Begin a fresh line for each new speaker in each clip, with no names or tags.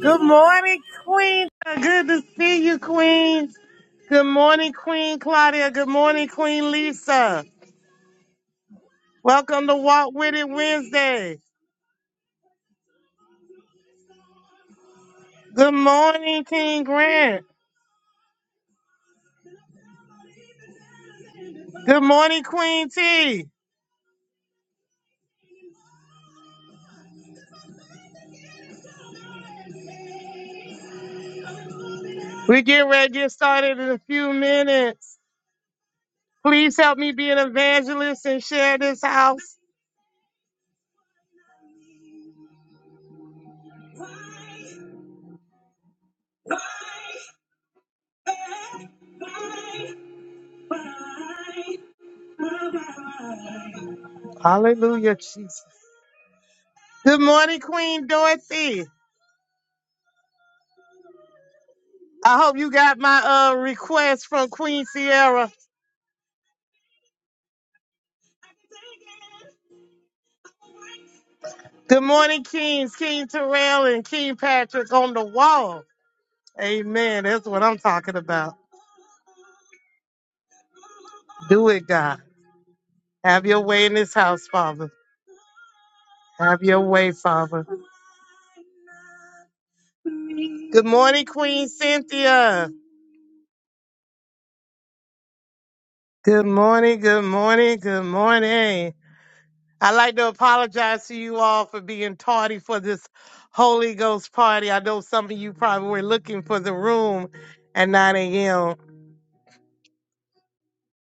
Good morning, Queen. Good to see you, Queen. Good morning, Queen Claudia. Good morning, Queen Lisa. Welcome to Walk With It Wednesday. Good morning, King Grant. Good morning, Queen T. We get ready to get started in a few minutes. Please help me be an evangelist and share this house. Hallelujah, Jesus. Good morning, Queen Dorothy. I hope you got my uh, request from Queen Sierra Good morning, Kings, King Terrell, and King Patrick on the wall. Amen. That's what I'm talking about. Do it, God. Have your way in this house, Father. Have your way, Father. Good morning, Queen Cynthia. Good morning, good morning, good morning. I'd like to apologize to you all for being tardy for this Holy Ghost party. I know some of you probably were looking for the room at 9 a.m.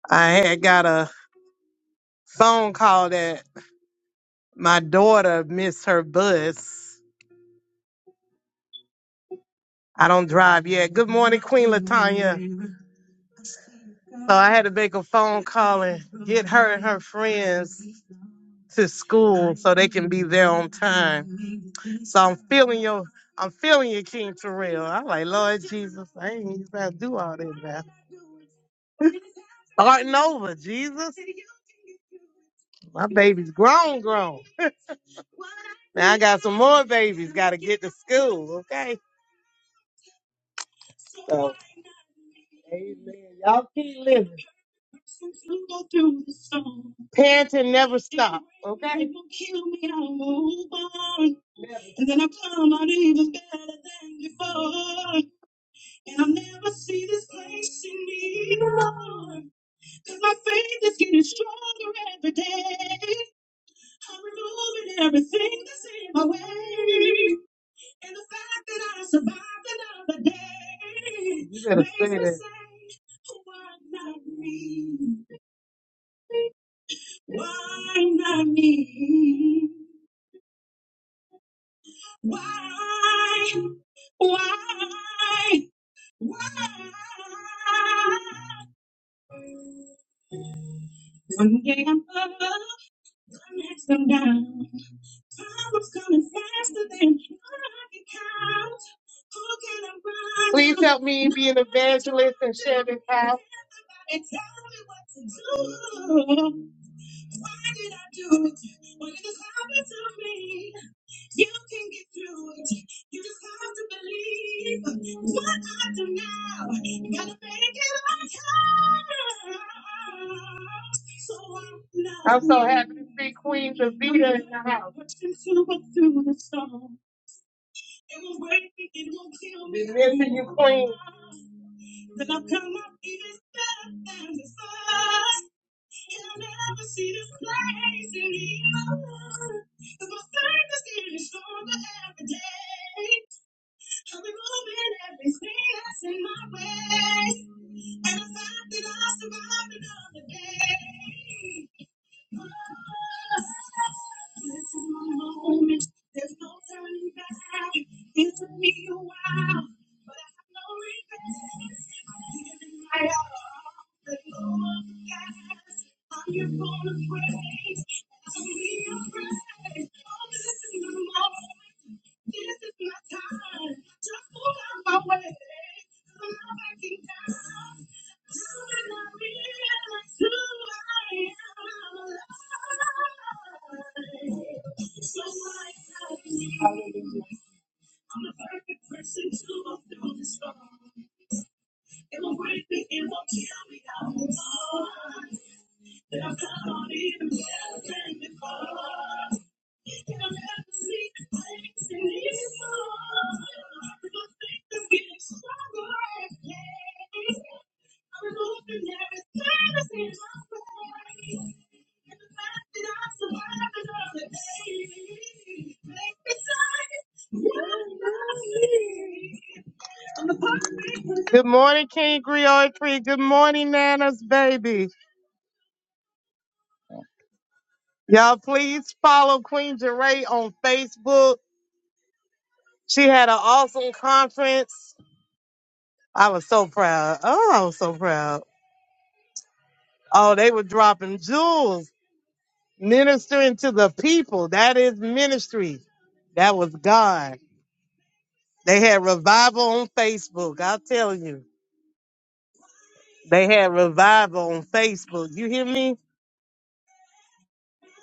I had got a phone call that My daughter missed her bus. I don't drive yet. Good morning, Queen Latanya. So I had to make a phone call and get her and her friends to school so they can be there on time. So I'm feeling your, I'm feeling your King Terrell. I'm like, Lord Jesus, I ain't even gotta do all that now. Starting over, Jesus. My baby's grown, grown. Now I got some more babies. Got to get to school, okay? So, amen. Y'all keep living. Parenting never stops, okay? You better say that. Please help me be an evangelist and share this house. Be missing you, Queen. Good morning, King Griot Tree. Good morning, Nana's baby. Y'all, please follow Queen Jeray on Facebook. She had an awesome conference. I was so proud. Oh, I was so proud. Oh, they were dropping jewels, ministering to the people. That is ministry. That was God. They had revival on Facebook. I'll tell you. They had revival on Facebook. You hear me?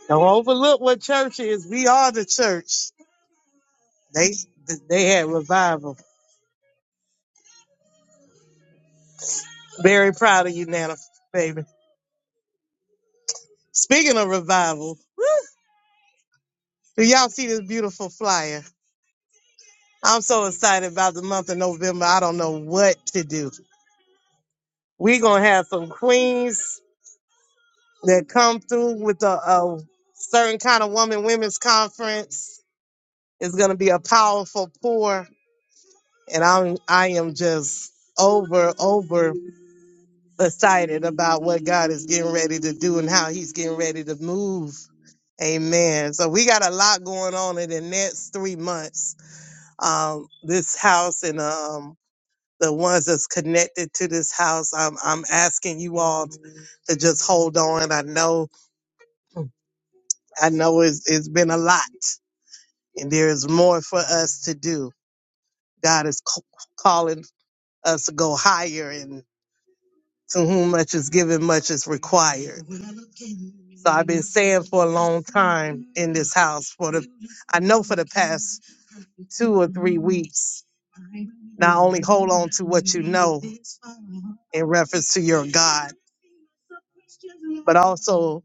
Don't overlook what church is. We are the church. They they had revival. Very proud of you, Nana, baby. Speaking of revival, do y'all see this beautiful flyer? I'm so excited about the month of November. I don't know what to do. We're gonna have some queens that come through with a, a certain kind of woman women's conference. It's gonna be a powerful pour, and I'm I am just over over excited about what God is getting ready to do and how He's getting ready to move. Amen. So we got a lot going on in the next three months. Um, this house and um, the ones that's connected to this house. I'm I'm asking you all to just hold on. I know I know it's, it's been a lot, and there is more for us to do. God is c- calling us to go higher, and to whom much is given, much is required. So I've been saying for a long time in this house for the, I know for the past two or three weeks. Not only hold on to what you know in reference to your God, but also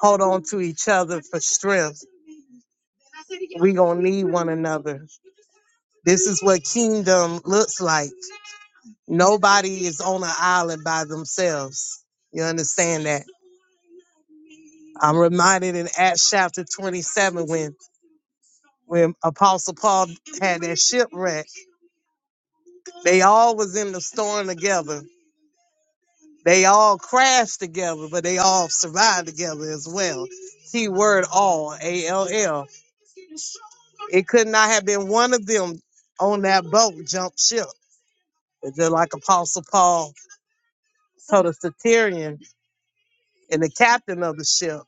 hold on to each other for strength. We gonna need one another. This is what kingdom looks like. Nobody is on an island by themselves. You understand that? I'm reminded in Acts chapter 27 when when Apostle Paul had that shipwreck, they all was in the storm together. They all crashed together, but they all survived together as well. Key word all, A L L It could not have been one of them on that boat jumped ship. It's just like Apostle Paul told the centurion and the captain of the ship,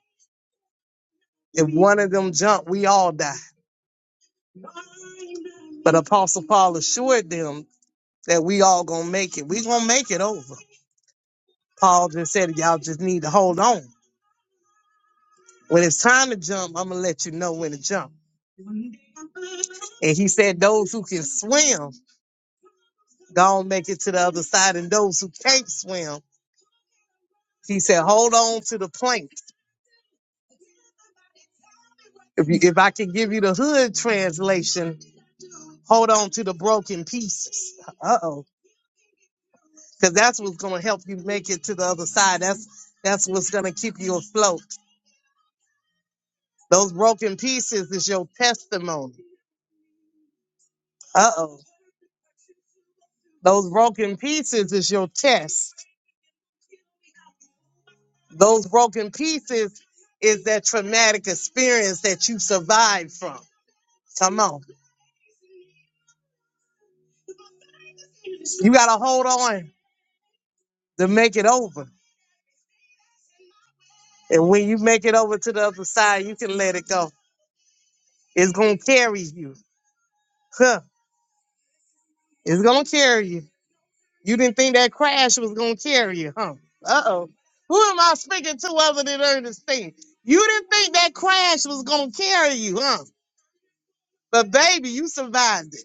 if one of them jumped, we all die. But Apostle Paul assured them that we all gonna make it. We gonna make it over. Paul just said, y'all just need to hold on. When it's time to jump, I'm gonna let you know when to jump. And he said, those who can swim, gonna make it to the other side, and those who can't swim, he said, hold on to the plank If you, if I can give you the hood translation, hold on to the broken pieces. Uh oh, because that's what's going to help you make it to the other side. That's that's what's going to keep you afloat. Those broken pieces is your testimony. Uh oh, those broken pieces is your test. Those broken pieces is that traumatic experience that you survived from. Come on, you got to hold on to make it over. And when you make it over to the other side, you can let it go It's gonna carry you. Huh. It's gonna carry you. You didn't think that crash was gonna carry you, huh? Uh-oh. Who am I speaking to other than Ernestine? You didn't think that crash was gonna carry you, huh? But baby, you survived it.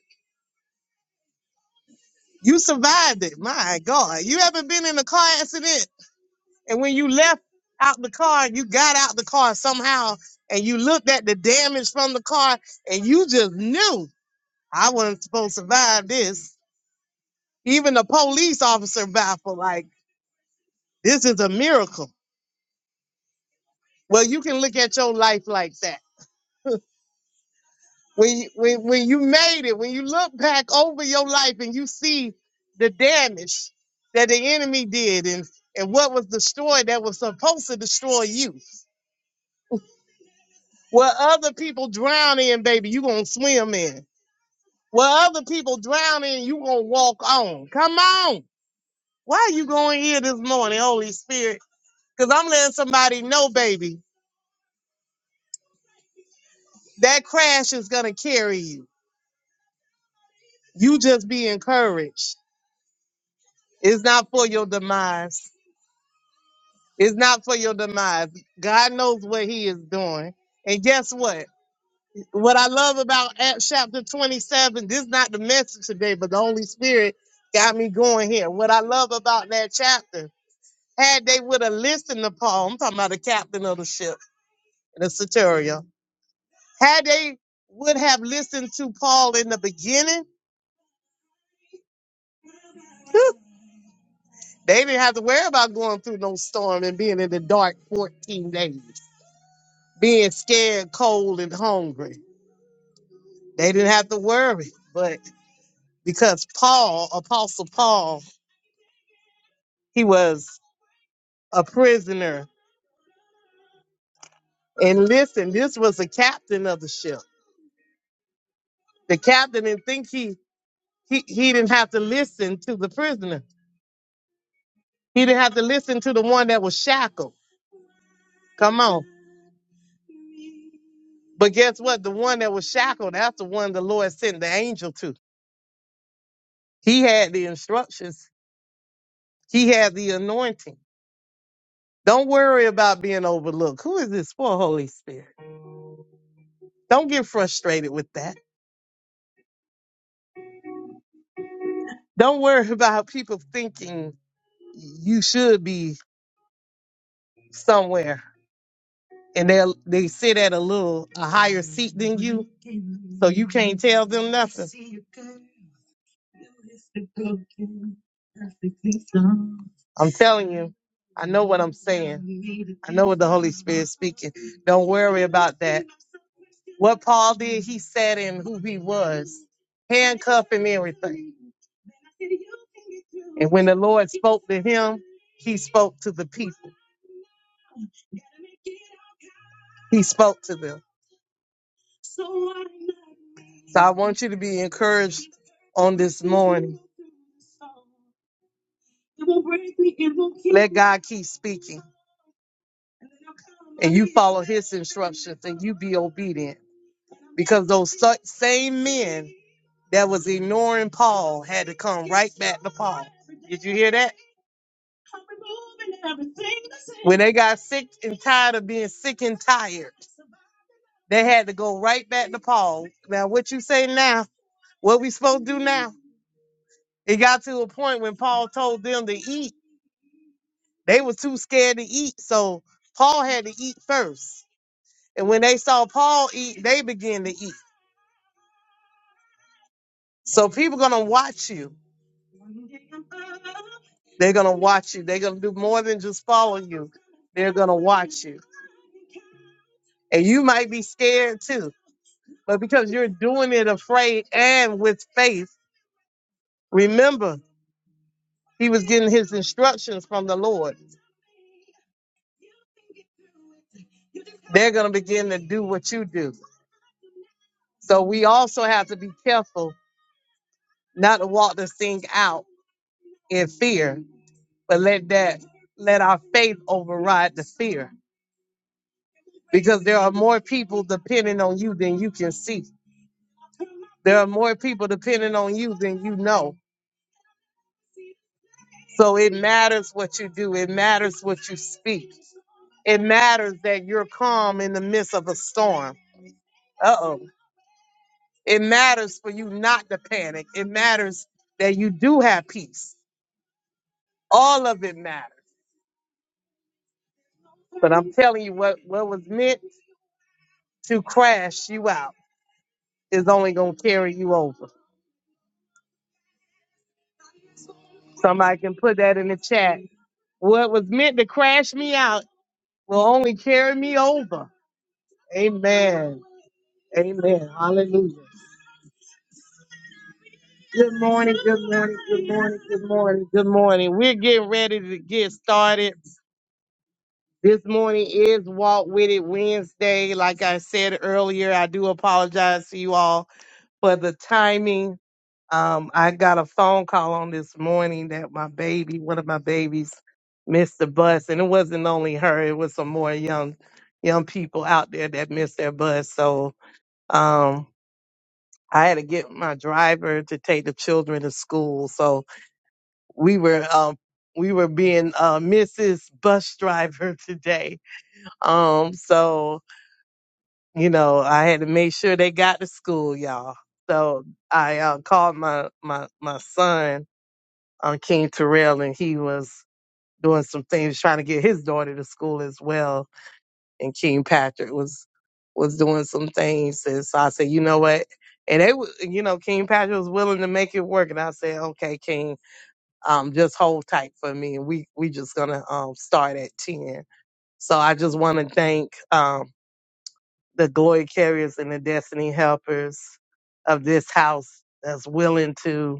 You survived it. My God. You haven't been in a car accident. And when you left out the car, you got out the car somehow and you looked at the damage from the car and you just knew I wasn't supposed to survive this. Even the police officer baffled, like, this is a miracle. Well, you can look at your life like that. When you, when, when you made it, when you look back over your life and you see the damage that the enemy did and, and what was destroyed that was supposed to destroy you. What other people drown in, baby, you gonna swim in. What other people drown in, you gonna walk on. Come on. Why are you going here this morning, Holy Spirit? Because I'm letting somebody know, baby. That crash is gonna carry you. You just be encouraged. It's not for your demise. It's not for your demise. God knows what He is doing. And guess what? What I love about Acts chapter 27, this is not the message today, but the Holy Spirit got me going here. What I love about that chapter, had they would have listened to Paul, I'm talking about the captain of the ship, the centurion, had they would have listened to Paul in the beginning, They didn't have to worry about going through no storm and being in the dark 14 days, being scared, cold, and hungry. They didn't have to worry. But because Paul, Apostle Paul, he was a prisoner. And listen, this was the captain of the ship. The captain didn't think he he, he didn't have to listen to the prisoner. He didn't have to listen to the one that was shackled. Come on. But guess what? The one that was shackled, that's the one the Lord sent the angel to. He had the instructions He had the anointing. Don't worry about being overlooked. Who is this for, Holy Spirit? Don't get frustrated with that. Don't worry about people thinking you should be somewhere and they they sit at a little a higher seat than you, so you can't tell them nothing. I'm telling you, I know what I'm saying. I know what the Holy Spirit is speaking. Don't worry about that. What Paul did, he said, and who he was, handcuffed and everything. And when the Lord spoke to him, he spoke to the people. He spoke to them. So I want you to be encouraged on this morning. Let God keep speaking and you follow his instructions and you be obedient because those sa- same men that was ignoring Paul had to come right back to Paul. Did you hear that? When they got sick and tired of being sick and tired, they had to go right back to Paul. Now, what you say now? What we supposed to do now? It got to a point when Paul told them to eat. They were too scared to eat, so Paul had to eat first. And when they saw Paul eat, they began to eat. So people gonna watch you. They're gonna watch you. They're gonna do more than just follow you. They're gonna watch you. And you might be scared too. But because you're doing it afraid and with faith, remember he was getting his instructions from the Lord. They're gonna begin to do what you do. So we also have to be careful not to walk this thing out in fear, but let that let our faith override the fear. Because there are more people depending on you than you can see. There are more people depending on you than you know. So it matters what you do. It matters what you speak. It matters that you're calm in the midst of a storm. Uh oh. It matters for you not to panic. It matters that you do have peace. All of it matters. But I'm telling you, what, what was meant to crash you out is only going to carry you over. Somebody can put that in the chat. What was meant to crash me out will only carry me over. Amen. Amen. Hallelujah. Good morning, good morning, good morning, good morning, good morning. We're getting ready to get started. This morning is Walk With It Wednesday. Like I said earlier, I do apologize to you all for the timing Um, I got a phone call on this morning that my baby, one of my babies, missed the bus, and it wasn't only her; it was some more young, young people out there that missed their bus. So um, I had to get my driver to take the children to school. So we were um, we were being uh, Mrs. Bus Driver today. Um, so you know, I had to make sure they got to school, y'all. So I uh, called my my my son um, King Terrell, and he was doing some things trying to get his daughter to school as well. And King Patrick was was doing some things, and so I said, you know what? And they, wa- you know, King Patrick was willing to make it work, and I said, okay, King, um, just hold tight for me, and we we just gonna um start at ten. So I just want to thank um the glory carriers and the destiny helpers of this house that's willing to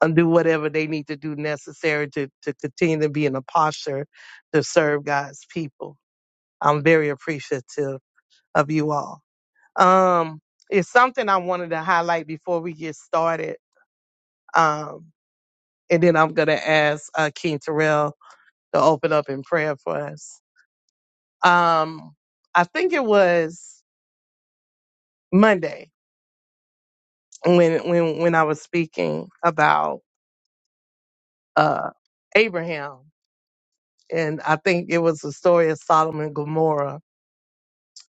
and do whatever they need to do necessary to, to continue to be in a posture to serve God's people. I'm very appreciative of you all. Um, it's something I wanted to highlight before we get started. Um, and then I'm going to ask uh, King Terrell to open up in prayer for us. Um, I think it was Monday when, when, when I was speaking about, uh, Abraham. And I think it was the story of Solomon Gomorrah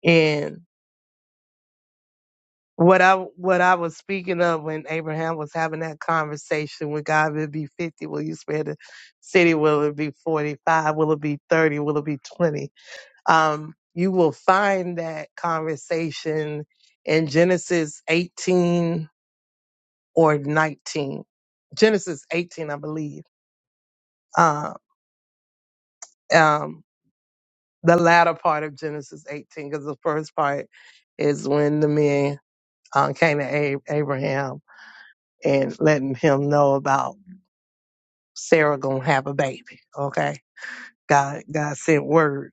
And what I what I was speaking of when Abraham was having that conversation with God, will it be fifty? Will you spare the city? Will it be forty five? Will it be thirty? Will it be twenty? Um, you will find that conversation in Genesis eighteen or nineteen. Genesis eighteen, I believe. Uh, um, the latter part of Genesis eighteen, because the first part is when the men uh, came to Ab- Abraham and letting him know about Sarah gonna have a baby. Okay. God God sent word.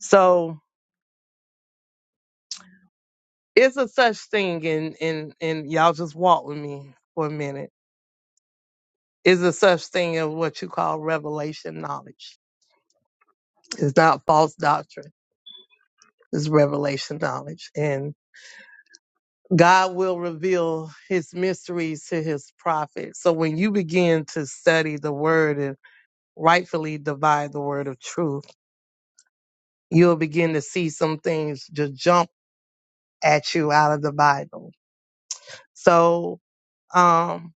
So it's a such thing and and and y'all just walk with me for a minute. Is a such thing of what you call revelation knowledge. It's not false doctrine. It's revelation knowledge. And God will reveal his mysteries to his prophets. So when you begin to study the word and rightfully divide the word of truth, you'll begin to see some things just jump at you out of the Bible. So um,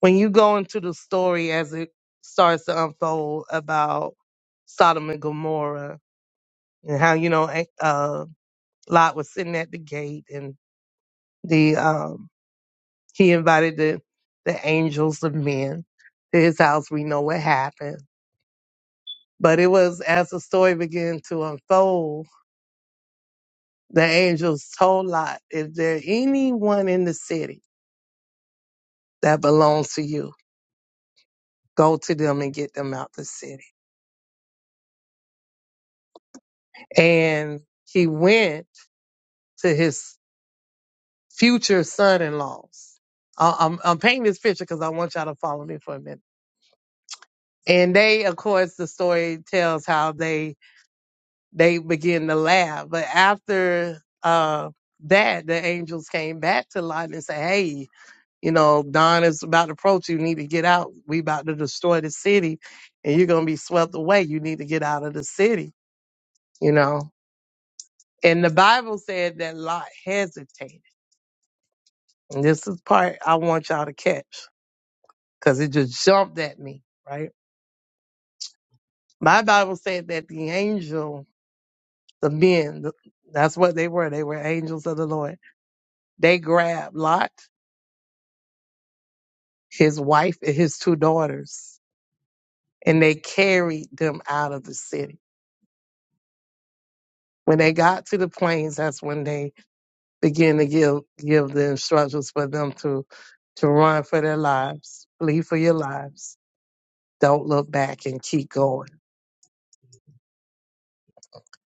when you go into the story as it starts to unfold about Sodom and Gomorrah and how you know eh, uh, Lot was sitting at the gate and the um, he invited the the angels of men to his house. We know what happened, but it was as the story began to unfold, the angels told Lot, "Is there anyone in the city that belongs to you?" go to them and get them out the city. And he went to his future son-in-laws. I- I'm, I'm painting this picture because I want y'all to follow me for a minute. And they, of course, the story tells how they they begin to laugh. But after uh, that, the angels came back to Lot and said, "Hey, you know, Don is about to approach you. You need to get out. We about to destroy the city, and you're gonna be swept away. You need to get out of the city." You know, And the Bible said that Lot hesitated. And this is part I want y'all to catch because it just jumped at me, right? My Bible said that the angel, the men, th- that's what they were. They were angels of the Lord. They grabbed Lot, his wife, and his two daughters, and they carried them out of the city. When they got to the plains, that's when they began to give give the instructions for them to to run for their lives, flee for your lives Don't look back and keep going.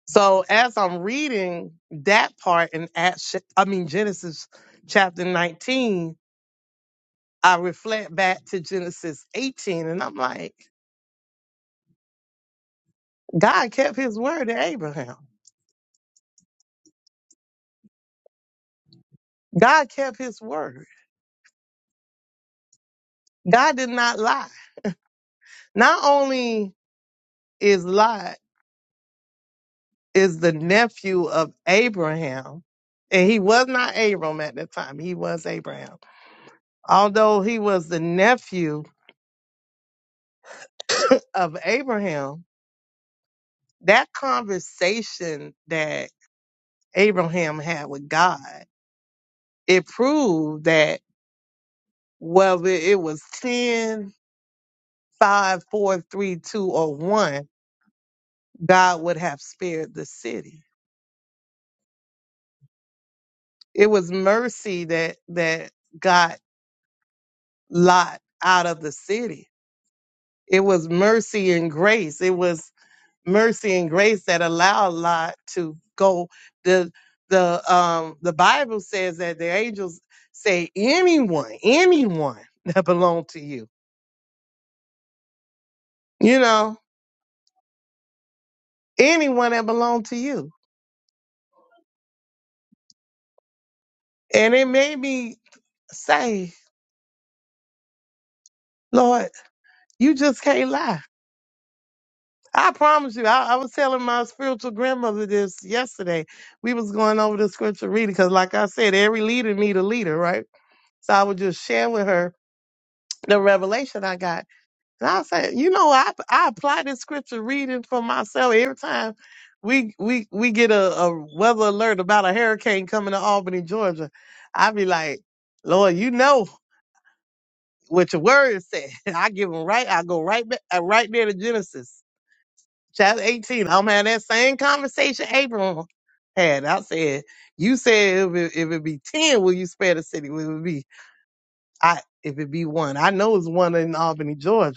So as I'm reading that part in Acts, I mean Genesis chapter 19, I reflect back to Genesis 18, and I'm like, God kept His word to Abraham. God kept His word. God did not lie. Not only is Lot is the nephew of Abraham, and he was not Abram at that time. He was Abraham, although he was the nephew of Abraham that conversation that Abraham had with God, it proved that whether it was 10, 5, 4, 3, 2, or 1, God would have spared the city. It was mercy that that got Lot out of the city. It was mercy and grace. It was mercy and grace that allow a lot to go. The the um the Bible says that the angels say anyone, anyone that belong to you, you know, anyone that belong to you. And it made me say, Lord, you just can't lie. I promise you, I, I was telling my spiritual grandmother this yesterday. We was going over the scripture reading because, like I said, every leader need a leader, right? So I would just share with her the revelation I got And I say, you know, I I apply this scripture reading for myself every time we we we get a, a weather alert about a hurricane coming to Albany, Georgia. I be like, Lord, you know what your word said. I give them right. I go right back uh, right there to Genesis chapter eighteen. I'm having that same conversation Abram had. I said, you said if it, if it be ten, will you spare the city? Will it be I? If it be one, I know it's one in Albany, Georgia.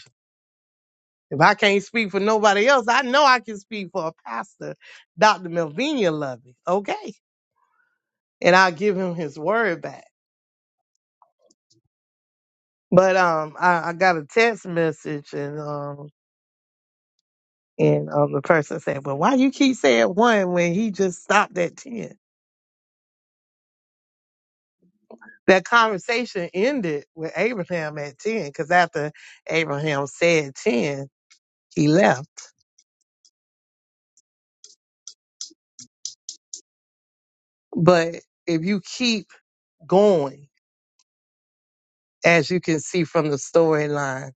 If I can't speak for nobody else, I know I can speak for a pastor, Dr. Melvina Lovey. Okay. And I'll give him his word back. But um I, I got a text message and um and um the person said, Well, why you keep saying one when he just stopped at ten?" That conversation ended with Abraham at ten, because after Abraham said ten, he left. But if you keep going, as you can see from the storyline,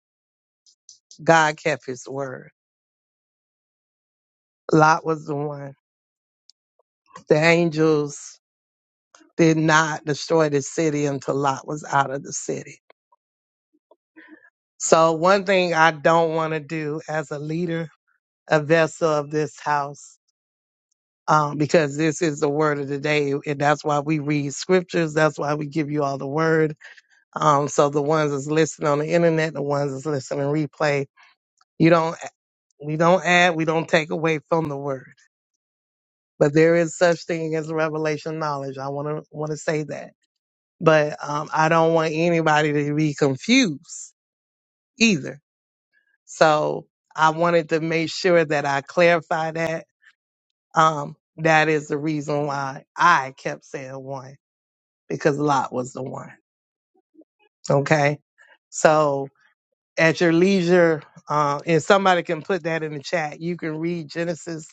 God kept his word. Lot was the one. The angels did not destroy the city until Lot was out of the city. So, one thing I don't want to do as a leader, a vessel of this house, um, because this is the word of the day, and that's why we read scriptures. That's why we give you all the word. Um, so the ones that's listening on the internet, the ones that's listening replay, you don't, we don't add, we don't take away from the word. But there is such thing as revelation knowledge. I want to want to say that but um, I don't want anybody to be confused either. So I wanted to make sure that I clarify that. Um, that is the reason why I kept saying one because Lot was the one. Okay. So at your leisure, uh, and somebody can put that in the chat, you can read Genesis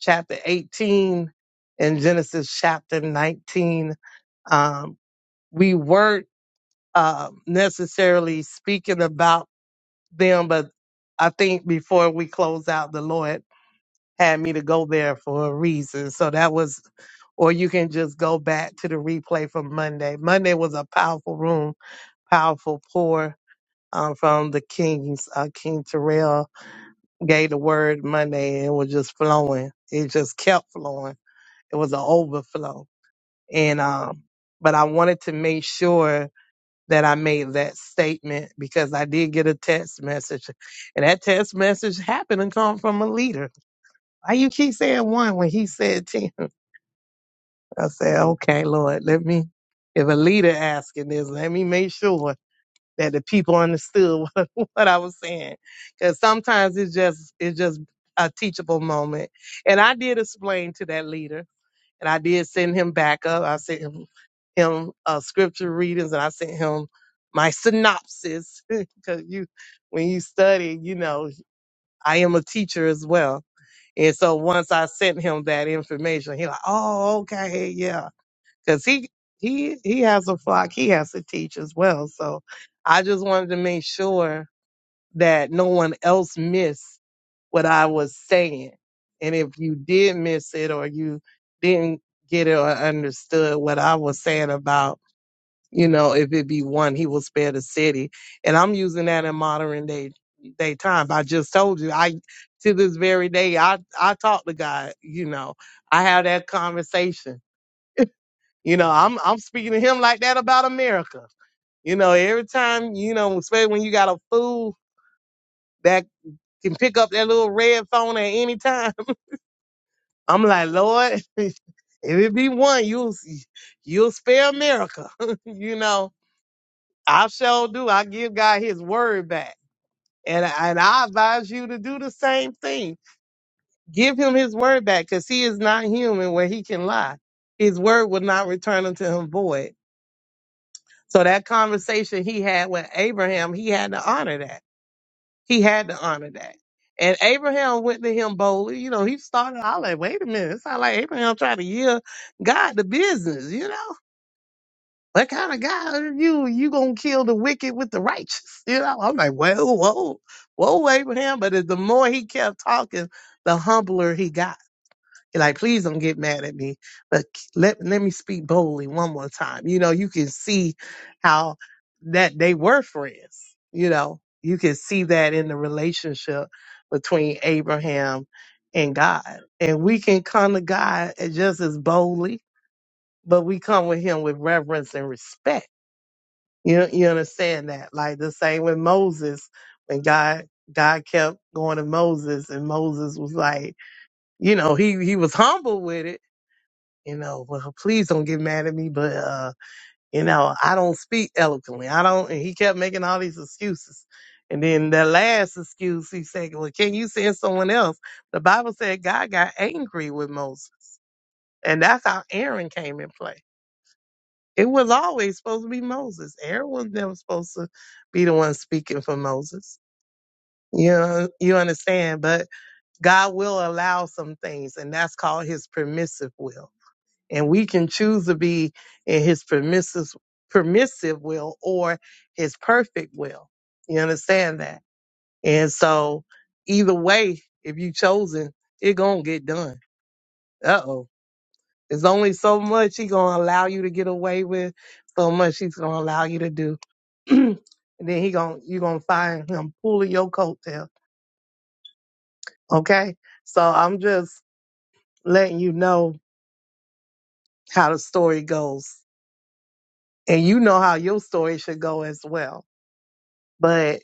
chapter 18 and Genesis chapter 19. Um, we weren't uh, necessarily speaking about them, but I think before we close out, the Lord had me to go there for a reason. So that was, or you can just go back to the replay from Monday. Monday was a powerful room, powerful pour um, from the Kings. Uh, King Terrell gave the word Monday and it was just flowing. It just kept flowing. It was an overflow. And, um, but I wanted to make sure that I made that statement because I did get a text message, and that text message happened to come from a leader. Why you keep saying one when he said ten? I said, okay, Lord, let me. If a leader asking this, let me make sure that the people understood what, what I was saying, because sometimes it's just it's just a teachable moment, and I did explain to that leader. And I did send him back up. I sent him, him uh, scripture readings and I sent him my synopsis because you, when you study, you know, I am a teacher as well. And so once I sent him that information, he like, oh, okay, yeah. Cause he, he, he has a flock. He has to teach as well. So I just wanted to make sure that no one else missed what I was saying. And if you did miss it or you didn't get it or understood what I was saying about, you know, if it be one, he will spare the city. And I'm using that in modern day day time. I just told you, I to this very day, I I talk to God. You know, I have that conversation. You know, I'm I'm speaking to Him like that about America. You know, every time you know, especially when you got a fool that can pick up that little red phone at any time I'm like, Lord, if it be one, you'll you'll spare America. you know, I sure do. I give God His word back, and and I advise you to do the same thing. Give Him His word back, because He is not human where He can lie. His word will not return unto Him void. So that conversation He had with Abraham, He had to honor that. He had to honor that. And Abraham went to him boldly. You know, he started all like, wait a minute. It's not like Abraham tried to yield God the business, you know? What kind of God are you? You gonna kill the wicked with the righteous? You know, I'm like, whoa, whoa, whoa, Abraham. But as the more he kept talking, the humbler he got like, please don't get mad at me, but let let me speak boldly one more time. You know, you can see how that they were friends. You know, you can see that in the relationship between Abraham and God, and we can come to God as- just as boldly, but we come with Him with reverence and respect. You you understand that? Like the same with Moses, when God God kept going to Moses, and Moses was like you know, he he was humble with it, you know, well, please don't get mad at me, but, uh, you know, I don't speak eloquently. I don't, and he kept making all these excuses. And then the last excuse, he said, well, can you send someone else? The Bible said God got angry with Moses. And that's how Aaron came in play. It was always supposed to be Moses. Aaron was never supposed to be the one speaking for Moses. You know, you understand, but God will allow some things, and that's called his permissive will and we can choose to be in his permissive permissive will or his perfect will you understand that and so either way if you chosen it gonna get done uh-oh it's only so much he gonna allow you to get away with so much he's gonna allow you to do and then he gonna you gonna find him pulling your coattail okay so i'm just letting you know how the story goes and you know how your story should go as well But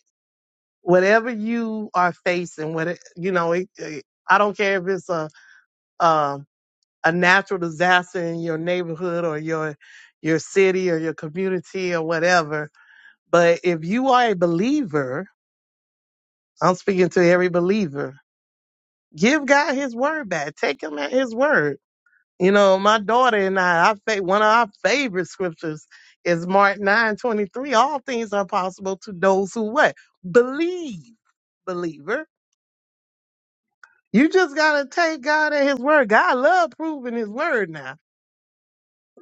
whatever you are facing, what it- you know, it, it- I don't care if it's a um, a natural disaster in your neighborhood or your your city or your community or whatever. But if you are a believer, I'm speaking to every believer. Give God His word back. Take Him at His word. You know, my daughter and I, I fa- one of our favorite scriptures is Mark nine twenty three. All things are possible to those who what believe, believer You just gotta take God at His word. God love proving His word now.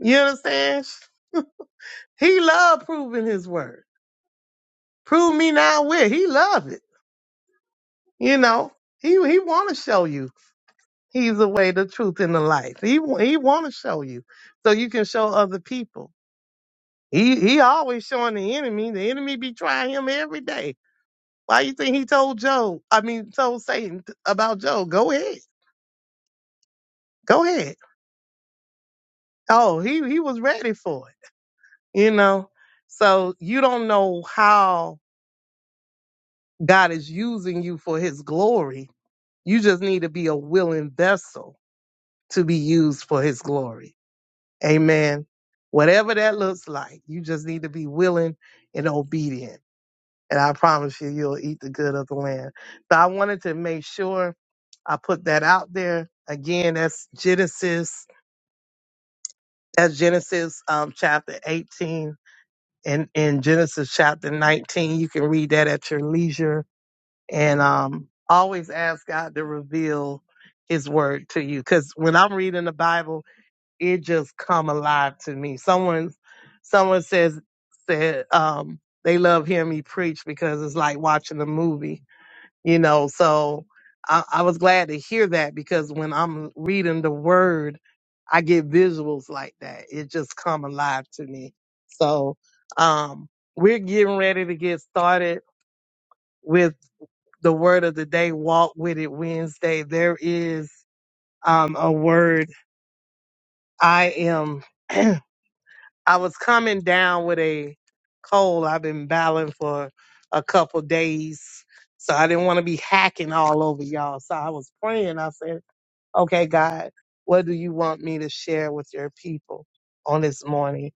You understand? He love proving His word. Prove me now where He love it. You know, He He want to show you He's the way, the truth, and the life. He wa- He want to show you so you can show other people. He He always showing the enemy. The enemy be trying him every day. Why you think he told Job? I mean, told Satan about Job. Go ahead, go ahead. Oh, he he was ready for it. you know so you don't know how god is using you for his glory you just need to be a willing vessel to be used for his glory amen whatever that looks like you just need to be willing and obedient and i promise you you'll eat the good of the land so i wanted to make sure i put that out there again that's genesis that's genesis um, chapter 18 in, in Genesis chapter 19. You can read that at your leisure. And um, always ask God to reveal his word to you. Because when I'm reading the Bible, it just come alive to me. Someone someone says said um, they love hearing me preach because it's like watching a movie you know so I, I was glad to hear that because when i'm reading the word i get visuals like that it just come alive to me so um we're getting ready to get started with the word of the day walk with it wednesday there is um a word i am i was coming down with a cold i've been battling for a couple days so I didn't want to be hacking all over y'all. So I was praying. I said, Okay, God, what do you want me to share with your people on this morning?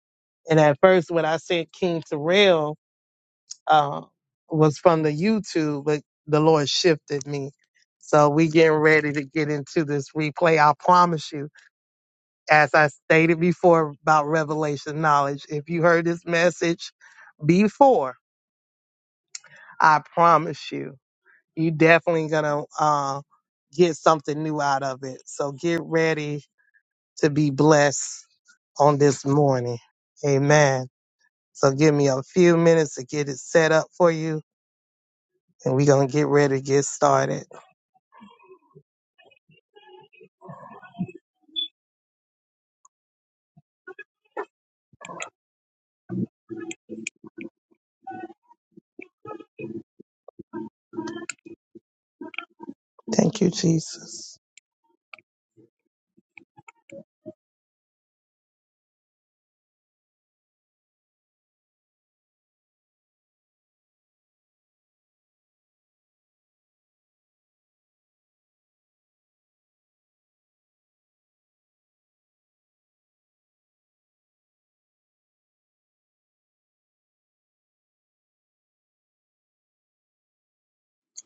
And at first, what I sent King Terrell uh, was from the YouTube, but the Lord shifted me. So we getting ready to get into this replay. I promise you, as I stated before about revelation knowledge, if you heard this message before, I promise you, you definitely gonna uh, get something new out of it. So get ready to be blessed on this morning. Amen. So give me a few minutes to get it set up for you, and we're going to get ready to get started. Thank you, Jesus.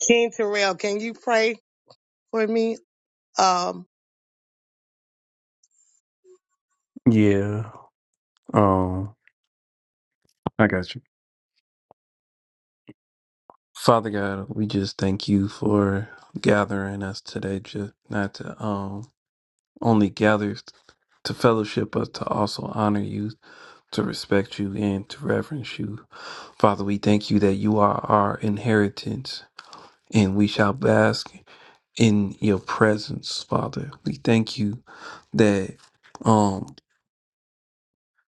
King Terrell, can you pray for me? Um,
Yeah. Um, I got you. Father God, we just thank you for gathering us today, just not to um only gather to fellowship, but to also honor you, to respect you, and to reverence you. Father, we thank you that you are our inheritance, and we shall bask in your presence, Father. We thank you that. um,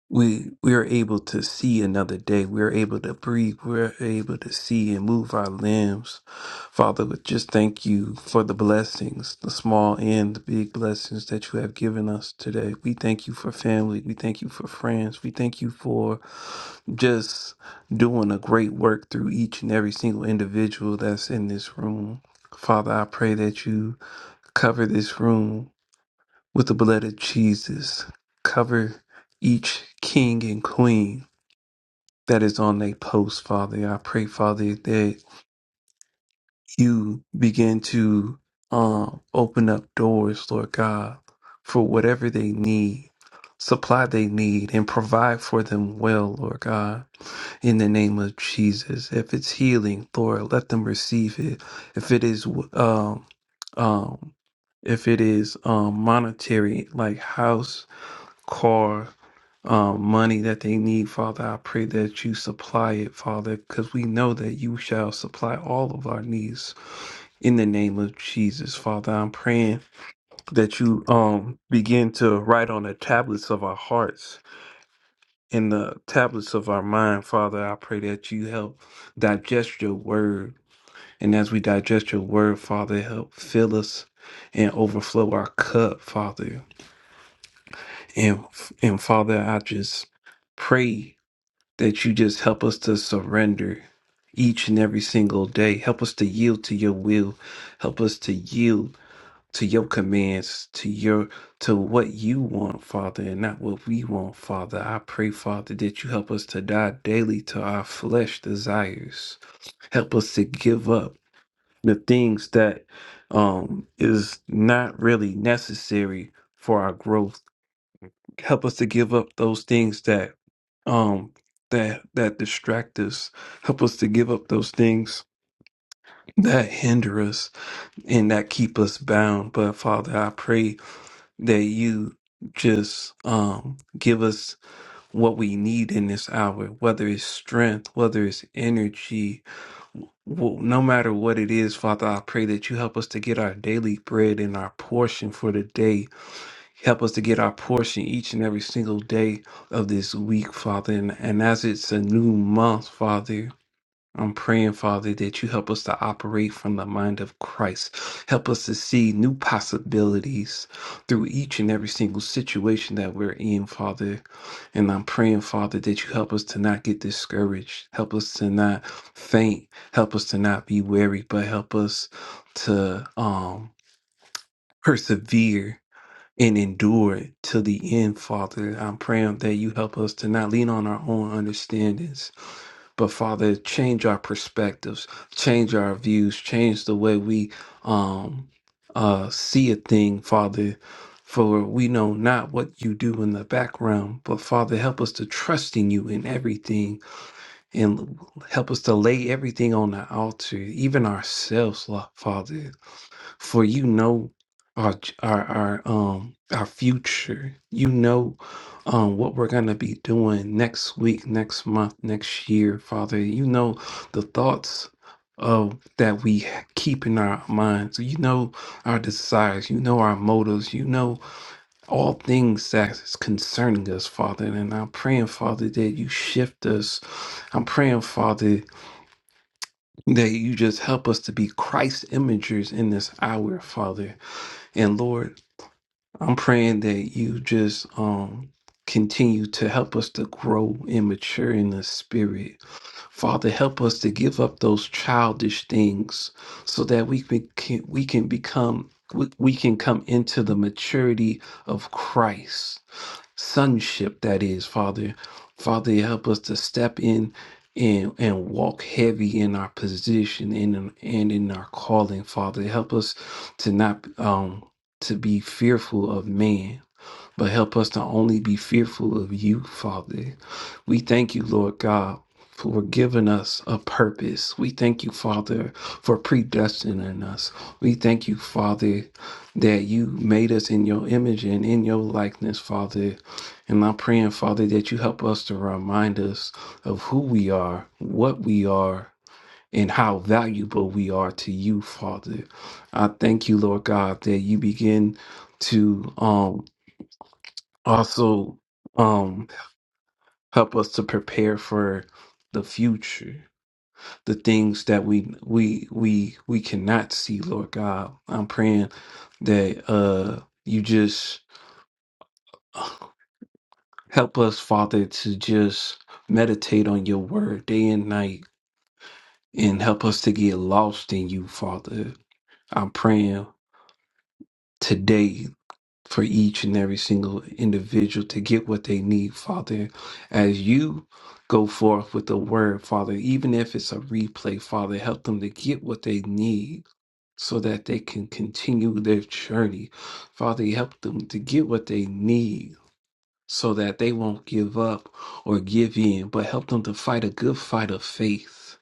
we we are able to see another day. We are able to breathe. We are able to see and move our limbs. Father, we just thank you for the blessings, the small and the big blessings that you have given us today. We thank you for family. We thank you for friends. We thank you for just doing a great work through each and every single individual that's in this room. Father, I pray that you cover this room with the blood of Jesus. Cover each king and queen that is on their post, Father. I pray, Father, that you begin to um, open up doors, Lord God, for whatever they need, supply they need, and provide for them well, Lord God, in the name of Jesus. If it's healing, Lord, let them receive it. If it is, um, um, if it is um, monetary, like house, car, um, money that they need, Father. I pray that you supply it, Father, because we know that you shall supply all of our needs in the name of Jesus, Father. I'm praying that you um begin to write on the tablets of our hearts and the tablets of our mind, Father. I pray that you help digest your word. And as we digest your word, Father, help fill us and overflow our cup, Father. And and Father, I just pray that you just help us to surrender each and every single day. Help us to yield to your will. Help us to yield to your commands, to your to what you want, Father, and not what we want, Father. I pray, Father, that you help us to die daily to our flesh desires. Help us to give up the things that um is not really necessary for our growth help us to give up those things that um that that distract us help us to give up those things that hinder us and that keep us bound but father i pray that you just um give us what we need in this hour whether it's strength whether it's energy well, no matter what it is, Father, I pray that you help us to get our daily bread and our portion for the day Help us to get our portion each and every single day of this week, Father. And, and as it's a new month, Father, I'm praying, Father, that you help us to operate from the mind of Christ. Help us to see new possibilities through each and every single situation that we're in, Father. And I'm praying, Father, that you help us to not get discouraged. Help us to not faint. Help us to not be weary, but help us to um, persevere and endure it till the end, Father. I'm praying that you help us to not lean on our own understandings, but Father, change our perspectives, change our views, change the way we um uh see a thing, Father. For we know not what you do in the background, but Father, help us to trust in you in everything and help us to lay everything on the altar, even ourselves, Lo- Father for you know our ch- our our um our future. You know um what we're gonna be doing next week, next month, next year, Father. You know the thoughts of that we h- keep in our minds. You know our desires. You know our motives. You know all things that is concerning us, Father. And I'm praying, Father, that you shift us. I'm praying, Father, that you just help us to be Christ imagers in this hour, Father. And Lord, I'm praying that you just um continue to help us to grow and mature in the spirit. Father, help us to give up those childish things so that we can can- we can become we we can come into the maturity of Christ sonship that is, Father. Father, help us to step in and and walk heavy in our position and in, and in our calling, Father. Help us to not um to be fearful of man, but help us to only be fearful of you, Father. We thank you, Lord God. For giving us a purpose. We thank you, Father, for predestining us. We thank you, Father, that you made us in your image and in your likeness, Father. And I'm praying, Father, that you help us to remind us of who we are, what we are, and how valuable we are to you, Father. I thank you, Lord God, that you begin to um also um help us to prepare for the future the things that we we we we cannot see lord god i'm praying that uh you just help us father to just meditate on your word day and night and help us to get lost in you father i'm praying today for each and every single individual to get what they need, Father. As you go forth with the word, Father, even if it's a replay, Father, help them to get what they need so that they can continue their journey. Father, help them to get what they need. So that they won't give up or give in, but help them to fight a good fight of faith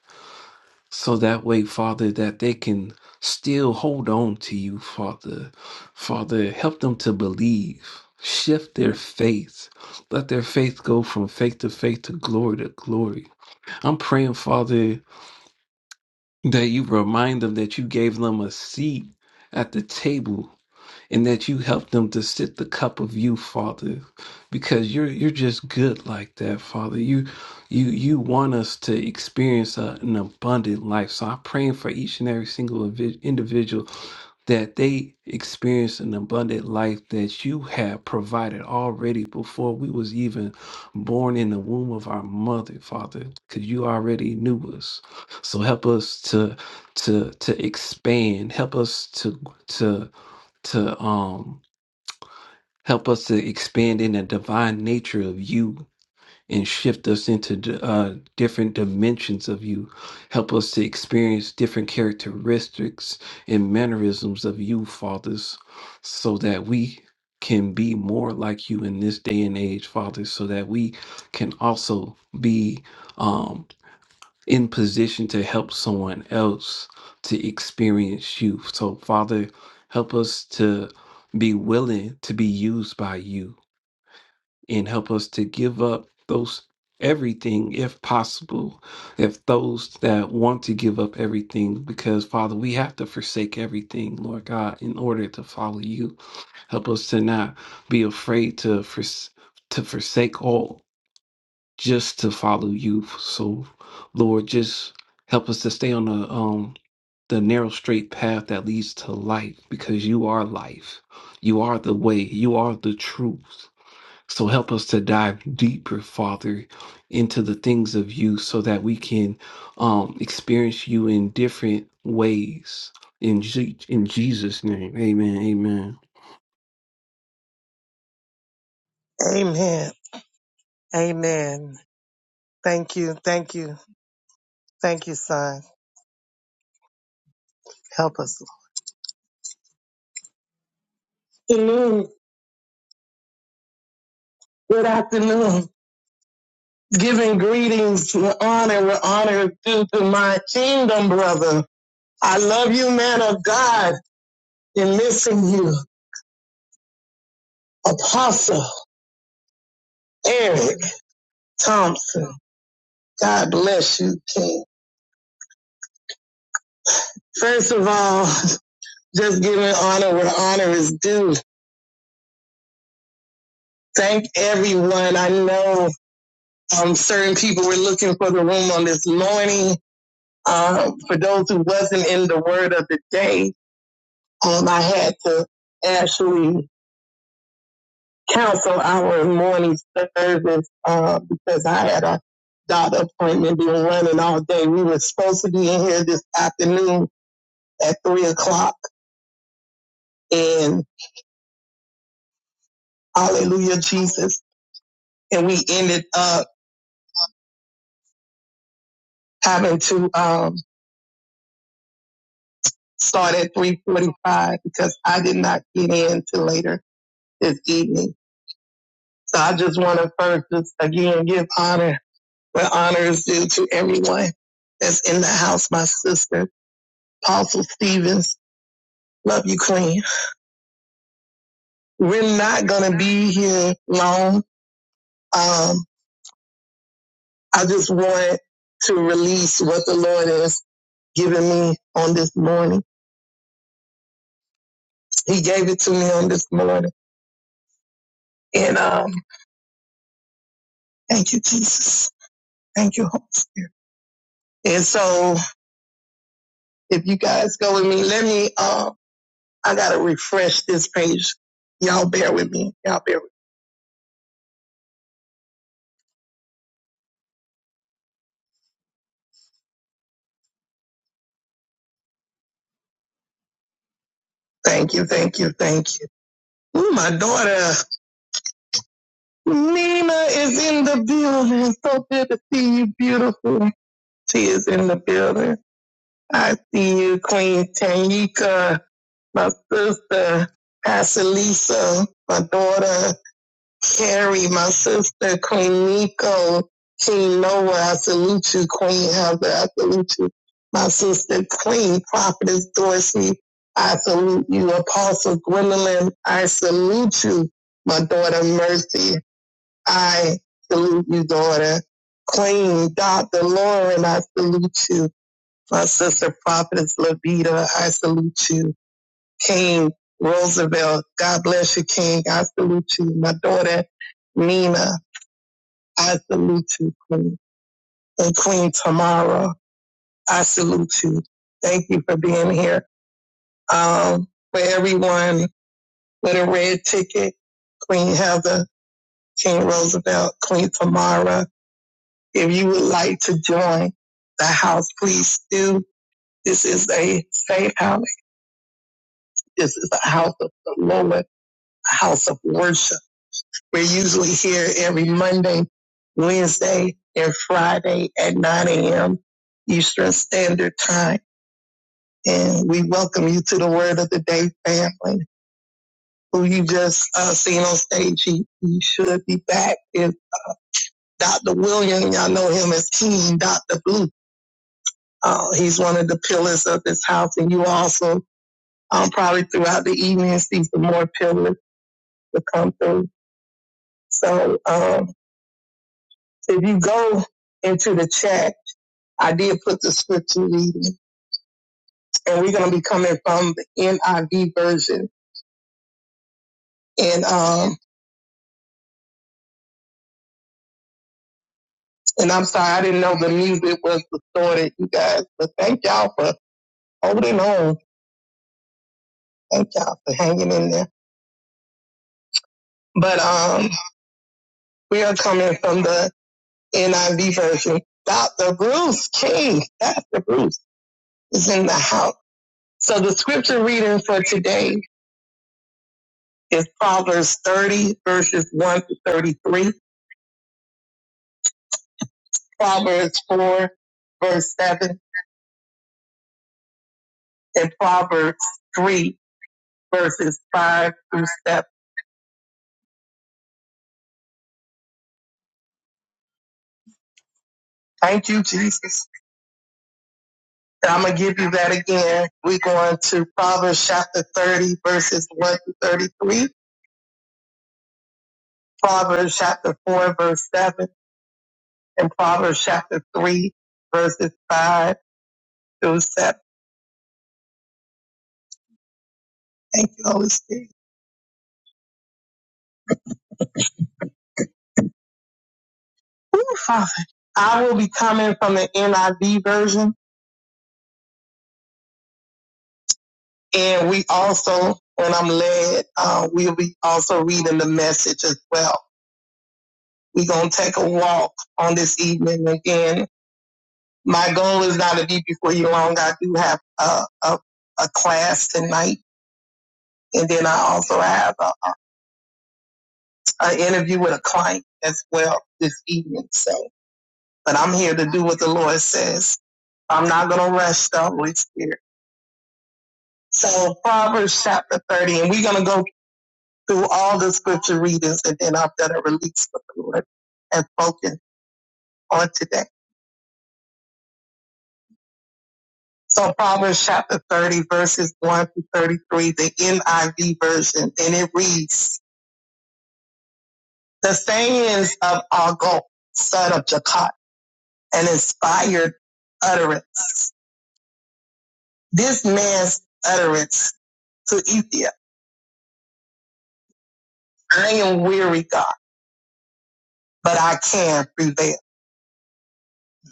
so that way, Father, that they can still hold on to you, Father. Father, help them to believe. Shift their faith. Let their faith go from faith to faith to glory to glory. I'm praying, Father, that you remind them that you gave them a seat at the table and that you help them to sit the cup of you, Father, because you're you're just good like that, Father. You you you want us to experience a, an abundant life. So I'm praying for each and every single invi- individual that they experience an abundant life that you have provided already before we was even born in the womb of our mother, Father, because you already knew us. So help us to to to expand. Help us to to to um help us to expand in the divine nature of you and shift us into d- uh, different dimensions of you help us to experience different characteristics and mannerisms of you fathers so that we can be more like you in this day and age fathers, so that we can also be um, in position to help someone else to experience you. So, Father, help us to be willing to be used by you and help us to give up those everything if possible if those that want to give up everything because father we have to forsake everything lord god in order to follow you help us to not be afraid to fors- to forsake all just to follow you. So, Lord, just help us to stay on the um the narrow straight path that leads to life because you are life. You are the way, you are the truth. So help us to dive deeper, Father, into the things of you so that we can um experience you in different ways. In, Je- in Jesus' name. Amen. Amen.
amen. Amen. Thank you. Thank you. Thank you, son. Help us. Good afternoon. Good afternoon. Giving greetings with honor, with honor due to my kingdom brother. I love you, man of God, and missing you. Apostle Eric Thompson. God bless you, King. First of all, just giving honor where honor is due. Thank everyone. I know Um, certain people were looking for the room on this morning. Um, for those who wasn't in the word of the day, um, I had to actually cancel our morning service uh, because I had a doctor appointment been running all day. We were supposed to be in here this afternoon at three o'clock, and Hallelujah Jesus, and we ended up having to um, start at three forty-five because I did not get in till later this evening. So I just want to first, just again, give honor where honor is due to everyone that's in the house. My sister, Apostle Stevens, love you, Queen. We're not going to be here long. Um, I just want to release what the Lord has given me on this morning. He gave it to me on this morning. And um, thank you, Jesus. Thank you. Holy Spirit. And so if you guys go with me, let me Um, I gotta refresh this page. Y'all bear with me. Y'all bear with me. Thank you, thank you, thank you. Ooh, my daughter Nina is in the building. So good to see you, beautiful. She is in the building. I see you, Queen Tanika, my sister, Pastor Lisa, my daughter. Carrie, my sister, Queen Nico, King Noah, I salute you, Queen Heather, I salute you, my sister, Queen Prophetess Dorsey, I salute you, Apostle Gwendolyn, I salute you, my daughter Mercy, I salute you, daughter, Queen Dr. Lauren, I salute you, my sister Prophetess Levita, I salute you. King Roosevelt. God bless you, King. I salute you. My daughter, Nina, I salute you, Queen. And Queen Tamara, I salute you. Thank you for being here. Um, for everyone with a red ticket, Queen Heather, King Roosevelt, Queen Tamara, if you would like to join the house, please do. This is a safe house. This is a house of the Lord, a house of worship We're usually here every Monday, Wednesday, and Friday at 9 a.m. Eastern Standard Time. And we welcome you to the Word of the Day family. Who you just uh, seen on stage, he, he should be back. If Dr. William, y'all know him as King Dr. Blue. Uh, he's one of the pillars of this house, and you also um, probably throughout the evening see some more pillars to come through. So um, if you go into the chat I did put the scripture reading, and we're going to be coming from the NIV version. And um, and I'm sorry, I didn't know the music was distorted, you guys. But thank y'all for holding on. Thank y'all for hanging in there. But um, we are coming from the NIV version. Dr. Bruce King, Dr. Bruce is in the house. So the scripture reading for today is Proverbs 30 verses 1 to 33, Proverbs 4 verse 7 in Proverbs 3, verses 5 through 7. Thank you, Jesus. I'm going to give you that again. We're going to Proverbs chapter 30, verses 1 to 33, Proverbs chapter 4, verse 7, and Proverbs chapter 3, verses 5 through 7. Thank you, Holy Spirit. Ooh, Father. I will be coming from the NIV version, and we also, when I'm led, uh, we'll be also reading the message as well. We're going to take a walk on this evening. Again, my goal is not to be before you long. I do have a, a, a class tonight. And then I also have a an interview with a client as well this evening. So, but I'm here to do what the Lord says. I'm not going to rush the Holy Spirit. So Proverbs chapter 30, and we're going to go through all the scripture readings and then I'm going to release what the Lord and spoken on today. So Proverbs chapter 30 verses 1 to 33, the NIV version, and it reads, the sayings of Agol, son of Jakat, an inspired utterance. This man's utterance to Ethiopia. I am weary, God, but I can prevail.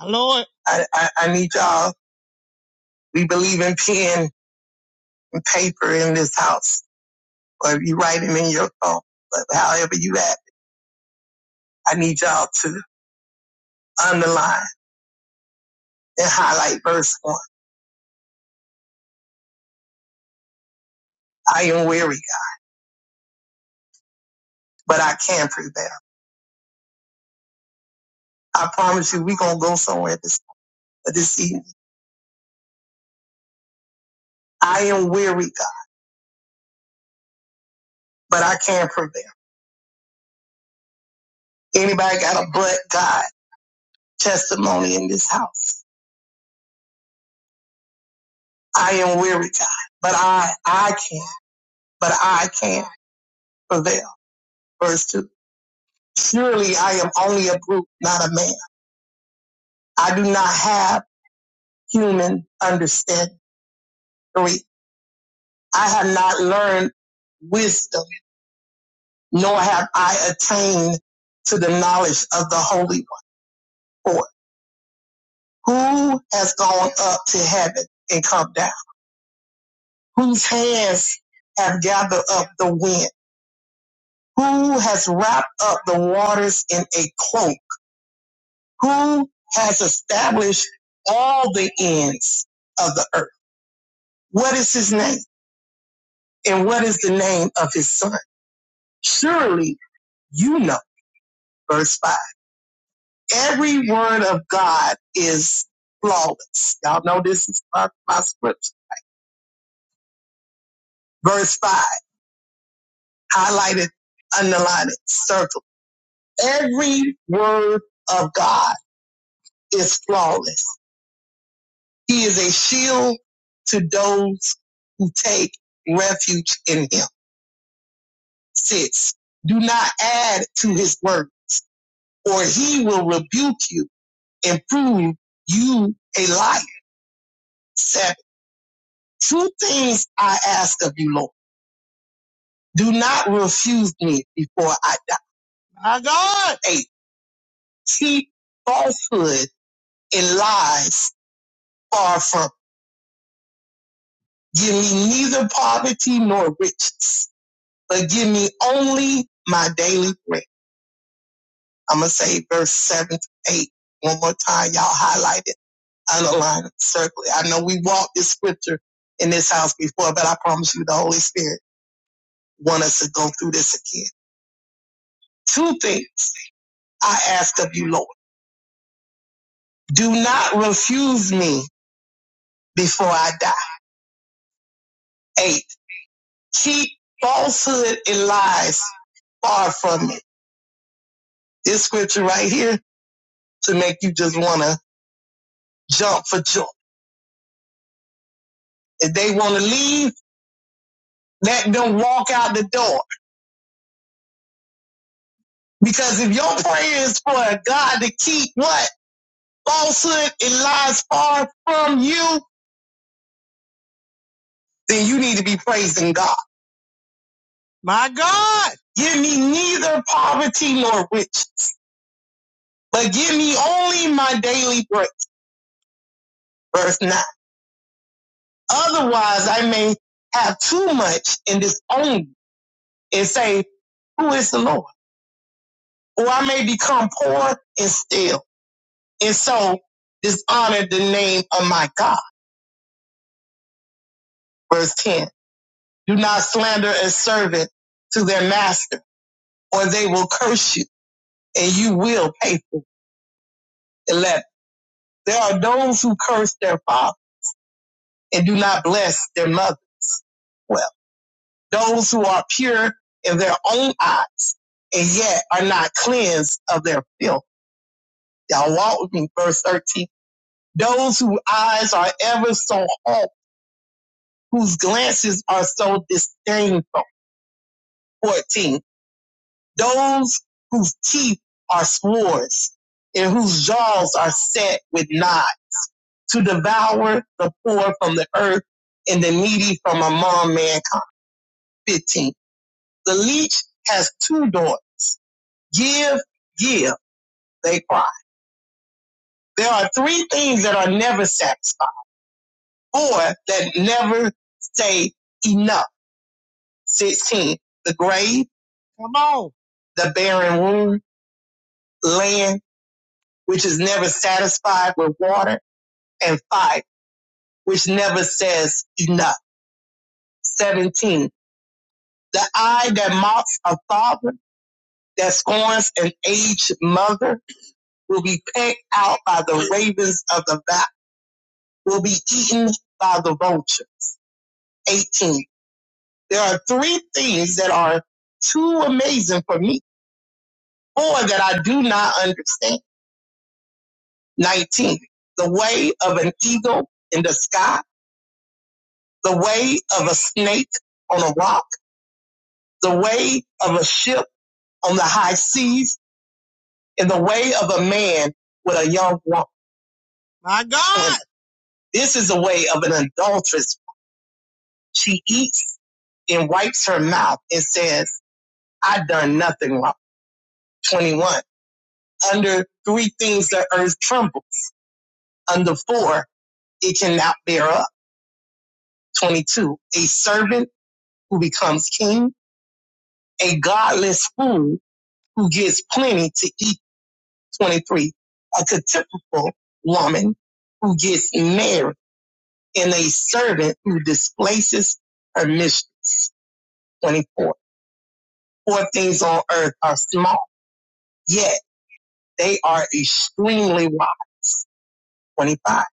Lord. I, I, I need y'all. We believe in pen and paper in this house, or if you write them in your phone, but however you have it, I need y'all to underline and highlight verse 1 I am weary, but I can prevail. I promise you, we're going to go somewhere this, this evening. I am weary, but I can prevail. Anybody got a but God testimony in this house? I am weary, God, but I, I can, but I can prevail. Verse two. Surely I am only a brute, not a man. I do not have human understanding. Three. I have not learned wisdom, nor have I attained to the knowledge of the Holy One. Four. Who has gone up to heaven and come down? Whose hands have gathered up the wind? Who has wrapped up the waters in a cloak? Who has established all the ends of the earth? What is his name? And what is the name of his son? Surely you know. Verse 5. Every word of God is flawless. Y'all know this is my, my scripture. Verse 5. Highlighted, underlined, circled. Every word of God is flawless. He is a shield to those who take refuge in him. Six, do not add to his word or he will rebuke you and prove you a liar. Seven, two things I ask of you, Lord. Do not refuse me before I die. My God. Eight, keep falsehood and lies far from Give me neither poverty nor riches, but give me only my daily bread. I'm going to say verse 7 to 8 one more time. Y'all highlight it, underline it, circle it. I know we walked this scripture in this house before, but I promise you the Holy Spirit wants us to go through this again. Two things I ask of you, Lord. Do not refuse me before I die. Eight, keep falsehood and lies far from me. This scripture right here to make you just want to jump for joy. If they want to leave, let them walk out the door. Because if your prayer is for God to keep what? Falsehood and lies far from you, then you need to be praising God. My God! Give me neither poverty nor riches, but give me only my daily bread. Verse 9. Otherwise, I may have too much and disown you and say, Who is the Lord? Or I may become poor and still. and so dishonor the name of my God. Verse 10. Do not slander a servant to their master, or they will curse you, and you will pay for it. 11. There are those who curse their father and do not bless their mother well. Those who are pure in their own eyes and yet are not cleansed of their filth. Y'all walk with me. Verse 13. Those whose eyes are ever so hot, whose glances are so disdainful. 14 Those whose teeth are swords and whose jaws are set with knives to devour the poor from the earth and the needy from among mankind. 15. The leech has two daughters. Give, give, they cry. There are three things that are never satisfied, four that never say enough. 16. The grave. Come on. The barren womb, land, which is never satisfied with water and 5, which never says enough. 17. The eye that mocks a father, that scorns an aged mother, will be pecked out by the ravens of the valley, will be eaten by the vultures. 18. There are three things that are too amazing for me, four that I do not understand. 19. The way of an eagle in the sky, the way of a snake on a rock, the way of a ship on the high seas in the way of a man with a young woman. My God. And This is the way of an adulteress. She eats and wipes her mouth and says, I done nothing wrong. 21. Under three things the earth trembles. Under four, it cannot bear up. 22. A servant who becomes king. A godless fool who gets plenty to eat. 23. A contemptible woman who gets married. in a servant who displaces her mistress. 24. Four things on earth are small, yet they are extremely wise. 25.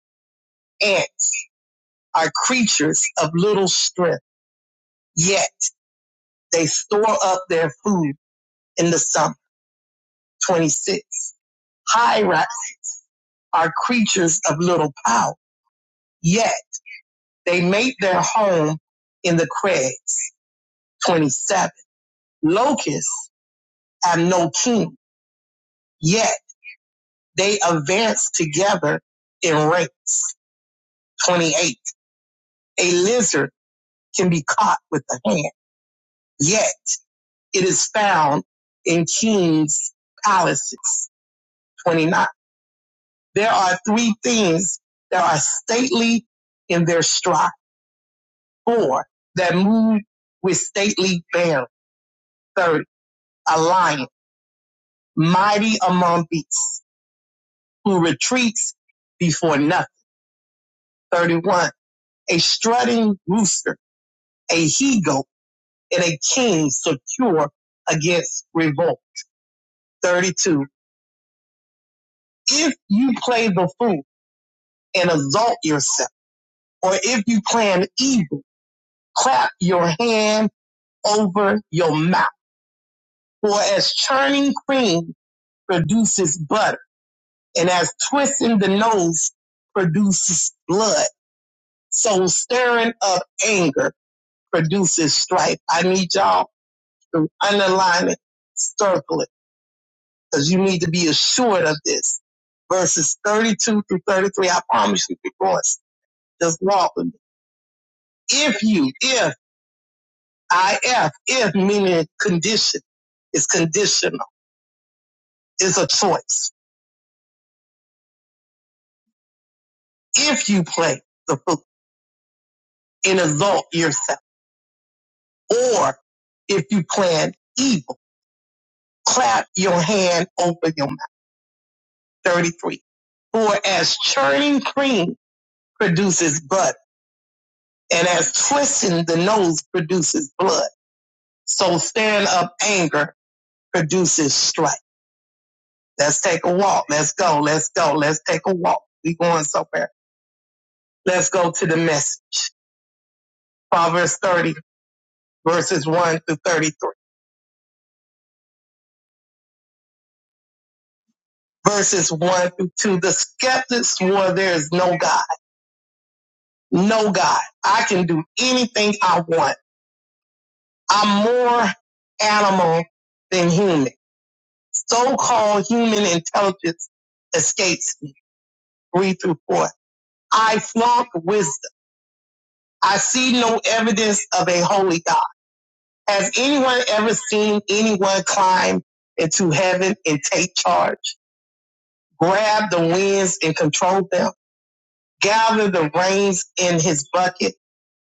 Ants are creatures of little strength, yet they store up their food in the summer. 26. Hyrax are creatures of little power, yet they make their home in the crags. 27. Locusts have no king, yet They advance together in ranks. 28. A lizard can be caught with the hand, yet it is found in kings' palaces. 29. There are three things that are stately in their stride. Four, that move with stately bearing. Third, A lion, mighty among beasts, who retreats before nothing. 31. A strutting rooster, a he goat and a king secure against revolt. 32. If you play the fool and exalt yourself, or if you plan evil, clap your hand over your mouth. For as churning cream produces butter, and as twisting the nose produces blood, so stirring up anger produces strife. I need y'all to underline it, circle it because you need to be assured of this. Verses 32 through 33, I promise you, divorce. Just walk with me. If you, if, I, if, if, meaning condition, is conditional, is a choice. If you plan the book and exalt yourself, or if you plan evil, clap your hand over your mouth. 33. For as churning cream produces butter, and as twisting the nose produces blood So stirring up anger produces strife. Let's take a walk. Let's go. Let's go. Let's take a walk. We going somewhere. Let's go to the message. Proverbs 30 verses 1 through 33. Verses 1 through 2. The skeptic swore there is no God. No God. I can do anything I want. I'm more animal than human. So-called human intelligence escapes me. 3 through 4. I flaunt wisdom. I see no evidence of a holy God. Has anyone ever seen anyone climb into heaven and take charge, grab the winds and control them, gather the reins in his bucket,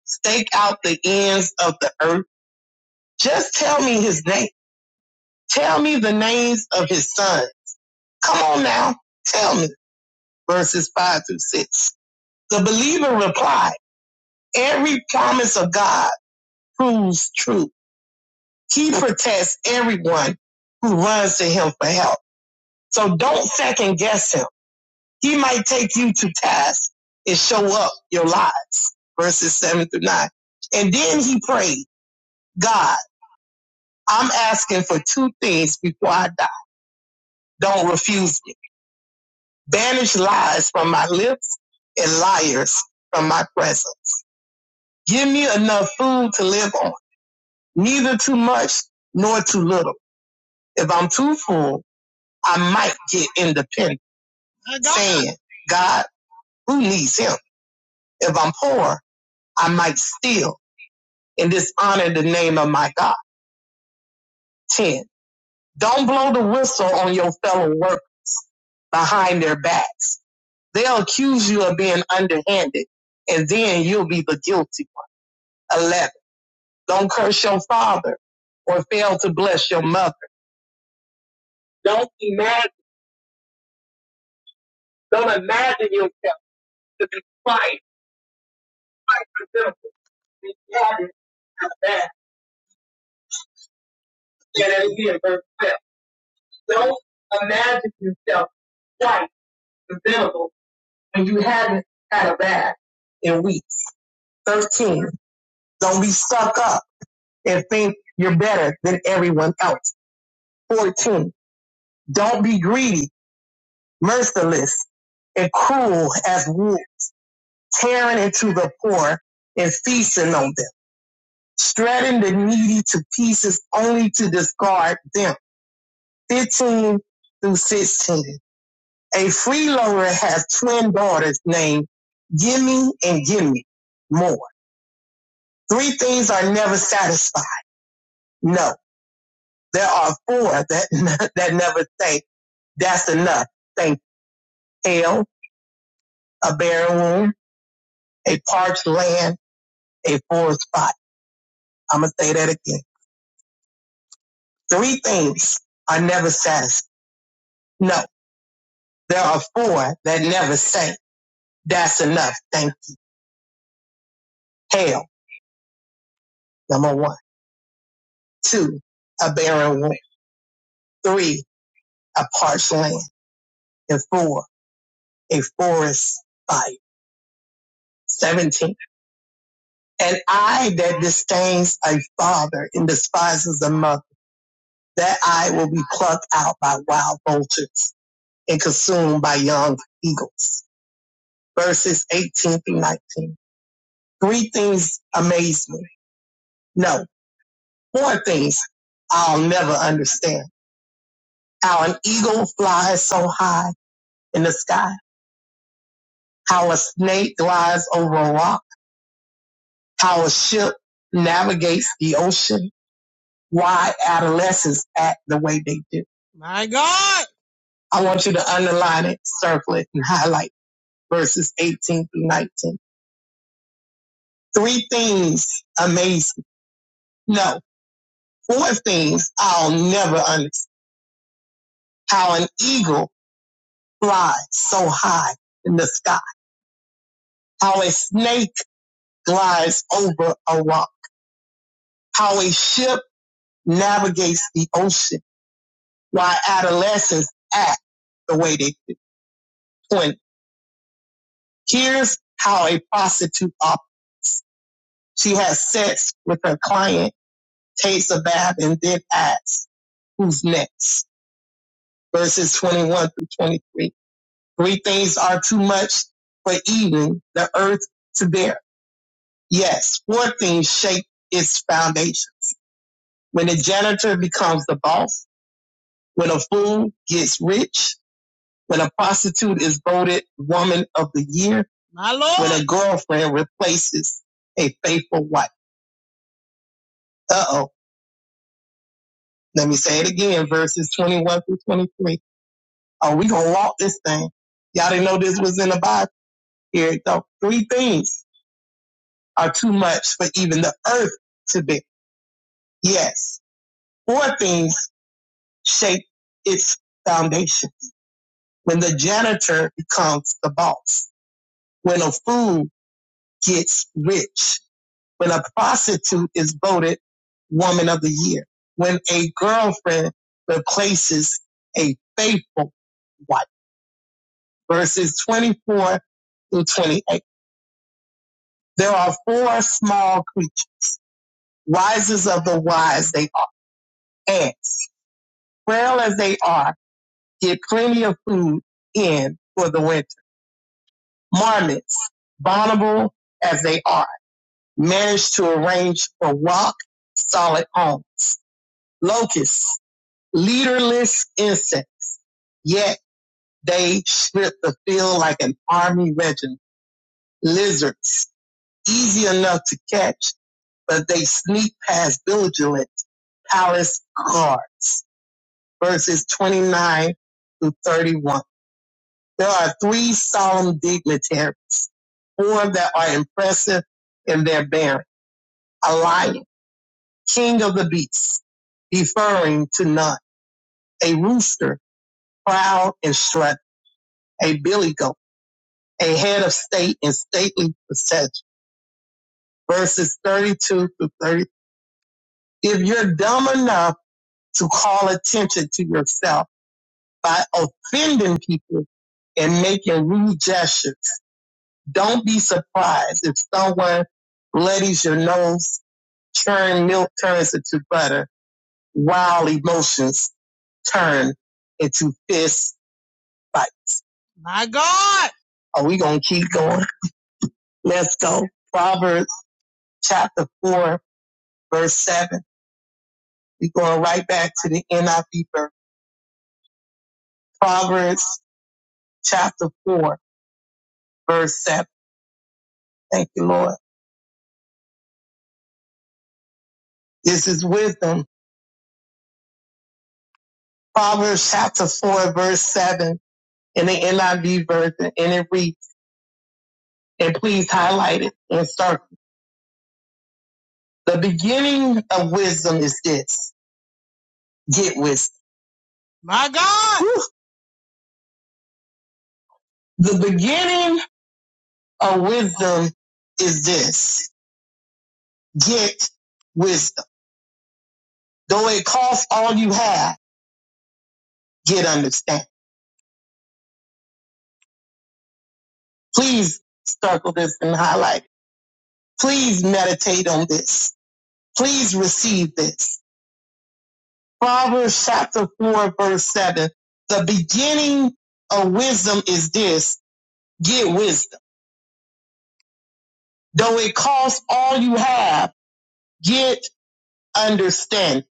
stake out the ends of the earth? Just tell me his name. Tell me the names of his son. Come on now. Tell me. Verses five through six. The believer replied, every promise of God proves true He protects everyone who runs to him for help. So don't second guess him. He might take you to task and show up your lies. Verses seven through nine. And then he prayed, God, I'm asking for two things before I die. Don't refuse me. Banish lies from my lips and liars from my presence. Give me enough food to live on, neither too much nor too little. If I'm too full, I might get independent. saying, God, who needs him? If I'm poor, I might steal and dishonor the name of my God. 10. Don't blow the whistle on your fellow worker behind their backs. They'll accuse you of being underhanded and then you'll be the guilty one. 11. Don't curse your father or fail to bless your mother. Don't imagine, don't imagine yourself to be quite having that. Yeah, will be in verse 12. Don't imagine yourself twice. preventable when you haven't had a bath in weeks. 13. Don't be stuck up and think you're better than everyone else. 14. Don't be greedy, merciless, and cruel as wolves, tearing into the poor and feasting on them, shredding the needy to pieces only to discard them. 15 through 16. A freeloader has twin daughters named Gimme and Gimme More. Three things are never satisfied. No, there are four that that never say that's enough. Think hell, a barren womb, a parched land, a forest spot. I'm gonna say that again. Three things are never satisfied. No, there are four that never say that's enough. Think hell, number one. Two, a barren womb. Three, a parched land. And four, a forest fire. 17. And I that disdains a father and despises a mother, that I will be plucked out by wild vultures and consumed by young eagles. Verses 18 through 19. Three things amaze me. No, four things I'll never understand. How an eagle flies so high in the sky. How a snake glides over a rock. How a ship navigates the ocean. Why adolescents act the way they do. My God. I want you to underline it, circle it, and highlight verses 18 through 19. Three things amaze me. No, four things I'll never understand. How an eagle flies so high in the sky. How a snake glides over a rock. How a ship navigates the ocean. Why adolescents act the way they do. When here's how a prostitute operates. She has sex with her client, takes a bath, and then acts. who's next. Verses 21 through 23. Three things are too much for even the earth to bear. Yes, four things shake its foundation. When a janitor becomes the boss, when a fool gets rich, when a prostitute is voted woman of the year, My Lord. when a girlfriend replaces a faithful wife. Uh oh. Let me say it again, verses 21 through 23. Are we gonna walk this thing. Y'all didn't know this was in the Bible. Here it go. Three things are too much for even the earth to bear. Yes. Four things shape its foundation. When the janitor becomes the boss, when a fool gets rich, when a prostitute is voted woman of the year, when a girlfriend replaces a faithful wife. Verses 24 through 28. There are four small creatures, wisest of the wise they are ants. frail as they are, get plenty of food in for the winter. Marmots, vulnerable as they are, manage to arrange for rock solid homes. Locusts, leaderless insects, yet they strip the field like an army regiment. Lizards, easy enough to catch, but they sneak past vigilant palace guards. Verses 29 through 31. There are three solemn dignitaries, four that are impressive in their bearing. A lion, king of the beasts, deferring to none. A rooster, proud and strut. A billy goat, a head of state in stately procession. Verses 32 to 30. If you're dumb enough to call attention to yourself by offending people and making rude gestures, don't be surprised if someone bloodies your nose Churn milk turns into butter. Wild emotions turn into fist fight. My God. Are we going to keep going? Let's go. Proverbs chapter 4, verse 7. We're going right back to the NIV verse. Proverbs chapter 4, verse 7. Thank you, Lord. This is wisdom. Proverbs chapter 4, verse 7 in the NIV version, and it reads, and please highlight it and circle. The beginning of wisdom is this. Get wisdom. My God. Whew. The beginning of wisdom is this. Get wisdom. Though it costs all you have, get understanding. Please circle this and highlight it. Please meditate on this. Please receive this. Proverbs chapter 4 verse 7. The beginning of wisdom is this. Get wisdom. Though it costs all you have, get understanding.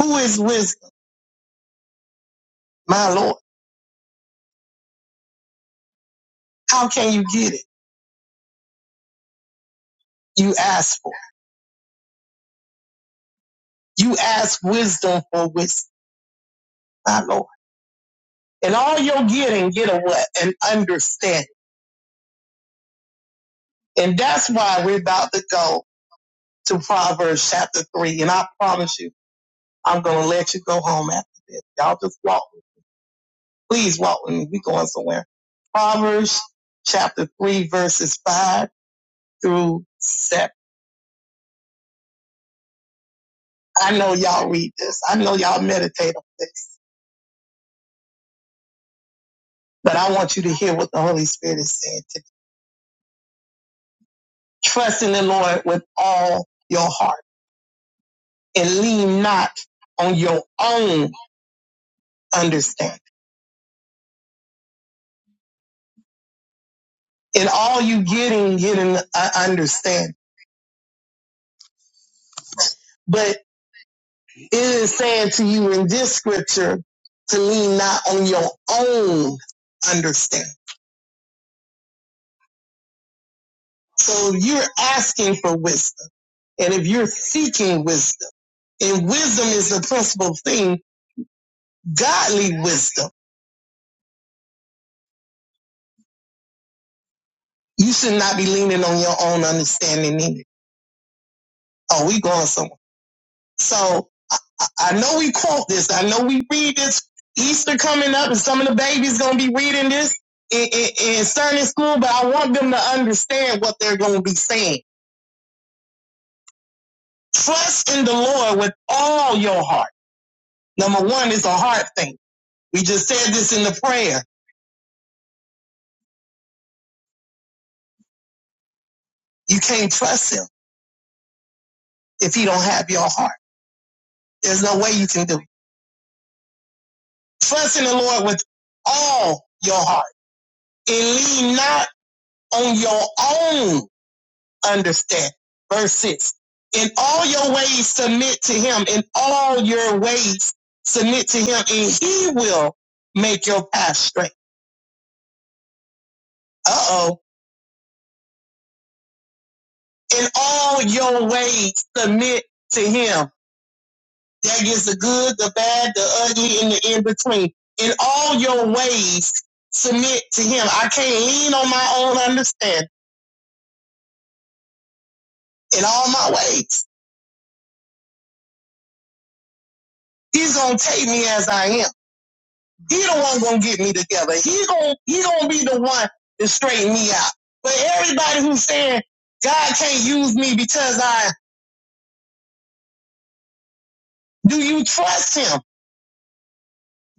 Who is wisdom? My Lord. How can you get it? You ask for it. You ask wisdom for wisdom, my Lord. And all you're getting, get a what? An understanding. And that's why we're about to go to Proverbs chapter three. And I promise you, I'm going to let you go home after this. Y'all just walk. with me. Please walk with me. We're going somewhere. Proverbs chapter three, verses five through seven. I know y'all read this. I know y'all meditate on this. But I want you to hear what the Holy Spirit is saying today. Trust in the Lord with all your heart and lean not on your own understanding. In all you getting, getting uh, understand. But it is saying to you in this scripture to lean not on your own understanding. So you're asking for wisdom. And if you're seeking wisdom, and wisdom is the principal thing, godly wisdom, you should not be leaning on your own understanding either Oh, we going somewhere. So I, I know we quote this. I know we read this. Easter coming up, and some of the babies gonna be reading this in, in, in Sunday school. But I want them to understand what they're gonna be saying. Trust in the Lord with all your heart. Number one is a heart thing. We just said this in the prayer. You can't trust Him if He don't have your heart. There's no way you can do it. Trust in the Lord with all your heart and lean not on your own understand. Verse 6. In all your ways submit to him. In all your ways submit to him and he will make your path straight. Uh-oh. In all your ways submit to him. That is the good, the bad, the ugly, and the in between. In all your ways submit to him. I can't lean on my own understanding in all my ways. He's going to take me as I am. He the one gonna get me together. He gonna he gonna be the one to straighten me out. But everybody who's saying God can't use me because I do you trust him?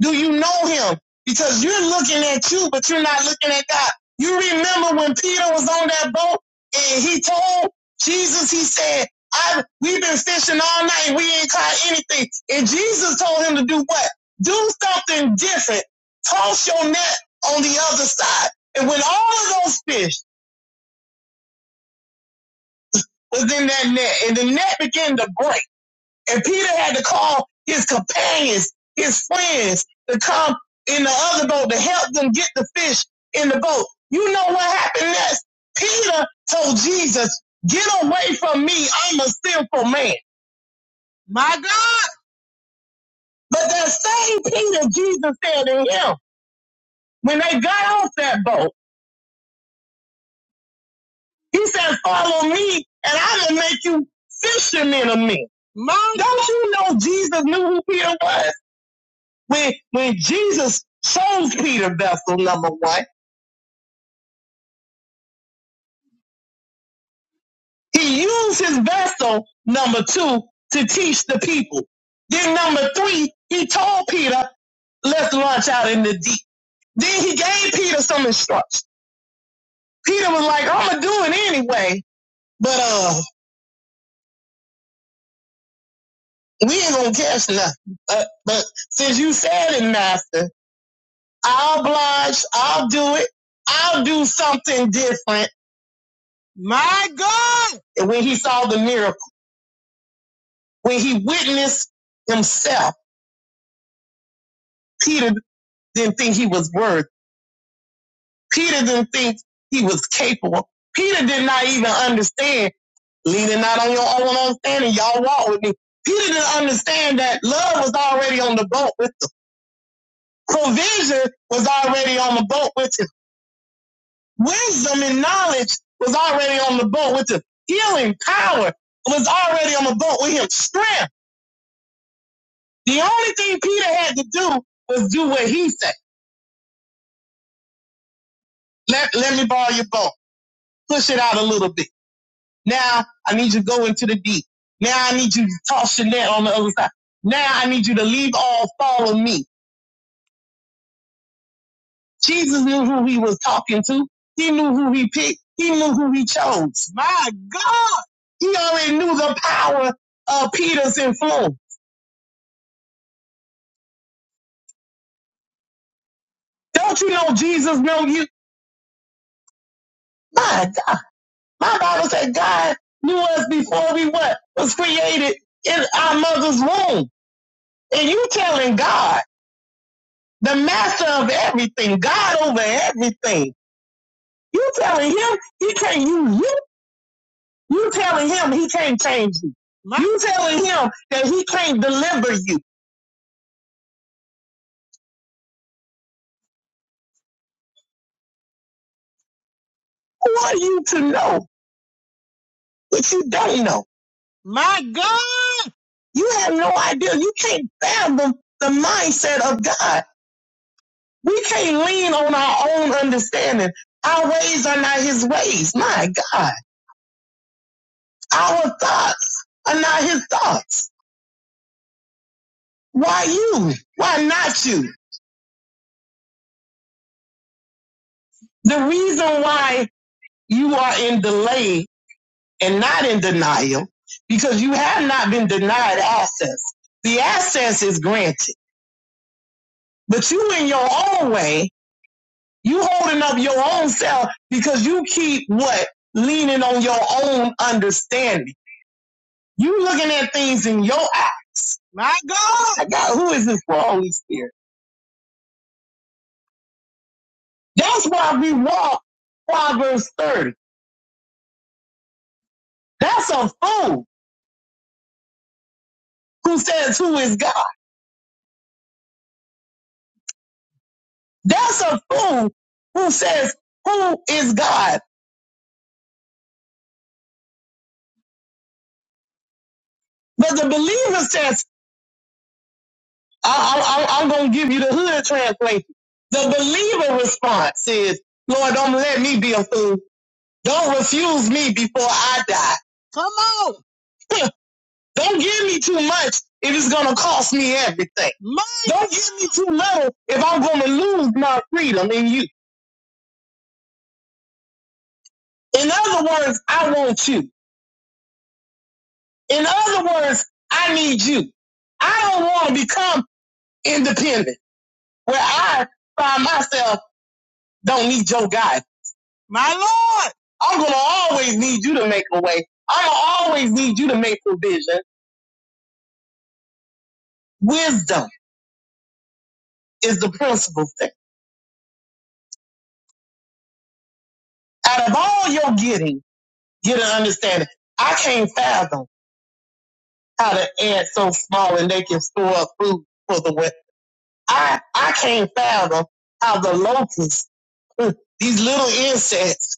Do you know him? Because you're looking at you, but you're not looking at God. You remember when Peter was on that boat and he told Jesus, he said, I, we've been fishing all night. We ain't caught anything. And Jesus told him to do what? Do something different. Toss your net on the other side. And when all of those fish was in that net and the net began to break, And Peter had to call his companions, his friends, to come in the other boat to help them get the fish in the boat. You know what happened next? Peter told Jesus, Get away from me. I'm a sinful man. My God. But that same Peter Jesus said to him, when they got off that boat, he said, Follow me, and I will make you fishermen of men. My God. Don't you know Jesus knew who Peter was? When when Jesus chose Peter vessel number one, he used his vessel number two to teach the people. Then number three, he told Peter, let's launch out in the deep. Then he gave Peter some instructions. Peter was like, I'm gonna do it anyway, but uh, we ain't gonna catch nothing. Uh, but since you said it, Master, I'll oblige. I'll do it. I'll do something different. My God! And when he saw the miracle. When he witnessed himself, Peter didn't think he was worth. Peter didn't think he was capable. Peter did not even understand, leaning not on your own understanding, y'all walk with me. Peter didn't understand that love was already on the boat with him. Provision was already on the boat with him. Wisdom and knowledge was already on the boat with him. Healing power was already on the boat with him. Strength. The only thing Peter had to do was do what he said. Let, let me borrow your boat. push it out a little bit. Now I need you to go into the deep. Now I need you to toss your net on the other side. Now I need you to leave all, follow me. Jesus knew who he was talking to. He knew who he picked. He knew who he chose. My God. He already knew the power of Peter's influence. Don't you know Jesus know you? My God. My Bible said God knew us before we what was created in our mother's womb. And you telling God. the master of everything, God over everything. You telling him he can't use you. You telling him he can't change you. You telling him that he can't deliver you. Who are you to know what you don't know? my God. You have no idea. You can't fathom the mindset of God. We can't lean on our own understanding. Our ways are not his ways. My God. Our thoughts are not his thoughts. Why you? Why not you? The reason why you are in delay and not in denial, because you have not been denied access. The access is granted, but you in your own way, you holding up your own self because you keep what? Leaning on your own understanding. You looking at things in your eyes. My God. God, who is this for Holy Spirit? That's why we walk Proverbs 30. That's a fool who says, who is God? That's a fool who says, Who is God? But the believer says, I, I, I, I'm going to give you the hood translation. The believer response is, Lord, don't let me be a fool. Don't refuse me before I die. Come on. Don't give me too much if it's going to cost me everything. My Don't give me too little if I'm going to lose my freedom in you. In other words, I want you. In other words, I need you. I don't want to become independent, where I find myself don't need your guy. My Lord, I'm gonna always need you to make a way. I'm gonna always need you to make provision. Wisdom is the principal thing. Out of all your getting, get an understanding. I can't fathom how the ants so small and they can store up food for the winter. I I can't fathom how the locusts, these little insects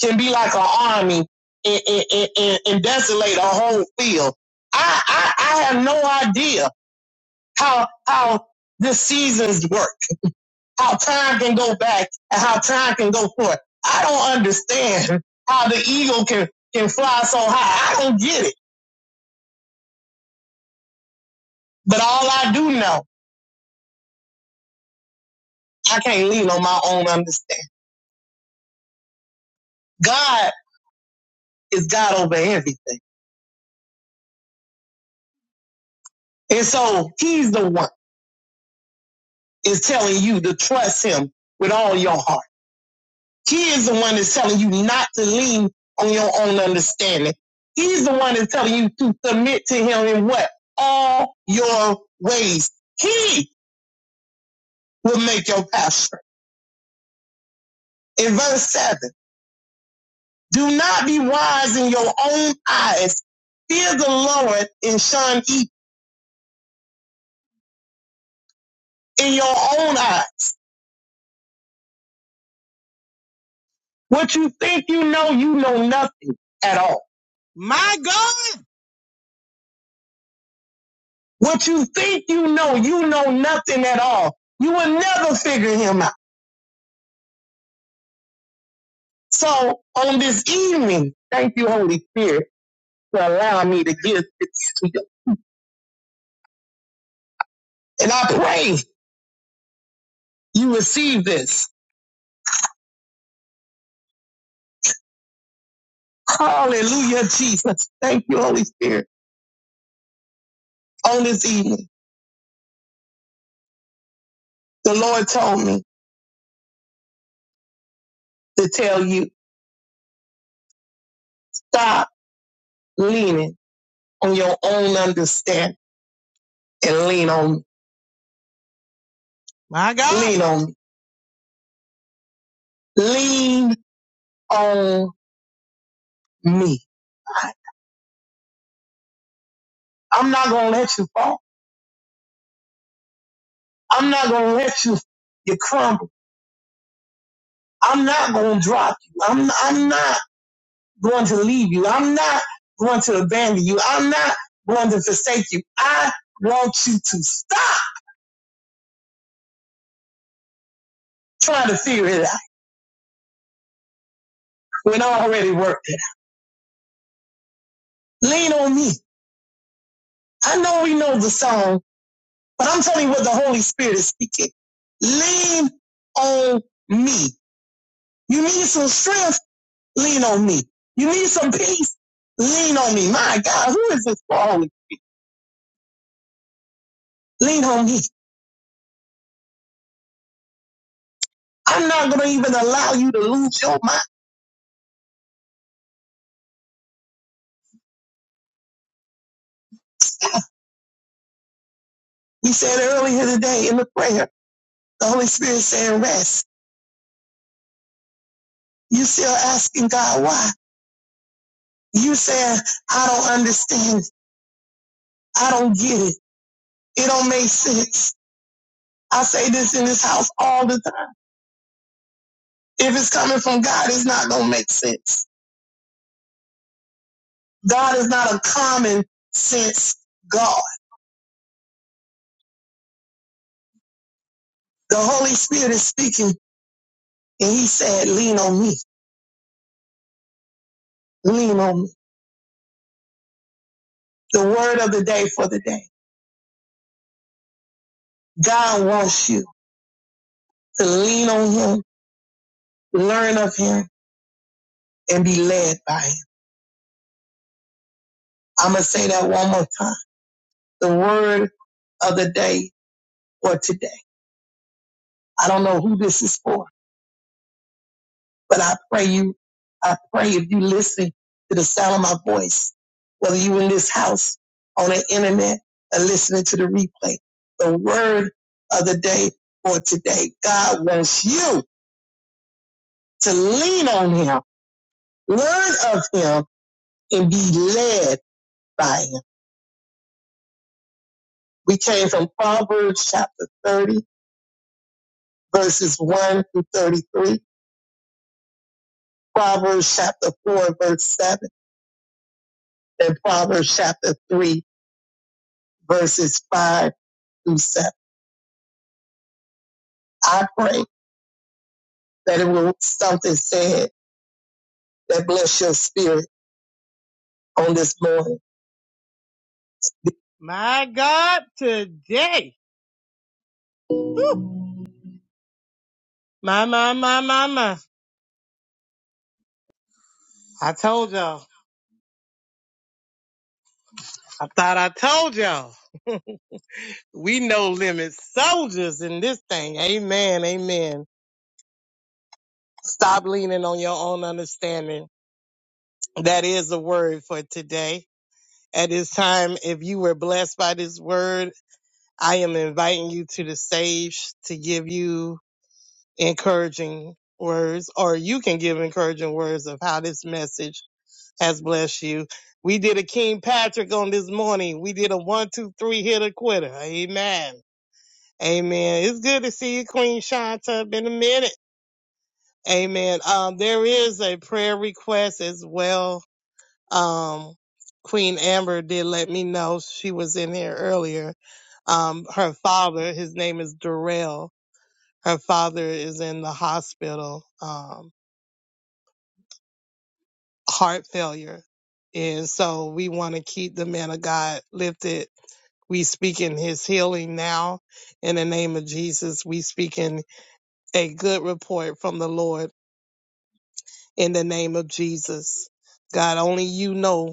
can be like an army and, and, and, and desolate a whole field. I, I, I have no idea how, how the seasons work, how time can go back and how time can go forward. I don't understand how the eagle can, can fly so high. I don't get it. But all I do know, I can't lean on my own understanding. God is God over everything. And so he's the one is telling you to trust him with all your heart He is the one that's telling you not to lean on your own understanding. He's the one that's telling you to submit to him in what? All your ways. He will make your path straight. In verse 7, do not be wise in your own eyes. Fear the Lord and shun evil in your own eyes. What you think you know, you know nothing at all. My God! What you think you know, you know nothing at all. You will never figure him out. So on this evening, thank you, Holy Spirit, for allowing me to give this to you. And I pray you receive this. Hallelujah, Jesus. Thank you, Holy Spirit. On this evening, the Lord told me to tell you, stop leaning on your own understanding and lean on me. My God. Lean on me. Lean on me. I- I'm not going to let you fall. I'm not going to let you, you crumble. I'm not going to drop you. I'm, I'm not. going to leave you. I'm not going to abandon you. I'm not going to forsake you. I want you to stop trying to figure it out when I already worked it out. Lean on me. I know we know the song, but I'm telling you what the Holy Spirit is speaking. Lean on me. You need some strength? Lean on me. You need some peace? Lean on me. My God, who is this for? Holy? Lean on me. I'm not going to even allow you to lose your mind. We said earlier today in the prayer, The Holy Spirit saying rest. You still asking God why? You saying, I don't understand. I don't get it. It don't make sense. I say this in this house all the time. If it's coming from God, it's not going to make sense. God is not a common sense God. The Holy Spirit is speaking and he said, lean on me, lean on me. The word of the day for the day. God wants you to lean on him, learn of him and be led by him. I'm going to say that one more time. the word of the day for today. I don't know who this is for, but I pray you, I pray if you listen to the sound of my voice, whether you in this house, on the internet, or listening to the replay, the word of the day for today. God wants you to lean on him, learn of him, and be led by him. We came from Proverbs chapter 30, verses 1 through 33, Proverbs chapter 4, verse 7. in Proverbs chapter 3, verses 5 through 7. I pray that it will something said that bless your spirit on this morning. My God, today. My, my, my, my, my. I told y'all. I thought I told y'all. We no limit soldiers in this thing. Amen. Amen. Stop leaning on your own understanding. That is the word for today. At this time, if you were blessed by this word, I am inviting you to the stage to give you encouraging words, or you can give encouraging words of how this message has blessed you. We did a King Patrick on this morning. We did a one, two, three hitter quitter. Amen. Amen. It's good to see you, Queen Shanta, in a minute. Amen. Um, there is a prayer request as well. Um, Queen Amber did let me know she was in here earlier um, her father. His name is Darrell. her father is in the hospital, um, heart failure. And so we want to keep the man of God lifted. We speak in his healing now. In the name of Jesus, we speak in a good report from the Lord in the name of Jesus. God, only you know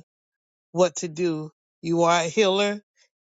what to do. You are a healer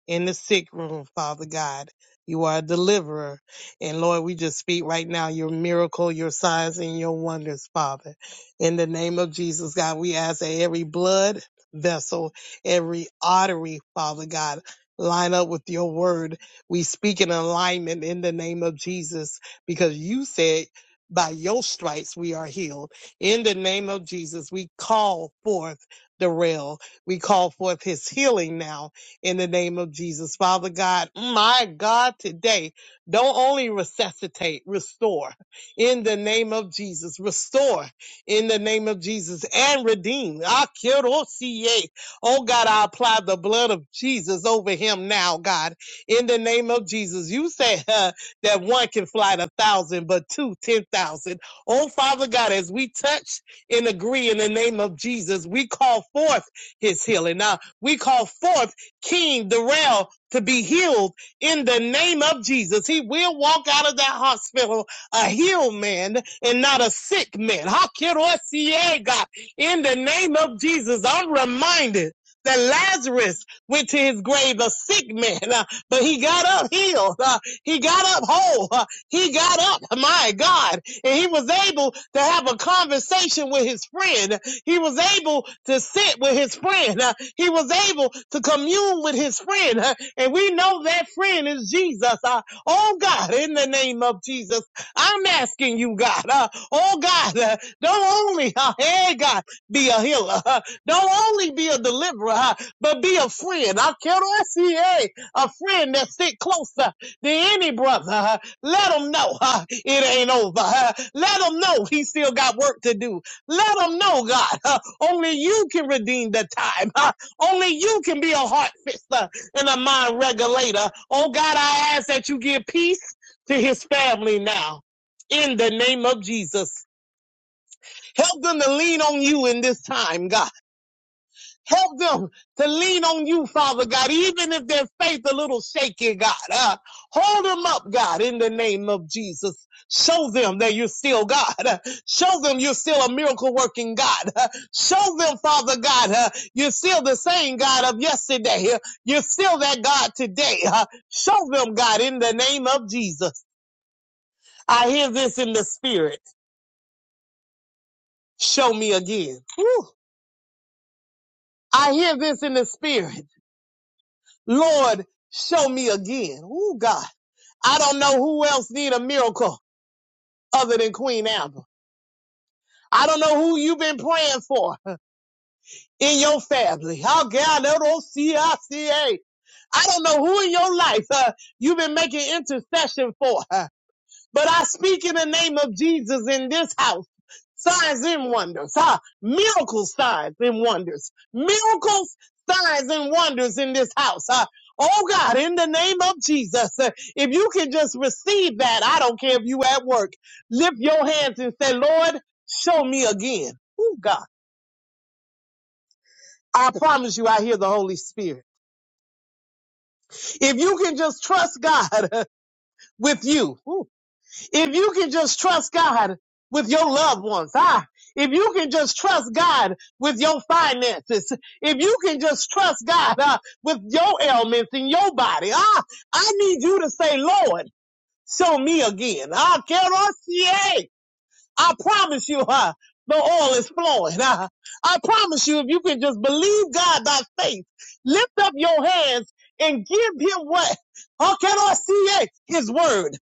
in the sick room, Father God. You are a deliverer. And Lord, we just speak right now your miracle, your signs, and your wonders, Father. In the name of Jesus, God, we ask that every blood vessel, every artery, Father God, line up with your word. We speak in alignment in the name of Jesus because you said, by your stripes we are healed. In the name of Jesus, we call forth the rail. We call forth his healing now in the name of Jesus. Father God, my God, today, don't only resuscitate, restore in the name of Jesus, restore in the name of Jesus and redeem. Akerosiye. Oh God, I apply the blood of Jesus over him now, God, in the name of Jesus. You said uh, that one can fly a thousand, but two, ten thousand. Oh Father God, as we touch and agree in the name of Jesus, we call forth his healing. Now we call forth King Darrell to be healed in the name of Jesus. He will walk out of that hospital a healed man and not a sick man. Hakirosie, God. In the name of Jesus, I'm reminded that Lazarus went to his grave a sick man, uh, but he got up healed. uh, he got up whole. uh, he got up, my God, and he was able to have a conversation with his friend. He was able to sit with his friend. Uh, He was able to commune with his friend. Uh, And we know that friend is Jesus. Uh, Oh God, in the name of Jesus, I'm asking you, God. uh, Oh God, uh, don't only, uh, hey God, be a healer. uh, Don't only be a deliverer, uh, but be a friend. I can't see hey, a friend that sit closer than any brother. uh, Let him know uh, it ain't over. uh, Let him know he still got work to do. Let them know, God. uh, only you can redeem the time. uh, only you can be a heart fixer and a mind regulator. Oh, God, I ask that you give peace to his family now. In the name of Jesus. Help them to lean on you in this time, God. Help them to lean on you, Father God, even if their faith a little shaky, God. Uh, hold them up, God, in the name of Jesus. Show them that you're still God. Uh, show them you're still a miracle working God. Uh, show them, Father God, uh, you're still the same God of yesterday. Uh, you're still that God today. Uh, show them, God, in the name of Jesus. I hear this in the spirit. Show me again. Woo. I hear this in the spirit. Lord, show me again. Oh God. I don't know who else need a miracle other than Queen Amber. I don't know who you've been praying for in your family. How God, L-O-C-I-C-A. I C A. I don't know who in your life uh, you've been making intercession for. But I speak in the name of Jesus in this house. Signs and wonders. Huh? Miracles, signs and wonders. Miracles, signs and wonders in this house. Huh? Oh God, in the name of Jesus, uh, if you can just receive that, I don't care if you at work, lift your hands and say, Lord, show me again. Oh God, I promise you I hear the Holy Spirit. If you can just trust God with you, If you can just trust God with your loved ones, ah, if you can just trust God with your finances, if you can just trust God ah, with your ailments in your body, ah, I need you to say, Lord, show me again. Ah, I promise you, uh, the oil is flowing. Uh, I promise you, if you can just believe God by faith, lift up your hands and give him what? How can I see it? His word.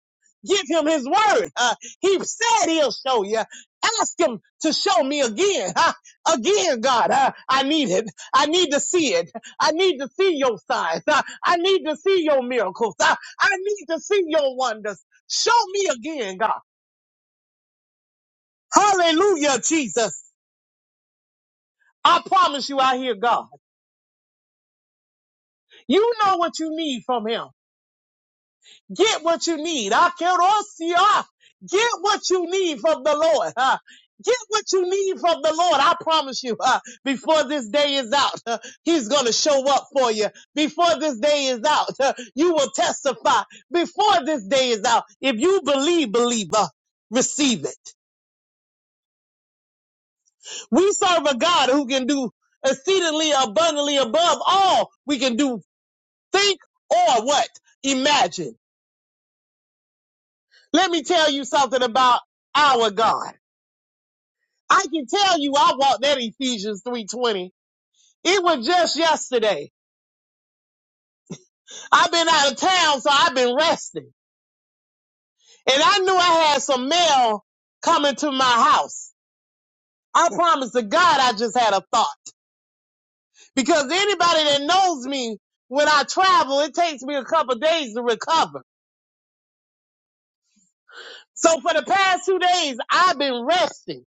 Give him his word. Uh, he said he'll show you. Ask him to show me again. Uh, again, God, uh, I need it. I need to see it. I need to see your signs. Uh, I need to see your miracles. Uh, I need to see your wonders. Show me again, God. Hallelujah, Jesus. I promise you, I hear God. You know what you need from Him. Get what you need. Akerosia. Get what you need from the Lord. huh? Get what you need from the Lord. I promise you, huh, before this day is out, huh, He's going to show up for you. Before this day is out, huh, you will testify. Before this day is out, if you believe, believer, receive it. We serve a God who can do exceedingly abundantly above all we can do Think or what? Imagine. Let me tell you something about our God. I can tell you I walked that Ephesians 3.20. It was just yesterday. I've been out of town, so I've been resting. And I knew I had some mail coming to my house. I promise to God I just had a thought. Because anybody that knows me, when I travel, it takes me a couple days to recover. So for the past two days, I've been resting.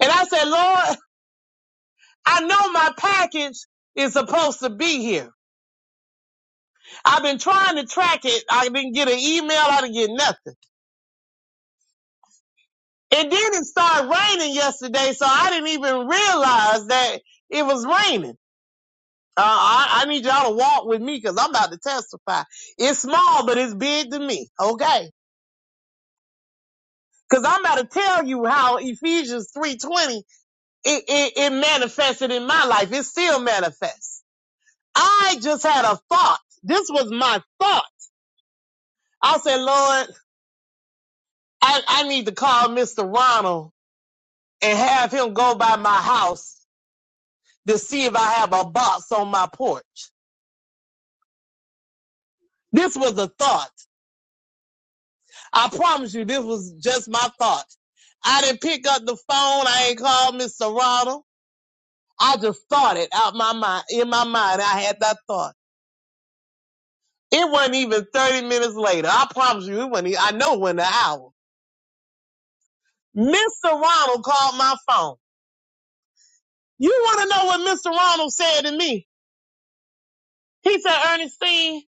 And I said, Lord, I know my package is supposed to be here. I've been trying to track it. I didn't get an email. I didn't get nothing. And then it started raining yesterday, so I didn't even realize that it was raining. Uh, I, I need y'all to walk with me because I'm about to testify. It's small, but it's big to me. Okay. Because I'm about to tell you how Ephesians 3.20, it, it, it manifested in my life. It still manifests. I just had a thought. This was my thought. I said, Lord, I, I need to call Mr. Ronald and have him go by my house to see if I have a box on my porch. This was a thought. I promise you, this was just my thought. I didn't pick up the phone. I ain't called Mr. Ronald. I just thought it out my mind. In my mind, I had that thought. It wasn't even 30 minutes later. I promise you, it wasn't. e- I know it wasn't an hour. Mr. Ronald called my phone. You want to know what Mr. Ronald said to me? He said, Ernestine,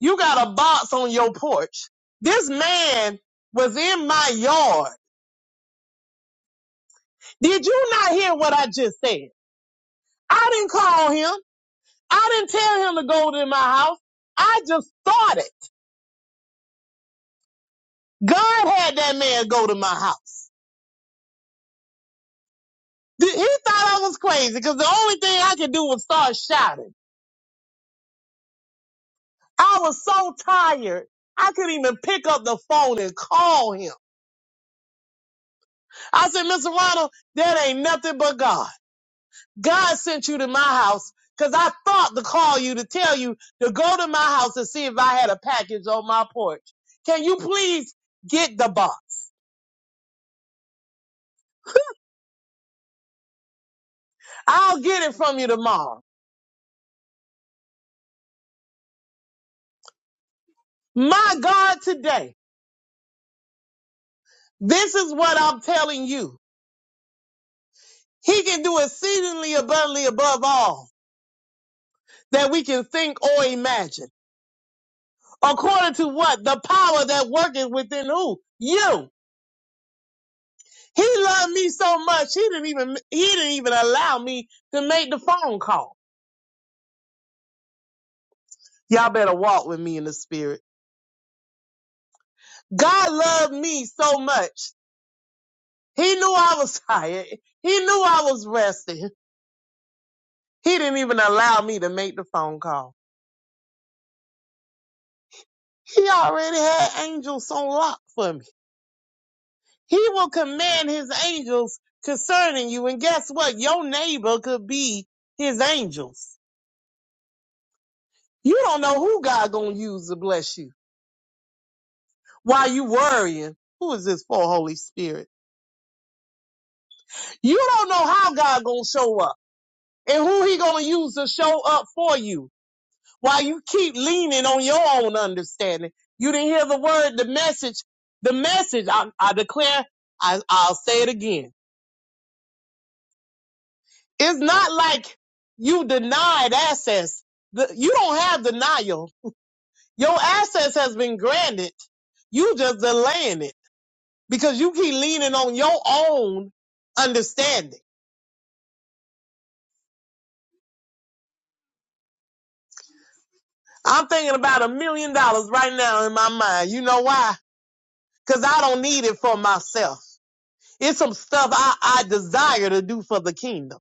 You got a box on your porch. This man was in my yard. Did you not hear what I just said? I didn't call him. I didn't tell him to go to my house. I just started. God had that man go to my house. Th- He thought I was crazy because the only thing I could do was start shouting. I was so tired. I couldn't even pick up the phone and call him. I said, Mr. Ronald, that ain't nothing but God. God sent you to my house because I thought to call you to tell you to go to my house and see if I had a package on my porch. Can you please get the box? I'll get it from you tomorrow. My God, today, this is what I'm telling you. He can do exceedingly abundantly above all that we can think or imagine. According to what? The power that worketh within who? You. He loved me so much, he didn't even, he didn't even allow me to make the phone call. Y'all better walk with me in the spirit. God loved me so much. He knew I was tired. He knew I was resting. He didn't even allow me to make the phone call. He already had angels on lock for me. He will command his angels concerning you. And guess what? Your neighbor could be his angels. You don't know who God gonna use to bless you. While you worrying, who is this for, Holy Spirit? You don't know how God gonna show up. And who he gonna use to show up for you while you keep leaning on your own understanding? You didn't hear the word, the message, the message. I, I declare, I, I'll say it again. It's not like you denied access. The- you don't have denial. Your access has been granted. You just delaying it because you keep leaning on your own understanding. I'm thinking about a million dollars right now in my mind. You know why? Cause I don't need it for myself. It's some stuff I, I desire to do for the kingdom.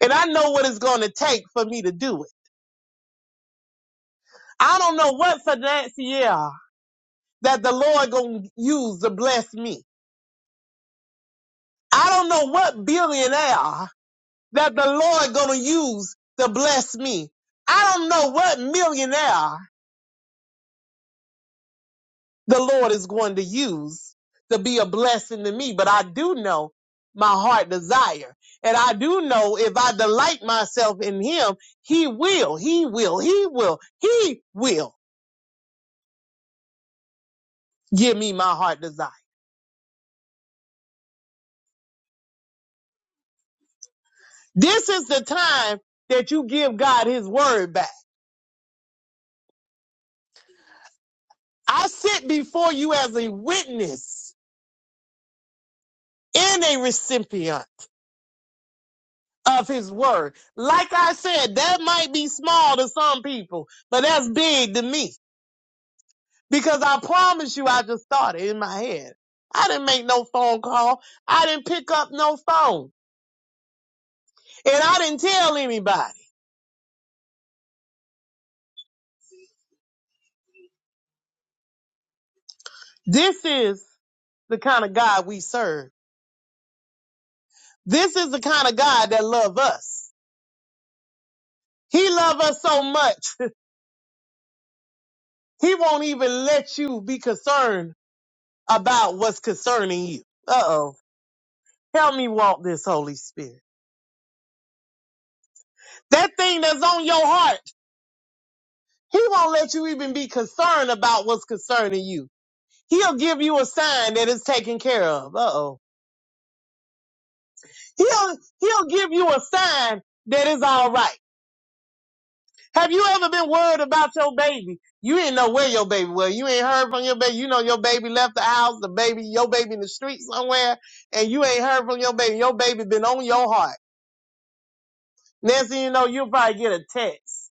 And I know what it's going to take for me to do it. I don't know what financier that the Lord going to use to bless me. I don't know what billionaire that the Lord going to use to bless me. I don't know what millionaire the Lord is going to use to be a blessing to me. But I do know my heart desire. And I do know if I delight myself in him, he will, he will, he will, he will give me my heart desire. This is the time that you give God his word back. I sit before you as a witness and a recipient of his word. Like I said, that might be small to some people, but that's big to me. Because I promise you, I just started in my head. I didn't make no phone call. I didn't pick up no phone. And I didn't tell anybody. This is the kind of God we serve. This is the kind of God that loves us. He loves us so much, he won't even let you be concerned about what's concerning you. Uh-oh. Help me walk this Holy Spirit. That thing that's on your heart, he won't let you even be concerned about what's concerning you. He'll give you a sign that it's taken care of. Uh oh. He'll, he'll give you a sign that it's all right. Have you ever been worried about your baby? You didn't know where your baby was. You ain't heard from your baby. You know your baby left the house, the baby, your baby in the street somewhere, and you ain't heard from your baby. Your baby been on your heart. Next thing you know, you'll probably get a text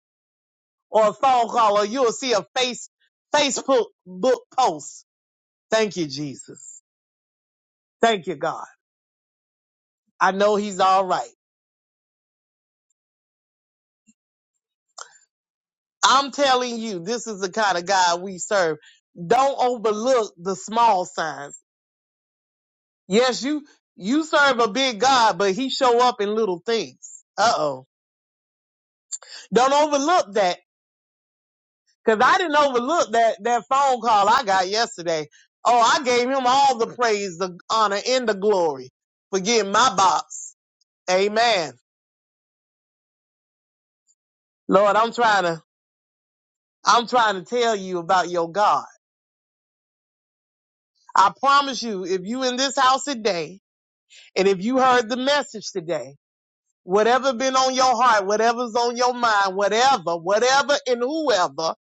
or a phone call or you'll see a face, Facebook book post. Thank you, Jesus. Thank you, God. I know he's all right. I'm telling you, this is the kind of God we serve. Don't overlook the small signs. Yes, you you serve a big God, but he show up in little things. Uh oh. Don't overlook that. Cause I didn't overlook that that phone call I got yesterday. Oh, I gave him all the praise, the honor, and the glory for getting my box. Amen. Lord, I'm trying to I'm trying to tell you about your God. I promise you, if you in this house today And if you heard the message today, whatever been on your heart, whatever's on your mind, whatever, whatever and whoever,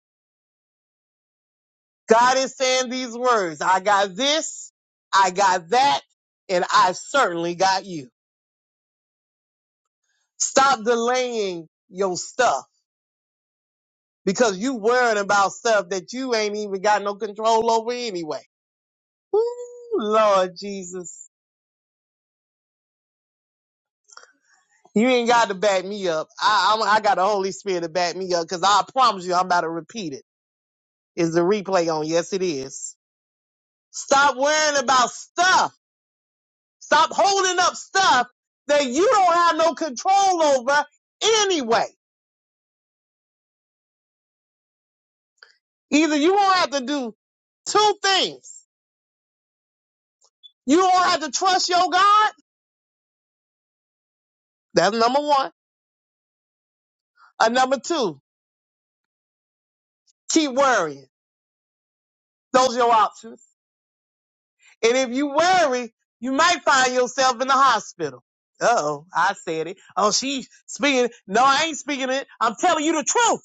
God is saying these words. I got this, I got that, and I certainly got you. Stop delaying your stuff because you worrying about stuff that you ain't even got no control over anyway. Ooh, Lord Jesus. You ain't got to back me up. I, I, I got the Holy Spirit to back me up because I promise you I'm about to repeat it. Is the replay on? Yes, it is. Stop worrying about stuff. Stop holding up stuff that you don't have no control over anyway. Either you won't have to do two things. You don't have to trust your God. That's number one. And number two, keep worrying. Those are your options. And if you worry, you might find yourself in the hospital. Uh-oh, I said it. Oh, she's speaking. No, I ain't speaking it. I'm telling you the truth.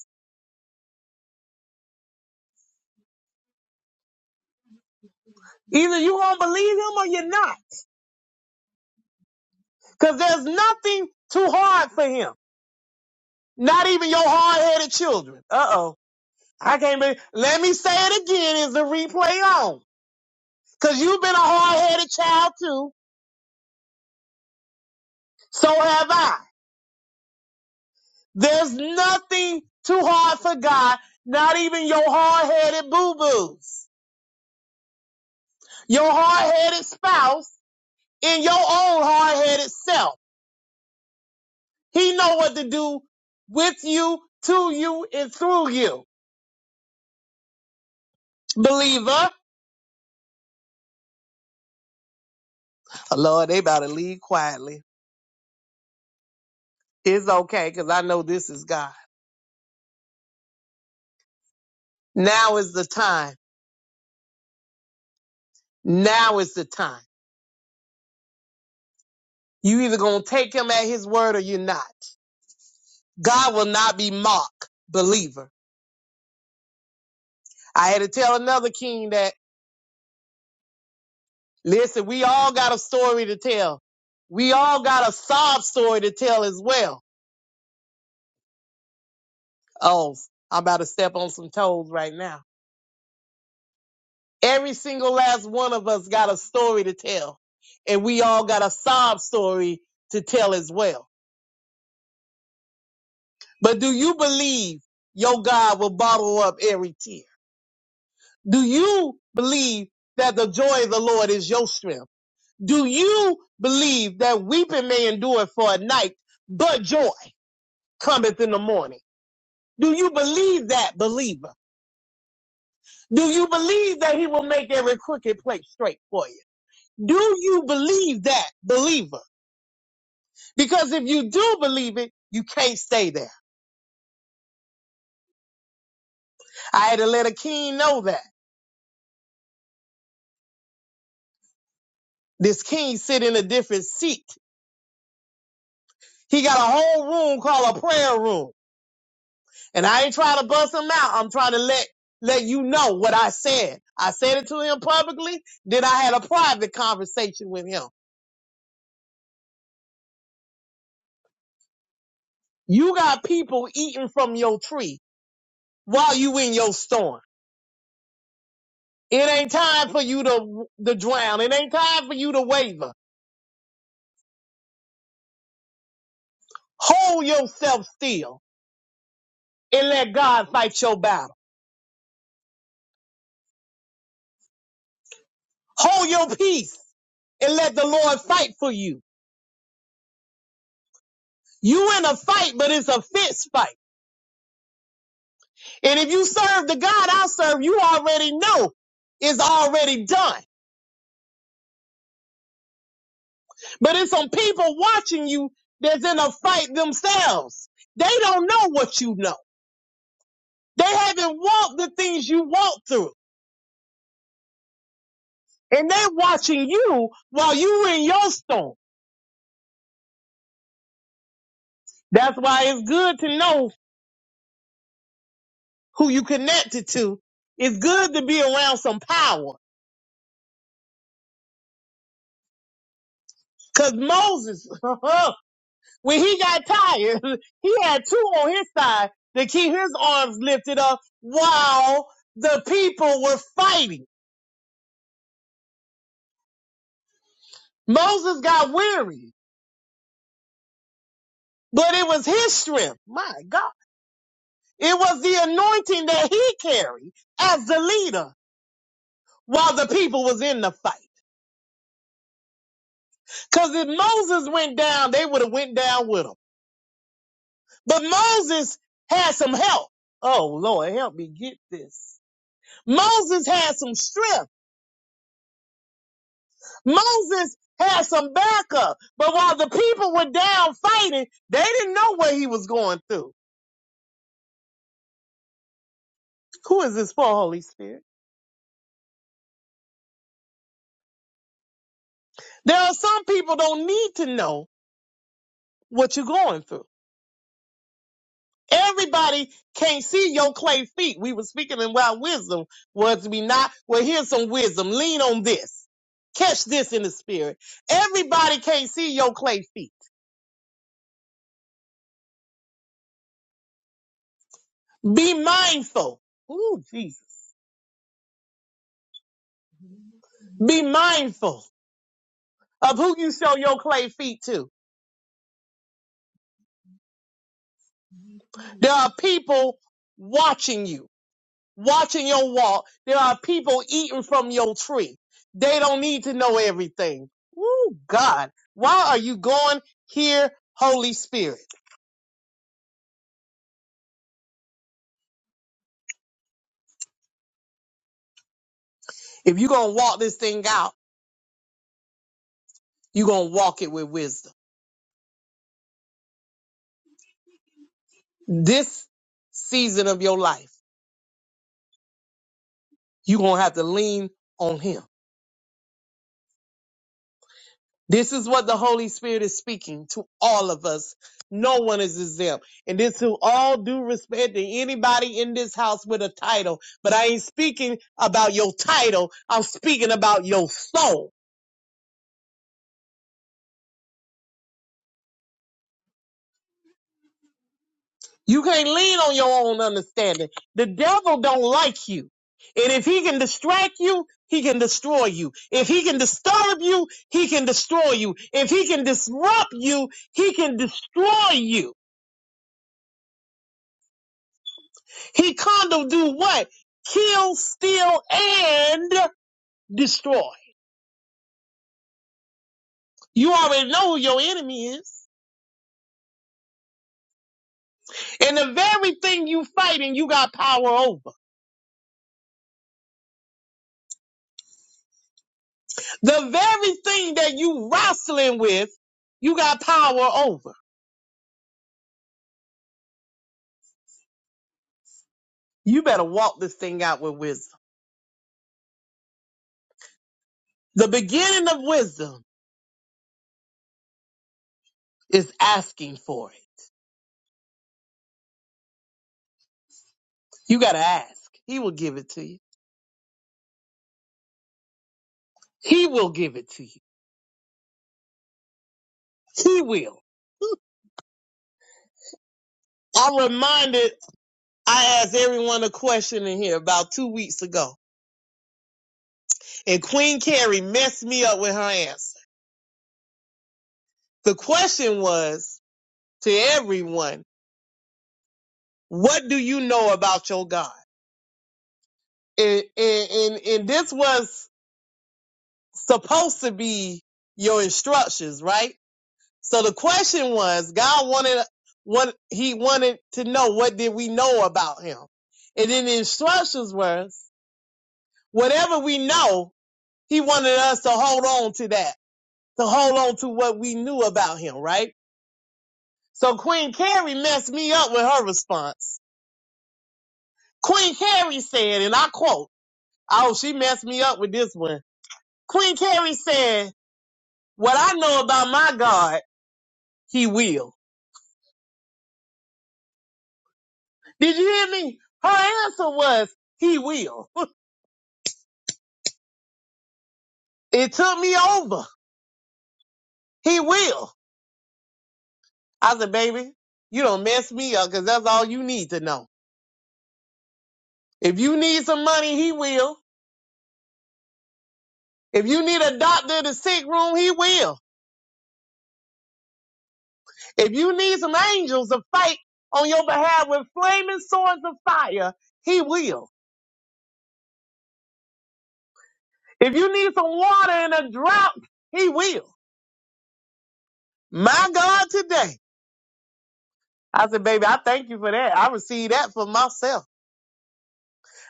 Either you gonna believe him or you're not. Because there's nothing too hard for him. Not even your hard headed children. Uh oh. I can't believe. Let me say it again. Is the replay on? Because you've been a hard headed child too. So have I. There's nothing too hard for God. Not even your hard headed boo boos. Your hard headed spouse and your own hard headed self. He know what to do with you, to you, and through you. Believer. Lord, they about to leave quietly. It's okay because I know this is God. Now is the time. Now is the time. You either gonna take him at his word or you're not. God will not be mocked, believer. I had to tell another king that listen, we all got a story to tell. We all got a sob story to tell as well. Oh, I'm about to step on some toes right now. Every single last one of us got a story to tell, and we all got a sob story to tell as well. But do you believe your God will bottle up every tear? Do you believe that the joy of the Lord is your strength? Do you believe that weeping may endure for a night, but joy cometh in the morning? Do you believe that, believer? Do you believe that he will make every crooked place straight for you? Do you believe that, believer? Because if you do believe it, you can't stay there. I had to let a king know that. This king sit in a different seat He got a whole room called a prayer room. And I ain't trying to bust him out. I'm trying to let let you know what I said. I said it to him publicly, then I had a private conversation with him. You got people eating from your tree while you in your storm. It ain't time for you to to drown. It ain't time for you to waver. Hold yourself still and let God fight your battle. Hold your peace and let the Lord fight for you. You in a fight, but it's a fist fight. And if you serve the God I serve, you already know it's already done. But it's some people watching you that's in a fight themselves. They don't know what you know. They haven't walked the things you walked through. And they're watching you while you are in your storm. That's why it's good to know who you connected to. It's good to be around some power. Cause Moses, when he got tired, he had two on his side to keep his arms lifted up while the people were fighting. Moses got weary, but it was his strength. My God. It was the anointing that he carried as the leader while the people was in the fight. Cause if Moses went down, they would have went down with him. But Moses had some help. Oh Lord, help me get this. Moses had some strength Moses had some backup, but while the people were down fighting, they didn't know what he was going through. Who is this for, Holy Spirit? There are some people don't need to know what you're going through. Everybody can't see your clay feet. We were speaking in wild wisdom, was we not? Well, here's some wisdom. Lean on this. Catch this in the spirit. Everybody can't see your clay feet. Be mindful. Ooh, Jesus. Be mindful of who you show your clay feet to There are people watching you, watching your walk. There are people eating from your tree. They don't need to know everything. Woo, God. Why are you going here, Holy Spirit? If you're going to walk this thing out, you're going to walk it with wisdom. This season of your life, you're going to have to lean on Him. This is what the Holy Spirit is speaking to all of us. No one is exempt. And this to all due respect to anybody in this house with a title. But I ain't speaking about your title. I'm speaking about your soul. You can't lean on your own understanding. The devil don't like you. And if he can distract you, he can destroy you. If he can disturb you, he can destroy you. If he can disrupt you, he can destroy you. He come to do what? Kill, steal, and destroy. You already know who your enemy is. And the very thing you fighting, you got power over. The very thing that you wrestling with, you got power over. You better walk this thing out with wisdom. The beginning of wisdom is asking for it. You gotta ask. He will give it to you. He will give it to you. He will. I reminded, I asked everyone a question in here about two weeks ago And Queen Carrie messed me up with her answer. The question was to everyone, what do you know about your God? And, and, and, and this was supposed to be your instructions, right? So the question was, God wanted, what he wanted to know, what did we know about him? And then the instructions were, whatever we know, he wanted us to hold on to that, to hold on to what we knew about him, right? So Queen Carrie messed me up with her response. Queen Carrie said, and I quote, oh, she messed me up with this one. Queen Carrie said, what I know about my God, he will. Did you hear me? Her answer was, he will. It took me over. He will. I said, baby, you don't mess me up because that's all you need to know. If you need some money, he will. If you need a doctor in the sick room, he will. If you need some angels to fight on your behalf with flaming swords of fire, he will. If you need some water in a drought, he will. My God, today. I said, baby, I thank you for that. I receive that for myself.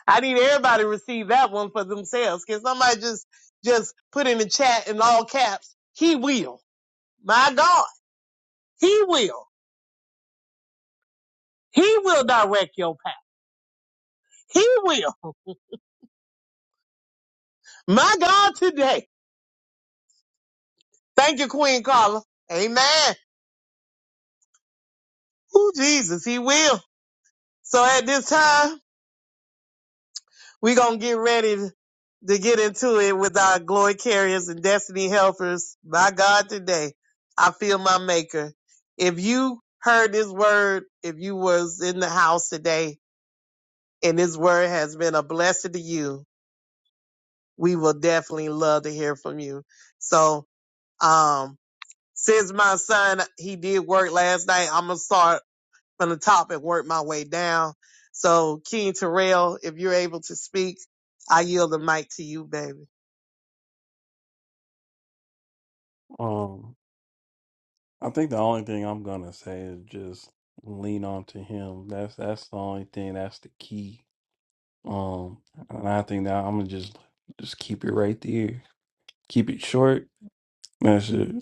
I need everybody to receive that one for themselves. Can somebody just, just put in the chat in all caps, he will. My God, he will. He will direct your path. He will. My God, today. Thank you, Queen Carla. Amen. Oh Jesus, he will. So at this time, we're going to get ready to get into it with our glory carriers and destiny helpers. My God, today, I feel my maker. If you heard this word, if you was in the house today and this word has been a blessing to you, we will definitely love to hear from you. So, um, since my son, he did work last night, I'm going to start from the top and work my way down. So, King Terrell, if you're able to speak, I yield the mic to you, baby.
Um I think the only thing I'm gonna say is just lean on to him. That's that's the only thing. That's the key. Um, and I think that I'm gonna just just keep it right there. Keep it short. That's it.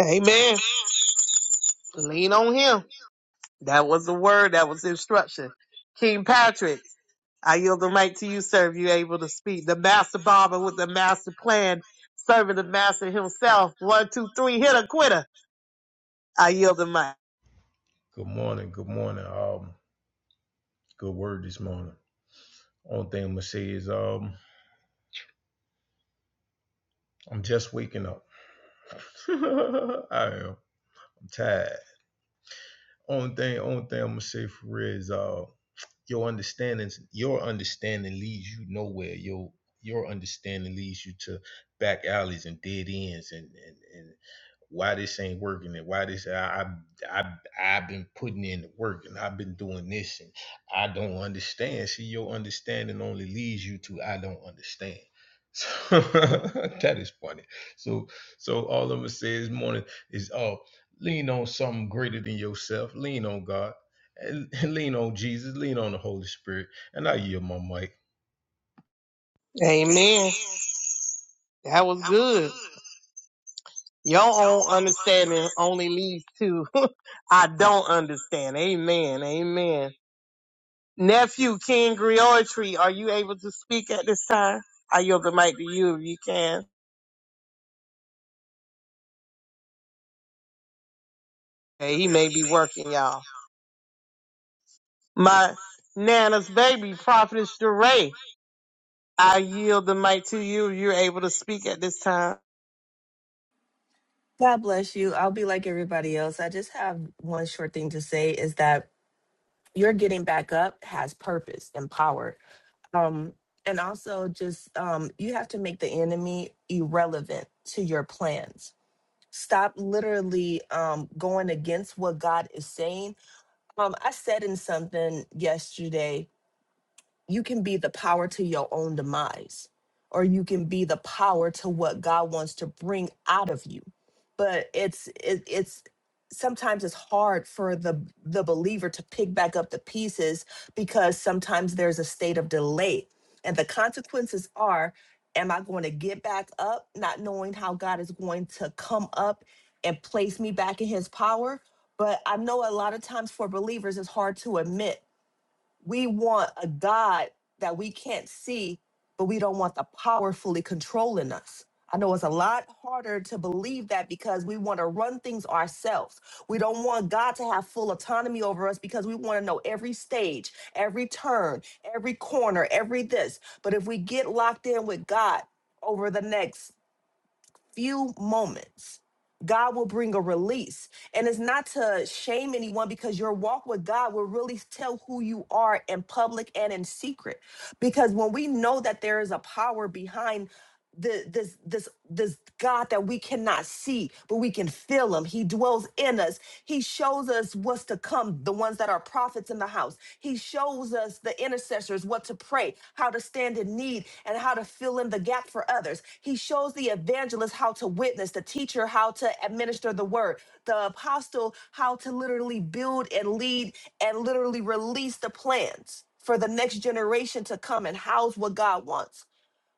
Amen. Lean on him. That was the word. That was the instruction. King Patrick, I yield the mic to you, sir, if you're able to speak. The master barber with the master plan, serving the master himself. One, two, three, hit a quitter. I yield the mic.
Good morning. Good morning. Um, good word this morning. Only thing I'm gonna say is um, I'm just waking up. I am. I'm tired. Only thing, only thing I'm gonna say for real is uh, your understanding, your understanding leads you nowhere. Your your understanding leads you to back alleys and dead ends and and and why this ain't working and why this I I I I've been putting in the work and I've been doing this and I don't understand. See, your understanding only leads you to I don't understand. So that is funny. So so all I'm gonna say this morning is oh lean on something greater than yourself. Lean on God. And lean on Jesus. Lean on the Holy Spirit. And I yield my mic.
Amen. That was good. Your own understanding only leads to I don't understand. Amen. Amen. Nephew King Griotry, are you able to speak at this time? I yield the mic to you if you can. Hey, he may be working, y'all. My Nana's baby, Prophetess Duray, I yield the mic to you if you're able to speak at this time.
God bless you. I'll be like everybody else. I just have one short thing to say is that your getting back up has purpose and power. Um, and also just um, you have to make the enemy irrelevant to your plans. Stop literally um, going against what God is saying. Um, I said in something yesterday you can be the power to your own demise or you can be the power to what god wants to bring out of you but it's it, it's sometimes it's hard for the the believer to pick back up the pieces because sometimes there's a state of delay and the consequences are am i going to get back up not knowing how god is going to come up and place me back in his power but i know a lot of times for believers it's hard to admit we want a God that we can't see, but we don't want the power fully controlling us. I know it's a lot harder to believe that because we want to run things ourselves. We don't want God to have full autonomy over us because we want to know every stage, every turn, every corner, every this. But if we get locked in with God over the next few moments, God will bring a release. And it's not to shame anyone because your walk with God will really tell who you are in public and in secret. Because when we know that there is a power behind the, this this this God that we cannot see, but we can feel him. He dwells in us. He shows us what's to come, the ones that are prophets in the house. He shows us, the intercessors, what to pray, how to stand in need, and how to fill in the gap for others. He shows the evangelist how to witness, the teacher how to administer the word, the apostle how to literally build and lead and literally release the plans for the next generation to come and house what God wants.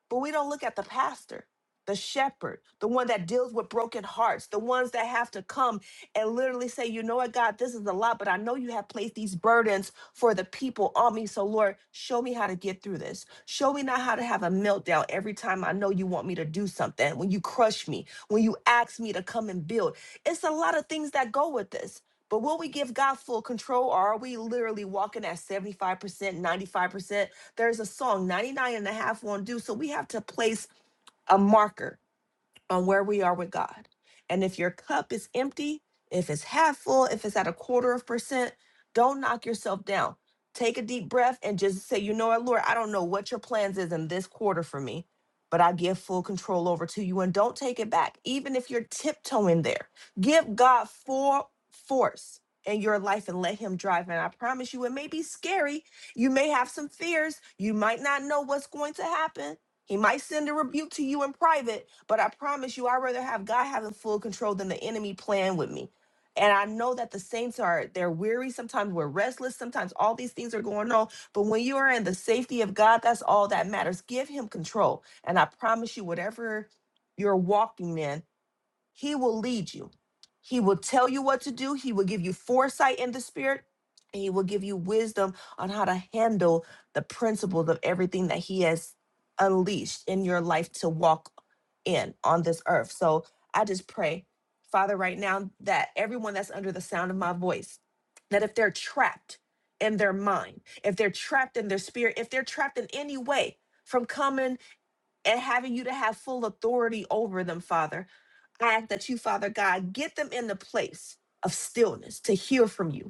But we don't look at the pastor, the shepherd, the one that deals with broken hearts, the ones that have to come and literally say, you know what, God, this is a lot, but I know you have placed these burdens for the people on me. So, Lord, show me how to get through this. Show me not how to have a meltdown every time I know you want me to do something, when you crush me, when you ask me to come and build. It's a lot of things that go with this. But will we give God full control or are we literally walking at 75%, 95%? There's a song, 99 and a half won't do. So we have to place a marker on where we are with God. And if your cup is empty, if it's half full, if it's at a quarter of percent, don't knock yourself down. Take a deep breath and just say, you know what, Lord, I don't know what your plans is in this quarter for me, but I give full control over to you and don't take it back, even if you're tiptoeing there. Give God full force in your life and let him drive. And I promise you, it may be scary. You may have some fears. You might not know what's going to happen he might send a rebuke to you in private, but I promise you, I'd rather have God having full control than the enemy playing with me. And I know that the saints are, they're weary. Sometimes we're restless. Sometimes all these things are going on. But when you are in the safety of God, that's all that matters. Give him control. And I promise you, whatever you're walking in, he will lead you. He will tell you what to do. He will give you foresight in the spirit. And he will give you wisdom on how to handle the principles of everything that he has unleashed in your life to walk in on this earth. So I just pray, Father, right now that everyone that's under the sound of my voice, that if they're trapped in their mind, if they're trapped in their spirit, if they're trapped in any way from coming and having you to have full authority over them, Father, I ask that you, Father God, get them in the place of stillness to hear from you,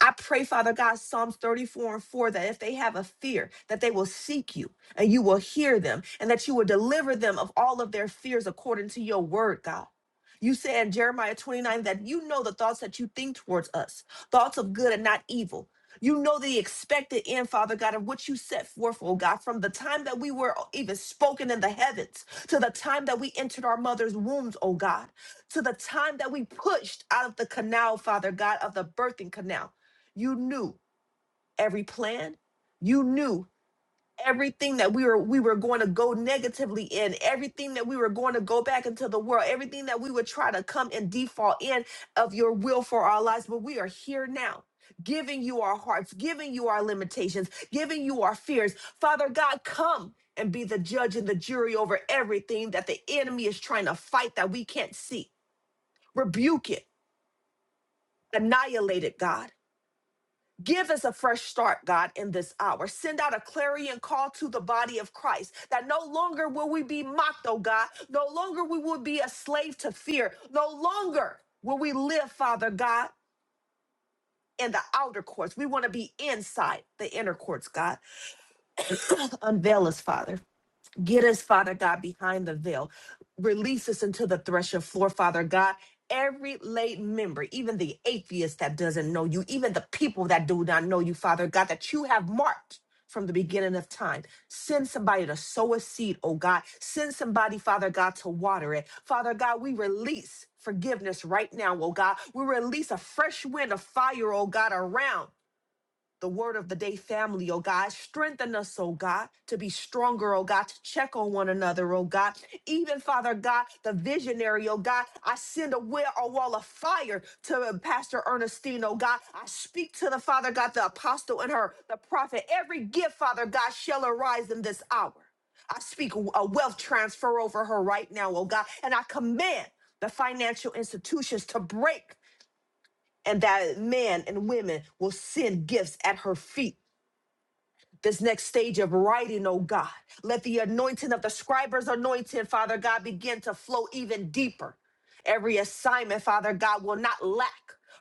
I pray, Father God, Psalms 34 and 4, that if they have a fear, that they will seek you and you will hear them and that you will deliver them of all of their fears according to your word, God. You say in Jeremiah 29 that you know the thoughts that you think towards us, thoughts of good and not evil. You know the expected end, Father God, of what you set forth, oh God, from the time that we were even spoken in the heavens to the time that we entered our mother's wombs, oh God, to the time that we pushed out of the canal, Father God, of the birthing canal you knew every plan. You knew everything that we were we were going to go negatively in, everything that we were going to go back into the world, everything that we would try to come and default in of your will for our lives. But we are here now. Giving you our hearts, giving you our limitations, giving you our fears. Father God, come and be the judge and the jury over everything that the enemy is trying to fight that we can't see. Rebuke it, annihilate it, God Give us a fresh start, God, in this hour. Send out a clarion call to the body of Christ that no longer will we be mocked, oh God. No longer we will be a slave to fear. No longer will we live, Father God, in the outer courts. We want to be inside the inner courts, God. Unveil us, Father. Get us, Father God, behind the veil. Release us into the threshing floor, Father God. Every late member, even the atheist that doesn't know you, even the people that do not know you, Father God, that you have marked from the beginning of time. Send somebody to sow a seed, oh God. Send somebody, Father God, to water it. Father God, we release forgiveness right now, oh God. We release a fresh wind of fire, oh God, around the word of the day family, oh God. Strengthen us, oh God, to be stronger, oh God, to check on one another, oh God. Even, Father God, the visionary, oh God, I send a, will, a wall of fire to uh, Pastor Ernestine, oh God. I speak to the Father God, the apostle and her, the prophet. Every gift, Father God, shall arise in this hour. I speak a wealth transfer over her right now, oh God, and I command the financial institutions to break and that men and women will send gifts at her feet this next stage of writing, oh God. Let the anointing of the scriber's anointing, Father God, begin to flow even deeper. Every assignment, Father God, will not lack.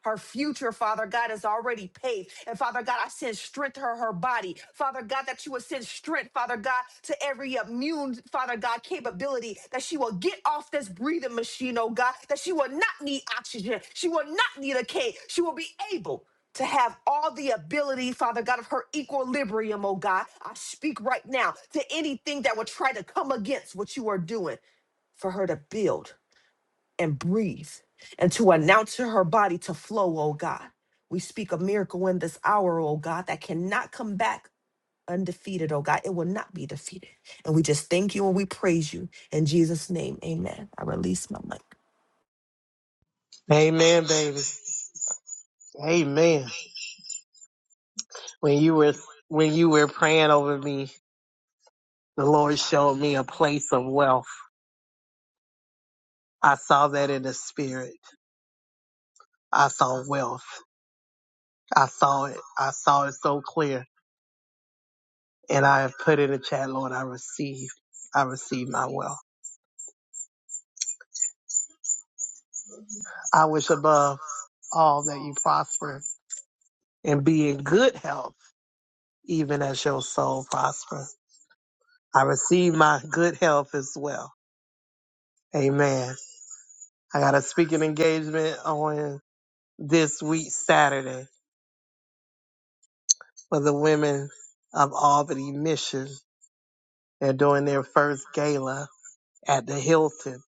Her future, Father God, is already paved. And Father God, I send strength to her, her body. Father God, that you would send strength, Father God, to every immune, Father God, capability that she will get off this breathing machine, oh God, that she will not need oxygen. She will not need a cage. She will be able to have all the ability, Father God, of her equilibrium, oh God. I speak right now to anything that would try to come against what you are doing for her to build and breathe and to announce to her body to flow, oh God. We speak a miracle in this hour, oh God, that cannot come back undefeated, oh God. It will not be defeated. And we just thank you and we praise you. In Jesus' name, amen. I release my mic.
Amen, baby. Amen. When you were when you were praying over me, the Lord showed me a place of wealth. I saw that in the spirit. I saw wealth. I saw it. I saw it so clear. And I have put in the chat, Lord, I receive. I receive my wealth. I wish above all that you prosper and be in good health, even as your soul prosper. I receive my good health as well. Amen. I got a speaking engagement on this week, Saturday, for the women of Albany Mission. They're doing their first gala at the Hilton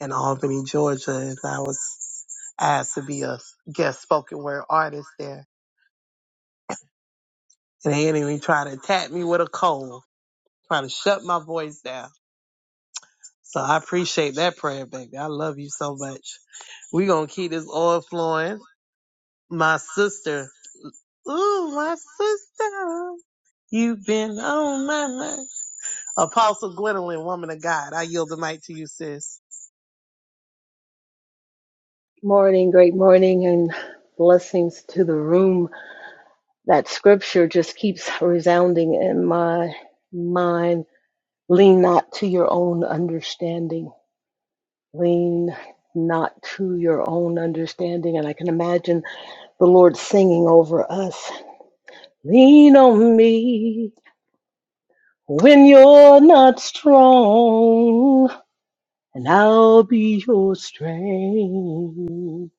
in Albany, Georgia, and I was asked to be a guest spoken word artist there. And they didn't even try to attack me with a cold, trying to shut my voice down. So I appreciate that prayer, baby. I love you so much. we going to keep this oil flowing. My sister, ooh, my sister, you've been on my mind. Apostle Gwendolyn, woman of God, I yield the mic to you, sis.
Morning, great morning, and blessings to the room. That scripture just keeps resounding in my mind. Lean not to your own understanding. Lean not to your own understanding. And I can imagine the Lord singing over us Lean on me when you're not strong, and I'll be your strength.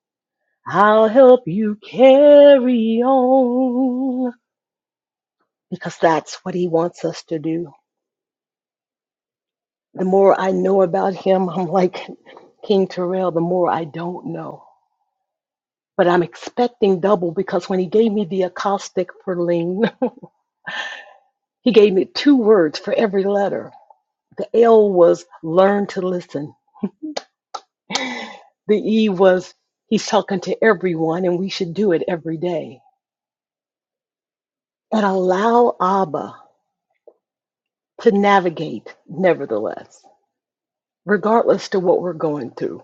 I'll help you carry on. because that's what he wants us to do. The more I know about him, I'm like King Terrell, the more I don't know. But I'm expecting double because when he gave me the acrostic for lean, he gave me two words for every letter. The L was learn to listen. The E was he's talking to everyone and we should do it every day. And allow Abba to navigate, nevertheless, regardless to what we're going through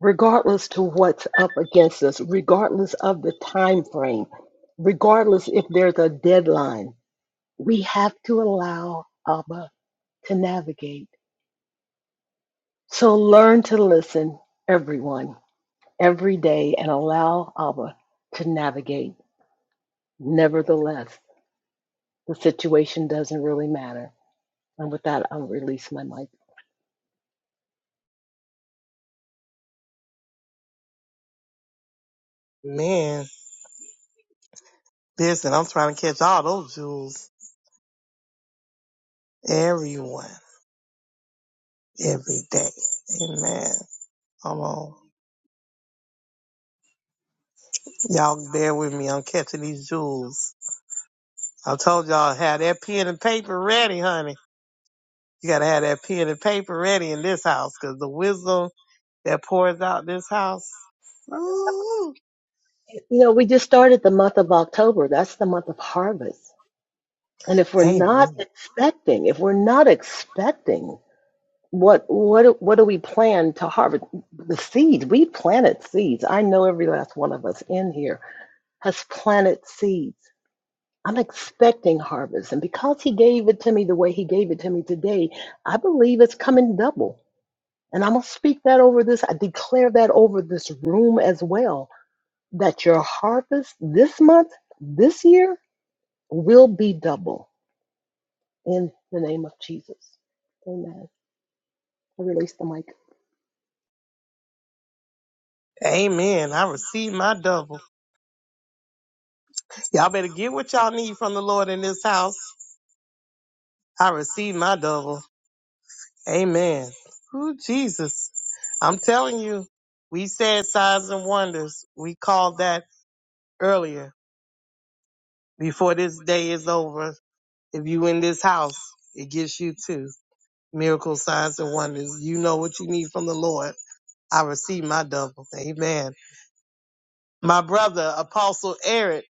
regardless to what's up against us, regardless of the time frame, regardless if there's a deadline, we have to allow Abba to navigate. So learn to listen, everyone, every day, and allow Abba to navigate. Nevertheless, the situation doesn't really matter. And with that, I'll release my mic.
Man, listen, I'm trying to catch all those jewels. Everyone. every day. Amen. Come on. Y'all bear with me. I'm catching these jewels. I told y'all, have that pen and paper ready, honey. You gotta have that pen and paper ready in this house, cause the wisdom that pours out this house. Ooh.
You know, we just started the month of October. That's the month of harvest. And if we're not
Amen.
expecting, if we're not expecting what what do- what do we plan to harvest the seeds we planted seeds i know every last one of us in here has planted seeds i'm expecting harvest and because he gave it to me the way he gave it to me today i believe it's coming double and i'm going to speak that over this i declare that over this room as well that your harvest this month this year will be double in the name of jesus amen i release the mic
Amen. I receive my double. Y'all better get what y'all need from the Lord in this house. I receive my double. Amen. Ooh, Jesus. I'm telling you, we said signs and wonders. We call that earlier before this day is over. If you in this house, it gets you too. Miracles, signs, and wonders. You know what you need from the Lord. I receive my double. Amen. My brother, Apostle Eric,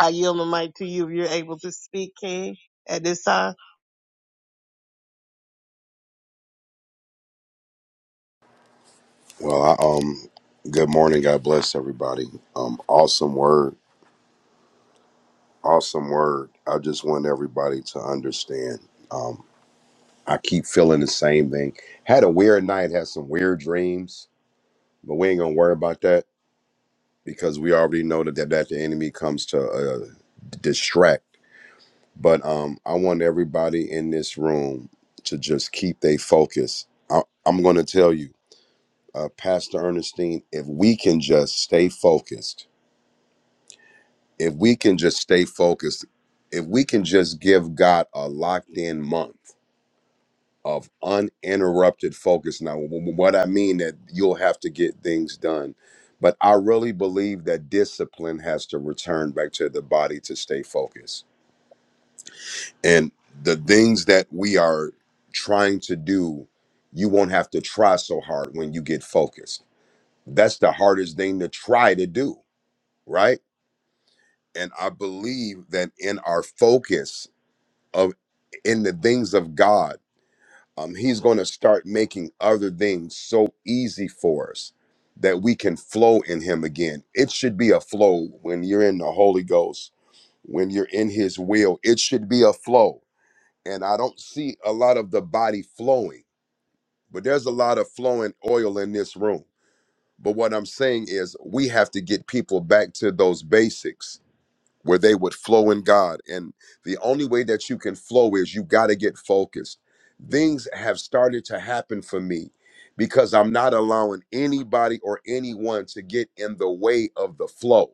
I yield the mic to you if you're able to speak, King, at this time.
Well, I, um, good morning. God bless everybody. Um, awesome word. Awesome word. I just want everybody to understand. Um, I keep feeling the same thing. Had a weird night. Had some weird dreams, but we ain't gonna worry about that because we already know that that, that the enemy comes to uh, distract. But um, I want everybody in this room to just keep their focus. I, I'm gonna tell you, uh, Pastor Ernestine, if we can just stay focused if we can just stay focused, if we can just give God a locked in month of uninterrupted focus. Now, wh- wh- what I mean that you'll have to get things done, but I really believe that discipline has to return back to the body to stay focused. And the things that we are trying to do, you won't have to try so hard when you get focused. That's the hardest thing to try to do, right? And I believe that in our focus, of in the things of God, um, He's going to start making other things so easy for us that we can flow in Him again. It should be a flow when you're in the Holy Ghost, when you're in His will. It should be a flow, and I don't see a lot of the body flowing, but there's a lot of flowing oil in this room. But what I'm saying is, we have to get people back to those basics where they would flow in God. And the only way that you can flow is you got to get focused. Things have started to happen for me because I'm not allowing anybody or anyone to get in the way of the flow.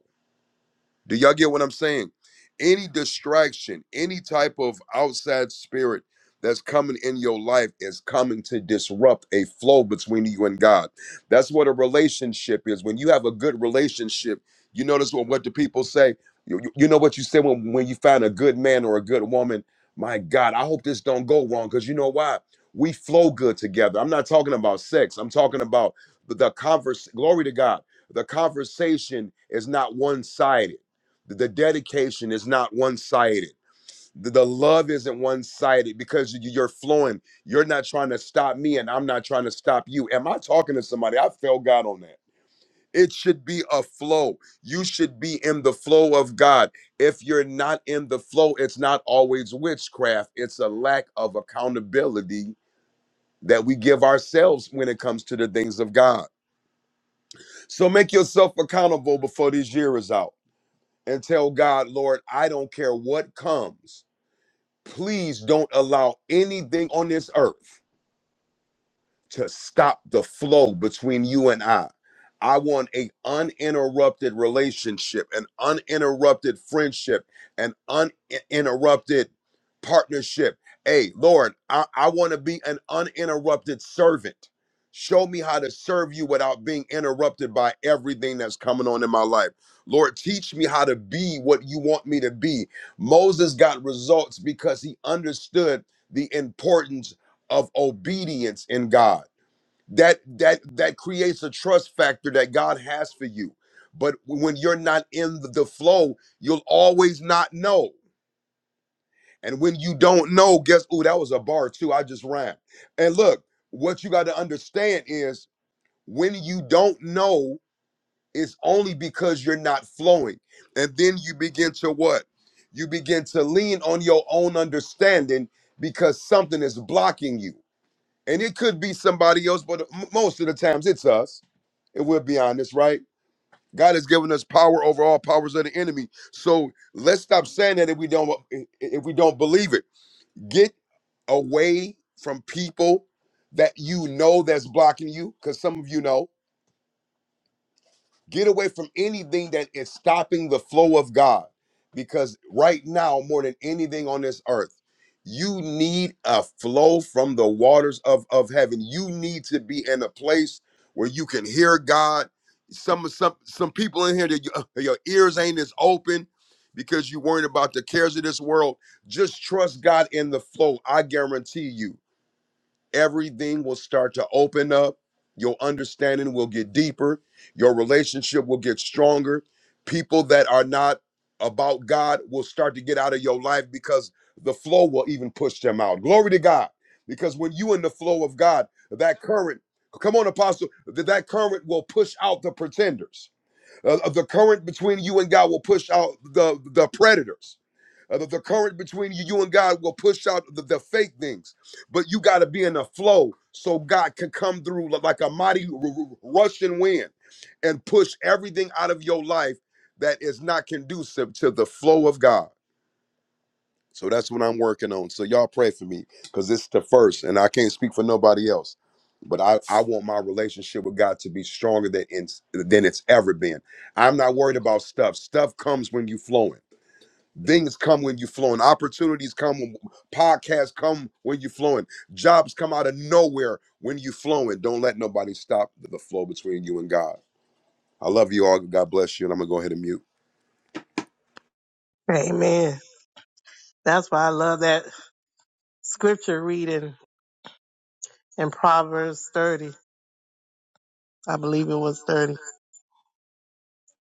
Do y'all get what I'm saying? Any distraction, any type of outside spirit that's coming in your life is coming to disrupt a flow between you and God. That's what a relationship is. When you have a good relationship, you notice what, what the people say. You, you you know what you say when, when you find a good man or a good woman. My God, I hope this don't go wrong because you know why? We flow good together. I'm not talking about sex. I'm talking about the, the converse. Glory to God. The conversation is not one sided the dedication is not one-sided the, the love isn't one-sided because you- you're flowing you're not trying to stop me and i'm not trying to stop you am i talking to somebody i feel god on that it should be a flow you should be in the flow of god if you're not in the flow it's not always witchcraft it's a lack of accountability that we give ourselves when it comes to the things of god so make yourself accountable before this year is out and tell god lord i don't care what comes please don't allow anything on this earth to stop the flow between you and I. I want a uninterrupted relationship, an uninterrupted friendship, an uninterrupted partnership. Hey, Lord, I, I want to be an uninterrupted servant. Show me how to serve you without being interrupted by everything that's coming on in my life. Lord, teach me how to be what you want me to be. Moses got results because he understood the importance of obedience in God that that that creates a trust factor that god has for you but when you're not in the the flow you'll always not know and when you don't know guess oh that was a bar too i just ran and look what you got to understand is when you don't know it's only because you're not flowing and then you begin to what you begin to lean on your own understanding because something is blocking you and it could be somebody else but m- most of the times it's us and we're beyond this, right? God has given us power over all powers of the enemy. So let's stop saying that if we don't if we don't believe it. Get away from people that you know that's blocking you, because some of you know. Get away from anything that is stopping the flow of God. Because right now, more than anything on this earth, you need a flow from the waters of, of heaven. You need to be in a place where you can hear God. Some some some people in here that you- uh, your ears ain't as open because you're worrying about the cares of this world. Just trust God in the flow. I guarantee you everything will start to open up. Your understanding will get deeper. Your relationship will get stronger. People that are not about God will start to get out of your life because the flow will even push them out. Glory to God. Because when you in the flow of God, that current, come on, apostle, that that current will push out the pretenders. Uh, the current between you and God will push out the, the predators. Uh, the, the current between you, you and God will push out the, the fake things, but you got to be in the flow so God can come through li- like a mighty r- r- rushing wind and push everything out of your life that is not conducive to the flow of God. So that's what I'm working on. So y'all pray for me because it's the first, and I can't speak for nobody else. But I, I want my relationship with God to be stronger than it's, than it's ever been. I'm not worried about stuff. Stuff comes when you flowing. Things come when you flowing. Opportunities come. When, podcasts come when you flowing. Jobs come out of nowhere when you flowing. Don't let nobody stop the flow between you and God. I love you all. God bless you. And I'm gonna go ahead and mute.
Amen. That's why I love that scripture reading in Proverbs 30. I believe it was 30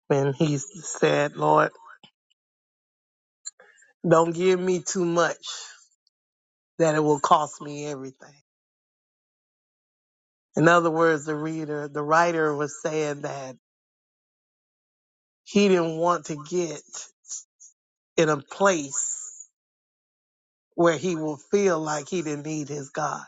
when he said, Lord, don't give me too much that it will cost me everything. In other words, the reader, the writer was saying that he didn't want to get in a place where he will feel like he didn't need his God.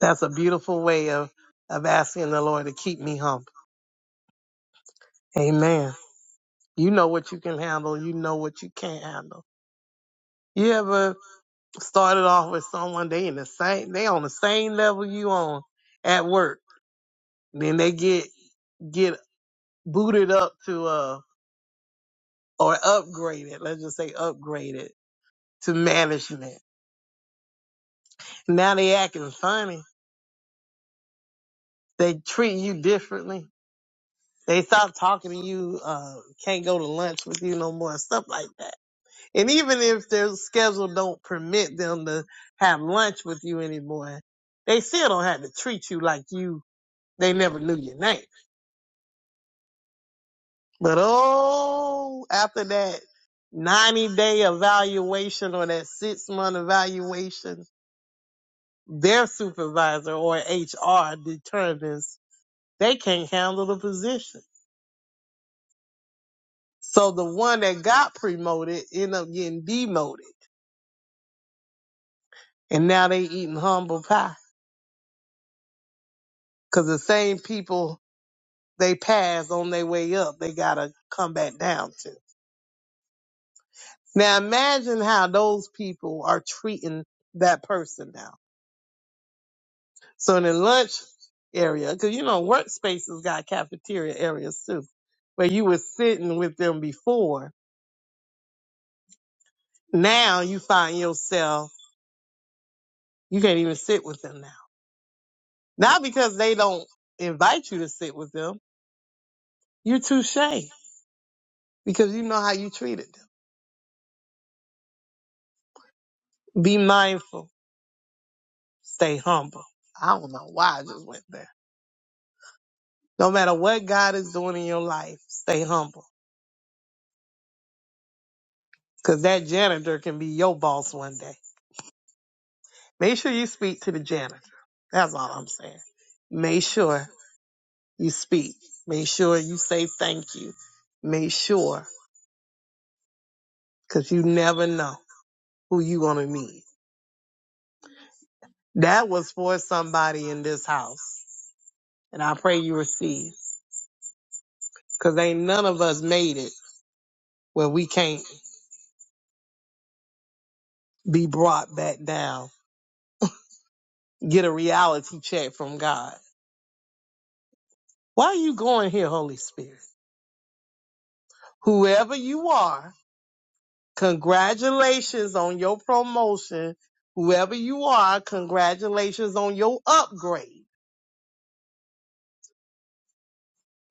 That's a beautiful way of, of asking the Lord to keep me humble. Amen. You know what you can handle. You know what you can't handle. You ever started off with someone, they in the same, they on the same level you on at work. Then they get, get booted up to, uh, or upgraded. Let's just say upgraded to management. Now they acting funny. They treat you differently. They stop talking to you. Uh, can't go to lunch with you no more. and Stuff like that. And even if their schedule don't permit them to have lunch with you anymore, they still don't have to treat you like you. They never knew your name. But oh, after that ninety day evaluation or that six month evaluation, their supervisor or HR determines They can't handle the position. So the one that got promoted end up getting demoted. And now they eating humble pie. Cause the same people they passed on their way up, they gotta come back down to. Now imagine how those people are treating that person now. So in the lunch area, cause you know, workspaces got cafeteria areas too, where you were sitting with them before. Now you find yourself, you can't even sit with them now Not because they don't invite you to sit with them. You're too shy because you know how you treated them. Be mindful. Stay humble. I don't know why I just went there. No matter what God is doing in your life, stay humble because that janitor can be your boss one day. Make sure you speak to the janitor. That's all I'm saying. Make sure you speak. Make sure you say thank you. Make sure because you never know who you're going to meet. That was for somebody in this house And I pray you receive. Cause ain't none of us made it where we can't be brought back down. Get a reality check from God. Why are you going here, Holy Spirit? Whoever you are, congratulations on your promotion. Whoever you are, congratulations on your upgrade.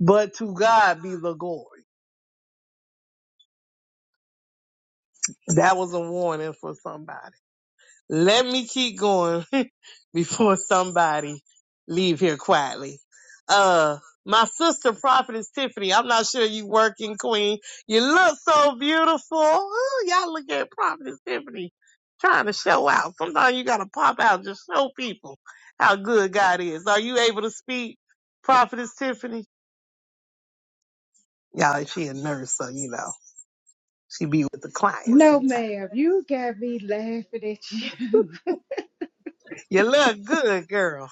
But to God be the glory. That was a warning for somebody. Let me keep going before somebody leave here quietly. Uh, my sister prophetess Tiffany, I'm not sure you working queen. You look so beautiful. Ooh, y'all look at prophetess Tiffany trying to show out. Sometimes you gotta pop out, just show people how good God is. Are you able to speak, prophetess Tiffany? Y'all, she a nurse, so you know she be with the clients
No,
sometimes.
ma'am, you got me laughing at you.
You look good, girl.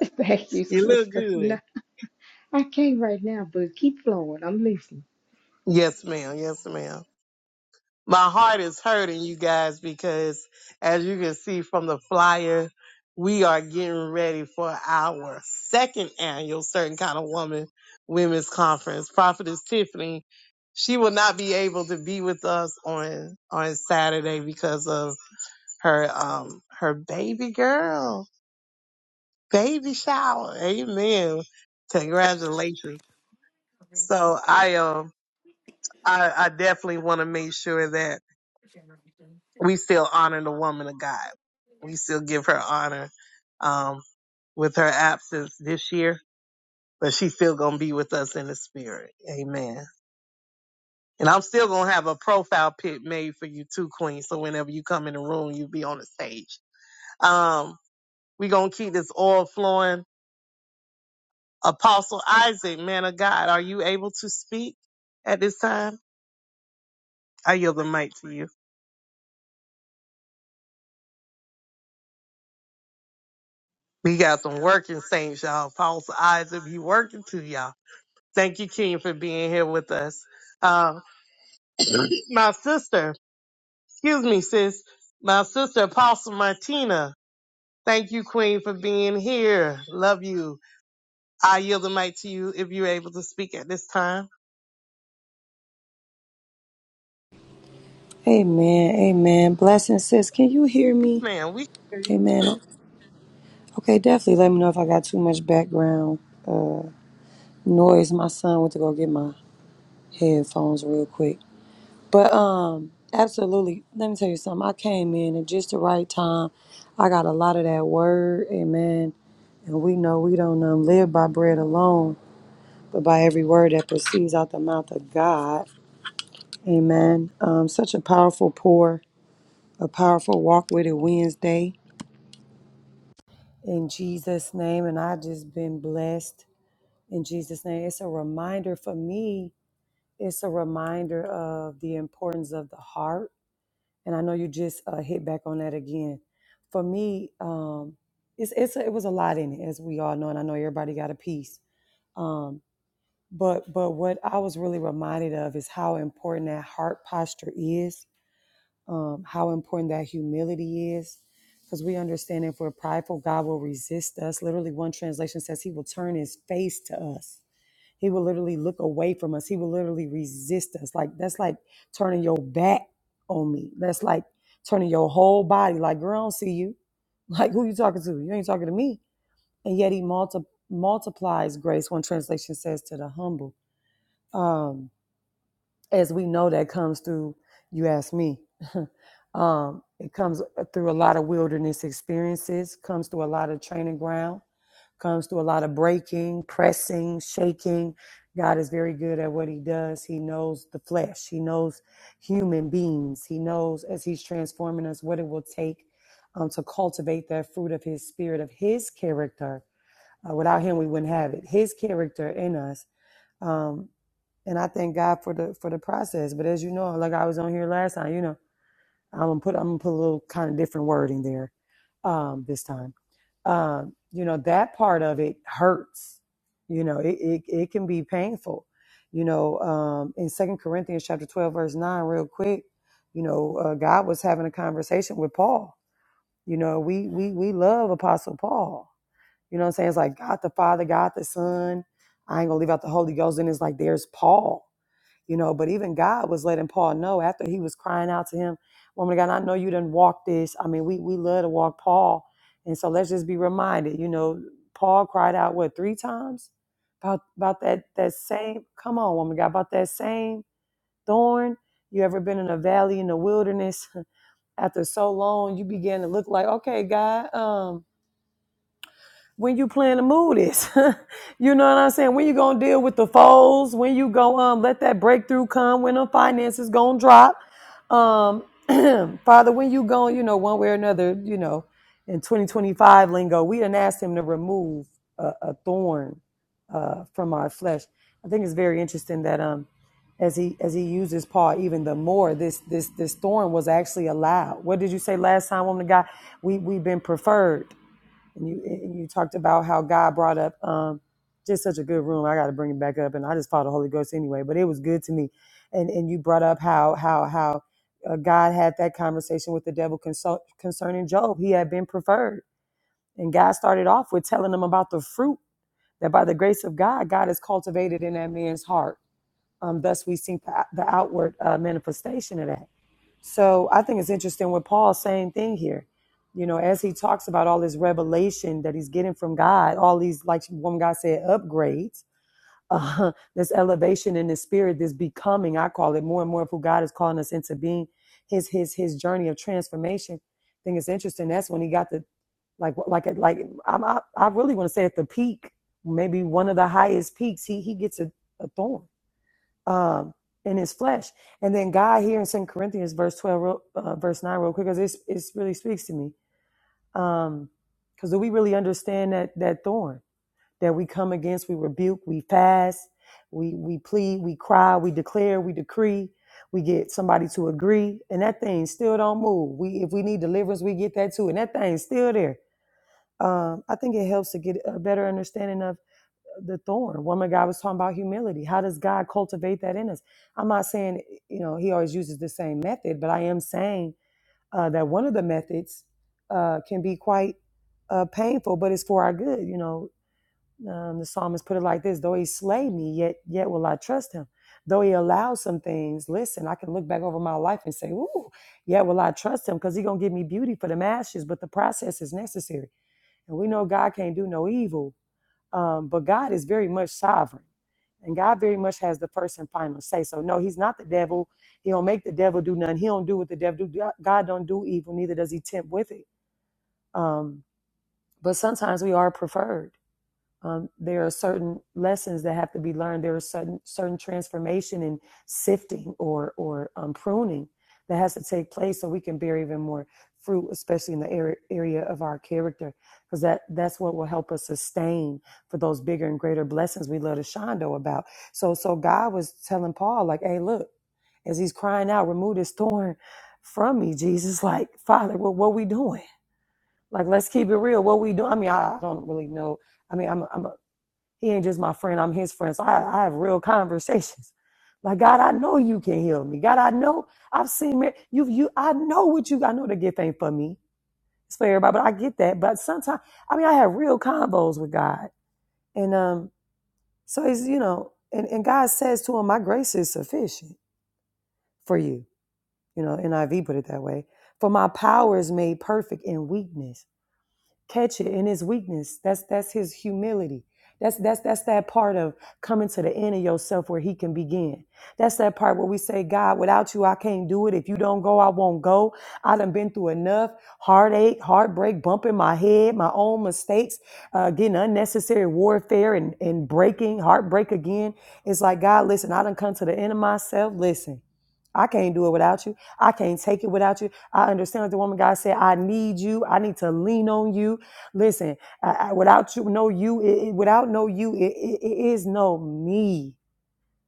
Thank you,
You look
sister.
good.
No, I can't right now, but keep flowing. I'm listening.
Yes, ma'am. Yes, ma'am. my heart is hurting you guys because as you can see from the flyer we are getting ready for our second annual certain kind of woman women's conference prophetess tiffany she will not be able to be with us on on saturday because of her um her baby girl baby shower amen congratulations
Every
so i um i i definitely want to make sure that
generation.
we still honor the woman of God. We still give her honor um, with her absence this year, but she's still gonna be with us in the spirit. Amen. And I'm still gonna have a profile pic made for you too, Queen. So whenever you come in the room, you'll be on the stage. Um, we gonna keep this oil flowing. Apostle Isaac, man of God, are you able to speak at this time? I yield the mic to you. We got some working saints, y'all. Apostle Isaac, he working too, y'all. Thank you, King, for being here with us. Um, my sister, excuse me, sis, my sister, Apostle Martina. Thank you, Queen, for being here. Love you. I yield the mic to you if you're able to speak at this time.
Amen. Amen. Blessings, sis. Can you hear me?
Man, we.
Amen. Okay, definitely let me know if I got too much background uh, noise. My son went to go get my headphones real quick. But um, absolutely. Let me tell you something. I came in at just the right time. I got a lot of that word. Amen. And we know we don't um, live by bread alone, but by every word that proceeds out the mouth of God. Amen. Um, such a powerful pour, a powerful walk with it Wednesday. in Jesus' name. And I just been blessed in Jesus' name. It's a reminder for me, it's a reminder of the importance of the heart. And I know you just uh, hit back on that again. For me, um, it's, it's it was a lot in it, as we all know, and I know everybody got a piece. Um, but but what I was really reminded of is how important that heart posture is um, how important that humility is because we understand if we're prideful, God will resist us. Literally, one translation says he will turn his face to us. He will literally look away from us. He will literally resist us. Like that's like turning your back on me. That's like turning your whole body. Like, girl, I don't see you. Like, who you talking to? You ain't talking to me. And yet he multi- multiplies grace. One translation says to the humble. Um, as we know that comes through you ask me um, it comes uh, through a lot of wilderness experiences comes through a lot of training ground comes through a lot of breaking pressing shaking god is very good at what he does he knows the flesh he knows human beings he knows as he's transforming us what it will take um, to cultivate that fruit of his spirit of his character Uh, without him we wouldn't have it his character in us Um, and I thank God for the for the process. But as you know, like I was on here last time, you know, I'm gonna put I'm gonna put a little kind of different word in there um, this time. Um, you know, that part of it hurts. You know, it it, it can be painful. You know, um, in Second Corinthians chapter twelve verse nine, real quick, you know, uh, God was having a conversation with Paul. You know, we we we love Apostle Paul. You know what I'm saying? It's like God the Father, God the Son. I ain't gonna leave out the Holy Ghost, and it's like there's Paul you know. But even God was letting Paul know after he was crying out to him, "Woman of God, I know you didn't walk this. I mean, we we love to walk Paul, and so let's just be reminded, you know, Paul cried out what three times about about that that same. Come on, woman of God, about that same thorn. You ever been in a valley in the wilderness after so long? You begin to look like, okay, God, um." when you plan to move this. you know what I'm saying? When you gonna deal with the foes? When you go um let that breakthrough come? When the finances gonna drop? Um, Father, when you going, you know, one way or another, you know, in 2025 lingo, we didn't ask him to remove a, a thorn uh, from our flesh. I think it's very interesting that um, as he as he uses Paul even the more, this this this thorn was actually allowed. What did you say last time, woman of God? We we've been preferred and you and you talked about how God brought up um, just such a good room. I got to bring it back up, and I just follow the Holy Ghost anyway. But it was good to me, and and you brought up how how how uh, God had that conversation with the devil consult, concerning Job. He had been preferred, and God started off with telling him about the fruit that by the grace of God, God has cultivated in that man's heart. Um, thus, we see the, the outward uh, manifestation of that. So I think it's interesting with Paul, same thing here. You know, as he talks about all this revelation that he's getting from God, all these, like one guy said, upgrades, uh, this elevation in the spirit, this becoming, I call it more and more of who God is calling us into being, his his his journey of transformation. I think it's interesting. That's when he got the like like like I'm, I I really want to say at the peak, maybe one of the highest peaks, he he gets a, a thorn um, in his flesh. And then God here in Second Corinthians, verse 12, uh, verse 9, real quick, because it's, it's really speaks to me. Um, Because do we really understand that, that thorn that we come against? We rebuke, we fast, we, we plead, we cry, we declare, we decree. We get somebody to agree, and that thing still don't move. We, if we need deliverance, we get that too, and that thing's still there. Um, I think it helps to get a better understanding of the thorn. Woman, God was talking about humility. How does God cultivate that in us? I'm not saying, you know, he always uses the same method, but I am saying uh, that one of the methods uh, can be quite uh, painful, but it's for our good. You know, um, the psalmist put it like this though he slay me, yet, yet will I trust him. Though he allows some things, listen, I can look back over my life and say, ooh, yet will I trust him because he's going to give me beauty for the ashes, but the process is necessary. And we know God can't do no evil um, but God is very much sovereign, and God very much has the first and final say. So no, He's not the devil. He don't make the devil do nothing. He don't do what the devil do. God don't do evil, neither does He tempt with it. Um, but sometimes we are preferred. Um, there are certain lessons that have to be learned. There are certain certain transformation and sifting or or um, pruning that has to take place so we can bear even more fruit, especially in the area, area of our character, because that that's what will help us sustain for those bigger and greater blessings we love to shondo about. So so God was telling Paul like, hey, look, as he's crying out, remove this thorn from me, Jesus. Like, Father, what what we doing? Like, let's keep it real. What we do? I mean, I I don't really know. I mean, I'm a, I'm a he ain't just my friend, I'm his friend. So I, I have real conversations. Like, God, I know you can heal me. God, I know I've seen mar- you, you, I know what you, I know the gift ain't for me. It's for everybody, but I get that. But sometimes, I mean, I have real combos with God. And um, so he's, you know, and, and God says to him, My grace is sufficient for you. You know, NIV put it that way. For my power is made perfect in weakness. catch it in his weakness. That's that's his humility. That's that's that's that part of coming to the end of yourself where he can begin. That's that part where we say, God, without you, I can't do it. If you don't go, I won't go. I done been through enough heartache, heartbreak, bumping my head, my own mistakes, uh, getting unnecessary warfare and, and breaking, heartbreak again. It's like, God, listen, I done come to the end of myself. Listen, I can't do it without you. I can't take it without you. I understand that the woman God said, I need you. I need to lean on you. Listen, I, I, without you, no you, it, it- without no you, it, it, it is no me.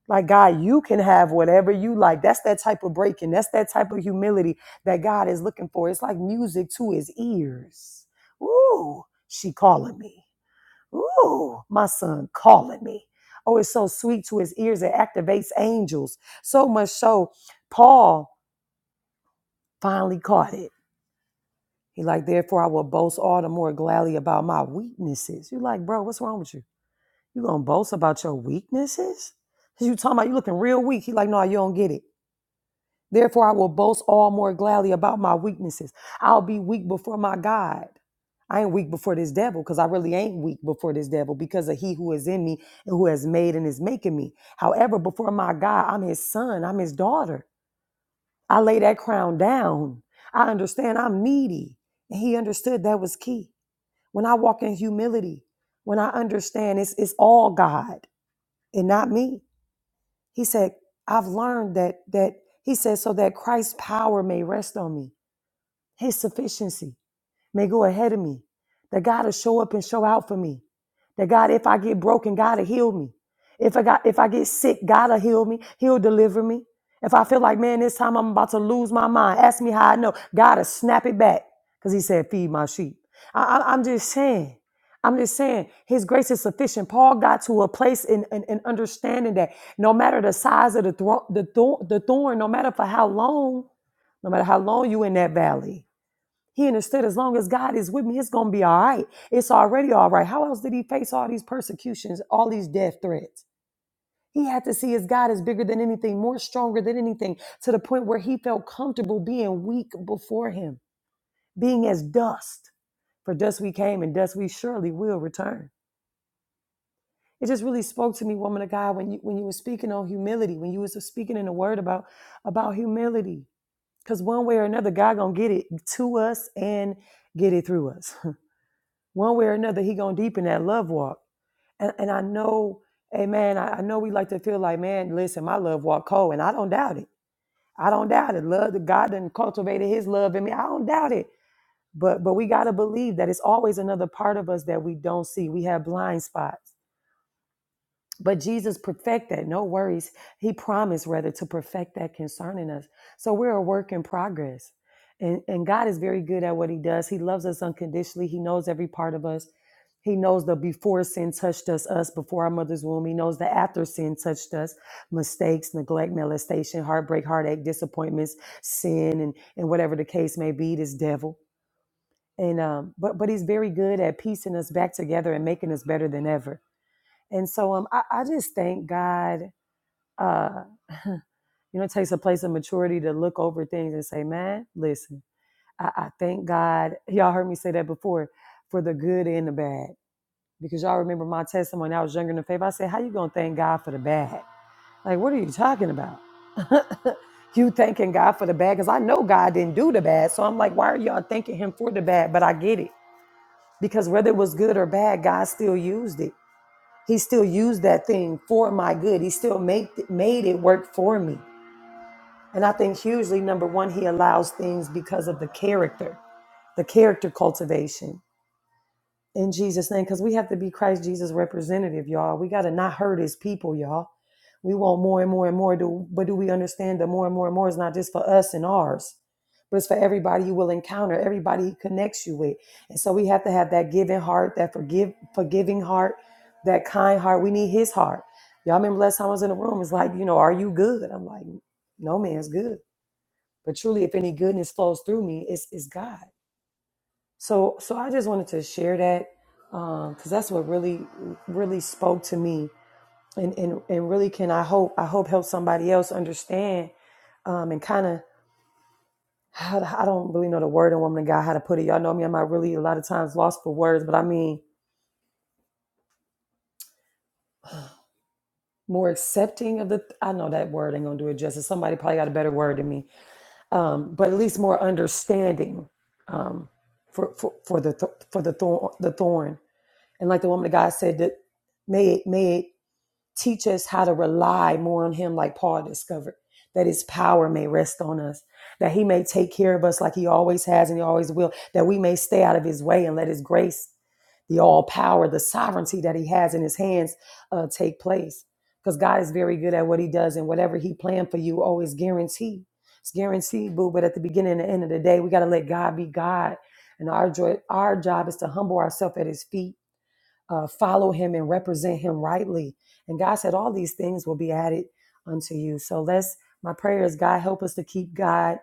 Like God, you can have whatever you like. That's that type of breaking. That's that type of humility that God is looking for. It's like music to His ears. Ooh, she calling me. Ooh, my son calling me. Oh, it's so sweet to His ears. It activates angels so much so. Paul finally caught it. He like, therefore, I will boast all the more gladly about my weaknesses. You like, bro, what's wrong with you? You gonna boast about your weaknesses? You talking about you looking real weak. He like, no, you don't get it. Therefore, I will boast all more gladly about my weaknesses. I'll be weak before my God. I ain't weak before this devil because I really ain't weak before this devil because of he who is in me and who has made and is making me. However, before my God, I'm his son, I'm his daughter. I lay that crown down. I understand I'm needy. And he understood that was key. When I walk in humility, when I understand it's, it's all God, and not me. He said, I've learned that that he said so that Christ's power may rest on me, his sufficiency may go ahead of me. That God will show up and show out for me. That God, if I get broken, God will heal me. If I got if I get sick, God will heal me. He'll deliver me. If I feel like, man, this time I'm about to lose my mind, ask me how I know. God will snap it back. Because he said, feed my sheep. I, I- I'm just saying. I'm just saying, his grace is sufficient. Paul got to a place in, in, in understanding that no matter the size of the, thro- the, thorn, the thorn, no matter for how long, no matter how long you in that valley, he understood as long as God is with me, it's going to be all right. It's already all right. How else did he face all these persecutions, all these death threats? He had to see his God is bigger than anything, more stronger than anything, to the point where he felt comfortable being weak before him, being as dust. For dust we came, and dust we surely will return. It just really spoke to me, woman of God, when you when you were speaking on humility, when you was speaking in the word about about humility. Because one way or another, God gonna get it to us and get it through us. one way or another, he gonna deepen that love walk. And and I know, hey man, I, I know we like to feel like, man, listen, my love walk cold, and I don't doubt it. I don't doubt it. Love that God done cultivated his love in me. I don't doubt it. But but we gotta believe that it's always another part of us that we don't see. We have blind spots but Jesus perfect that, no worries. He promised rather to perfect that concerning us. So we're a work in progress. And, and God is very good at what he does. He loves us unconditionally. He knows every part of us. He knows the before sin touched us, us before our mother's womb. He knows the after sin touched us, mistakes, neglect, molestation, heartbreak, heartache, disappointments, sin, and, and whatever the case may be, this devil. And um, but but he's very good at piecing us back together and making us better than ever. And so um, I, I just thank God, uh, you know, it takes a place of maturity to look over things and say, man, listen, I, I thank God. Y'all heard me say that before for the good and the bad. Because y'all remember my testimony, I was younger than faith. I said, how you going to thank God for the bad? Like, what are you talking about? you thanking God for the bad? Because I know God didn't do the bad. So I'm like, why are y'all thanking him for the bad? But I get it. Because whether it was good or bad, God still used it. He still used that thing for my good. He still made made it work for me. And I think hugely, number one, he allows things because of the character, the character cultivation in Jesus' name, because we have to be Christ Jesus' representative, y'all. We got to not hurt his people, y'all. We want more and more and more, do, but do we understand that more and more and more is not just for us and ours, but it's for everybody you will encounter, everybody he connects you with. And so we have to have that giving heart, that forgive, forgiving heart, that kind heart. We need his heart. Y'all remember last time I was in the room, it's like, you know, are you good? I'm like, no man's good. But truly, if any goodness flows through me, it's, it's God. So, so I just wanted to share that because um, that's what really, really spoke to me, and and and really can I hope I hope help somebody else understand, um, and kind of I don't really know the word in woman of God how to put it. Y'all know me; I'm not really a lot of times lost for words, but I mean more accepting of the. I know that word ain't gonna do it justice. Somebody probably got a better word than me, um, but at least more understanding um, for, for for the th- for the thorn the thorn, and like the woman of God said that may it may it Teach us how to rely more on Him, like Paul discovered, that His power may rest on us, that He may take care of us like He always has and He always will, that we may stay out of His way and let His grace the all power, the sovereignty that he has in his hands uh, take place. Because God is very good at what he does, and whatever he planned for you, oh, it's guaranteed. It's guaranteed, boo. But at the beginning and the end of the day, we got to let God be God. And our joy, our job is to humble ourselves at his feet uh, follow him and represent him rightly. And God said, All these things will be added unto you. So let's, my prayer is, God, help us to keep God,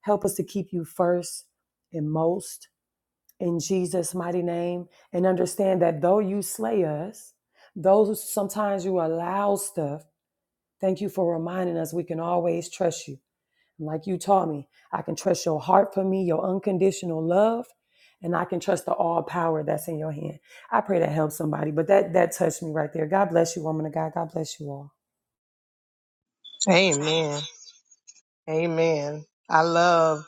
help us to keep you first and most in Jesus' mighty name. And understand that though you slay us, though sometimes you allow stuff, thank you for reminding us we can always trust you like you taught me, I can trust your heart for me, your unconditional love, and I can trust the all power that's in your hand. I pray that helps somebody, but that that touched me right there. God bless you, woman of God. God bless you all.
Amen. Amen. I love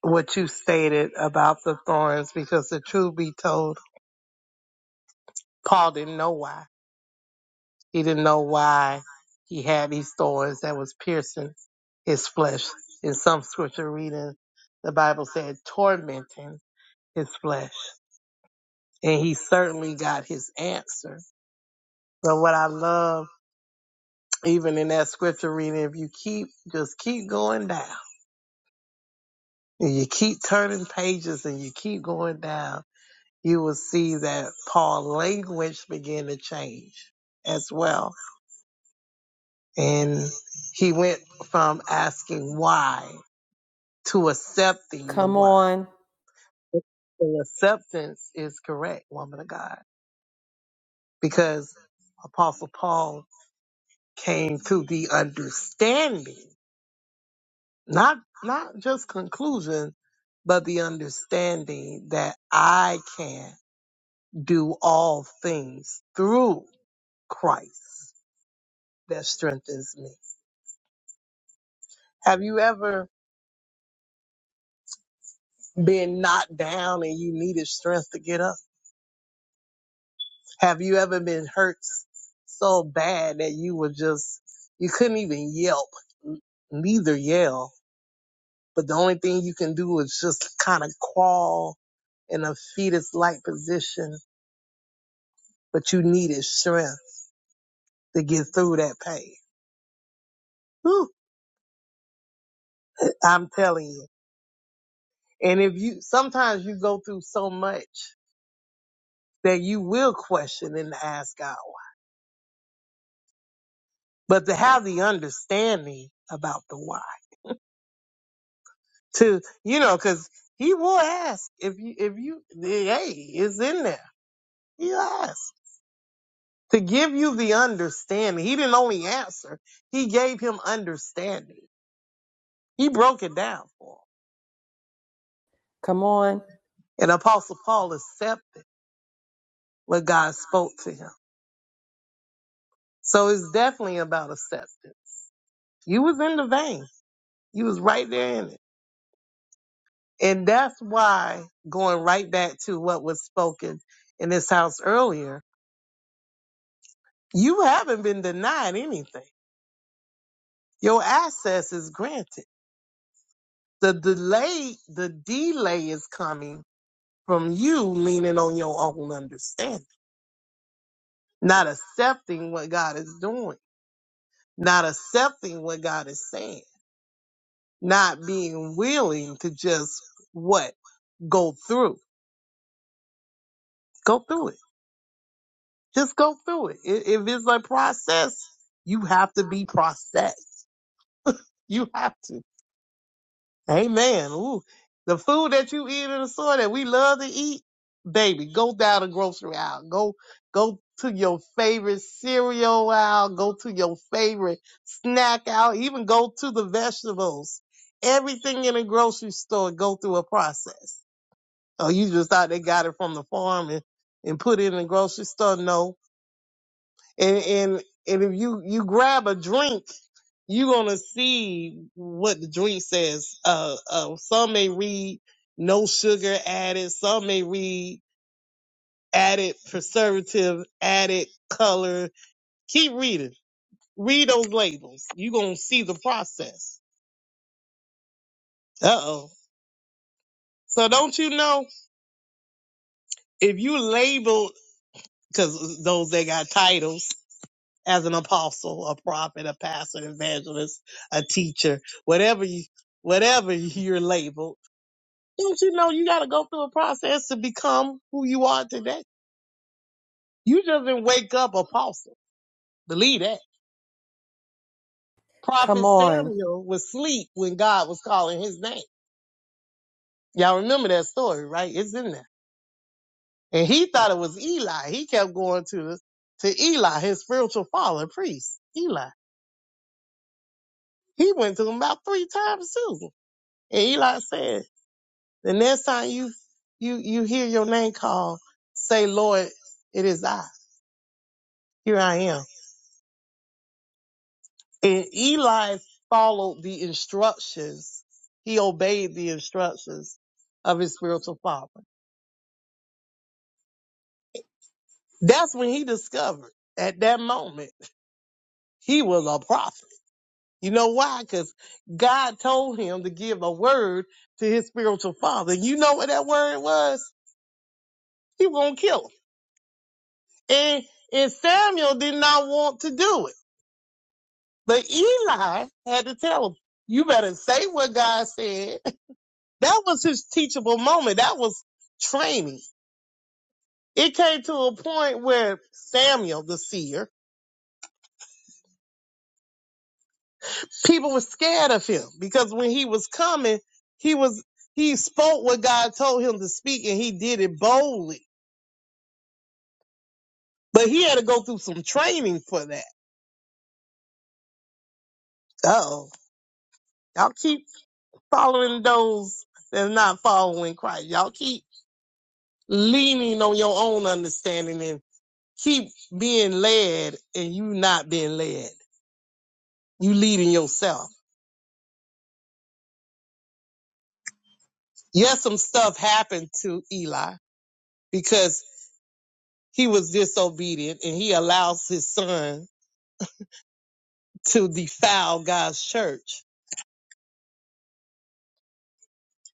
what you stated about the thorns because the truth be told, Paul didn't know why. He didn't know why he had these thorns that was piercing his flesh. In some scripture reading, the Bible said tormenting his flesh. And he certainly got his answer. But what I love, even in that scripture reading, if you keep, just keep going down and you keep turning pages and you keep going down, you will see that Paul's language began to change as well. And he went from asking why to accepting the
Come
why.
on,
The acceptance is correct, woman of God, because Apostle Paul came to the understanding, not not just conclusion, but the understanding that I can do all things through Christ that strengthens me. Have you ever been knocked down and you needed strength to get up? Have you ever been hurt so bad that you were just, you couldn't even yelp, n- neither yell, but the only thing you can do is just kind of crawl in a fetus like position, but you needed strength to get through that pain. Whew, I'm telling you. And if you, sometimes you go through so much that you will question and ask God why. But to have the understanding about the why. to you know, because he will ask if you if you hey it's in there. He asked to give you the understanding. He didn't only answer; he gave him understanding. He broke it down for him,
come on,
and Apostle Paul accepted what God spoke to him. So it's definitely about acceptance. You was in the vein. You was right there in it, and that's why going right back to what was spoken in this house earlier. You haven't been denied anything Your access is granted. The delay, the delay is coming from you leaning on your own understanding, not accepting what God is doing, not accepting what God is saying, not being willing to just what? Go through. Go through it. Just go through it. I- If it's a process, you have to be processed. You have to. Amen. Ooh, the food that you eat in the store that we love to eat, baby, go down the grocery aisle. Go, go to your favorite cereal aisle. Go to your favorite snack aisle. Even go to the vegetables. Everything in a grocery store go through a process. Oh, you just thought they got it from the farm and, and put it in the grocery store? No, and and and if you you grab a drink, you're gonna see what the drink says. Uh, uh, some may read no sugar added. Some may read added preservative, added color. Keep reading. Read those labels. You're gonna see the process. Uh oh. So don't you know if you label because those that got titles. as an apostle, a prophet, a pastor, an evangelist, a teacher, whatever you, whatever you're labeled. Don't you know you got to go through a process to become who you are today? You just didn't wake up apostle. Believe that. Prophet
come on.
Samuel was asleep when God was calling his name. Y'all remember that story, right? It's in there. And he thought it was Eli. He kept going to to Eli, his spiritual father, priest, Eli. He went to him about three times, Susan. And Eli said, The next time you you you hear your name called, say, Lord, it is I. Here I am. And Eli followed the instructions. He obeyed the instructions of his spiritual father. That's when he discovered at that moment he was a prophet. You know why? Because God told him to give a word to his spiritual father. You know what that word was? He was gonna kill him. And and Samuel did not want to do it. But Eli had to tell him, you better say what God said. That was his teachable moment. That was training. It came to a point where Samuel, the seer, people were scared of him because when he was coming, he was, he spoke what God told him to speak and he did it boldly. But he had to go through some training for that. Oh, y'all keep following those that's not following Christ. Y'all keep leaning on your own understanding and. keep being led and you not being led. You leading yourself. Yes, some stuff happened to Eli because he was disobedient and he allows his son to defile God's church.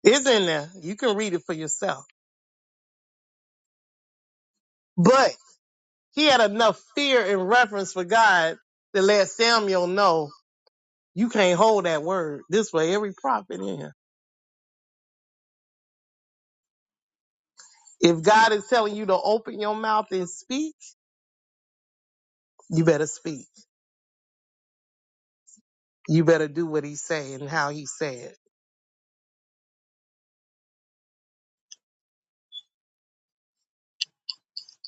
It's in there. You can read it for yourself. But he had enough fear and reverence for God to let Samuel know you can't hold that word. This way, every prophet in here. If God is telling you to open your mouth and speak, you better speak. you better do what he say and how he say it.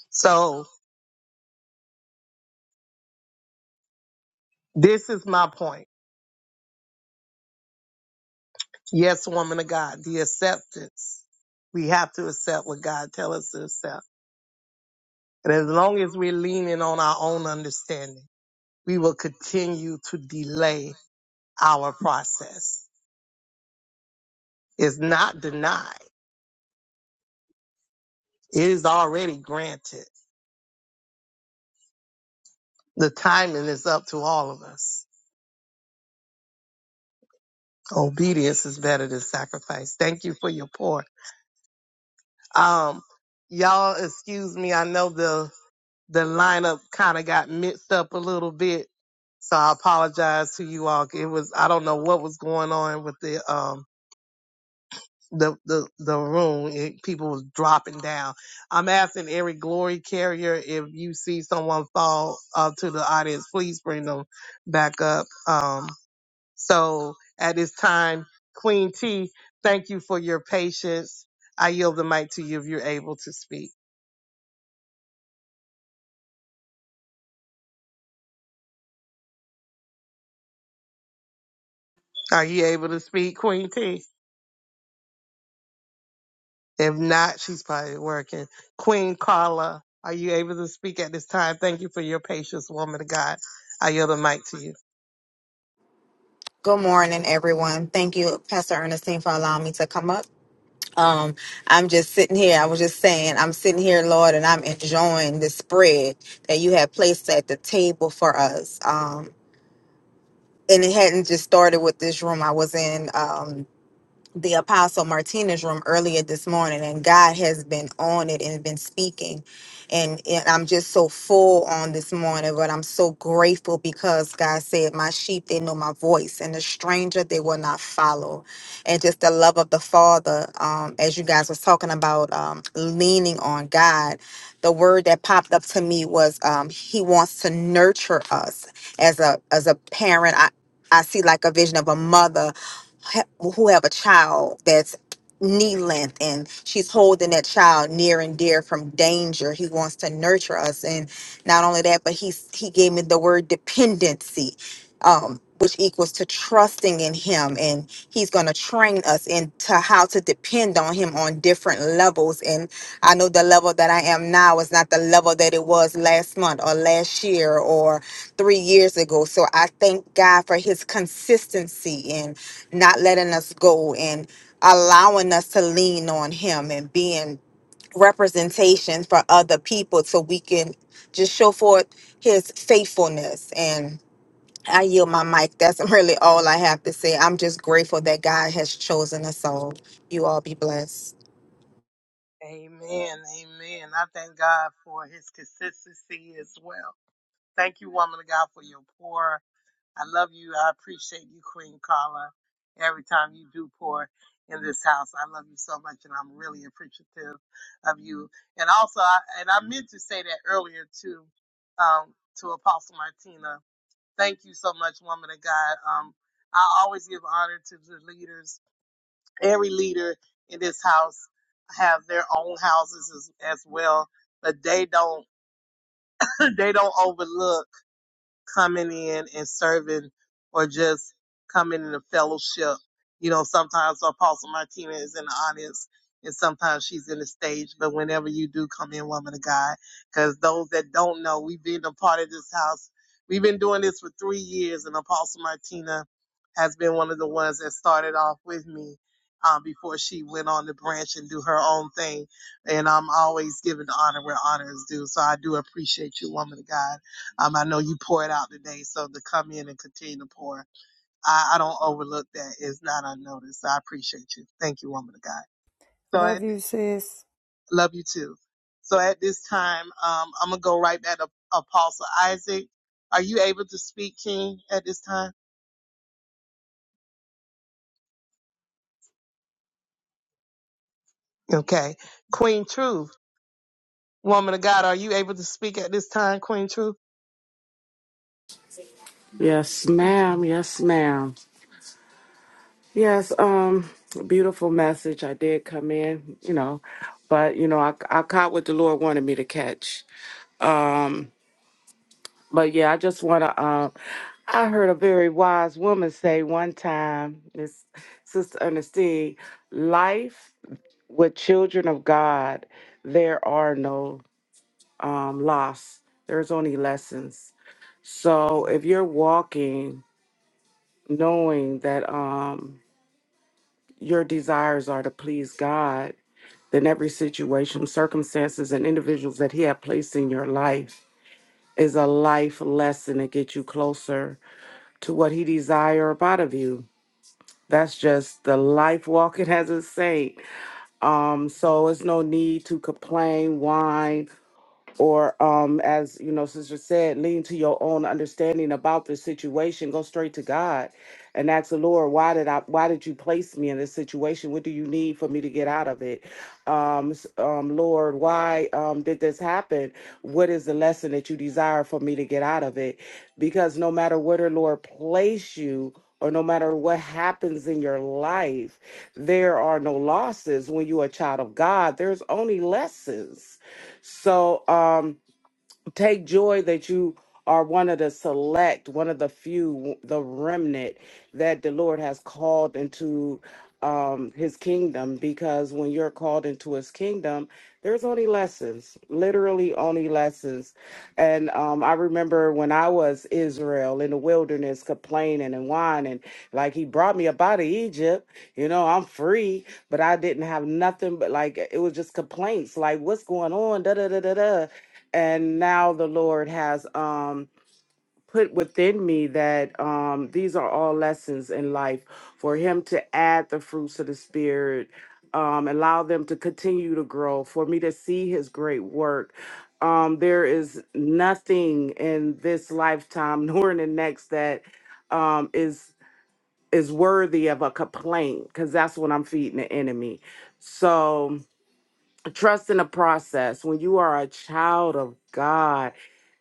So this is my point. Yes, woman of God, the acceptance. We have to accept what God tell us to accept. And as long as we're leaning on our own understanding, we will continue to delay our process. It's not denied. It is already granted. The timing is up to all of us. Obedience is better than sacrifice. Thank you for your pour. Um, y'all excuse me. I know the the lineup kind of got mixed up a little bit. So I apologize to you all. It was I don't know what was going on with the um the the the room. It, people was dropping down. I'm asking every glory carrier if you see someone fall uh, to the audience, please bring them back up. Um, so at this time, Queen T, thank you for your patience. I yield the mic to you if you're able to speak. Are you able to speak, Queen T? If not, she's probably working. Queen Carla, are you able to speak at this time? Thank you for your patience, woman of God. I yield the mic to you.
Good morning, everyone. Thank you, Pastor Ernestine, for allowing me to come up. Um, I'm just sitting here. I was just saying, I'm sitting here, Lord, and I'm enjoying the spread that you have placed at the table for us. Um, and it hadn't just started with this room I was in. Um, the apostle martinez room earlier this morning and god has been on it and been speaking and, and i'm just so full on this morning but i'm so grateful because god said my sheep they know my voice and the stranger they will not follow and just the love of the father um, as you guys was talking about um, leaning on god the word that popped up to me was um, he wants to nurture us as a as a parent I, I see like a vision of a mother ha- who have a child that's knee length and she's holding that child near and dear from danger he wants to nurture us and not only that but he's he gave me the word dependency um which equals to trusting in him and he's going to train us into how to depend on him on different levels and i know the level that i am now is not the level that it was last month or last year or three years ago so i thank god for his consistency and not letting us go and allowing us to lean on him and being representations for other people so we can just show forth his faithfulness and I yield my mic. That's really all I have to say. I'm just grateful that God has chosen us all. You all be blessed.
Amen. Amen. I thank God for his consistency as well. Thank you, woman of God, for your pour. I love you. I appreciate you, Queen Carla. Every time you do pour in this house, I love you so much, and I'm really appreciative of you. And also, I, and I meant to say that earlier too, um, to Apostle Martina Thank you so much, woman of God. Um, I always give honor to the leaders. Every leader in this house have their own houses as, as well, but they don't they don't overlook coming in and serving or just coming in a fellowship. You know, sometimes Apostle Martina is in the audience and sometimes she's in the stage, but whenever you do come in, woman of God, because those that don't know, we've been a part of this house. We've been doing this for three years and Apostle Martina has been one of the ones that started off with me. Um, before she went on the branch and do her own thing. And I'm always giving honor where honor is due. So I do appreciate you, woman of God. Um, I know you poured out today, so to come in and continue to pour, I, I don't overlook that. It's not unnoticed. I appreciate you. Thank you, woman of God. So I
Love you, sis.
love you too. So at this time, um, I'm gonna go right back to Apostle Isaac. Are you able to speak, King, at this time? Okay. Queen Truth, woman of God, are you able to speak at this time, Queen Truth?
Yes, ma'am. Yes, ma'am. Yes, um, beautiful message. I did come in, you know, but you know, I, I caught what the Lord wanted me to catch. Um, but yeah, I just want to. Um, I heard a very wise woman say one time, this Sister Ernestine, life with children of God, there are no um, loss. There's only lessons. So if you're walking, knowing that. Um, your desires are to please God, then every situation, circumstances, and individuals that He has placed in your life is a life lesson to get you closer to what He desires out of you. That's just the life walking as a saint. Um, so it's no need to complain, whine, or um, as you know sister said lean to your own understanding about the situation go straight to god and ask the lord why did i why did you place me in this situation what do you need for me to get out of it um, s- um lord why um did this happen what is the lesson that you desire for me to get out of it because no matter where the lord place you or no matter what happens in your life, there are no losses when you're a child of God. There's only lessons so um, Take joy that you are one of the select, one of the few, the remnant that the Lord has called into um, his kingdom. Because when you're called into his kingdom, there's only lessons, literally only lessons. And um, I remember when I was Israel in the wilderness complaining and whining, like he brought me up out of Egypt, you know, I'm free, but I didn't have nothing but like it was just complaints, like what's going on, da da da da da and now the lord has um put within me that um these are all lessons in life for him to add the fruits of the spirit um allow them to continue to grow for me to see his great work um there is nothing in this lifetime nor in the next that um is is worthy of a complaint because that's what i'm feeding the enemy so trust in the process when you are a child of god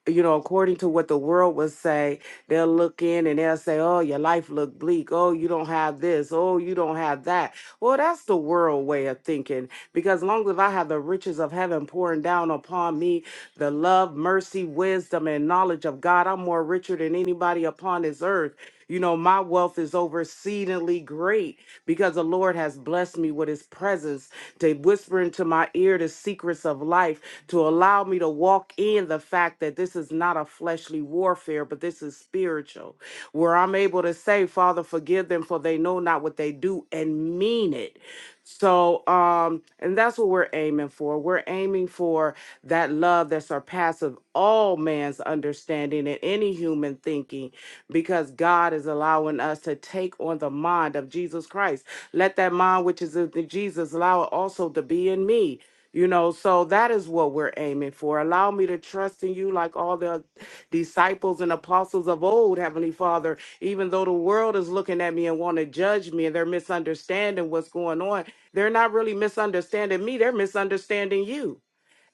you know according to what the world would say they'll look in and they'll say oh your life look bleak oh you don't have this oh you don't have that well that's the world way of thinking because long as i have the riches of heaven pouring down upon me the love, mercy, wisdom, and knowledge of God. I'm more richer than anybody upon this earth. You know, my wealth is over exceedingly great because the Lord has blessed me with his presence to whisper into my ear the secrets of life, to allow me to walk in the fact that this is not a fleshly warfare, but this is spiritual, where I'm able to say, Father, forgive them for they know not what they do and mean it. So, um, and that's what we're aiming for. We're aiming for that love that surpasses all man's understanding and any human thinking, because God is allowing us to take on the mind of Jesus Christ. Let that mind which is in Jesus allow it also to be in me. You know, so that is what we're aiming for. Allow me to trust in you like all the disciples and apostles of old, Heavenly Father, even though the world is looking at me and want to judge me and they're misunderstanding what's going on. They're not really misunderstanding me, they're misunderstanding you.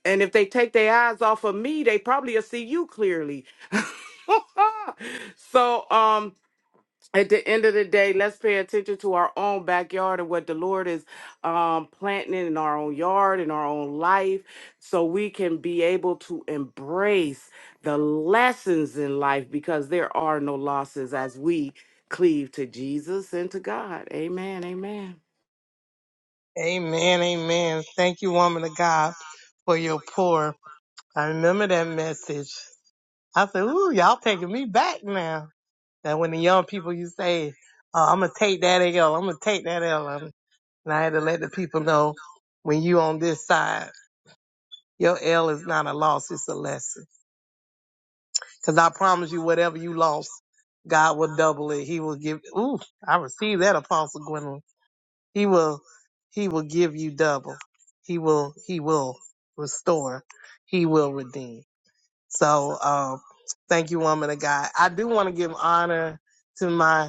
And if they take their eyes off of me, they probably will see you clearly. so um at the end of the day, let's pay attention to our own backyard and what the Lord is um, planting in our own yard, in our own life, so we can be able to embrace the lessons in life because there are no losses as we cleave to Jesus and to God. Amen. Amen.
Amen, amen. Thank you, woman of God, for your pour. I remember that message. I said, ooh, y'all taking me back now. That when the young people you say, oh, I'm gonna take that L, I'm gonna take that L, um, and I had to let the people know when you on this side, your L is not a loss, it's a lesson. Cause I promise you, whatever you lost, God will double it. He will give. Ooh, I received that, Apostle Gwendolyn. He will, he will give you double. He will, he will restore. He will redeem. So, um, thank you, woman of God. I do want to give honor to my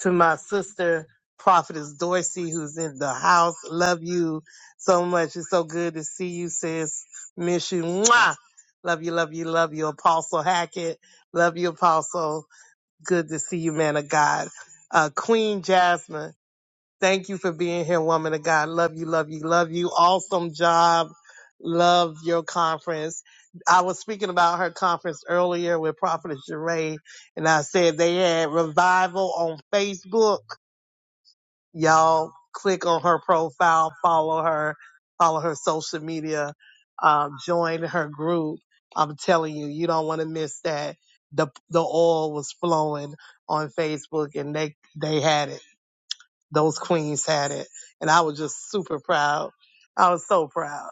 to my sister, Prophetess Dorsey, who's in the house. Love you so much. It's so good to see you, sis. Miss you. Mwah! Love you, love you, love you, Apostle Hackett. Love you, Apostle. Good to see you, man of God. Uh, Queen Jasmine, thank you for being here, woman of God. Love you, love you, love you. Awesome job. Love your conference. I was speaking about her conference earlier with Prophetess Jeray, and I said they had revival on Facebook Y'all click on her profile, follow her, follow her social media, um, join her group. I'm telling you, you don't want to miss that. The the oil was flowing on Facebook and they they had it. Those queens had it. And I was just super proud. I was so proud.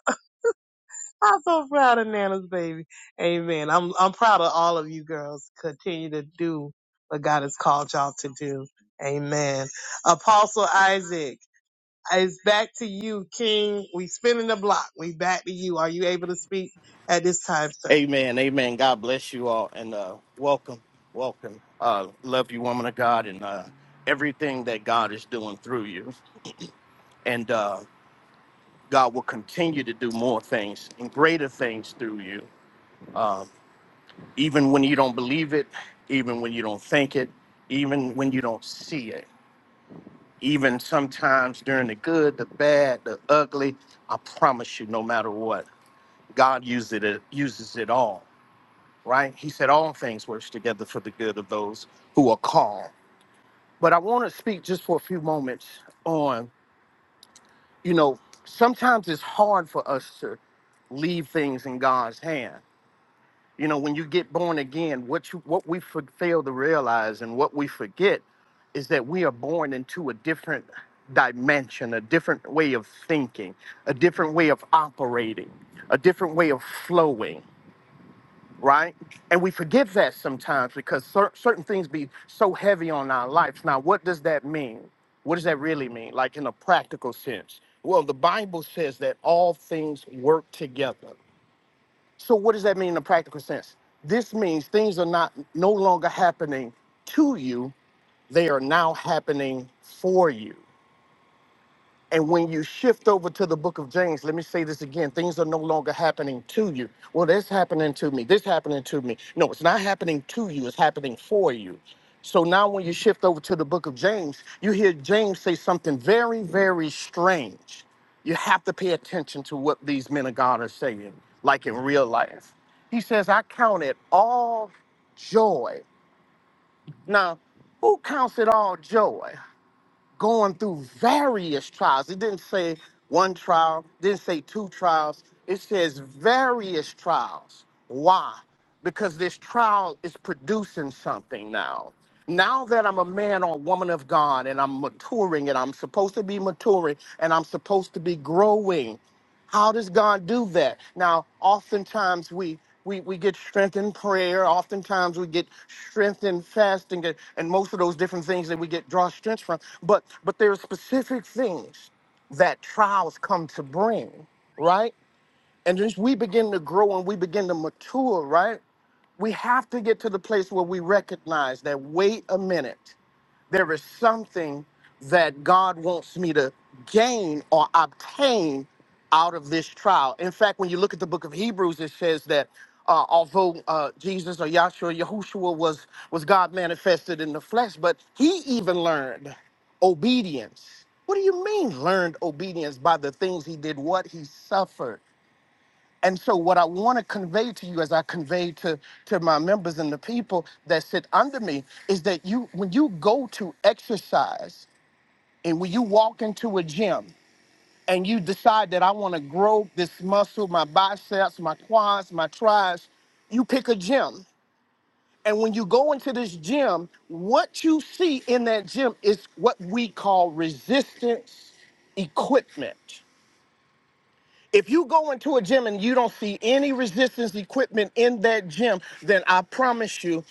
I'm so proud of Nana's baby. Amen. I'm I'm proud of all of you girls. Continue to do what God has called y'all to do. Amen. Apostle Isaac. It's back to you, King. We spinning the block. We back to you. Are you able to speak at this time, sir?
Amen. Amen. God bless you all and uh, welcome. Welcome. Uh, love you, woman of God, and uh, everything that God is doing through you. And uh, God will continue to do more things and greater things through you, even when you don't believe it, even when you don't think it, even when you don't see it. Even sometimes during the good, the bad, the ugly, I promise you, no matter what, God uses it, uses it all right? He said, All things work together for the good of those who are called. But I want to speak just for a few moments on, you know, sometimes it's hard for us to leave things in God's hand. You know, when you get born again, what you what we for- fail to realize and what we forget is that we are born into a different dimension, a different way of thinking, a different way of operating, a different way of flowing right? And we forget that sometimes because cer- certain things be so heavy on our lives. Now, what does that mean? What does that really mean, like in a practical sense? Well, the Bible says that all things work together. So, what does that mean in a practical sense? This means things are not no longer happening to you; they are now happening for you. And when you shift over to the book of James, let me say this again things are no longer happening to you. Well, this happening to me, this happening to me. No, it's not happening to you, it's happening for you. So now when you shift over to the book of James, you hear James say something very, very strange. You have to pay attention to what these men of God are saying, like in real life. He says, I count it all joy. Now, who counts it all joy? going through various trials. It didn't say one trial, didn't say two trials. It says various trials. Why? Because this trial is producing something now. Now that I'm a man or woman of God and I'm maturing and I'm supposed to be maturing and I'm supposed to be growing, how does God do that? Now, oftentimes we we, we get strength in prayer. Oftentimes we get strength in fasting and, and most of those different things that we get draw strength from. But but there are specific things that trials come to bring, right? And as we begin to grow and we begin to mature, right? We have to get to the place where we recognize that wait a minute. There is something that God wants me to gain or obtain out of this trial. In fact, when you look at the book of Hebrews, it says that uh, although uh, Jesus or Yahshua, Yahushua was, was God manifested in the flesh, but he even learned obedience. What do you mean learned obedience by the things he did, what he suffered? And so, what I want to convey to you, as I convey to to my members and the people that sit under me, is that you, when you go to exercise, and when you walk into a gym, and you decide that I want to grow this muscle, my biceps, my quads, my triceps, you pick a gym. And when you go into this gym, what you see in that gym is what we call resistance equipment. If you go into a gym and you don't see any resistance equipment in that gym, then I promise you,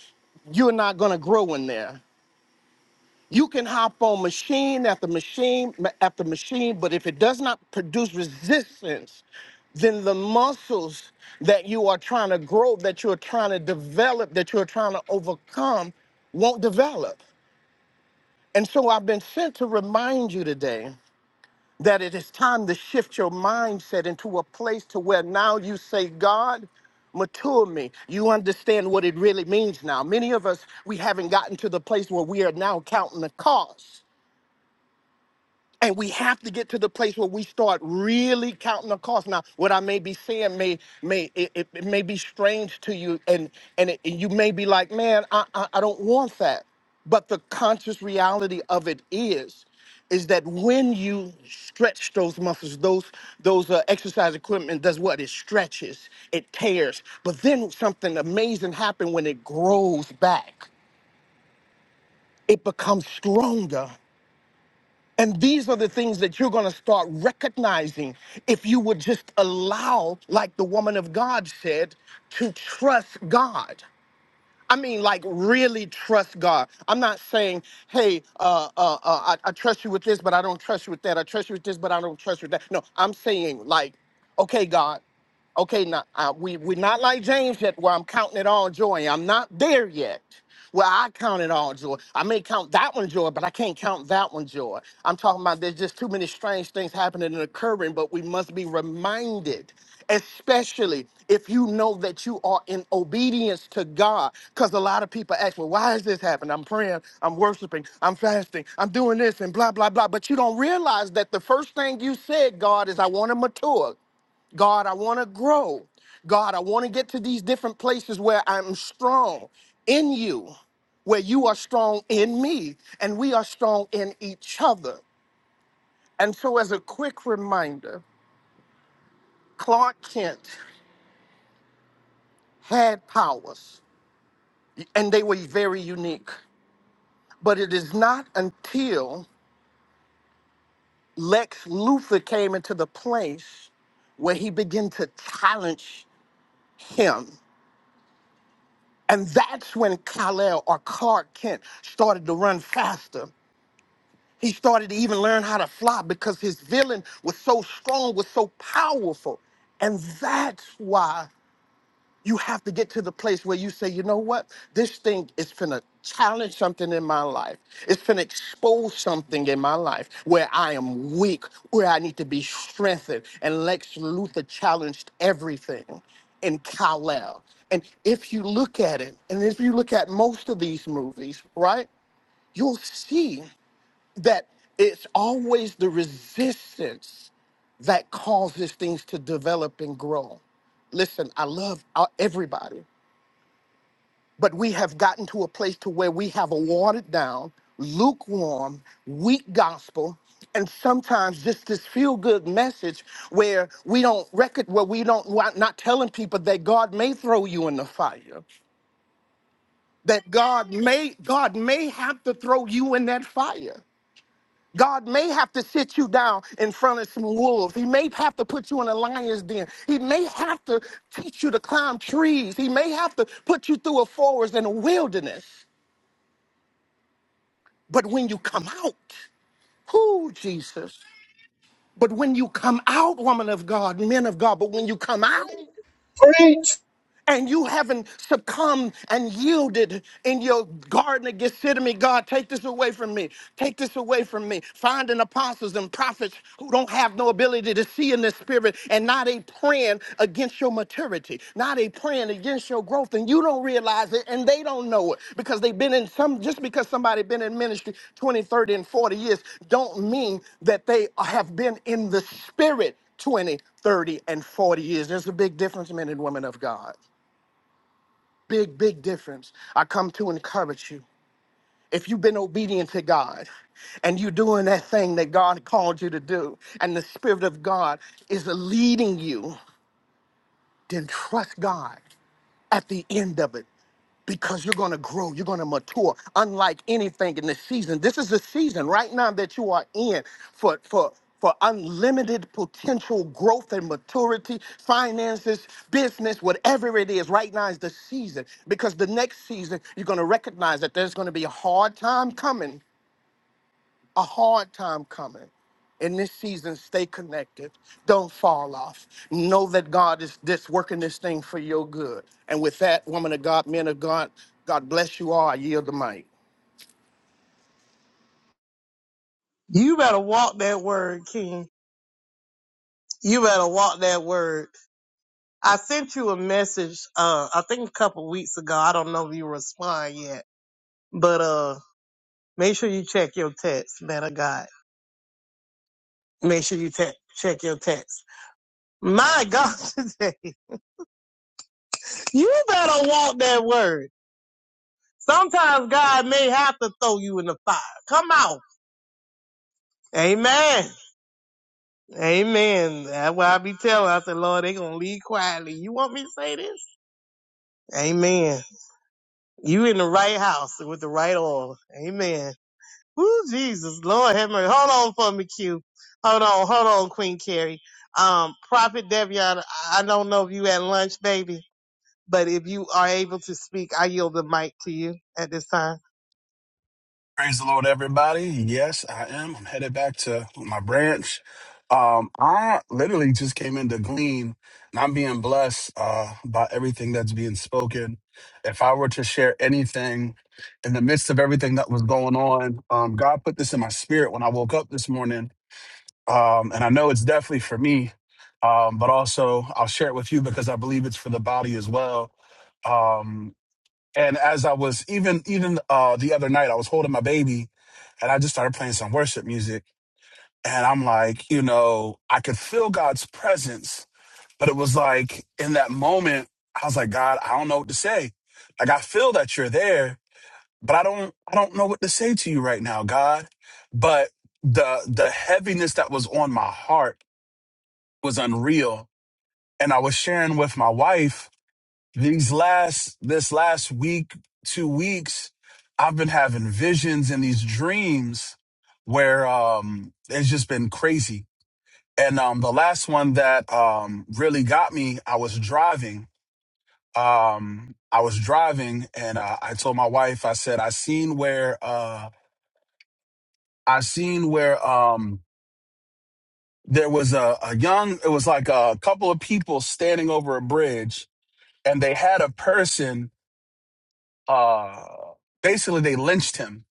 you're not going to grow in there. You can hop on machine after machine after machine, but if it does not produce resistance, then the muscles that you are trying to grow, that you're trying to develop, that you're trying to overcome, won't develop. And so I've been sent to remind you today that it is time to shift your mindset into a place to where now you say god mature me you understand what it really means now many of us we haven't gotten to the place where we are now counting the cost and we have to get to the place where we start really counting the cost. Now, what I may be saying may may it, it it may be strange to you, and and it, you may be like, man, I, I I don't want that. But the conscious reality of it is, is that when you stretch those muscles, those those uh, exercise equipment does what? It stretches, it tears. But then something amazing happens when it grows back. It becomes stronger and these are the things that you're going to start recognizing if you would just allow, like the woman of God said, to trust God. I mean, like really trust God. I'm not saying, hey, uh, uh, uh, I, I trust you with this, but I don't trust you with that. I trust you with this, but I don't trust you with that. No, I'm saying, like, okay, God. Okay, now uh, we we're not like James yet, where I'm counting it all joy. I'm not there yet. Where I count it all joy. I may count that one joy, but I can't count that one joy. I'm talking about there's just too many strange things happening and occurring, but we must be reminded, especially if you know that you are in obedience to God. Because a lot of people ask, well, why is this happening? I'm praying, I'm worshiping, I'm fasting, I'm doing this and blah, blah, blah. But you don't realize that the first thing you said, God, is I want to mature. God, I want to grow. God, I want to get to these different places where I'm strong in you, where you are strong in me, and we are strong in each other. And so, as a quick reminder, Clark Kent had powers, and they were very unique. But it is not until Lex Luthor came into the place where he began to challenge him. And that's when Kal-El or Clark Kent started to run faster. He started to even learn how to fly because his villain was so strong, was so powerful. And that's why you have to get to the place where you say, you know what? This thing is finna challenge something in my life. It's finna expose something in my life where I am weak, where I need to be strengthened. And Lex Luthor challenged everything in Kal-El. And if you look at it, and if you look at most of these movies, right, you'll see that it's always the resistance that causes things to develop and grow. Listen, I love uh, everybody but we have gotten to a place to where we have a watered down, lukewarm, weak gospel, and sometimes just this feel good message where we don't record where we don't we're not telling people that God may throw you in the fire, that God may God may have to throw you in that fire. God may have to sit you down in front of some wolves. He may have to put you in a lion's den. He may have to teach you to climb trees. He may have to put you through a forest and a wilderness. But when you come out, who, Jesus? But when you come out, woman of God, men of God, but when you come out,
Preach.
and you haven't succumbed and yielded in your garden of Gethsemane, God, take this away from me. Take this away from me. Finding apostles and prophets who don't have no ability to see in the spirit and not a praying against your maturity, not a praying against your growth. And you don't realize it and they don't know it because they've been in some, just because somebody been in ministry 20, 30, and 40 years don't mean that they have been in the spirit 20, 30, and 40 years. There's a big difference, men and women of God big, big difference. I come to encourage you. If you've been obedient to God and you're doing that thing that God called you to do, and the Spirit of God is leading you, then trust God at the end of it because you're going to grow, you're going to mature. Unlike anything in the season, this is the season right now that you are in for for for unlimited potential growth and maturity, finances, business, whatever it is. Right now is the season because the next season you're going to recognize that there's going to be a hard time coming a hard time coming. In this season, stay connected. Don't fall off. Know that God is this working this thing for your good. And with that, woman of God, men of God, God bless you all. I yield the mic.
You better walk that word, King. You better walk that word. I sent you a message, uh, I think a couple weeks ago. I don't know if you respond yet, but, uh, make sure you check your text, man of God. Make sure you te- check your text. My God, today, you better walk that word. Sometimes God may have to throw you in the fire. Come out. Amen. Amen. That's why I be telling. I said, Lord, they gonna leave quietly. You want me to say this? Amen. You in the right house with the right oil. Amen. Woo, Jesus, Lord have mercy. Hold on for me, Q. Hold on, hold on, Queen Carrie. Um, Prophet Devion, I I don't know if you at lunch, baby, but if you are able to speak, I yield the mic to you at this time.
Praise the Lord, everybody. Yes, I am. I'm headed back to my branch. Um, I literally just came in to glean, and I'm being blessed uh, by everything that's being spoken. If I were to share anything in the midst of everything that was going on, um, God put this in my spirit when I woke up this morning, um, and I know it's definitely for me, um, but also I'll share it with you because I believe it's for the body as well. Um, and as I was even even uh the other night, I was holding my baby and I just started playing some worship music. And I'm like, you know, I could feel God's presence, but it was like in that moment, I was like, God, I don't know what to say. Like I feel that you're there, but I don't I don't know what to say to you right now, God. But the the heaviness that was on my heart was unreal. And I was sharing with my wife these last this last week two weeks i've been having visions and these dreams where um it's just been crazy and um the last one that um really got me i was driving um i was driving and uh, i told my wife i said i seen where uh i seen where um there was a, a young it was like a couple of people standing over a bridge and they had a person uh basically they lynched him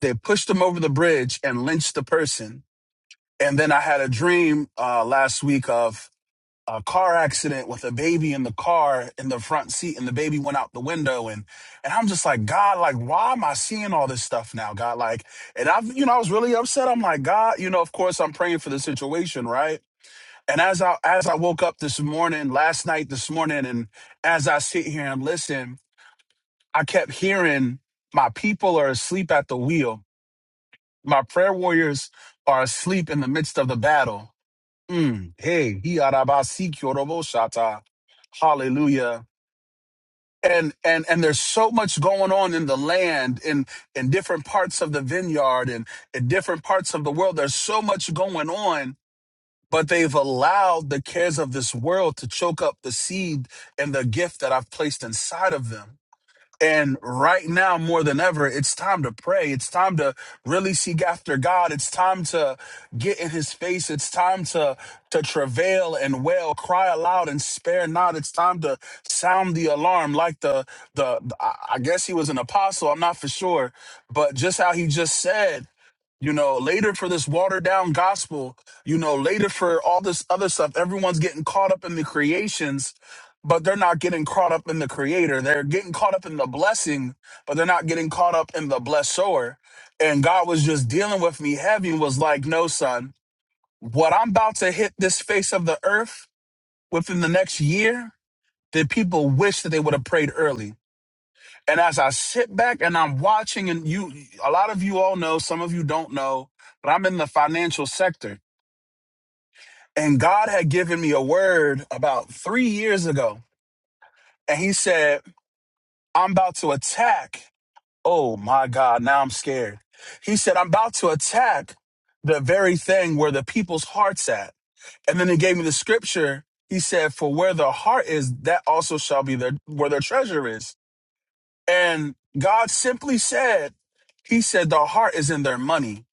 they pushed him over the bridge and lynched the person and then i had a dream uh last week of a car accident with a baby in the car in the front seat and the baby went out the window and and i'm just like god like why am i seeing all this stuff now god like and i've you know i was really upset i'm like god you know of course i'm praying for the situation right and as i as i woke up this morning last night this morning and as i sit here and listen I kept hearing, My people are asleep at the wheel. My prayer warriors are asleep in the midst of the battle. Mm, hey, hi arabasi kyorobo hallelujah. And, and and there's so much going on in the land in in different parts of the vineyard and in different parts of the world. There's so much going on, but they've allowed the cares of this world to choke up the seed and the gift that I've placed inside of them. And right now, more than ever, it's time to pray. It's time to really seek after God. It's time to get in his face. It's time to, to travail and wail, cry aloud and spare not. It's time to sound the alarm like the, the, the- I I guess he was an apostle. I'm not for sure, but just how he just said, you know, later for this watered down gospel, you know, later for all this other stuff, everyone's getting caught up in the creations, but they're not getting caught up in the creator. They're getting caught up in the blessing, but they're not getting caught up in the blesser. And God was just dealing with me heavy and was like, no, son, what I'm about to hit this face of the earth within the next year, the people wish that they would have prayed early and as I sit back and I'm watching, and you, a lot of you all know, some of you don't know, but I'm in the financial sector. And God had given me a word about three years ago. And He said, I'm about to attack. Oh my God, now I'm scared. He said, I'm about to attack the very thing where the people's heart's at. And then He gave me the scripture. He said, For where the heart is, that also shall be their, where their treasure is. And God simply said, He said, the heart is in their money.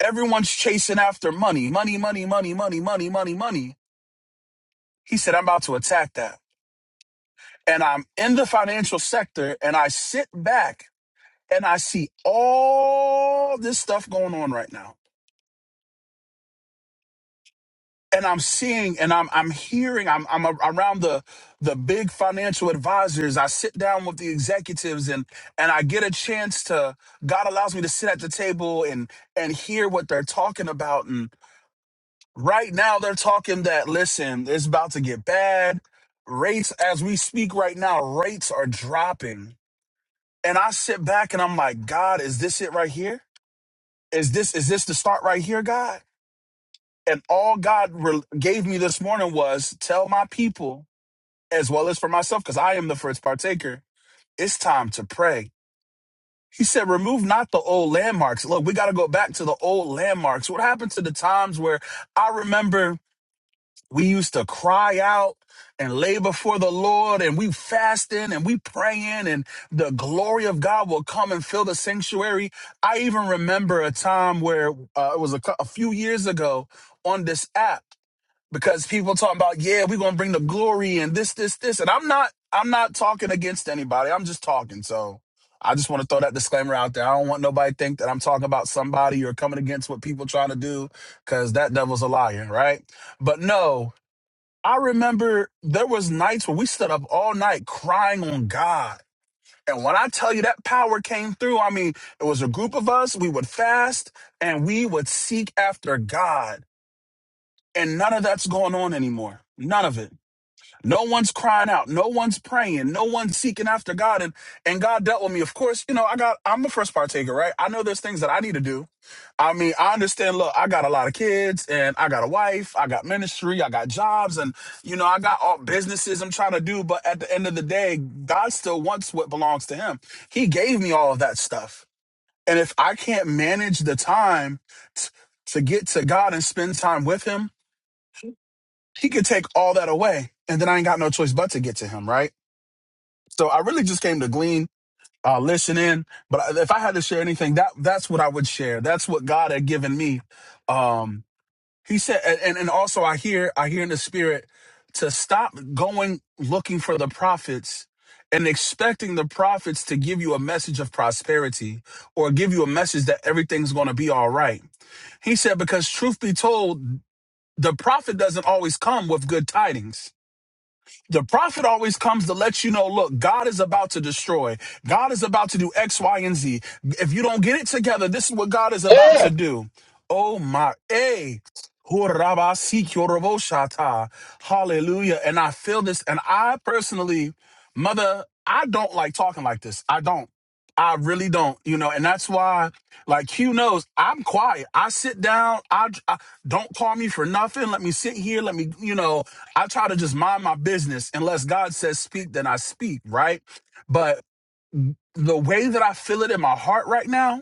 Everyone's chasing after money, money, money, money, money, money, money, money. He said, I'm about to attack that. And I'm in the financial sector and I sit back and I see all this stuff going on right now. and I'm seeing and I'm I'm hearing I'm I'm a- around the the big financial advisors. I sit down with the executives and and I get a chance to God allows me to sit at the table and and hear what they're talking about and right now they're talking that listen, it's about to get bad. Rates as we speak right now, rates are dropping. And I sit back and I'm like, God, is this it right here? Is this is this the start right here, God? And all God re- gave me this morning was tell my people, as well as for myself, because I am the first partaker, it's time to pray. He said, remove not the old landmarks. Look, we got to go back to the old landmarks. What happened to the times where I remember we used to cry out and lay before the Lord and we fasting and we praying and the glory of God will come and fill the sanctuary. I even remember a time where uh, it was a cou- a few years ago on this app because people talking about yeah we're gonna bring the glory and this this this and i'm not i'm not talking against anybody i'm just talking so i just want to throw that disclaimer out there i don't want nobody to think that i'm talking about somebody or coming against what people trying to do because that devil's a liar right but no i remember there was nights where we stood up all night crying on god and when I tell you that power came through, I mean, it was a group of us, we would fast and we would seek after God and none of that's going on anymore. None of it. No one's crying out. No one's praying. No one's seeking after God. And and God dealt with me. Of course, you know, I got I'm the first partaker, right? I know there's things that I need to do. I mean, I understand, look, I got a lot of kids and I got a wife, I got ministry, I got jobs, and you know, I got all businesses I'm trying to do, but at the end of the day, God still wants what belongs to him. He gave me all of that stuff. And if I can't manage the time t- to get to God and spend time with him, he could take all that away and then i ain't got no choice but to get to him right so i really just came to glean uh, listen in but I- if i had to share anything that that's what i would share that's what god had given me um he said and and and also i hear i hear in the spirit to stop going looking for the prophets and expecting the prophets to give you a message of prosperity or give you a message that everything's going to be all right he said because truth be told the prophet doesn't always come with good tidings the prophet always comes to let you know look god is about to destroy god is about to do x y and z if you don't get it together this is what god is about
Yeah.
to do oh my a hallelujah and i feel this and i personally mother i don't like talking like this i don't i really don't you know and that's why like Q knows, I'm quiet. I sit down. I, I- don't call me for nothing. Let me sit here. Let me, you know, I try to just mind my business. Unless God says speak, then I speak, right? But the way that I feel it in my heart right now,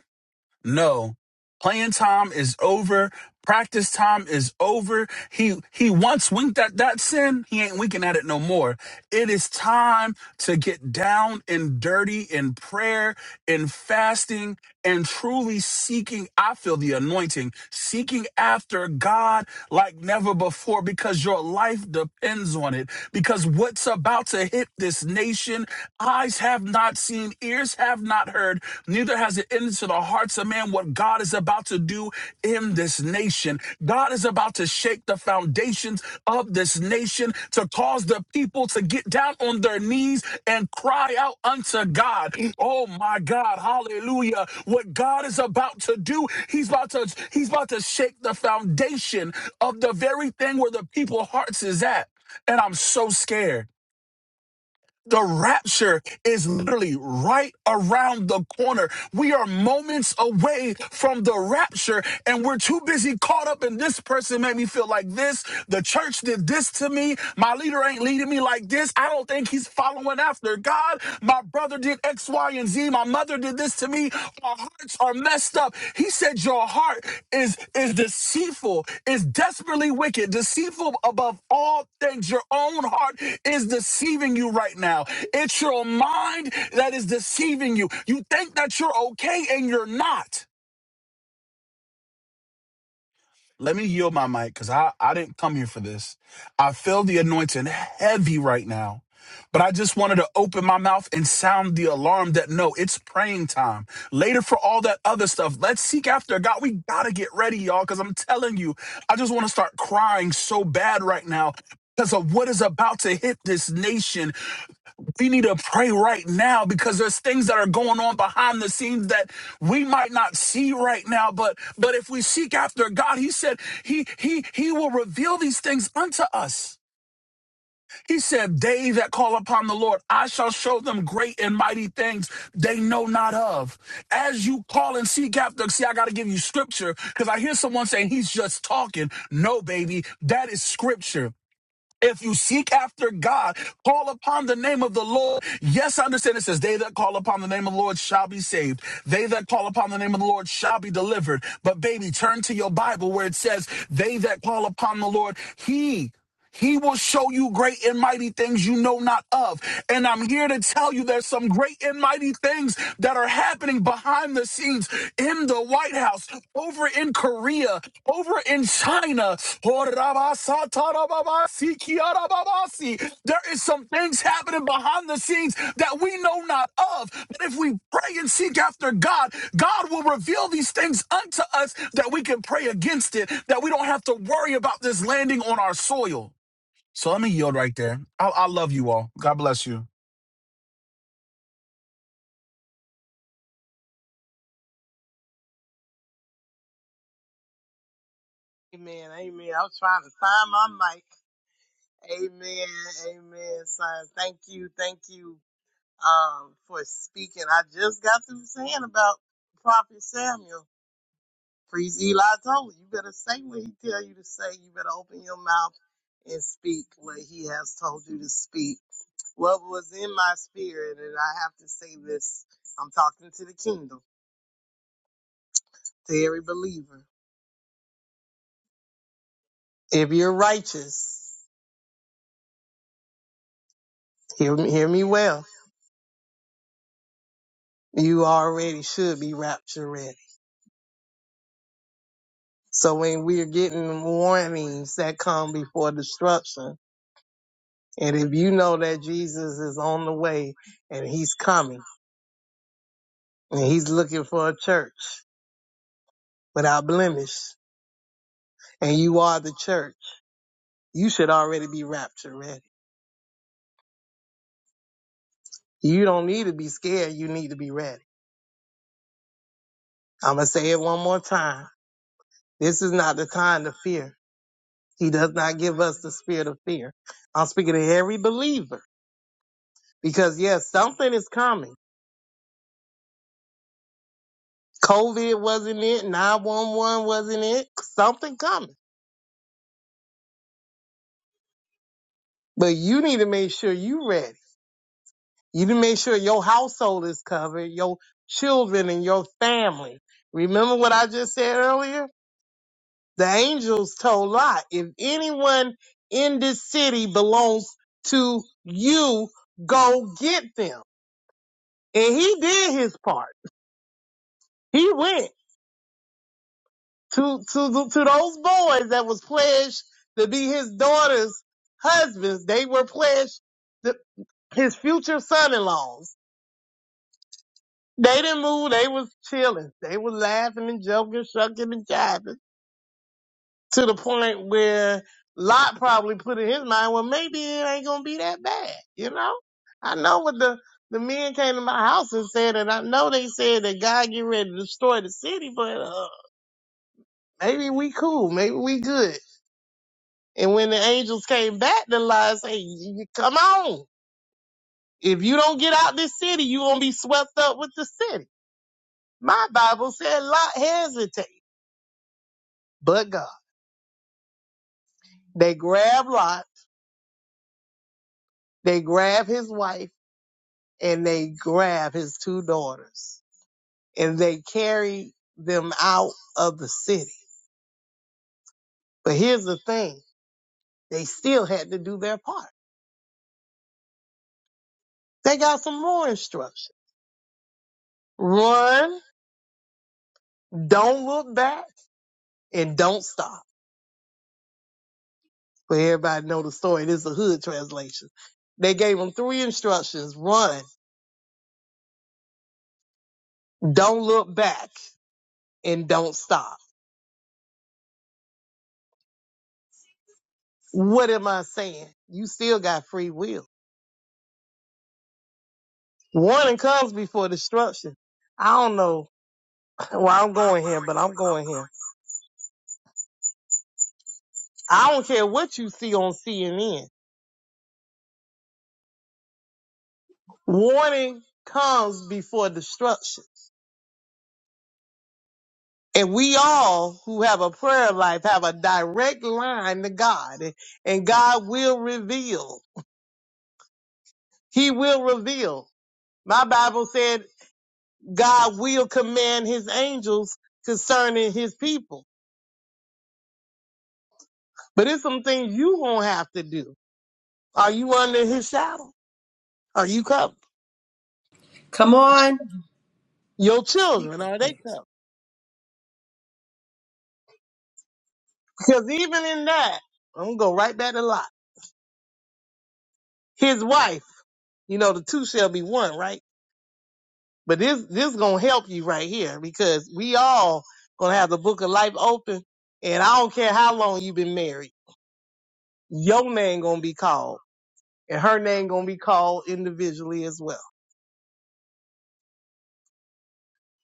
no. Playing time is over. Practice time is over. He he once winked at that sin. He ain't winking at it no more. It is time to get down and dirty in prayer, in fasting, and truly seeking. I feel the anointing, seeking after God like never before because your life depends on it. Because what's about to hit this nation, eyes have not seen, ears ears have not heard, neither has it entered into the hearts of man what God is about to do in this nation. God is about to shake the foundations of this nation to cause the people to get down on their knees and cry out unto God. Oh my God, hallelujah. What God is about to do, he's about to he's about to shake the foundation of the very thing where the people's hearts is at. And I'm so scared. The rapture is literally right around the corner. We are moments away from the rapture and we're too busy caught up in this person made me feel like this. The church did this to me. My leader ain't leading me like this. I don't think he's following after God. My brother did X, Y, and Z. Z, my mother did this to me. Our hearts are messed up. He said, Your heart is, is deceitful, is desperately wicked, deceitful above all things. Your own heart is deceiving you right now. It's your mind that is deceiving you. You think that you're okay and you're not. Let me yield my mic because I, I didn't come here for this. I feel the anointing heavy right now. But I just wanted to open my mouth and sound the alarm that no, it's praying time. Later for all that other stuff. Let's seek after God. We gotta get ready, y'all, because I'm telling you, I just want to start crying so bad right now because of what is about to hit this nation. We need to pray right now because there's things that are going on behind the scenes that we might not see right now. But but if we seek after God, He said He He He will reveal these things unto us. He said, They that call upon the Lord, I shall show them great and mighty things they know not of. As you call and seek after, see, I got to give you scripture because I hear someone saying he's just talking. No, baby, that is scripture. If you seek after God, call upon the name of the Lord. Yes, I understand it says, They that call upon the name of the Lord shall be saved. They that call upon the name of the Lord shall be delivered. But, baby, turn to your Bible where it says, They that call upon the Lord, He he will show you great and mighty things you know not of. And I'm here to tell you there's some great and mighty things that are happening behind the scenes in the White House, over in Korea, over in China. There is some things happening behind the scenes that we know not of. But if we pray and seek after God, God will reveal these things unto us that we can pray against it, that we don't have to worry about this landing on our soil. So let me yield right there. I, I love you all. God bless you.
Amen. Amen. I was trying to find my mic. Amen. Amen, son. Thank you. Thank you um, for speaking. I just got through saying about Prophet Samuel. Priest Eli told you, you better say what he tell you to say. You better open your mouth and speak what he has told you to speak. What was in my spirit, and I have to say this, I'm talking to the kingdom, to every believer. If you're righteous, hear me, hear me well, you already should be rapture ready. So when we're getting warnings that come before destruction, And if you know that Jesus is on the way and he's coming and he's looking for a church without blemish and you are the church, you should already be rapture ready. You don't need to be scared. You need to be ready. I'm going to say it one more time. This is not the time to fear. He does not give us the spirit of fear. I'm speaking to every believer because yes, something is coming. COVID wasn't it. 911 wasn't it. Something coming, but you need to make sure you are ready You to make sure your household is covered, your children and your family. Remember what I just said earlier? The angels told Lot, if anyone in this city belongs to you, go get them. And he did his part. He went to, to, the, to those boys that was pledged to be his daughter's husbands. They were pledged to his future son-in-laws They didn't move. They was chilling. They was laughing and joking, shucking and jiving to the point where Lot probably put in his mind, well, maybe it ain't gonna be that bad, you know. I know what the the men came to my house and said, and I know they said that God get ready to destroy the city, but uh, maybe we cool, maybe we good. And when the angels came back, the lies say, "Y- y- come on. If you don't get out this city, you gonna be swept up with the city. My Bible said Lot hesitated, but God. They grab Lot, they grab his wife, and they grab his two daughters, and they carry them out of the city. But here's the thing, they still had to do their part. They got some more instruction. Run, don't look back, and don't stop. But everybody know the story. This is a hood translation. They gave them three instructions. Run, don't look back, and don't stop. What am I saying? You still got free will Warning comes before destruction. I don't know where I'm going here, but I'm going here. I don't care what you see on CNN. Warning comes before destruction. And we all who have a prayer life have a direct line to God, and and God will reveal. He will reveal. My Bible said God will command his angels concerning his people. But it's some things you gonna have to do. Are you under his shadow? Are you covered?
Come on.
Your children, are they covered? Because even in that, I'm gonna go right back to Lot. His wife, you know, the two shall be one, right? But this this gonna help you right here because we all gonna have the book of life open, and I don't care how long you've been married, your name gonna be called, and her name gonna be called individually as well.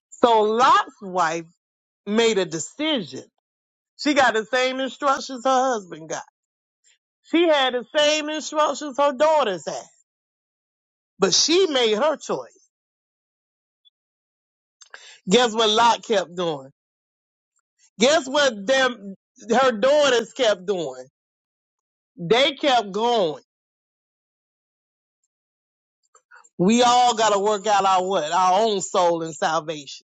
So Lot's wife made a decision. She got the same instructions her husband got. She had the same instructions her daughters had, but she made her choice. Guess what Lot kept doing? Guess what them her daughters kept doing? They kept going. We all gotta work out our what? Our own soul and salvation.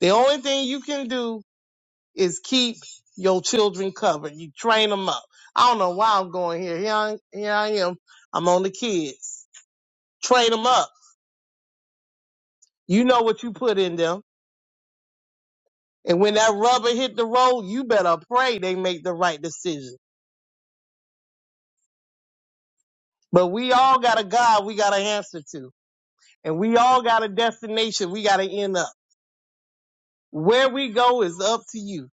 The only thing you can do is keep your children covered. You train them up. I don't know why I'm going here. Here I, here I am. I'm on the kids. Train them up. You know what you put in them. And when that rubber hit the road, you better pray they make the right decision. But we all got a God we got to answer to. and we all got a destination. We got to end up where we go is up to you.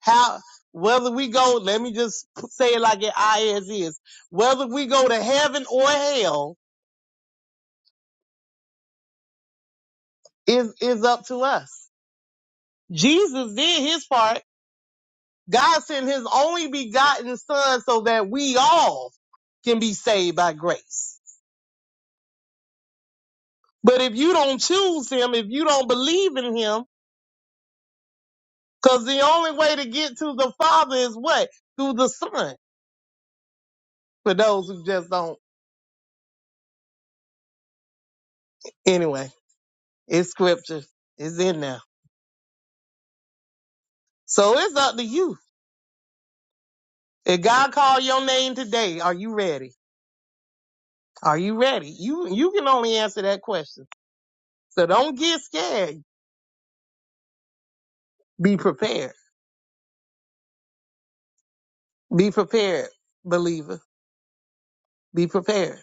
How whether we go, let me just say it like it is is. Whether we go to heaven or hell is is up to us. Jesus did his part. God sent His only begotten Son so that we all can be saved by grace. But if you don't choose Him, if you don't believe in Him, because the only way to get to the Father is what through the Son. For those who just don't Anyway, it's scripture. It's in there, So it's up to you. If God called your name today, are you ready? Are you ready? You you can only answer that question. So don't get scared. Be prepared. Be prepared, believer. Be prepared.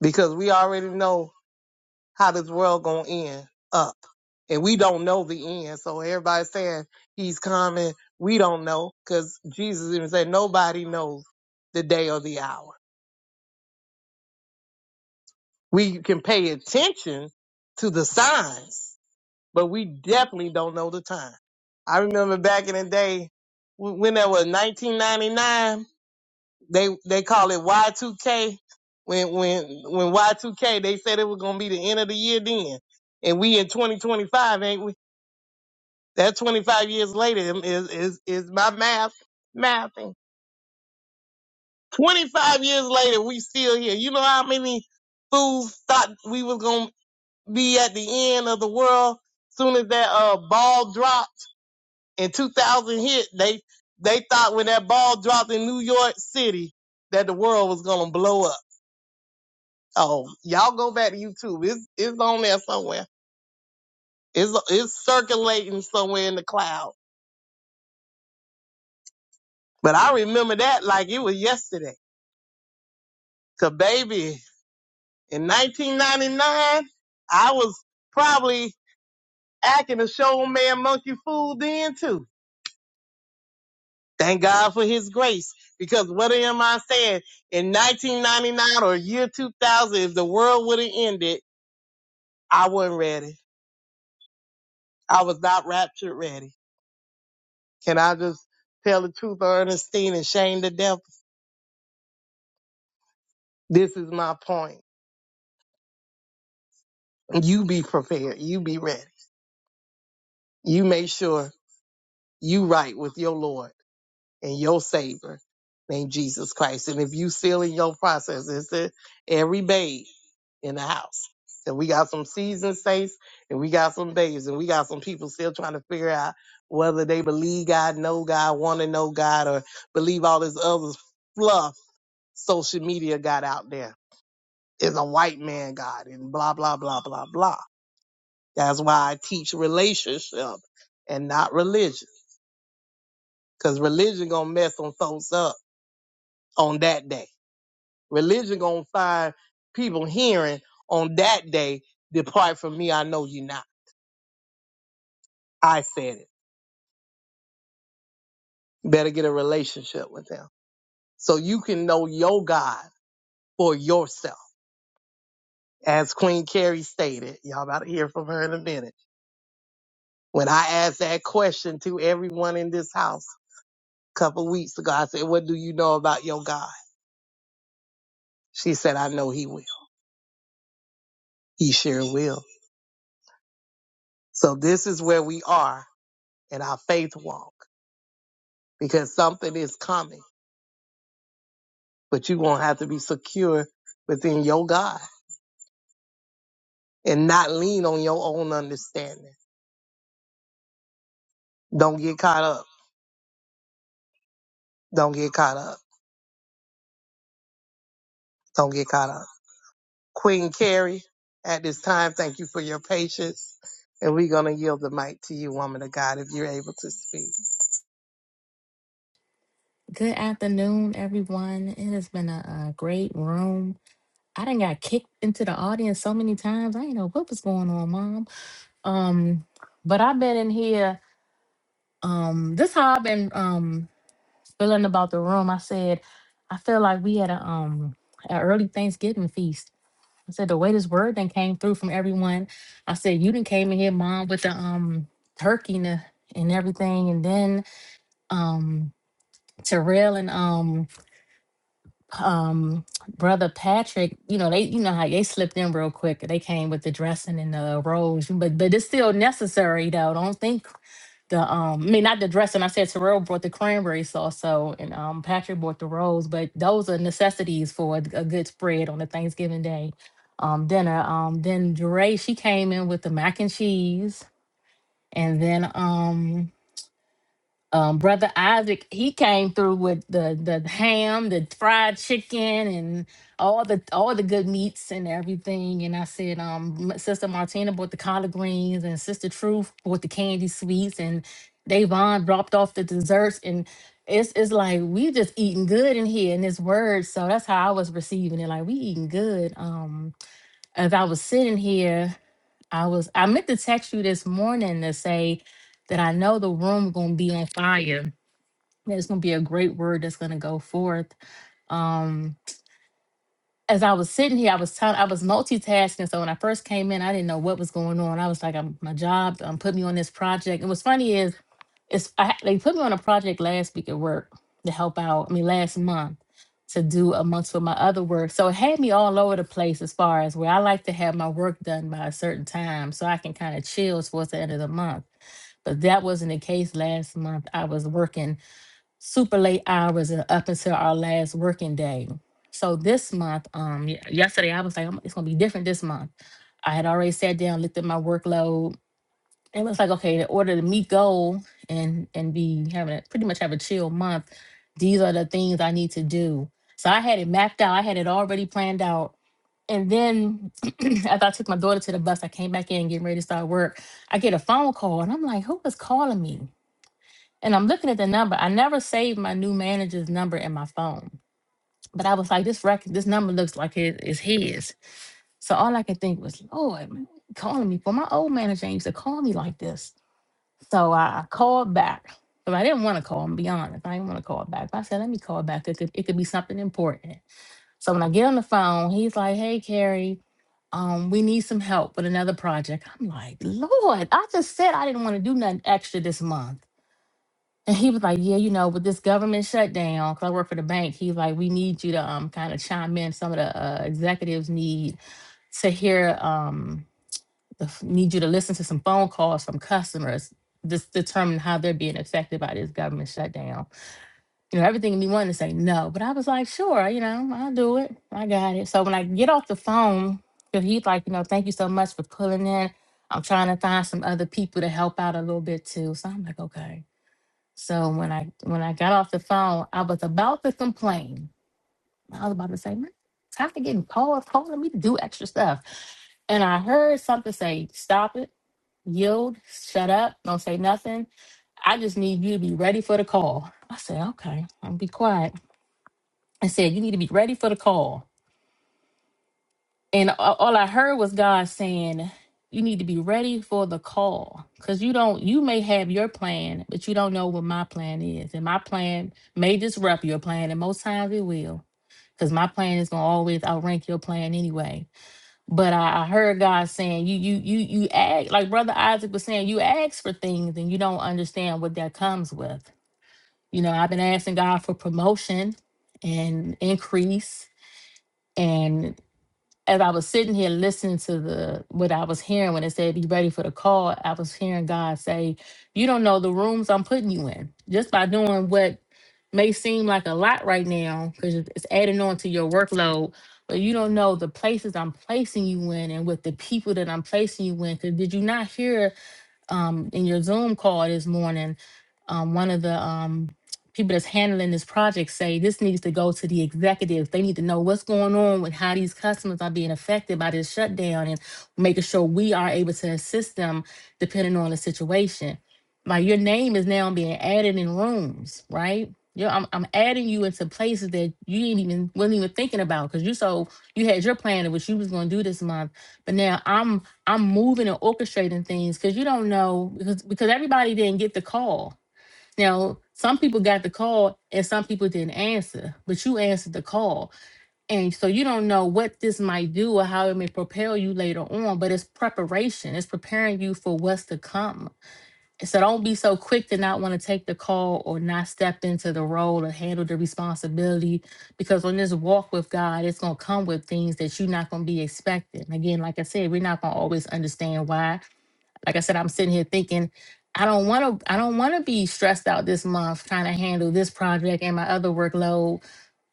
Because we already know how this world gonna end up. And we don't know the end. So everybody's saying he's coming. We don't know. Cause Jesus even said nobody knows the day or the hour. We can pay attention to the signs, but we definitely don't know the time. I remember back in the day wh- when that was 1999, they they call it Y2K. When when when Y2K, they said it was gonna be the end of the year then, and we in 2025, ain't we? That 25 years later is is is my math mathing. 25 years later, we still here. You know how many fools thought we was gonna be at the end of the world. Soon as that uh ball dropped in 2000 hit, they they thought when that ball dropped in New York City that the world was gonna blow up. Oh, y'all go back to YouTube. It's it's on there somewhere. It's it's circulating somewhere in the cloud. But I remember that like it was yesterday. Cause baby, in 1999, I was probably acting a showman monkey fool then too. Thank God for his grace. Because what am I saying? In 1999 or year 2000, if the world would have ended, I wasn't ready. I was not raptured ready. Can I just tell the truth, Ernestine, and shame the devil? This is my point. You be prepared. You be ready. You make sure you right with your Lord. and your Savior named Jesus Christ. And if you still in your process, it's the, every babe in the house. And we got some seasoned saints and we got some babes and we got some people still trying to figure out whether they believe God, know God, want to know God, or believe all this other fluff social media got out there. It's a white man God and blah, blah, blah, blah, blah. That's why I teach relationship and not religion. Cause religion gonna mess some folks up on that day Religion gonna find people hearing on that day, depart from me, I know you not. I said it. Better get a relationship with him. So you can know your God for yourself. As Queen Carrie stated, y'all about to hear from her in a minute. When I asked that question to everyone in this house a couple weeks ago, I said, What do you know about your God? She said, I know he will. He sure will. So this is where we are in our faith walk because something is coming. but you're going to have to be secure within your God and not lean on your own understanding. Don't get caught up. Don't get caught up. Don't get caught up. Queen Carrie, at this time, thank you for your patience. And we're going to yield the mic to you, woman of God, if you're able to speak.
Good afternoon, everyone. It has been a, a great room. I done got kicked into the audience so many times. I ain't know what was going on, mom. Um, but I've been in here. Um, this how I've been um feeling about the room. I said I feel like we had a um an early Thanksgiving feast. I said the way this word then came through from everyone. I said you didn't came in here, mom, with the um turkey and, the, and everything, and then um Terrell and um. um brother Patrick, you know, they you know how they slipped in real quick. They came with the dressing and the robes, but but it's still necessary though. Don't think the um I mean not the dressing. I said Terrell brought the cranberry sauce, so and um Patrick brought the rolls, but those are necessities for a, a good spread on a Thanksgiving day um dinner. Um then Jeray, she came in with the mac and cheese and then um um, brother Isaac, he came through with the the ham, the fried chicken, and all the all the good meats and everything. And I said, um, M- Sister Martina bought the collard greens, and Sister Truth bought the candy sweets, and Davon dropped off the desserts. And it's it's like we just eating good in here in this word. So that's how I was receiving it. Like we eating good. Um, as I was sitting here, I was I meant to text you this morning to say that I know the room gonna be on fire and It's gonna be a great word that's gonna go forth. Um, as I was sitting here, I was telling, I was multitasking. So when I first came in, I didn't know what was going on. I was like, I'm my job, um, put me on this project. And what's funny is, it's I, ha- they put me on a project last week at work to help out. I mean, last month to do amongst with my other work. So it had me all over the place as far as where I like to have my work done by a certain time, so I can kind of chill towards the end of the month but that wasn't the case last month. I was working super late hours and up until our last working day. So this month, um, y- yesterday I was like, "I'm- it's gonna be different this month. I had already sat down, looked at my workload. It was like, okay, in order to meet goal and and be having a, pretty much have a chill month, these are the things I need to do. So I had it mapped out. I had it already planned out. And then after I took my daughter to the bus, I came back in getting ready to start work. I get a phone call and I'm like, who is calling me? And I'm looking at the number. I never saved my new manager's number in my phone. But I was like, this record, this number looks like it is his. So all I could think was, Lord, man, he calling me. For my old manager ain't used to call me like this. So I I called back. But I didn't want to call him, be honest. I didn't want to call back. But I said, let me call back. It could, it could be something important. So when I get on the phone, he's like, hey, Carrie, um, we need some help with another project. I'm like, Lord, I just said I didn't want to do nothing extra this month. And he was like, Yeah, you know, with this government shutdown, because I work for the bank, he's like, We need you to um kind of chime in. Some of the uh, executives need to hear um the, f- need you to listen to some phone calls from customers just determine how they're being affected by this government shutdown. You know, everything in me wanted to say no, but I was like, sure, you know, I'll do it. I got it. So when I get off the phone, 'cause he's like, you know, thank you so much for pulling in. I'm trying to find some other people to help out a little bit too. So I'm like, okay. So when I when I got off the phone, I was about to complain. I was about to say, "Man, it's time to get called, calling me to do extra stuff. And I heard something say, stop it, yield, shut up, don't say nothing. I just need you to be ready for the call. I said, okay, I'll be quiet. I said, you need to be ready for the call. And a- all I heard was God saying, you need to be ready for the call because you don't, you may have your plan, but you don't know what my plan is. And my plan may disrupt your plan, and most times it will because my plan is going to always outrank your plan anyway. But I, I heard God saying, you, you, you, you ask." like Brother Isaac was saying, you ask for things and you don't understand what that comes with. You know, I've been asking God for promotion and increase as I was sitting here listening to the what I was hearing when it said be ready for the call, I was hearing God say, You don't know the rooms I'm putting you in. Just by doing what may seem like a lot right now, because it's adding on to your workload, but you don't know the places I'm placing you in and with the people that I'm placing you in. Cause did you not hear um in your Zoom call this morning? um, one of the um, people that's handling this project say this needs to go to the executives. They need to know what's going on with how these customers are being affected by this shutdown and making sure we are able to assist them depending on the situation. Like your name is now being added in rooms, right? you I'm, I'm adding you into places that you didn't even wasn't even thinking about because you so you had your plan of what you was going to do this month, but now I'm I'm moving and orchestrating things because you don't know because because everybody didn't get the call now, some people got the call and some people didn't answer, but you answered the call. And so you don't know what this might do or how it may propel you later on, but it's preparation, it's preparing you for what's to come. And So don't be so quick to not want to take the call or not step into the role or handle the responsibility because on this walk with God, it's going to come with things that you're not going to be expecting. Again, like I said, we're not going to always understand why, like I said, I'm sitting here thinking, I don't want to, I don't want to be stressed out this month trying to handle this project and my other workload.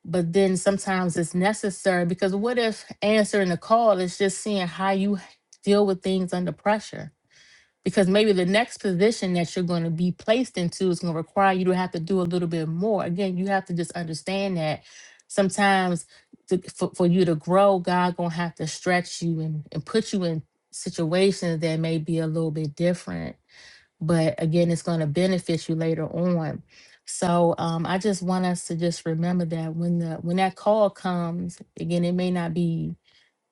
But then sometimes it's necessary because what if answering the call is just seeing how you deal with things under pressure? because maybe the next position that you're going to be placed into is going to require you to have to do a little bit more again you have to just understand that sometimes to, for, for you to grow god going to have to stretch you and, and put you in situations that may be a little bit different but again it's going to benefit you later on so um, i just want us to just remember that when the when that call comes again it may not be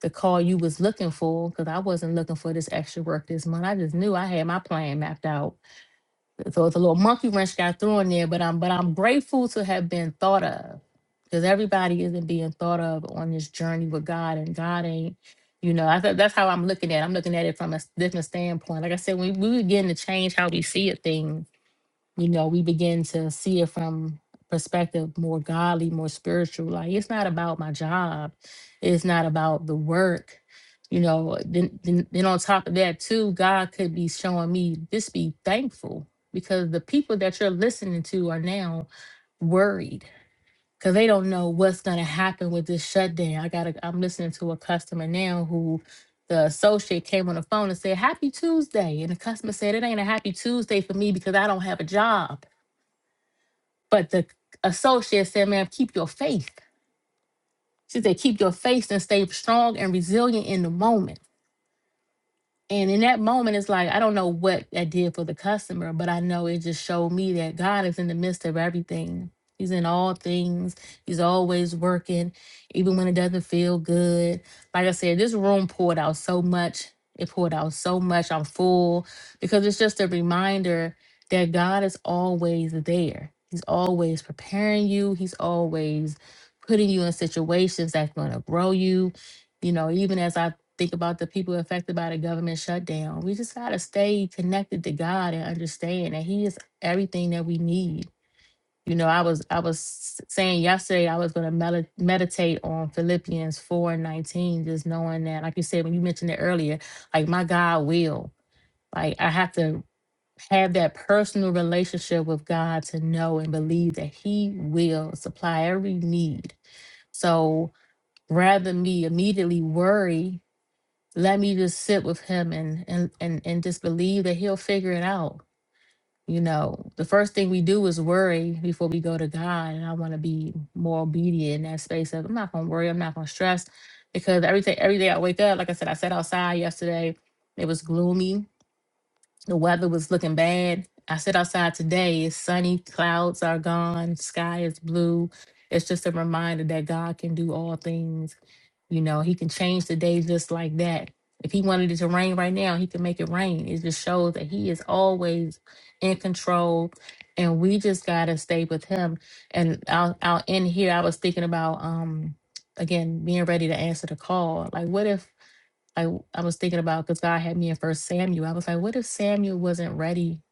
the call you was looking for because I wasn't looking for this extra work this month. I just knew I had my plan mapped out. So it's a little monkey wrench got thrown there, but I'm but I'm grateful to have been thought of because everybody isn't being thought of on this journey with God and God ain't. You know, I thought that's how I'm looking at. it. I'm looking at it from a s- different standpoint. Like I said, we we begin to change how we see it things you know, we begin to see it from perspective more godly, more spiritual. Like it's not about my job, it's not about the work. You know, then, then then on top of that too, God could be showing me just be thankful because the people that you're listening to are now worried because they don't know what's going to happen with this shutdown. I got I'm listening to a customer now who the associate came on the phone and said, Happy Tuesday. And the customer said, It ain't a happy Tuesday for me because I don't have a job. But the associate said, ma'am, keep your faith. She said, keep your faith and stay strong and resilient in the moment. And in that moment, it's like, I don't know what that did for the customer, but I know it just showed me that God is in the midst of everything. He's in all things. He's always working, even when it doesn't feel good. Like I said, this room poured out so much. It poured out so much. I'm full because it's just a reminder that God is always there. He's always preparing you, He's always putting you in situations that's going to grow you. You know, even as I think about the people affected by the government shutdown. We just got to stay connected to God and understand that He is everything that we need. You know, I was I was saying yesterday I was going to medi- meditate on Philippians 4 and 19, just knowing that, like you said, when you mentioned it earlier, like my God will, like I have to have that personal relationship with God to know and believe that He will supply every need. So rather me immediately worry let me just sit with him and and and and just believe that he'll figure it out you know the first thing we do is worry before we go to god and i want to be more obedient in that space of i'm not going to worry i'm not going to stress because everything every day i wake up like i said i sat outside yesterday it was gloomy the weather was looking bad i sit outside today it's sunny clouds are gone sky is blue it's just a reminder that god can do all things you know, he can change the day just like that. If he wanted it to rain right now, he can make it rain. It just shows that he is always in control. And we just gotta stay with him. And I'll I'll end here. I was thinking about um again being ready to answer the call. Like what if like I was thinking about because God had me in first Samuel. I was like, what if Samuel wasn't ready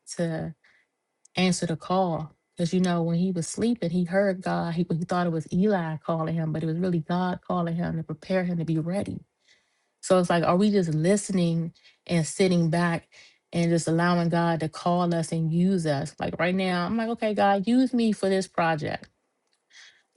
answer the call. Because, you know, when he was sleeping, he heard God. He, he thought it was Eli calling him, but it was really God calling him to prepare him to be ready. So it's like, are we just listening and sitting back and just allowing God to call us and use us? Like right now, I'm like, okay, God, use me for this project.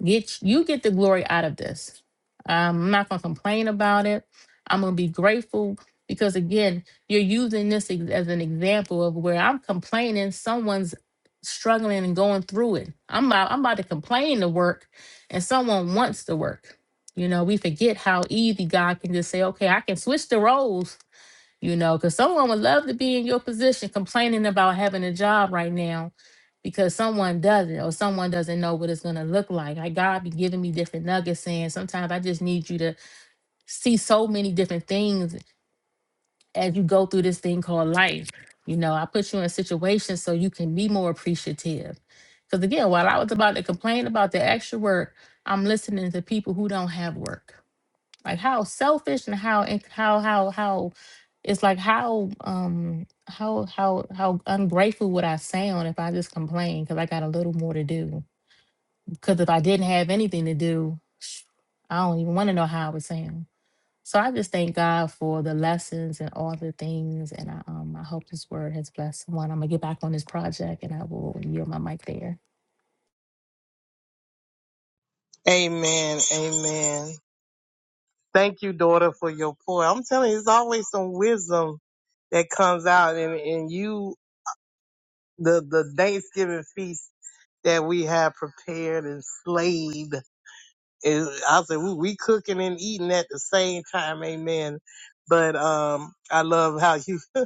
Get you get the glory out of this. Um, I'm not gonna complain about it. I'm gonna be grateful because again, you're using this ex- as an example of where I'm complaining. Someone's struggling and going through it. I'm about, I'm about to complain the work, and someone wants the work. You know, we forget how easy God can just say, "Okay, I can switch the roles you know, because someone would love to be in your position complaining about having a job right now because someone doesn't or someone doesn't know what it's going to look like. Like God be giving me different nuggets saying sometimes I just need you to see so many different things as you go through this thing called life. You know, I put you in situations so you can be more appreciative. Because again, while I was about to complain about the extra work, I'm listening to people who don't have work like how selfish and how and how how how it's like how um how how how ungrateful would I sound if I just complained because I got a little more to do. Because if I didn't have anything to do, sh- I don't even want to know how I would sound. So I just thank God for the lessons and all the things, and I um I hope this word has blessed someone. I'm gonna get back on this project, and I will yield my mic there.
Amen. Amen. Thank you, daughter, for your pour. I'm telling you, there's always some wisdom that comes out and, and you, the, the Thanksgiving feast that we have prepared and slayed It, I said, we, we cooking and eating at the same time, amen. But um, I love how you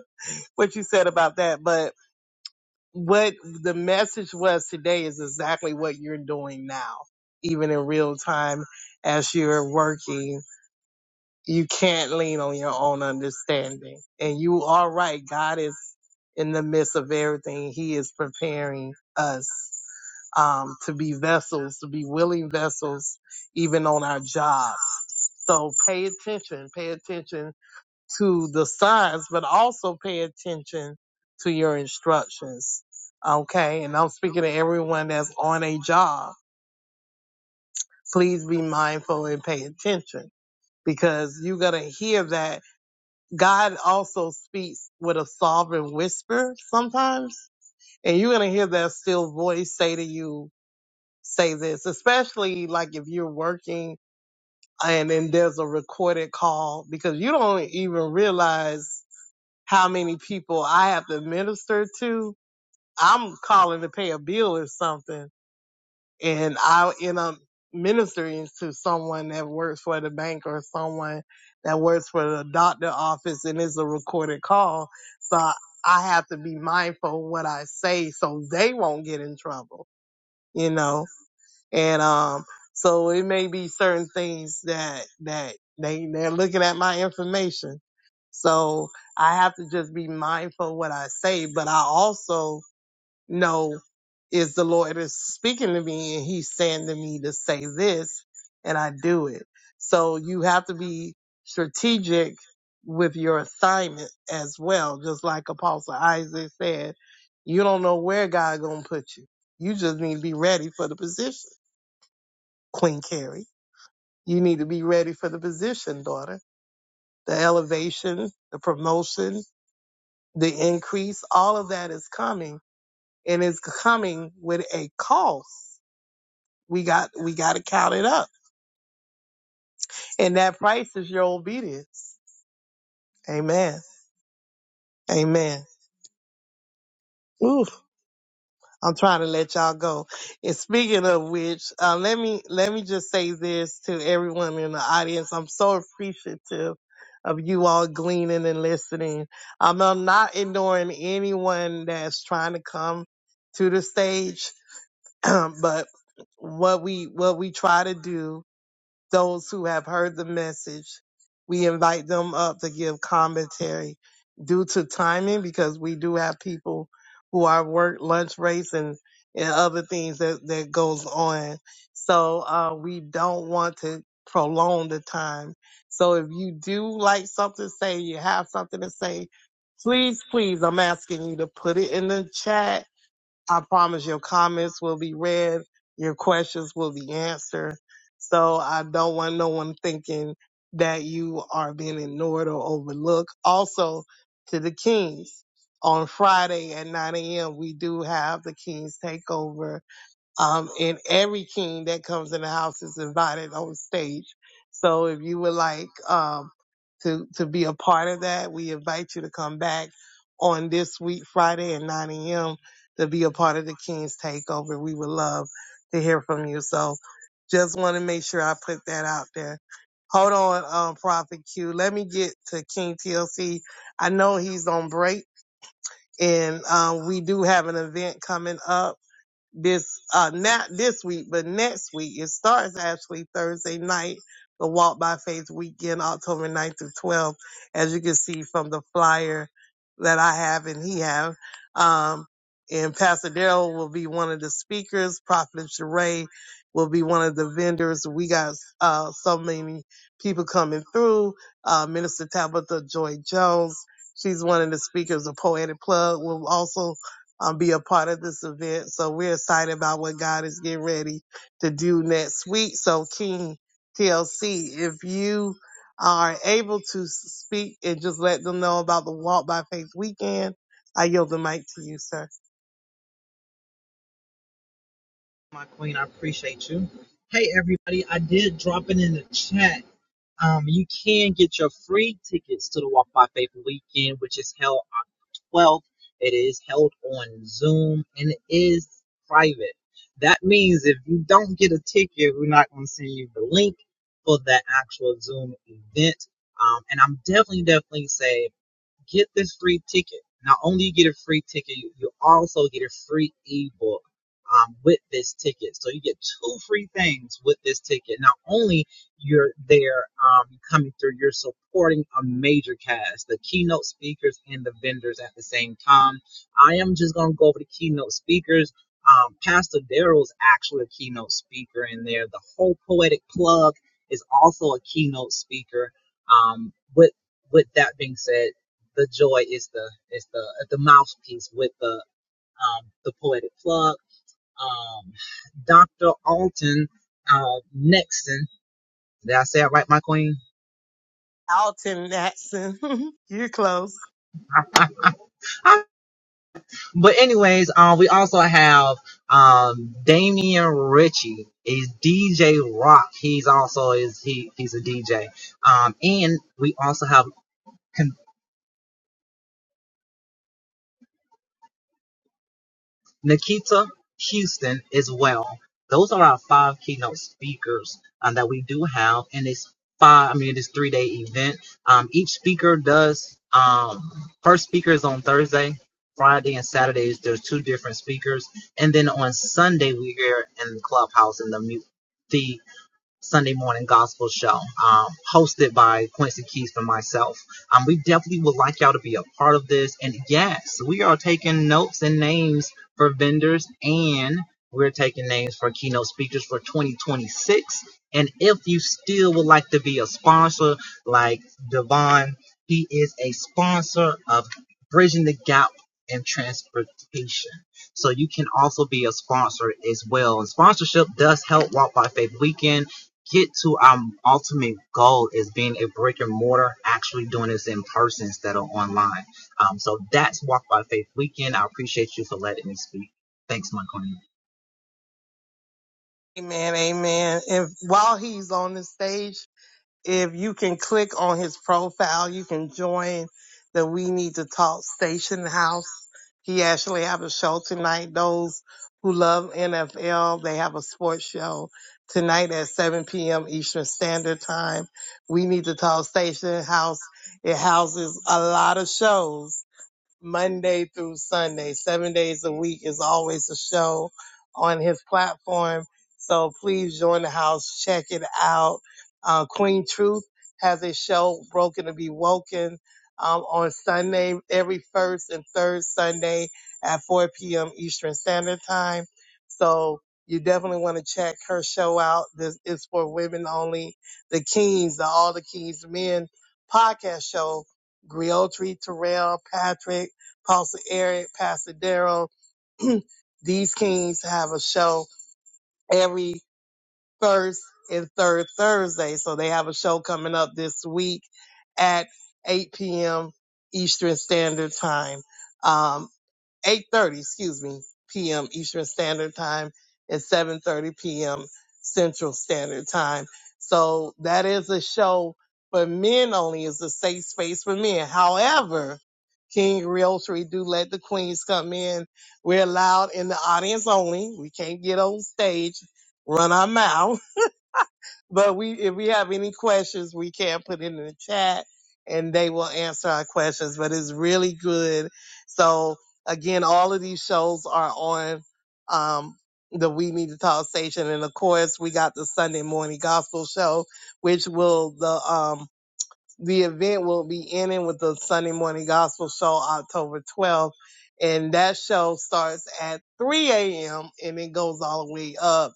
what you said about that. But what the message was today is exactly what you're doing now, even in real time as you're working. You can't lean on your own understanding, and you are right. God is in the midst of everything. He is preparing us um, to be vessels, to be willing vessels, even on our job. So pay attention, pay attention to the signs, but also pay attention to your instructions. Okay. And I'm speaking to everyone that's on a job. Please be mindful and pay attention because you're going to hear that God also speaks with a sovereign whisper sometimes. And you're going to hear that still voice say to you, say this, especially like if you're working and then there's a recorded call because you don't even realize how many people I have to minister to. I'm calling to pay a bill or something, and I end up ministering to someone that works for the bank or someone that works for the doctor office, and it's a recorded call. So I I have to be mindful of what I say so they won't get in trouble, you know and um so it may be certain things that that they they're looking at my information so i have to just be mindful of what i say but i also know is the lord is speaking to me and he's saying to me to say this and i do it so you have to be strategic with your assignment as well just like apostle isaac said you don't know where god gonna put you you just need to be ready for the position Queen Carrie. You need to be ready for the position, daughter. The elevation, the promotion, the increase, all of that is coming and it's coming with a cost. We got, we got to count it up. And that price is your obedience. Amen. Amen. Ooh. I'm trying to let y'all go. And speaking of which, uh, let me let me just say this to everyone in the audience. I'm so appreciative of you all gleaning and listening. Um, I'm not ignoring anyone that's trying to come to the stage, but what we what we try to do those who have heard the message. We invite them up to give commentary due to timing because we do have people who are work lunch breaks and, and other things that, that goes on. So uh, we don't want to prolong the time. So if you do like something to say, you have something to say, please, please, I'm asking you to put it in the chat I promise your comments will be read, your questions will be answered. So I don't want no one thinking that you are being ignored or overlooked. Also, to the Kings, on Friday at 9 a.m., we do have the Kings Takeover um, and every king that comes in the house is invited on stage. So if you would like um, to to be a part of that, we invite you to come back on this week, Friday at 9 a.m. to be a part of the King's Takeover. We would love to hear from you. So just want to make sure I put that out there. Hold on, um, Prophet Q. Let me get to King TLC. I know he's on break, and um, we do have an event coming up this uh not this week, but next week. It starts actually Thursday night, the Walk by Faith weekend, October 9th through 12th, as you can see from the flyer that I have and he have. Um and Pastor Daryl will be one of the speakers. Prophet Sheree will be one of the vendors. We got uh, so many people coming through. Uh, Minister Tabitha Joy Jones, she's one of the speakers. The Poetic Plug will also um, be a part of this event. So we're excited about what God is getting ready to do next week. So King TLC, if you are able to speak and just let them know about the Walk by Faith weekend, I yield the mic to you, sir.
my queen. I appreciate you. Hey, everybody. I did drop it in the chat. Um, you can get your free tickets to the Walk by Faith weekend, which is held October 12th. It is held on Zoom and it is private. That means if you don't get a ticket, we're not going to send you the link for that actual Zoom event. Um, and I'm definitely, definitely say Get this free ticket. Not only you get a free ticket, you, you also get a free ebook um, with this ticket. So you get two free things with this ticket. Not only you're there um, coming through, you're supporting a major cast, the keynote speakers and the vendors at the same time. I am just gonna go over the keynote speakers. Um, Pastor Daryl's actually a keynote speaker in there. The whole poetic plug is also a keynote speaker. Um, with with that being said, the joy is the is the uh, the mouthpiece with the um, the poetic plug. Um, Dr. Alton uh, Nexon. Did I say it right, my queen?
Alton Natson, you're close.
I, I, but anyways, um, we also have um Damian Ritchie is DJ Rock. He's also is he he's a DJ. Um, and we also have Nikita Houston as well. Those are our five keynote speakers um, that we do have in this five, I mean, this three day event. Um, each speaker does, um, first speaker is on Thursday, Friday, and Saturdays. There's two different speakers. And then on Sunday, we here in the clubhouse in the the. Sunday morning gospel show, um, hosted by Quincy Keys and myself. Um, we definitely would like y'all to be a part of this. And yes, we are taking notes and names for vendors, and we're taking names for keynote speakers for 2026. And if you still would like to be a sponsor, like Devon, he is a sponsor of Bridging the Gap and Transportation. So you can also be a sponsor as well. And sponsorship does help Walk by Faith Weekend get to our ultimate goal is being a brick and mortar, actually doing this in person instead of online. Um, so that's Walk by Faith Weekend. I appreciate you for letting me speak. Thanks, Michael.
Amen, amen. And while he's on the stage, if you can click on his profile, you can join the We Need to Talk Station House He actually have a show tonight. Those who love NFL, they have a sports show tonight at 7 p.m. Eastern Standard Time. We need to talk station house. It houses a lot of shows Monday through Sunday, seven days a week is always a show on his platform. So please join the house, check it out. Uh, Queen Truth has a show, Broken to Be Woken, um, on Sunday, every first and third Sunday at 4 p.m. Eastern Standard Time. So you definitely want to check her show out. This is for women only. The Kings, the All the Kings Men podcast show. Griotri, Terrell, Patrick, Pastor Eric, Pastor Daryl. These Kings have a show every first and third Thursday. So they have a show coming up this week at 8 p.m. Eastern Standard Time. Um, 8:30, excuse me, p.m. Eastern Standard Time and 7:30 p.m. Central Standard Time. So that is a show for men only. It's a safe space for men. However, King Realtree do let the queens come in. We're allowed in the audience only. We can't get on stage, run our mouth. But we, if we have any questions, we can put it in the chat and they will answer our questions. But it's really good. So again, all of these shows are on, um, the We Need to Talk station. And of course, we got the Sunday morning gospel show, which will, the, um, the event will be ending with the Sunday morning gospel show October 12th. And that show starts at 3 a.m. and it goes all the way up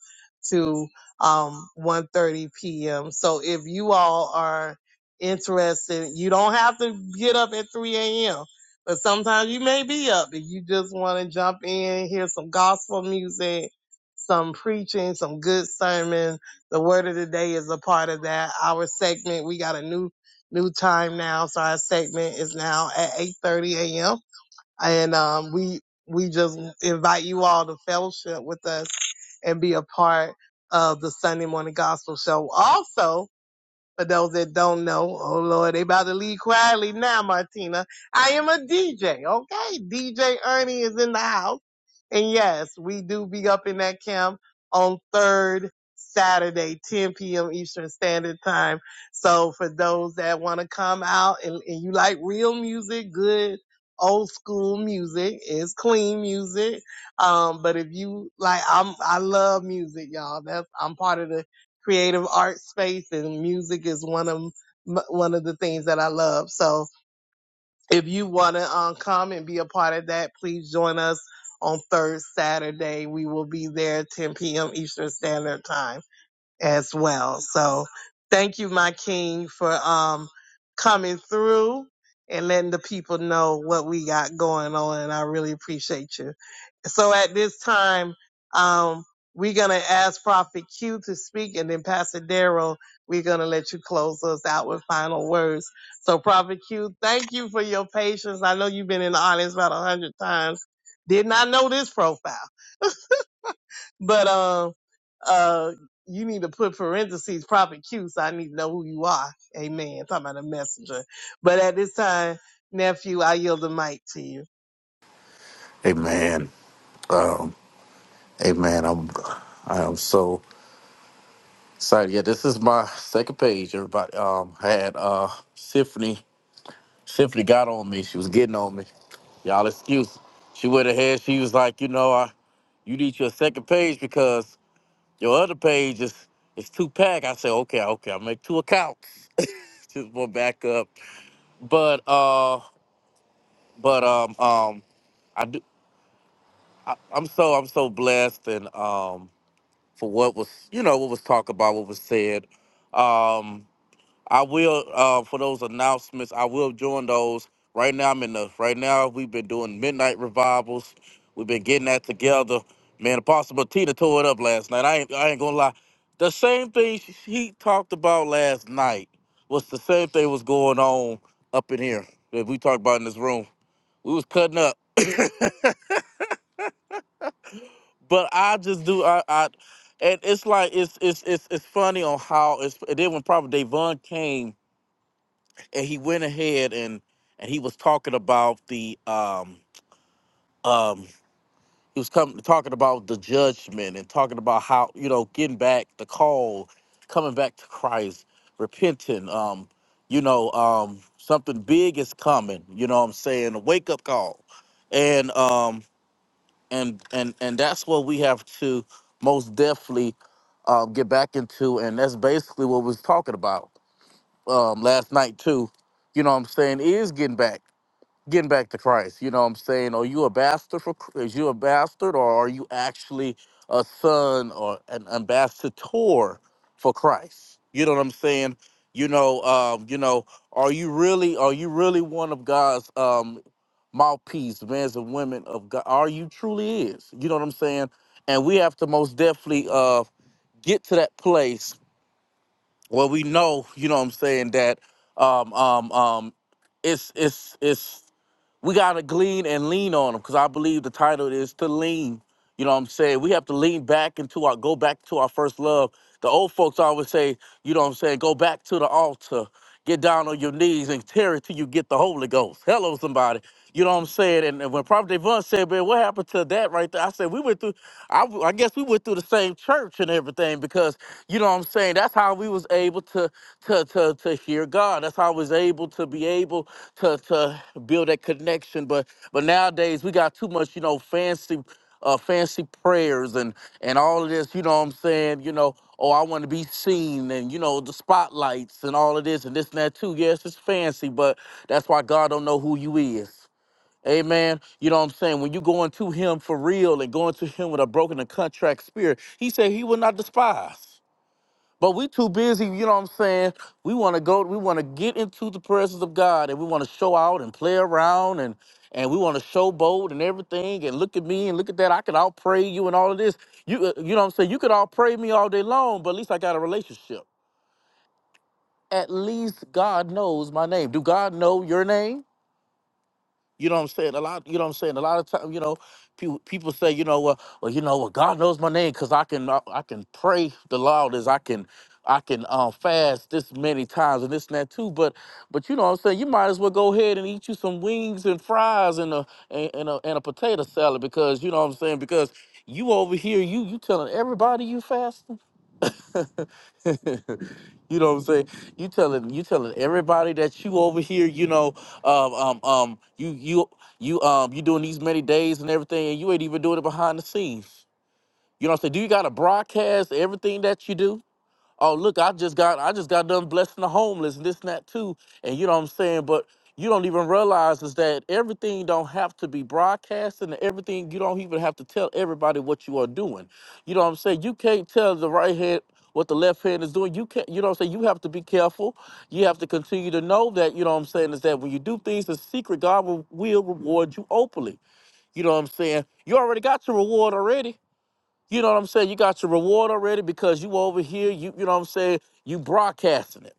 to um, 1.30 p.m. So if you all are interested, you don't have to get up at 3 a.m. But sometimes you may be up and you just want to jump in, hear some gospel music, some preaching, some good sermon. The word of the day is a part of that. Our segment, we got a new new time now. So our segment is now at 8:30 a.m. And um, we we just invite you all to fellowship with us and be a part of the Sunday morning gospel show. Also, for those that don't know, oh Lord, they about to leave quietly now, Martina. I am a DJ, okay? DJ Ernie is in the house. And yes, we do be up in that camp on third Saturday, 10 p.m. Eastern Standard Time. So for those that want to come out and, and you like real music, good old school music is clean music. Um, but if you like, I'm, I love music, y'all. That's, I'm part of the creative art space, and music is one of one of the things that I love. So if you want to um, come and be a part of that, please join us on third Saturday. We will be there 10 p.m. Eastern Standard Time as well. So thank you, my king, for um, coming through and letting the people know what we got going on. And I really appreciate you. So at this time, um, we're gonna ask Prophet Q to speak, and then Pastor Daryl, we're gonna let you close us out with final words. So Prophet Q, thank you for your patience. I know you've been in the audience about a hundred times. Did not know this profile, but um, uh, you need to put parentheses Prophet Q, so I need to know who you are. Amen. Talking about a messenger, but at this time, nephew, I yield the mic to you.
Amen. Um, amen. I'm I am so excited. Yeah, this is my second page. Everybody um had uh Symphony Symphony got on me. She was getting on me. Y'all excuse. She went ahead, she was like, you know, I you need your second page because your other page is is two pack. I said, okay, okay, I'll make two accounts. Just one back up. But uh but um um I do I, I'm so I'm so blessed and um for what was you know what was talked about, what was said. Um, I will uh, for those announcements. I will join those right now. I'm in the right now. We've been doing midnight revivals. We've been getting that together. Man, Apostle Tina tore it up last night. I ain't I ain't gonna lie. The same thing she she talked about last night was the same thing was going on up in here that we talked about in this room. We was cutting up. but I just do I, I and it's like it's it's it's it's funny on how it's and then when Prophet Devon came and he went ahead and and he was talking about the um um he was coming talking about the judgment and talking about how you know getting back the call coming back to Christ repenting um you know um something big is coming you know what I'm saying a wake up call and um and and and that's what we have to most definitely uh, get back into and that's basically what we was talking about um, last night too you know what i'm saying is getting back getting back to Christ. You know what I'm saying? Are you a bastard for Chr- is you a bastard or are you actually a son or an ambassador for Christ? You know what I'm saying? You know, um, you know, are you really are you really one of God's um mouthpiece, men's and women of God? Are you truly is? You know what I'm saying? And we have to most definitely uh get to that place where we know, you know what I'm saying, that um um um it's it's it's we gotta glean and lean on them because I believe the title is to lean. You know what I'm saying? We have to lean back into our go back to our first love. The old folks always say, you know what I'm saying, go back to the altar. Get down on your knees and tear it till you get the Holy Ghost. Hello, somebody. You know what I'm saying? And, and when Prophet Devon said, man, what happened to that right there? I said, we went through, I, w- I guess we went through the same church and everything because, you know what I'm saying? That's how we was able to, to, to, to hear God. That's how I was able to be able to, to build that connection. But, but nowadays we got too much, you know, fancy uh, fancy prayers and and all of this. You know what I'm saying? You know, oh, I want to be seen, and you know the spotlights and all of this and this and that too. Yes, it's fancy, but that's why God don't know who you is. Amen. You know what I'm saying? When you going to Him for real and going to Him with a broken and contract spirit, He said He will not despise. But we too busy, you know what I'm saying? We want to go, we want to get into the presence of God and we want to show out and play around and and we want to showboat and everything and look at me and look at that. I could out pray you and all of this. You uh, you know what I'm saying? You could all pray me all day long, but at least I got a relationship. At least God knows my name. Do God know your name? You know what I'm saying? A lot, you know what I'm saying? A lot of time, you know, people people say, you know, well, well you know, well, God knows my name because I can I, I can pray the loudest, I can I can um fast this many times and this and that too. But but you know what I'm saying? You might as well go ahead and eat you some wings and fries and a and, and a and a potato salad because you know what I'm saying? Because you over here, you you telling everybody you fasting. You know what I'm saying? You telling you telling everybody that you over here, you know, um, um, um, you you you um you doing these many days and everything, and you ain't even doing it behind the scenes. You know what I'm saying? Do you gotta broadcast everything that you do? oh look i just got i just got done blessing the homeless and this and that too and you know what i'm saying but you don't even realize is that everything don't have to be broadcasted and everything you don't even have to tell everybody what you are doing you know what i'm saying you can't tell the right hand what the left hand is doing you can't you know what i'm saying you have to be careful you have to continue to know that you know what i'm saying is that when you do things in secret god will, will reward you openly you know what i'm saying you already got your reward already you know what I'm saying? You got your reward already because you over here, you you know what I'm saying, you broadcasting it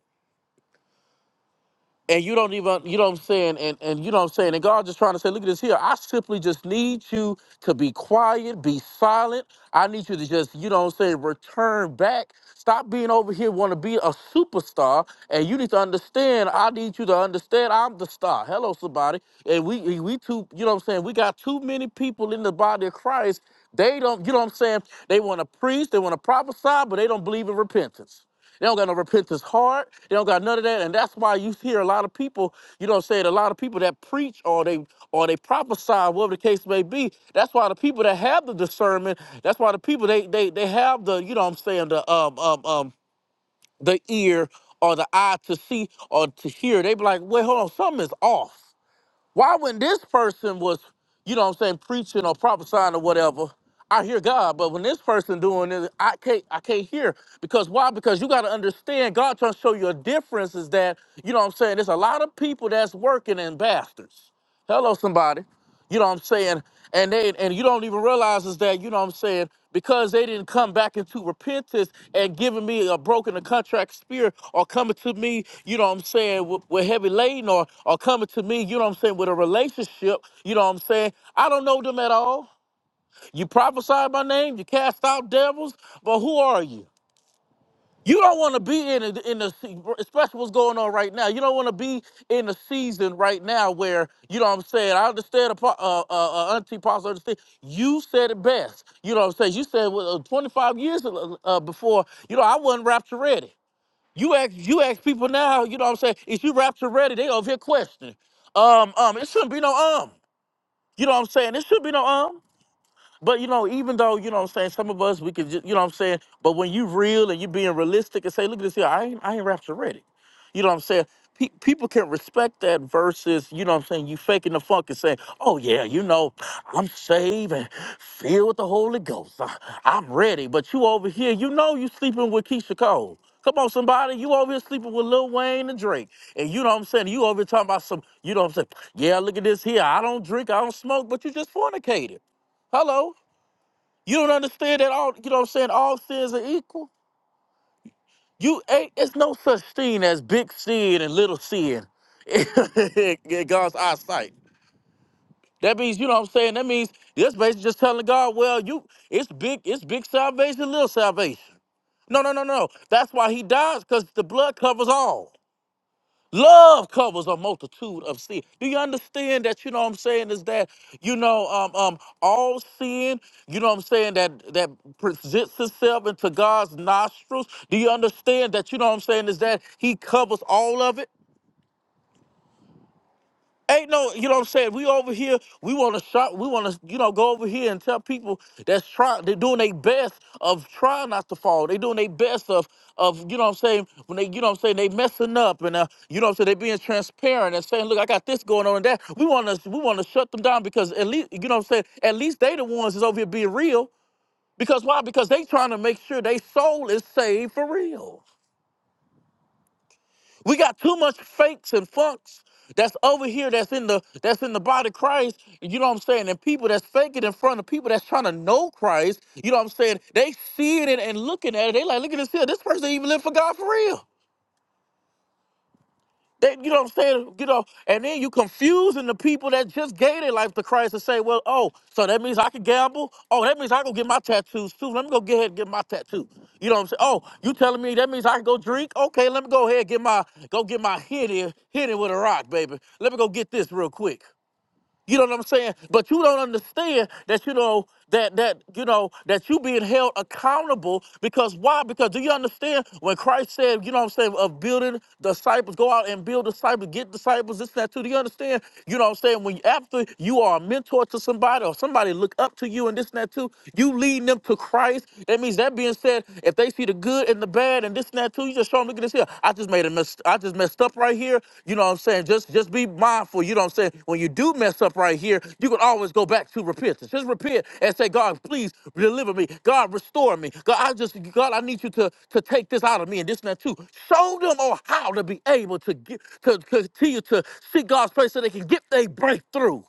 and you don't even you know what I'm saying, and and you know what I'm saying, and God just trying to say, look at this here. I simply just need you to be quiet, be silent. I need you to just, you know what I'm saying, return back. Stop being over here want to be a superstar. And you need to understand, I need you to understand I'm the star. Hello, somebody. And we we we too, you know what I'm saying, we got too many people in the body of Christ. They don't, you know what I'm saying? They want to preach, they want to prophesy, but they don't believe in repentance. They don't got no repentance heart. They don't got none of that. And that's why you hear a lot of people, you know what I'm saying, a lot of people that preach or they or they prophesy, whatever the case may be. That's why the people that have the discernment, that's why the people they they they have the, you know what I'm saying, the um um um the ear or the eye to see or to hear. They be like, wait, hold on, something is off. Why when this person was, you know what I'm saying, preaching or prophesying or whatever, I hear God, but when this person doing it, I can't I can't hear. Because why? Because you gotta understand God trying to show you a difference is that, you know what I'm saying, there's a lot of people that's working and bastards. Hello, somebody. You know what I'm saying? And they and you don't even realize is that, you know what I'm saying, because they didn't come back into repentance and giving me a broken account contract spirit or coming to me, you know what I'm saying, with, with heavy laden or, or coming to me, you know what I'm saying, with a relationship, you know what I'm saying, I don't know them at all. You prophesy my name, you cast out devils, but who are you? You don't want to be in the, in the se- especially what's going on right now. You don't want to be in a season right now where you know what I'm saying. I understand, apo- uh, uh, uh, Auntie Pastor, understand. You said it best. You know what I'm saying. You said well, uh, 25 years uh, uh, before. You know I wasn't rapture ready. You ask you ask people now, you know what I'm saying? Is you rapture ready? They over here questioning. Um, um, it shouldn't be no um. You know what I'm saying? It should be no um. But you know, even though, you know what I'm saying, some of us we could just you know what I'm saying, but when you real and you being realistic and say, look at this here, I ain't I ain't rapture ready. You know what I'm saying? Pe- people can respect that versus, you know what I'm saying, you faking the funk and saying, oh yeah, you know, I'm saved and filled with the Holy Ghost. I, am ready. But you over here, you know you sleeping with Keisha Cole. Come on, somebody, you over here sleeping with Lil Wayne and Drake. And you know what I'm saying? You over here talking about some, you know what I'm saying? Yeah, look at this here. I don't drink, I don't smoke, but you just fornicated. Hello. You don't understand that all, you know what I'm saying? All sins are equal. You ain't, it's no such thing as big sin and little sin in God's eyesight. That means, you know what I'm saying? That means that's basically just telling God, well, you it's big, it's big salvation, little salvation. No, no, no, no. That's why he dies, because the blood covers all. Love covers a multitude of sin. Do you understand that? You know what I'm saying is that you know um um all sin. You know what I'm saying that that presents itself into God's nostrils. Do you understand that? You know what I'm saying is that He covers all of it. Ain't no, you know what I'm saying? We over here, we want to shop, we want to, you know, go over here and tell people that's trying, they're doing their best of trying not to fall. they doing their best of, of, you know what I'm saying, when they, you know what I'm saying, they messing up and, uh, you know what I'm saying, they being transparent and saying, look, I got this going on and that. We want to, we want to shut them down because at least, you know what I'm saying, at least they the ones that's over here being real. Because why? Because they trying to make sure their soul is saved for real. We got too much fakes and funks that's over here that's in the that's in the body of Christ. You know what I'm saying? And people that's faking in front of people that's trying to know Christ, you know what I'm saying? They see it and, and looking at it, they like, look at this here. This person even live for God for real. They, you know what I'm saying? You know, and then you confusing the people that just gave their life to Christ and say, well, oh, so that means I can gamble? Oh, that means I go get my tattoos too. Let me go get ahead and get my tattoo. You know what I'm saying? Oh, you telling me that means I can go drink? Okay, let me go ahead and get my go get my hit in hit in with a rock, baby. Let me go get this real quick. You know what I'm saying? But you don't understand that you know that that you know that you being held accountable because why? Because do you understand when Christ said, you know what I'm saying, of building disciples, go out and build disciples, get disciples, this and that too. Do you understand? You know what I'm saying? When after you are a mentor to somebody or somebody look up to you and this and that too, you leading them to Christ. That means that being said, if they see the good in the in the bed and this and that too. You just show them, look at this here. I just made a mess. I just messed up right here. You know what I'm saying? Just just be mindful. You know what I'm saying? When you do mess up right here, you can always go back to repentance. Just repent and say, God, please deliver me. God, restore me. God, I just God, I need you to to take this out of me and this and that too. Show them on how to be able to get to continue to see God's face so they can get their breakthrough.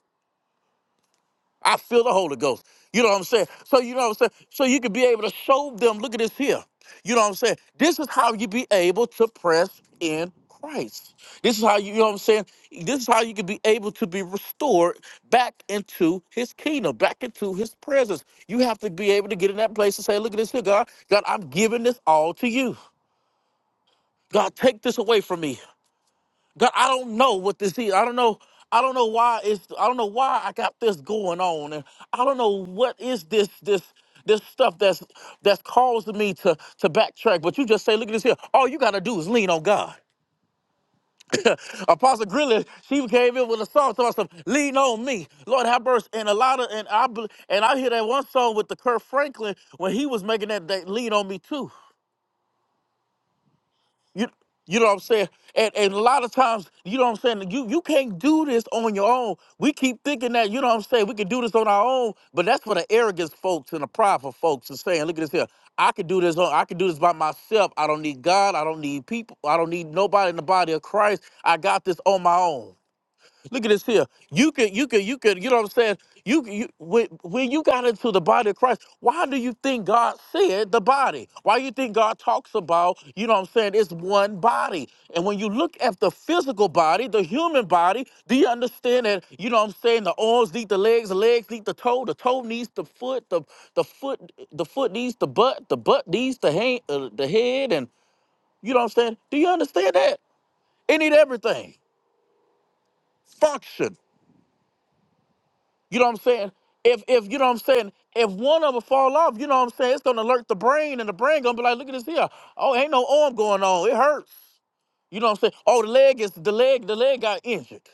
I feel the Holy Ghost. You know what I'm saying? So you know what I'm saying? So you can be able to show them, look at this here. You know what I'm saying? This is how you be able to press in Christ. This is how you, you know what I'm saying? This is how you can be able to be restored back into his kingdom, back into his presence. You have to be able to get in that place and say, look at this here, God. God, I'm giving this all to you. God, take this away from me. God, I don't know what this is. I don't know. I don't know why it's. I don't know why I got this going on, and I don't know what is this this this stuff that's that's causing me to to backtrack. But you just say, look at this here. All you gotta do is lean on God. Apostle Grilly, she came in with a song talking about lean on me, Lord have mercy. And a lot of and I bel- and I hear that one song with the Kirk Franklin when he was making that, that lean on me too. You you know what I'm saying? And, and a lot of times, you know what I'm saying, you you can't do this on your own. We keep thinking that, you know what I'm saying, we can do this on our own, but that's what the arrogance folks and the prideful folks is saying. Look at this here. I could do this on I could do this by myself. I don't need God. I don't need people. I don't need nobody in the body of Christ. I got this on my own. Look at this here. You could, you could, you could. You know what I'm saying? You, you when, when you got into the body of Christ, why do you think God said the body? Why you think God talks about? You know what I'm saying? It's one body. And when you look at the physical body, the human body, do you understand that? You know what I'm saying? The arms need the legs, the legs need the toe, the toe needs the foot, the the foot, the foot needs the butt, the butt needs the hand, uh, the head, and you know what I'm saying? Do you understand that? It need everything function. You know what I'm saying? If if you know what I'm saying, if one of them fall off, you know what I'm saying, it's gonna alert the brain and the brain gonna be like, look at this here. Oh, ain't no arm going on. It hurts. You know what I'm saying? Oh, the leg is the leg, the leg got injured.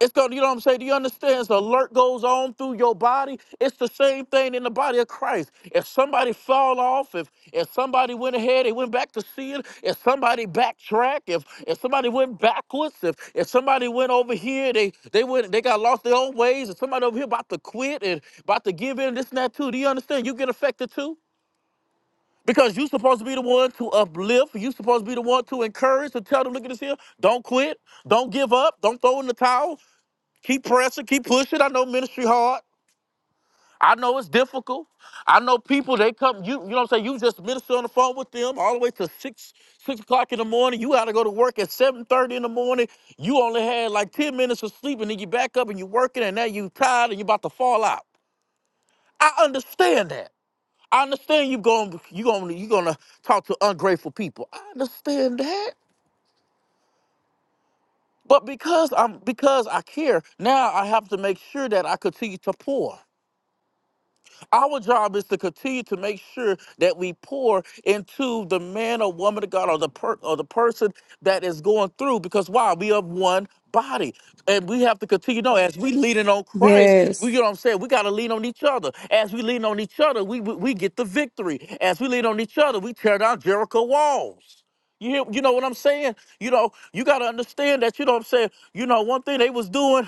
It's going, you know what I'm saying? Do you understand? The alert goes on through your body. It's the same thing in the body of Christ. If somebody fall off, if if somebody went ahead, they went back to sin. If somebody backtracked, if if somebody went backwards, if if somebody went over here, they they went they got lost their own ways. If somebody over here about to quit and about to give in, this and that too. Do you understand? You get affected too. Because you're supposed to be the one to uplift. You're supposed to be the one to encourage, to tell them, look at this here, don't quit, don't give up, don't throw in the towel. Keep pressing, keep pushing. I know ministry hard. I know it's difficult. I know people they come, you you know what I'm saying? You just minister on the phone with them all the way to six six o'clock in the morning. You gotta go to work at seven thirty in the morning. You only had like 10 minutes of sleep and then you back up and you working and now you tired and you about to fall out. I understand that. I understand you going you gonna you gonna talk to ungrateful people. I understand that. But because I'm because I care, now I have to make sure that I continue to pour. Our job is to continue to make sure that we pour into the man or woman of God or the per- or the person that is going through because why? We are one body. And we have to continue. No, as we leaning on Christ, we you
Yes.
know what I'm saying? We gotta lean on each other. As we lean on each other, we we, we get the victory. As we lean on each other, we tear down Jericho walls. You hear, you know what I'm saying? You know, you gotta understand that, you know what I'm saying? You know, one thing they was doing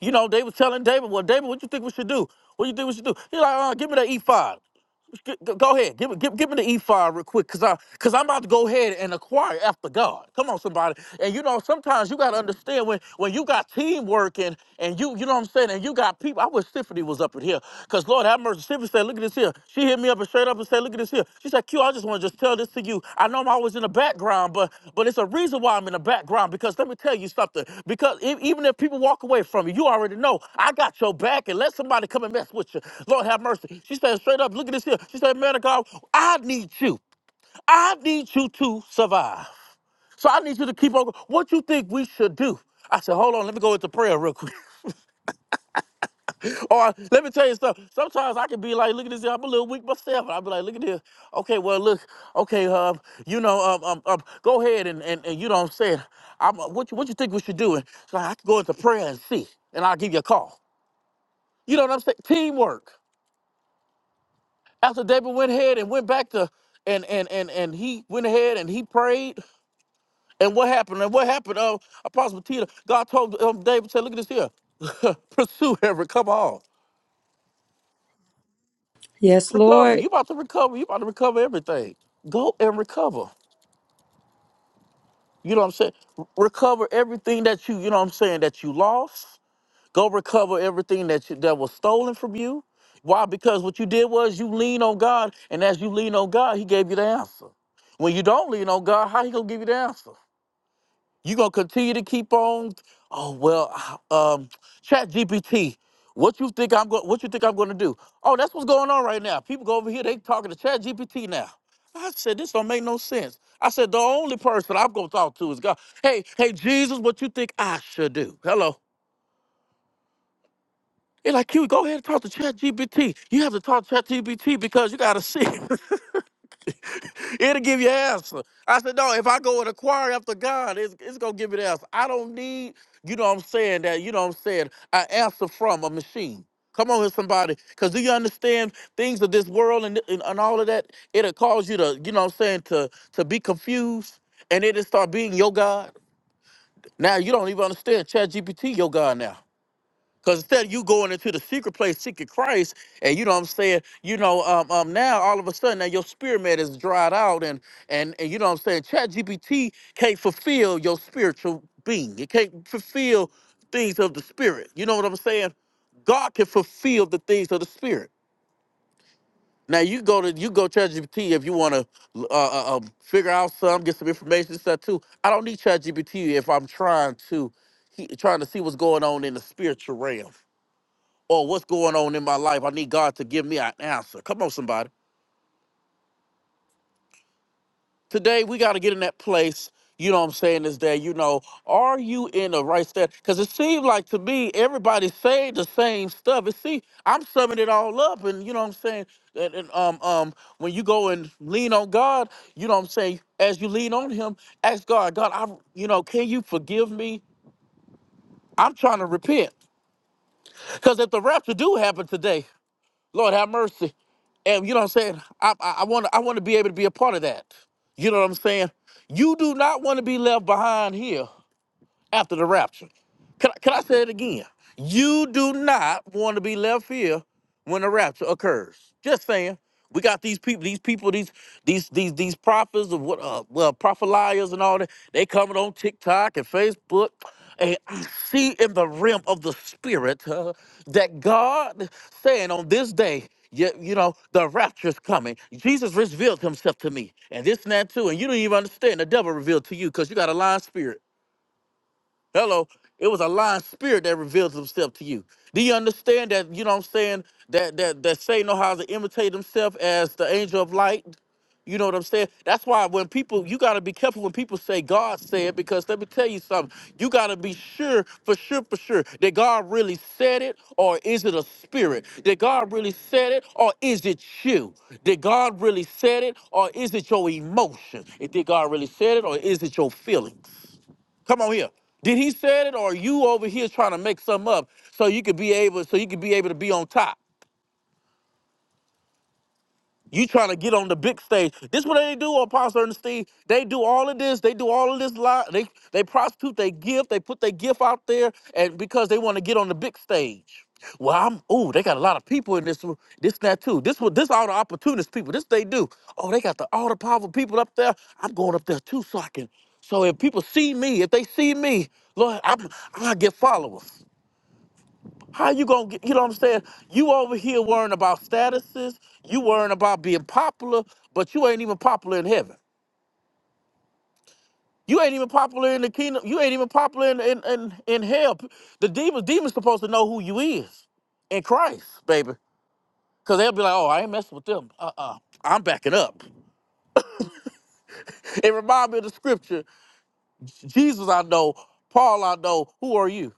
you know, they was telling David, well, David, what you think we should do? What do you think we should do? He's like, uh, give me the E5. G- g- Go ahead, give, me- give, give me the E5 real quick, cause I, cause I'm about to go ahead and acquire after God. Come on, somebody. And you know, sometimes you gotta understand when, when you got teamwork and and you, you know what I'm saying, and you got people. I wish Tiffany was up in here, cause Lord have mercy. Tiffany said, look at this here. She hit me up and straight up and said, look at this. Q. She said, Q, I just want to just tell this to you. I know I'm always in the background, but but it's a reason why I'm in the background because let me tell you something. Because e- even if people walk away from you, you already know I got your back and let somebody come and mess with you. Lord have mercy. She said straight up, look at this here. She said, man of God, I need you. I need you to survive. So I need you to keep on. What you think we should do? I said, hold on, let me go into prayer real quick. Or let me tell you something. Sometimes I can be like, look at this. here, I'm a little weak myself. I'll be like, look at this. Okay, well, look. Okay, um, you know, um, um, um go ahead and, and, and you know what I'm saying. I'm, uh, what, you, what you think we should do? And so I can go into prayer and see, and I'll give you a call. You know what I'm saying? Teamwork. After David went ahead and went back to, and and and and he went ahead and he prayed. And what happened? And what happened? Uh, Apostle Peter, God told um, David, said, look at this here. Pursue every. Come on.
Yes,
recover.
Lord.
You about to recover. You about to recover everything. Go and recover. You know what I'm saying? R- Recover everything that you, you know what I'm saying, that you lost. Go recover everything that you, that was stolen from you. Why? Because what you did was you lean on God, and as you lean on God, He gave you the answer. When you don't lean on God, how He gonna give you the answer? You gonna continue to keep on? Oh well, ah, um, Chat GPT. What you think I'm going? What you think I'm going to do? Oh, that's what's going on right now. People go over here. They talking to Chat GPT now. I said this don't make no sense. I said the only person I'm gonna talk to is God. Hey, hey Jesus, what you think I should do? Hello. It's like you go ahead and talk to Chat GPT. You have to talk to Chat GPT because you gotta see. It'll give you an answer. I said, no, if I go and inquire after God, it's, it's going to give me the answer. I don't need, you know what I'm saying, that, you know what I'm saying, an answer from a machine. Come on here, somebody. Because do you understand things of this world and, and, and all of that? It'll cause you to, you know what I'm saying, to, to be confused and it'll start being your God. Now you don't even understand Chat GPT, your God now. Because instead of you going into the secret place seeking Christ, and you know what I'm saying, you know, um, um, now all of a sudden now your spirit man is dried out, and and and you know what I'm saying, ChatGPT can't fulfill your spiritual being. It can't fulfill things of the spirit. You know what I'm saying? God can fulfill the things of the spirit. Now you go to you go ChatGPT if you want to uh, uh, um, figure out some, get some information stuff too. I don't need ChatGPT if I'm trying to he, trying to see what's going on in the spiritual realm or what's going on in my life. I need God to give me an answer. Come on, somebody. Today we got to get in that place. You know what I'm saying is that you know, are you in the right step? Because it seems like to me everybody's saying the same stuff. And see, I'm summing it all up, and you know what I'm saying. And, and um um, when you go and lean on God, you know what I'm saying. As you lean on Him, ask God, God, I, you know, can you forgive me? I'm trying to repent. Because if the rapture do happen today, Lord have mercy. And you know what I'm saying? I I I want to I want to be able to be a part of that. You know what I'm saying? You do not want to be left behind here after the rapture. Can, I- can I say it again? You do not want to be left here when the rapture occurs. Just saying. We got these people, these people, these these these these prophets of what uh well prophet liars and all that. They coming on TikTok and Facebook. And I see in the realm of the spirit uh, that God saying on this day, you, you know, the rapture's coming. Jesus revealed himself to me. And this and that too. And you don't even understand the devil revealed to you because you got a lying spirit. Hello. It was a lying spirit that reveals himself to you. Do you understand that, you know what I'm saying, that that that Satan knows how to imitate himself as the angel of light? You know what I'm saying? That's why when people, you got to be careful when people say God said, because let me tell you something. You got to be sure, for sure, for sure, that God really said it, or is it a spirit? That God really said it, or is it you? Did God really said it, or is it your emotion? Did God really said it, or is it your feelings? Come on here. Did he say it or are you over here trying to make something up so you could be able so you could be able to be on top? You trying to get on the big stage. This what they do, Apostle Ernest Steve. They do all of this. They do all of this lie. They they prostitute they gift. They put their gift out there and because they want to get on the big stage. Well, I'm ooh, they got a lot of people in this room. This that too. This what this all the opportunist people. This they do. Oh, they got the all the powerful people up there. I'm going up there too so I can. So if people see me, if they see me, Lord, I'm I get followers. How you gonna get, you know what I'm saying? You over here worrying about statuses, you worrying about being popular, but you ain't even popular in heaven. You ain't even popular in the kingdom, you ain't even popular in in, in, in hell. The demons, demons supposed to know who you is in Christ, baby. Cause they'll be like, oh, I ain't messing with them. Uh-uh. I'm backing up. It reminds me of the scripture. Jesus I know, Paul I know, who are you?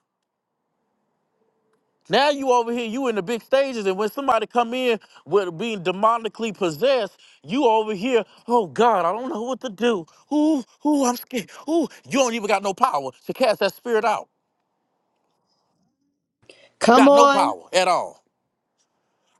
Now you over here, you in the big stages, and when somebody come in with being demonically possessed, you over here, oh God, I don't know what to do. Ooh, ooh, I'm scared. Ooh, you don't even got no power to cast that spirit out.
Come
Got no
on.
power at all.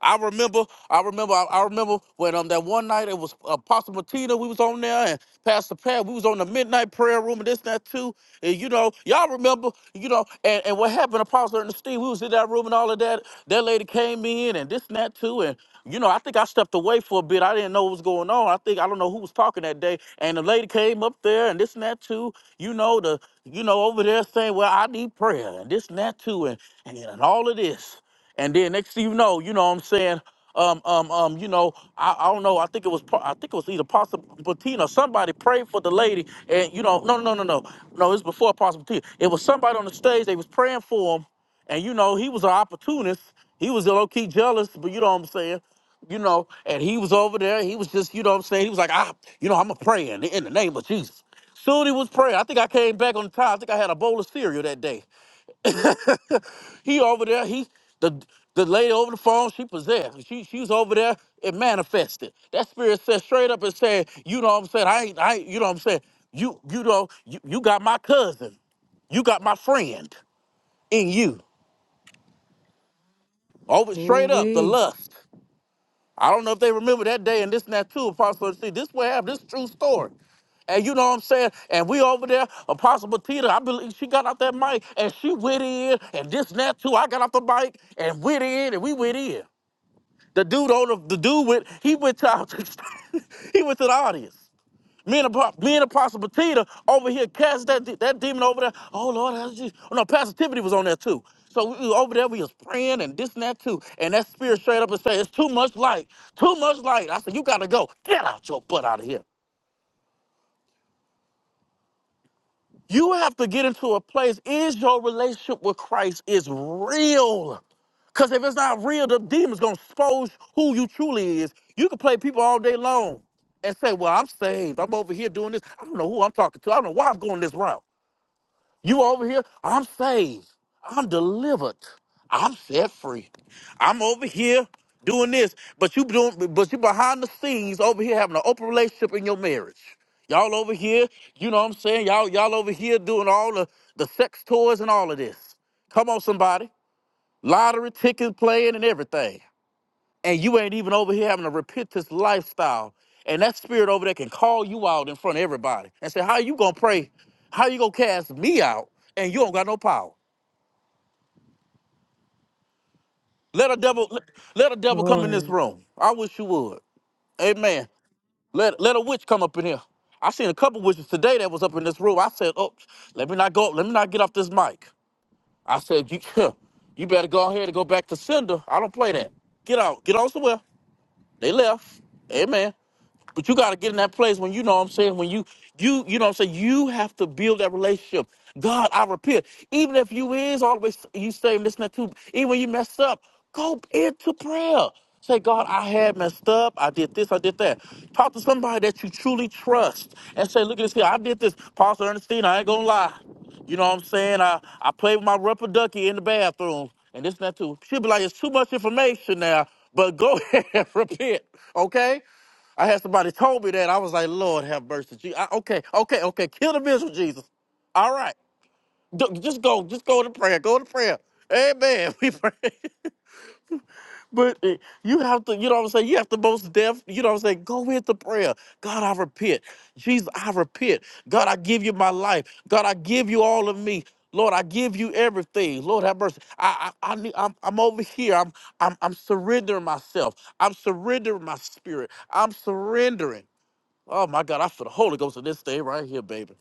I remember, I remember, I, I remember when um that one night it was Apostle Martina, we was on there, and Pastor Pat, we was on the midnight prayer room and this and that too. And you know, y'all remember, you know, and, and what happened, Apostle Ernestine, we was in that room and all of that. That lady came in and this and that too. And you know, I think I stepped away for a bit. I didn't know what was going on. I think I don't know who was talking that day. And the lady came up there and this and that too. You know, the you know, over there saying, Well, I need prayer and this and that too, and and, and all of this. And then next thing you know, you know what I'm saying? Um, um, um, you know, I, I don't know. I think it was Pa- I think it was either Pastor Bettina. Somebody prayed for the lady, and you know, no, no, no, no, no. It was before Apostle Bettina. It was somebody on the stage. They was praying for him, and you know, he was an opportunist. He was low key jealous, but you know what I'm saying. You know, and he was over there. He was just, you know what I'm saying. He was like, ah, you know, I'm a praying in the in the name of Jesus. Soon he was praying. I think I came back on time. I think I had a bowl of cereal that day. He over there, he the the lady over the phone, she possessed. She she's over there, it manifested. That spirit said straight up and said, you know what I'm saying? I ain't I ain't, you know what I'm saying? You you know, you, you got my cousin. You got my friend in you. Over
Ooh,
straight up, the
wee.
lust. I don't know if they remember that day and this and that too, Apostle. See, this what happened. This true story. And you know what I'm saying? And we over there, Apostle Batita, I believe she got out that mic and she went in and this and that too. I got off the mic and went in and we went in. The dude on the, the dude went he went to our- he went to the audience. Me and, Apo- me and Apostle Petita over here cast that de- that demon over there. Oh Lord, that's Jesus. Oh, no, Pastor Tiffany was on there too. So we we over there, we was praying and this and that too. And that spirit straight up and said, "It's too much light, too much light." I said, "You gotta go. Get out your butt out of here." You have to get into a place. Is your relationship with Christ is real? Because if it's not real, the demon's going to expose who you truly is. You can play people all day long and say, well, I'm saved. I'm over here doing this. I don't know who I'm talking to. I don't know why I'm going this route. You over here, I'm saved. I'm delivered. I'm set free. I'm over here doing this. But you doing but you behind the scenes over here having an open relationship in your marriage. Y'all over here, you know what I'm saying? Y'all, y'all over here doing all the, the sex toys and all of this. Come on, somebody lottery tickets playing and everything. And you ain't even over here having a repentance lifestyle. And that spirit over there can call you out in front of everybody and say, How you gonna pray? How you gonna cast me out? And you don't got no power. Let a devil let, let a devil come in this
Lord.
room. I wish you would. Amen. Let let a witch come up in here. I seen a couple witches today that was up in this room. I said, Oh, let me not go, let me not get off this mic. I said, You you better go ahead and go back to sender. I don't play that. Get out. Get on somewhere. They left. Amen. But you gotta get in that place when you know what I'm saying, when you you you know what I'm saying, you have to build that relationship. God, I repent. Even if you is always you stay listening to, even when you messed up, go into prayer. Say, God, I had messed up. I did this, I did that. Talk to somebody that you truly trust and say, look at this here, I did this. Pastor Ernestine, I ain't gonna lie. You know what I'm saying? I, I played with my rubber ducky in the bathroom and this and that too. She'll be like, it's too much information now, but go ahead repent, okay? I had somebody told me that. I was like, Lord have mercy. Je- I, okay, okay, okay. Kill the miserable, Jesus. All right. D- just go. Just go to prayer. Go to prayer. Amen. We pray. But uh, you have to, you know what I'm saying? You have to most deaf, you know what I'm saying? Go into prayer. God, I repent. Jesus, I repent. God, I give you my life. God, I give you all of me. Lord, I give you everything. Lord, have mercy. I, I, I need, I'm, I'm over here. I'm, I'm, I'm surrendering myself. I'm surrendering my spirit. I'm surrendering. Oh my God, I feel the Holy Ghost in this thing right here, baby.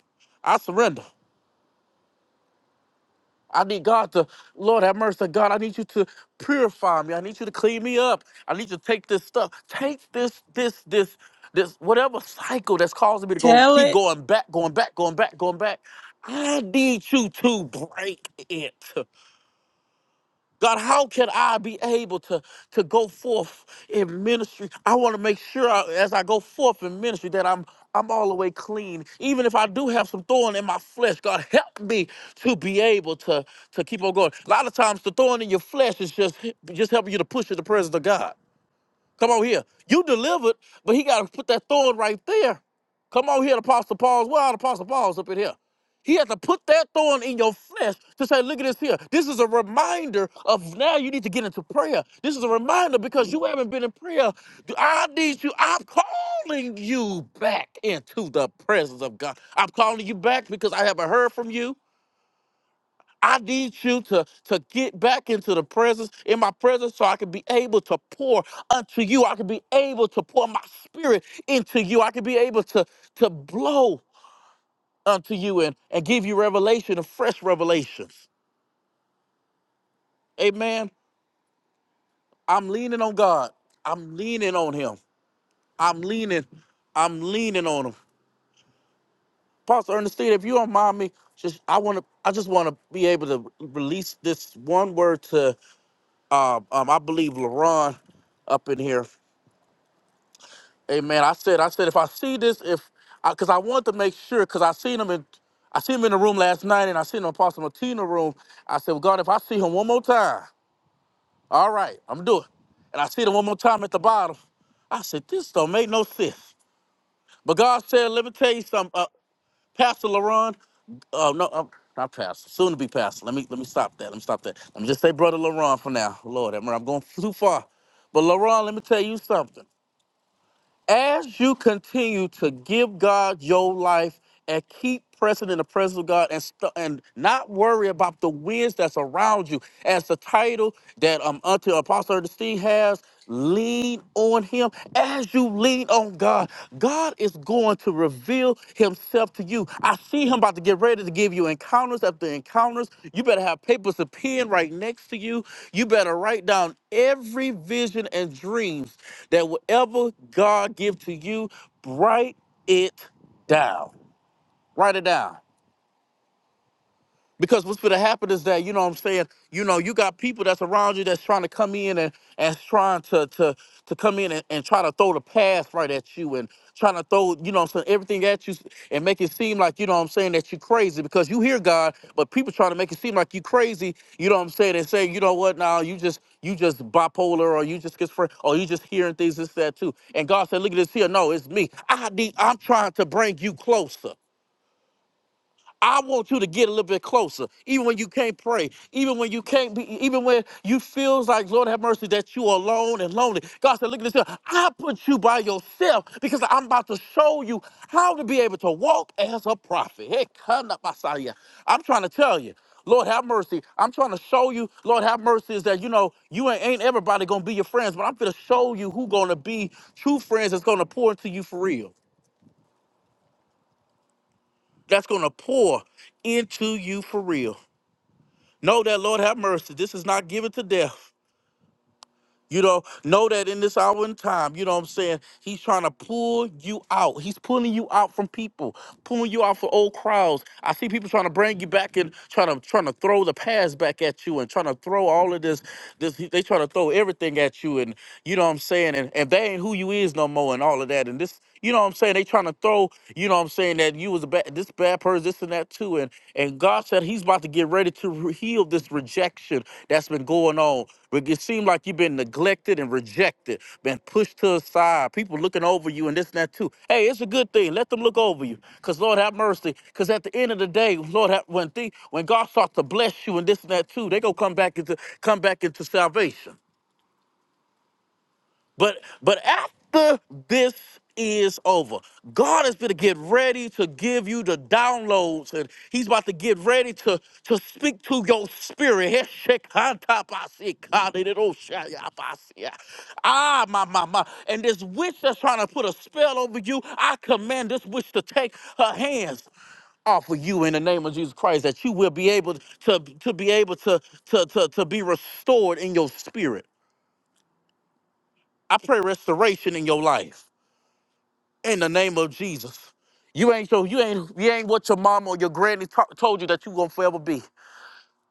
I surrender. I need God to, Lord have mercy, God. I need you to purify me. I need you to clean me up. I need you to take this stuff, take this, this, this, this, whatever cycle that's causing me to go
Tell
keep
it.
going back, going back, going back, going back. I need you to break it. God, how can I be able to, to go forth in ministry? I want to make sure I- as I go forth in ministry that I'm I'm all the way clean. Even if I do have some thorn in my flesh, God help me to be able to, to keep on going. A lot of times the thorn in your flesh is just just helping you to push in the presence of God. Come on here. You delivered, but he got to put that thorn right there. Come on here, Apostle Paul's. Where are the Apostle Paul's up in here? He had to put that thorn in your flesh to say, look at this here. This is a reminder of now you need to get into prayer. This is a reminder because you haven't been in prayer. I need you. I'm calling you back into the presence of God. I'm calling you back because I haven't heard from you. I need you to, to get back into the presence, in my presence, so I can be able to pour unto you. I can be able to pour my spirit into you. I can be able to, to blow unto you and, and give you revelation and fresh revelations. Amen. I'm leaning on God. I'm leaning on Him. I'm leaning. I'm leaning on Him. Pastor Ernestine, if you don't mind me, just I want to. I just want to be able to release this one word to. Um, um I believe LaRon up in here. Amen. I said, I said, if I see this, if because I, 'cause I wanted to make sure, because I seen him in, I seen him in the room last night, and I seen him in Apostle Martina's room. I said, well, God, if I see him one more time, all right, I'm doing. And I see him one more time at the bottom. I said, this don't make no sense. But God said, let me tell you something, uh, Pastor Laron. Uh, no, uh, not Pastor. Soon to be Pastor. Let me let me stop that. Let me stop that. Let me just say, Brother Laron for now. Lord, I'm I'm going too far. But Laron, let me tell you something as you continue to give God your life and keep pressing in the presence of God and st- and not worry about the winds that's around you, as the title that um unto Apostle Ernestine has, lean on Him. As you lean on God, God is going to reveal Himself to you. I see Him about to get ready to give you encounters after encounters. You better have papers and pen right next to you. You better write down every vision and dreams that whatever God gives to you, write it down. Write it down. Because what's gonna happen is that, you know what I'm saying, you know, you got people that's around you that's trying to come in and and trying to to to come in and, and try to throw the pass right at you and trying to throw, you know what I'm saying, everything at you and make it seem like, you know what I'm saying, that you're crazy because you hear God, but people trying to make it seem like you are crazy, you know what I'm saying, and say, you know what, now you just you just bipolar or you just schizophrenic or you just hearing things this, that too. And God said, Look at this here. No, it's me. I need I'm trying to bring you closer. I want you to get a little bit closer, even when you can't pray, even when you can't be, even when you feels like, Lord have mercy, that you are alone and lonely. God said, look at this. here. I put you by yourself because I'm about to show you how to be able to walk as a prophet. Hey, come up, Messiah. I'm trying to tell you. Lord have mercy. I'm trying to show you, Lord have mercy, is that you know you ain't, ain't everybody gonna be your friends, but I'm gonna show you who gonna be true friends that's gonna pour into you for real. That's gonna pour into you for real. Know that, Lord have mercy, this is not given to death. You know, know that in this hour and time, you know what I'm saying? He's trying to pull you out. He's pulling you out from people, pulling you out from old crowds. I see people trying to bring you back and trying to trying to throw the past back at you and trying to throw all of this this they trying to throw everything at you and you know what I'm saying? And and they ain't who you is no more and all of that. And this you know what I'm saying? They trying to throw, you know what I'm saying, that you was a bad this bad person, this and that too. And and God said he's about to get ready to re- heal this rejection that's been going on. But it seemed like you've been neglected and rejected, been pushed to the side, people looking over you and this and that too. Hey, it's a good thing. Let them look over you. Cause Lord have mercy. Cause at the end of the day, Lord have, when thing when God starts to bless you and this and that too, they gonna come back into come back into salvation. But but after this is over, God is going to get ready to give you the downloads, and He's about to get ready to to speak to your spirit. Heshekantapasikadiroshayapasia. Ah, my my my! And this witch that's trying to put a spell over you, I command this witch to take her hands off of you in the name of Jesus Christ, that you will be able to to be able to to to, to be restored in your spirit. I pray restoration in your life in the name of Jesus. You ain't so you ain't you ain't what your mama or your granny to- told you that you gonna forever be.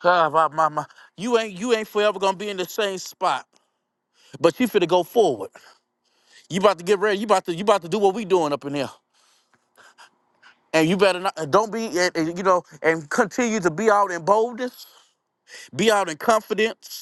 Ah, my mama, you ain't you ain't forever gonna be in the same spot. But you finna go forward. You about to get ready. You about to you about to do what we doing up in here. And you better not don't be and, and, you know and continue to be out in boldness, be out in confidence,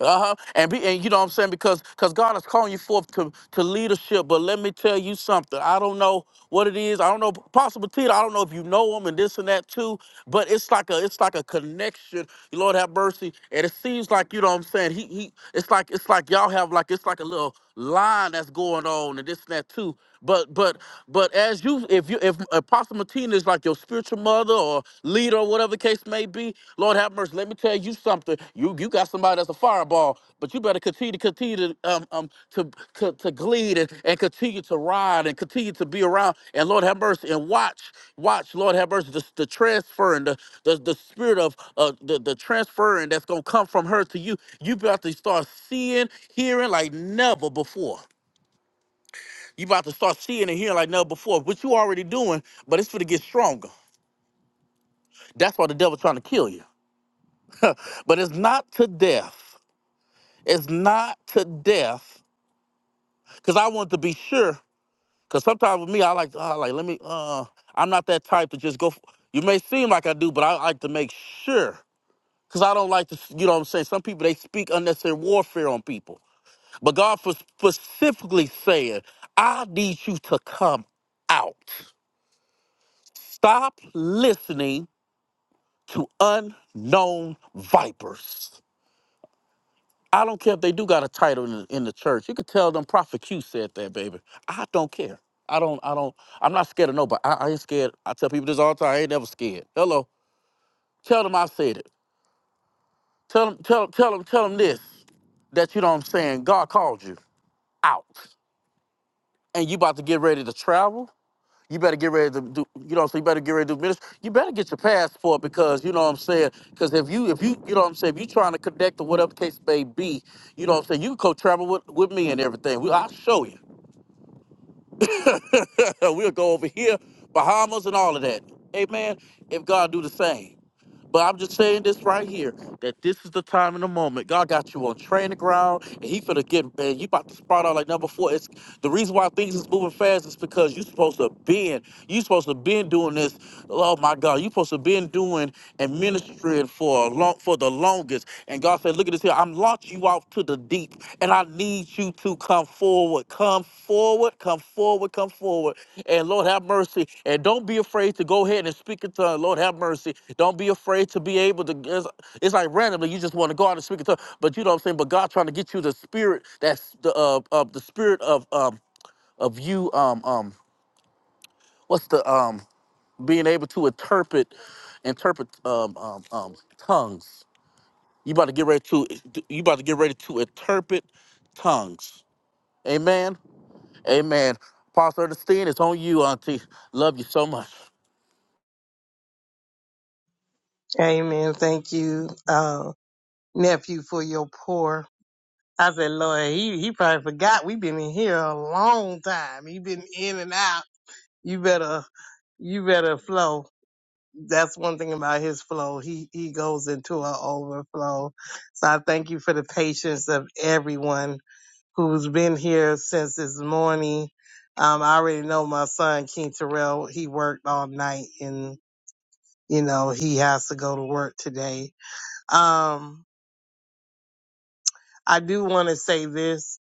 Uh-huh. And be and you know what I'm saying? Because because God is calling you forth to, to leadership. But let me tell you something. I don't know what it is. I don't know possible Tita. I don't know if you know him and this and that too. But it's like a it's like a connection. Lord have mercy. And it seems like, you know what I'm saying? He he it's like it's like y'all have like it's like a little line that's going on and this and that too. But but but as you if you if Apostle Martina is like your spiritual mother or leader or whatever the case may be, Lord have mercy. Let me tell you something. You you got somebody that's a fireball, but you better continue to continue to um um to to, to glean and, and continue to ride and continue to be around. And Lord have mercy and watch, watch, Lord have mercy, the, the transfer and the, the, the spirit of uh, the, the transferring that's going to come from her to you. You about to start seeing, hearing like never before. You about to start seeing and hearing like never before, which you already doing, but it's going to get stronger. That's why the devil's trying to kill you. But it's not to death. It's not to death. Because I want to be sure Cause sometimes with me, I like, uh, like let me. Uh, I'm not that type to just go. f you may seem like I do, but I like to make sure. Cause I don't like to, you know what I'm saying. Some people they speak unnecessary warfare on people. But God was specifically saying, I need you to come out. Stop listening to unknown vipers. I don't care if they do got a title in, in the church. You could tell them Prophet Q said that, baby. I don't care. I don't, I don't, I'm not scared of nobody. I, I ain't scared. I tell people this all the time. I ain't never scared. Hello. Tell them I said it. Tell them, tell, tell them, tell them this. That you know what I'm saying? God called you out. And you about to get ready to travel? You better get ready to do, you know what I'm saying? You better get ready to do ministry. You better get your passport because, you know what I'm saying? Because if you, if you, you know what I'm saying? If you trying to connect or whatever the case may be, you know what I'm saying? You can co travel with, with me and everything. We, I'll show you. we'll go over here, Bahamas and all of that. Amen. If God do the same. But I'm just saying this right here that this is the time and the moment. God got you on training ground, and He finna get man. You about to spot out like number four. It's the reason why things is moving fast is because you supposed to been you supposed to been doing this. Oh my God, you supposed to been doing and ministering for a long for the longest. And God said, look at this here. I'm launching you off to the deep. And I need you to come forward. Come forward, come forward, come forward. And Lord have mercy. And don't be afraid to go ahead and speak in tongues. Lord have mercy. Don't be afraid to be able to. It's, it's like randomly you just want to go out and speak in tongues, but you know what I'm saying. But God trying to get you the spirit that's the uh, uh the spirit of um of you um um what's the um being able to interpret interpret um um, um tongues you about to get ready to you about to get ready to interpret tongues. Amen. Amen. Pastor Ernestine, it's on you, Auntie. Love you so much.
Amen. Thank you. Um, nephew for your poor. I said, Lord, he, he probably forgot we been in here a long time. He been in and out. You better, you better flow. That's one thing about his flow. He, he goes into an overflow. So I thank you for the patience of everyone who's been here since this morning. Um, I already know my son, King Terrell, he worked all night and, you know, he has to go to work today. Um, I do want to say this.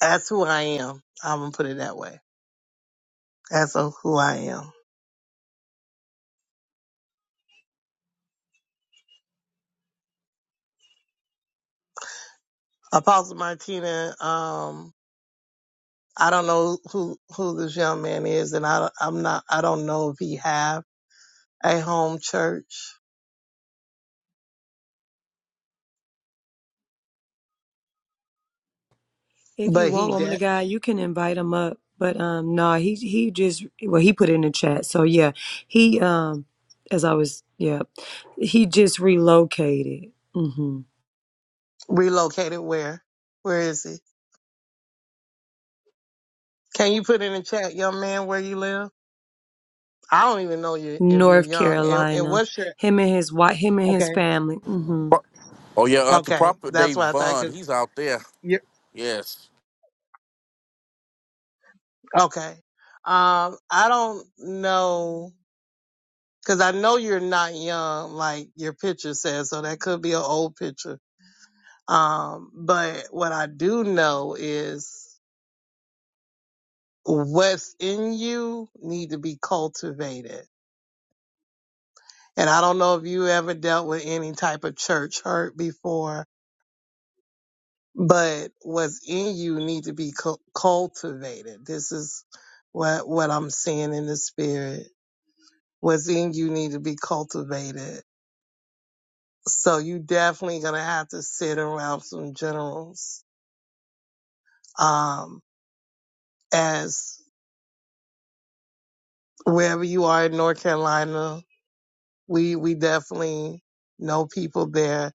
That's who I am. I'm gonna put it that way. That's a- who I am. Apostle Martina, um, I don't know who who this young man is, and I I'm not. I don't know if he have a home church,
If you
but
want
he
woman
de-
of God, you can invite him up. But um no, he he just well he put it in the chat. So yeah, he um as I was yeah, he just relocated. Mhm.
relocated where? Where is he? Can you put in the chat, young man, where you live? I don't even know you if you're
North
young. And, and
Carolina.
what's your
Him and his wife, him and his
okay?
family. Mhm.
Pro- Oh yeah, Auntie
Okay,
Prophet
that's
Dave
what I thought.
Vaughn,
Cause
he's out there.
you
Yes.
okay. Um, I don't know Cause I know you're not young, like your picture says, so that could be an old picture. Um, but what I do know is what's in you need to be cultivated. And I don't know if you ever dealt with any type of church hurt before, but what's in you need to be cu- cultivated. This is what, what I'm seeing in the spirit. What's in you need to be cultivated. So you definitely gonna have to sit around some generals um, as wherever you are in North Carolina, we we definitely know people there.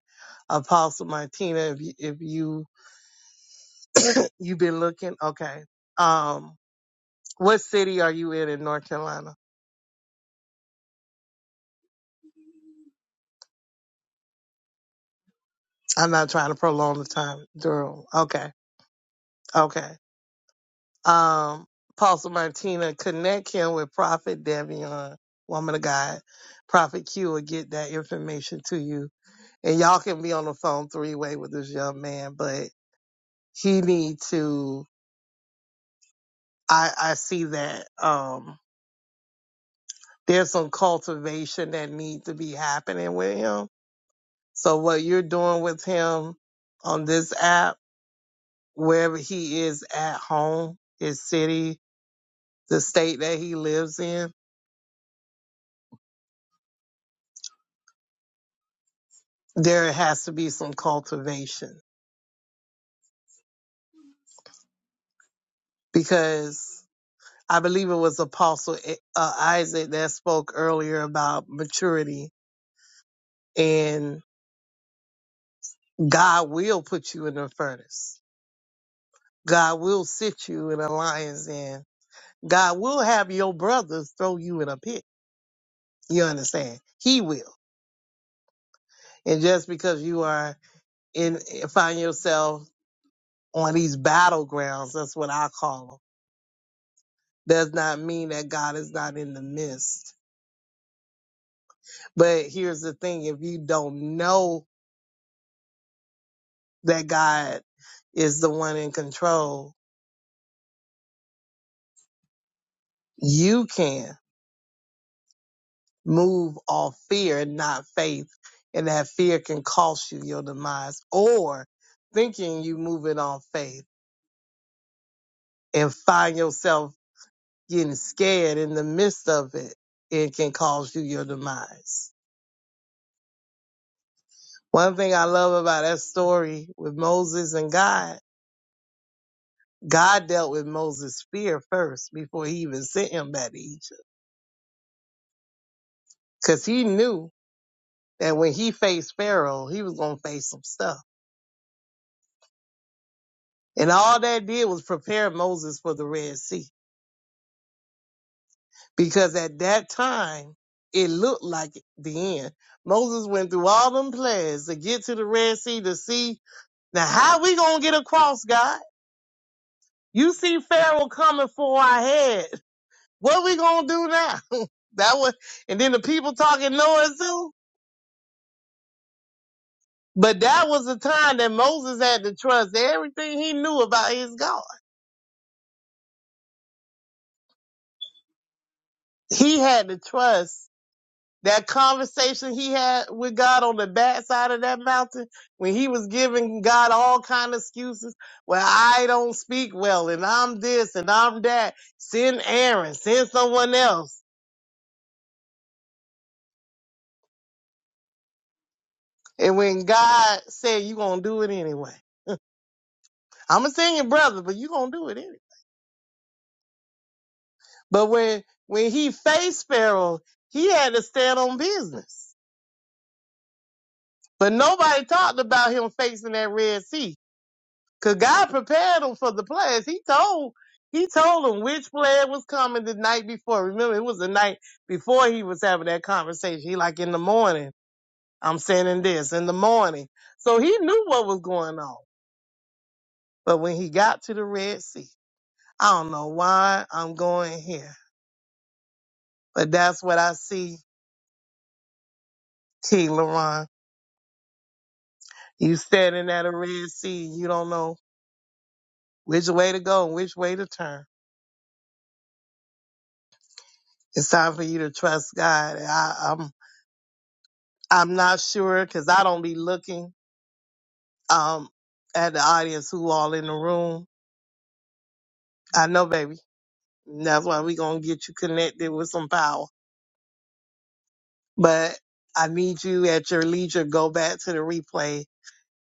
Apostle Martina, if you, if you you've been looking, okay. Um, what city are you in in North Carolina? I'm not trying to prolong the time, Durham. Okay, okay. Um, Apostle Martina, connect him with Prophet Devion, woman of God. Prophet Q will get that information to you, and y'all can be on the phone three way with this young man, but He need to. I I see that um there's some cultivation that need to be happening with him. So what you're doing with him on this app, wherever he is at home, his city, the state that he lives in, there has to be some cultivation because I believe it was Apostle eh, uh, Isaac that spoke earlier about maturity and God will put you in the furnace God will sit you in a lion's den. God will have your brothers throw you in a pit. You understand? He will. And just because you are in, find yourself on these battlegrounds, that's what I call them, does not mean that God is not in the midst. But here's the thing if you don't know that God is the one in control, you can. move off fear and not faith, and that fear can cost you your demise, or thinking you moving on faith and find yourself getting scared in the midst of it, it can cause you your demise. One thing I love about that story with Moses and God, God dealt with Moses' fear first before he even sent him back to Egypt. Because he knew that when he faced Pharaoh, he was going to face some stuff. And all that did was prepare Moses for the Red Sea. because at that time it looked like the end. Moses went through all them plans to get to the Red Sea to see now how we gonna get across, God? You see Pharaoh coming for our head. What we gonna do now? that was, and then the people talking noise too. But that was the time that Moses had to trust everything he knew about his God. He had to trust That conversation he had with God on the backside of that mountain, when he was giving God all kind of excuses, well, I don't speak well, and I'm this and I'm that. Send Aaron, send someone else. And when God said, "You gonna do it anyway," I'm gonna send your brother, but you gonna do it anyway. But when when he faced Pharaoh, he had to stand on business. But nobody talked about him facing that Red Sea. Cause God prepared them for the plagues. He told he told them which plague was coming the night before. Remember, it was the night before he was having that conversation. He like in the morning, I'm sending this in the morning. So he knew what was going on. But when he got to the Red Sea, I don't know why I'm going here, but that's what I see. T. Laron, you standing at a Red Sea, you don't know which way to go and which way to turn. It's time for you to trust God. I, am I'm not sure because I don't be looking um at the audience who all in the room. I know, baby. And That's why we gonna get you connected with some power. But I need you at your leisure. Go back to the replay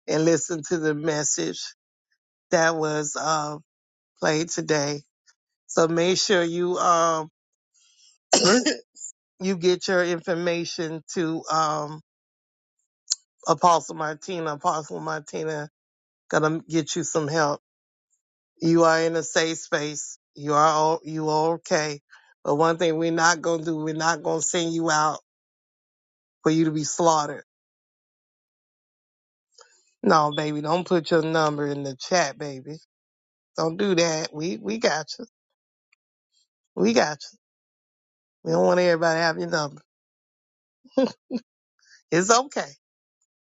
and listen to the message that was uh, played today. So make sure you um you get your information to um Apostle Martina. Apostle Martina gonna get you some help You are in a safe space. You are all, you are okay. But one thing we're not gonna do, we're not gonna send you out for you to be slaughtered. No, baby, don't put your number in the chat, baby. Don't do that. We we got you. We got you. We don't want everybody to have your number. It's okay.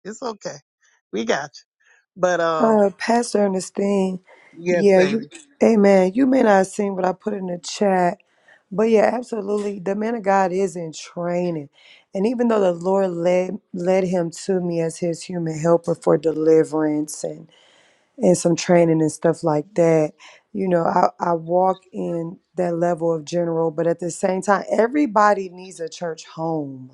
It's okay. We got you. But um,
Uh, Pastor Ernestine,
yes,
yeah, you,
baby.
amen. You may not have seen what I put in the chat, but yeah, absolutely. The man of God is in training. And even though the Lord led led him to me as his human helper for deliverance and, and some training and stuff like that, you know, I, I walk in that level of general, but at the same time, everybody needs a church home.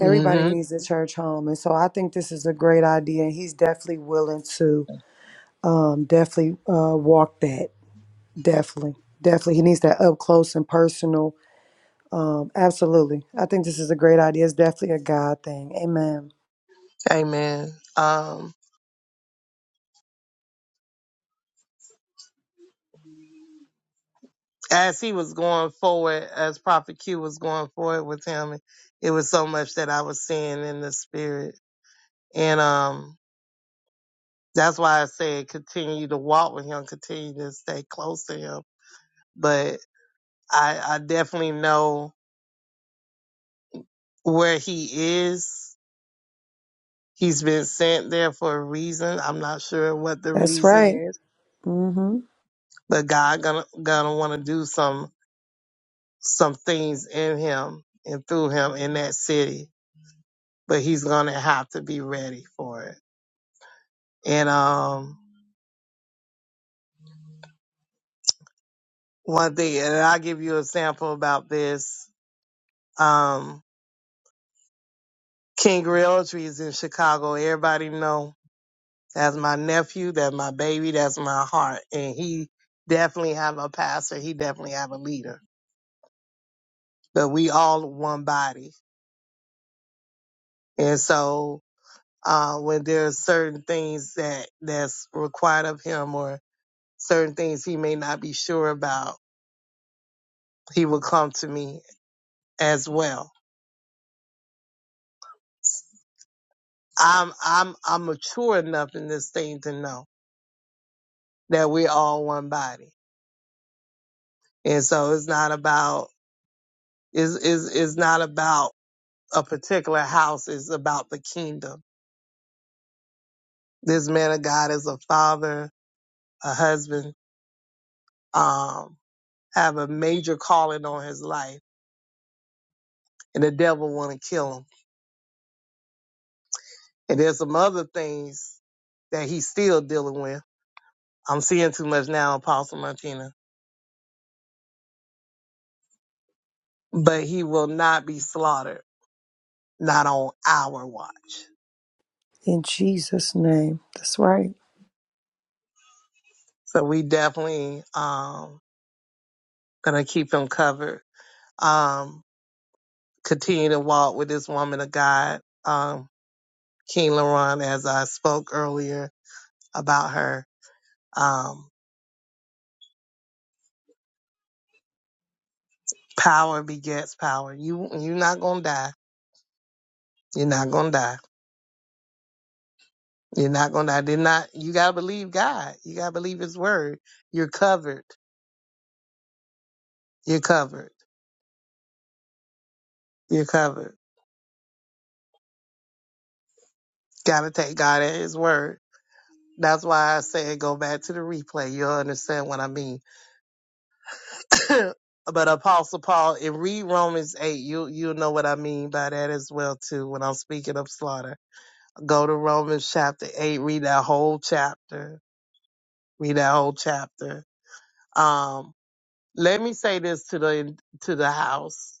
Everybody needs a church home. And so I think this is a great idea. And he's definitely willing to um, definitely uh, walk that. Definitely, definitely, he needs that up close and personal. Um, absolutely, I think this is a great idea. It's definitely a God thing. Amen.
Amen. Um, as he was going forward, as Prophet Q was going forward with him, it was so much that I was seeing in the spirit And um, that's why I said continue to walk with him, continue to stay close to him. But I, I definitely know where he is. He's been sent there for a reason. I'm not sure what the
That's
reason
right.
is,
Mm hmm
but God gonna gonna want to do some some things in him and through him in that city. But he's gonna have to be ready for it. And um, one thing, and I'll give you an example about this. Um, King Realtree is in Chicago. Everybody know that's my nephew, that's my baby, that's my heart. And he definitely have a pastor. He definitely have a leader. But we all one body. And so uh, when there's certain things that that's required of him or certain things he may not be sure about, he will come to me as well. I'm I'm I'm mature enough in this thing to know that we're all one body. And so it's not about is is is not about a particular house it's about the kingdom this man of god is a father a husband um have a major calling on his life and the devil want to kill him and there's some other things that he's still dealing with i'm seeing too much now apostle martina but he will not be slaughtered not on our watch
In Jesus' name. That's right.
so we definitely um gonna keep him covered um continue to walk with this woman of god Um. King Laron as I spoke earlier about her. Um, power begets power. You you're not gonna die. You're not gonna die. You're not gonna die. Did not you gotta believe God. You gotta believe his word. You're covered. You're covered. You're covered. Gotta take God at his word. That's why I say go back to the replay. You'll understand what I mean. but Apostle Paul, and read Romans eight, you you'll know what I mean by that as well too when I'm speaking of slaughter Go to Romans chapter 8, read that whole chapter. Read that whole chapter. Um, let me say this to the to the house.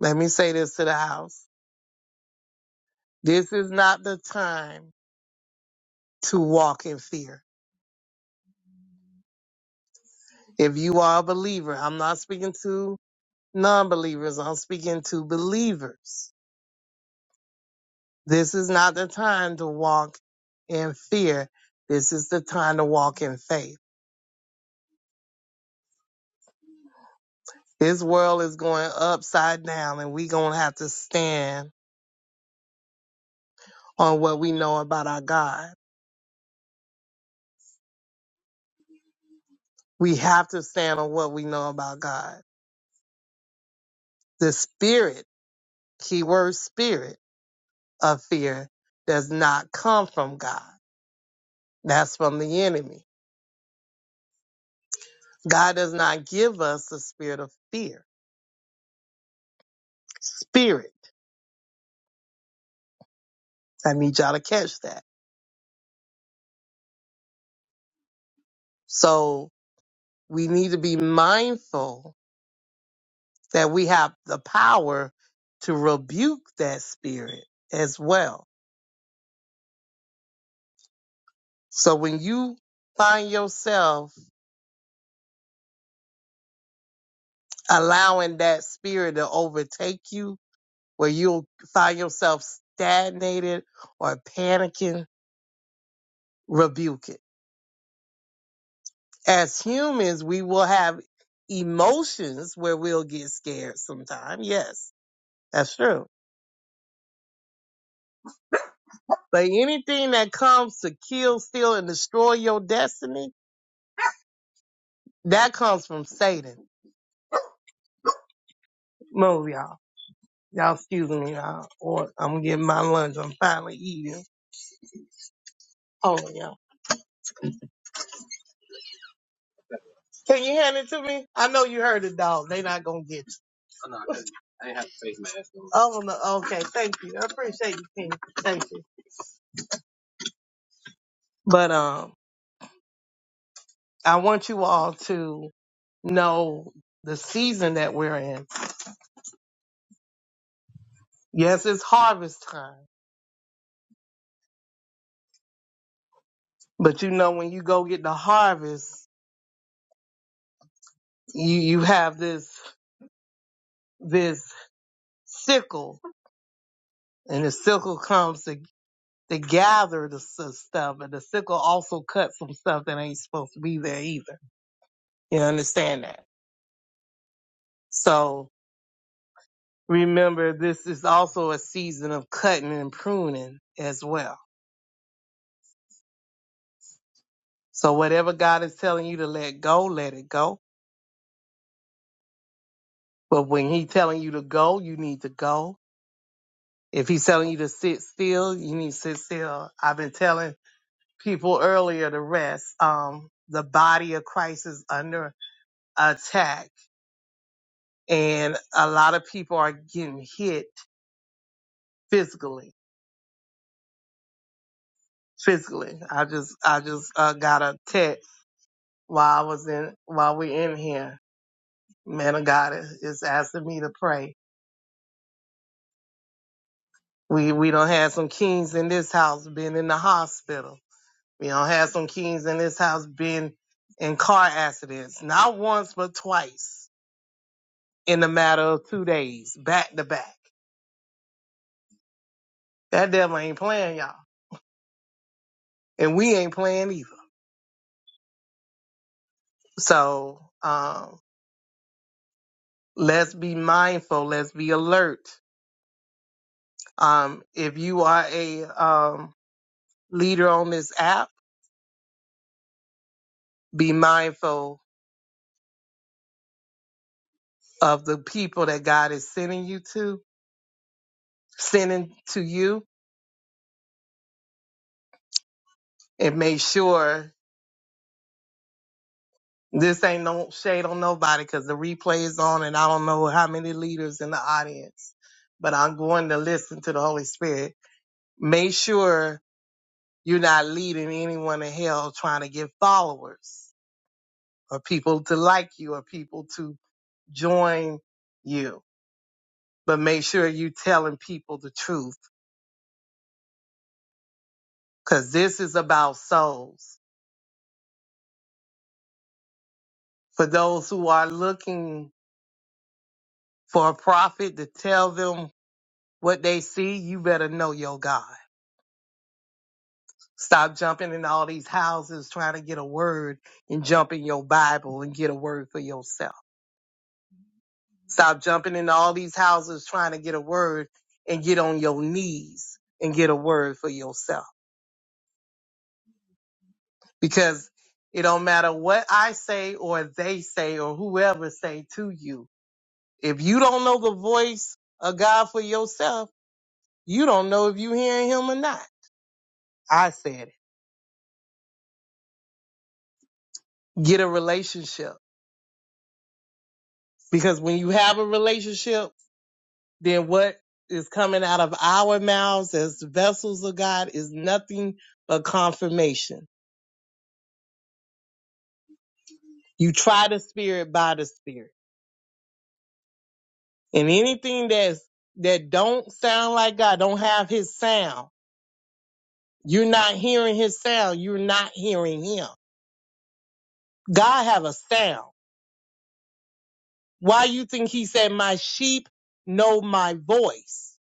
Let me say this to the house. This is not the time to walk in fear. If you are a believer, I'm not speaking to non-believers. I'm speaking to believers. This is not the time to walk in fear. This is the time to walk in faith. This world is going upside down and we going to have to stand on what we know about our God. We have to stand on what we know about God. The spirit, keyword spirit of fear does not come from God. That's from the enemy. God does not give us the spirit of fear. Spirit. I need y'all to catch that. So we need to be mindful that we have the power to rebuke that spirit as well. So when you find yourself allowing that spirit to overtake you where you'll find yourself stagnated or panicking, rebuke it. As humans, we will have emotions where we'll get scared sometime. Yes, that's true. But anything that comes to kill, steal, and destroy your destiny, that comes from Satan. Move, y'all. Y'all excuse me, y'all. Or I'm getting my lunch. I'm finally eating. Hold on, y'all. Can you hand it to me? I know you heard the dog. They not gonna get it. Oh, well, no, okay. Thank you. I appreciate you, King. Thank you. But um, I want you all to know the season that we're in. Yes, it's harvest time, but you know when you go get the harvest, you you have this this sickle, and the sickle comes to to gather the s- stuff, and the sickle also cuts some stuff that ain't supposed to be there either. You understand that? So remember this is also a season of cutting and pruning as well. So whatever God is telling you to let go, let it go. But when He's telling you to go, you need to go. If he's telling you to sit still, you need to sit still. I've been telling people earlier to rest. Um, the body of Christ is under attack and a lot of people are getting hit physically, physically. I just, I just uh, got a text while I was in, while we're in here man of God is is asking me to pray. We we don't have some kings in this house being in the hospital. We don't have some kings in this house being in car accidents, not once but twice in the matter of two days, back to back. That devil ain't playing, y'all, and we ain't playing either. So um, let's be mindful. Let's be alert. Um, if you are a um, leader on this app, be mindful of the people that God is sending you to, sending to you, and make sure this ain't no shade on nobody because the replay is on and I don't know how many leaders in the audience, but I'm going to listen to the Holy Spirit. Make sure you're not leading anyone to hell trying to get followers or people to like you or people to join you. But make sure you're telling people the truth because this is about souls. For those who are looking For a prophet to tell them what they see, you better know your God. Stop jumping in all these houses trying to get a word and jump in your Bible and get a word for yourself. Stop jumping in all these houses trying to get a word and get on your knees and get a word for yourself. Because it don't matter what I say or they say or whoever say to you. If you don't know the voice of God for yourself, you don't know if you hearing him or not. I said it. get a relationship. Because when you have a relationship, then what is coming out of our mouths as the vessels of God is nothing but confirmation. You try the spirit by the spirit. And anything that's that don't sound like God, don't have his sound. You're not hearing his sound. You're not hearing him. God have a sound. Why you think he said, My sheep know my voice?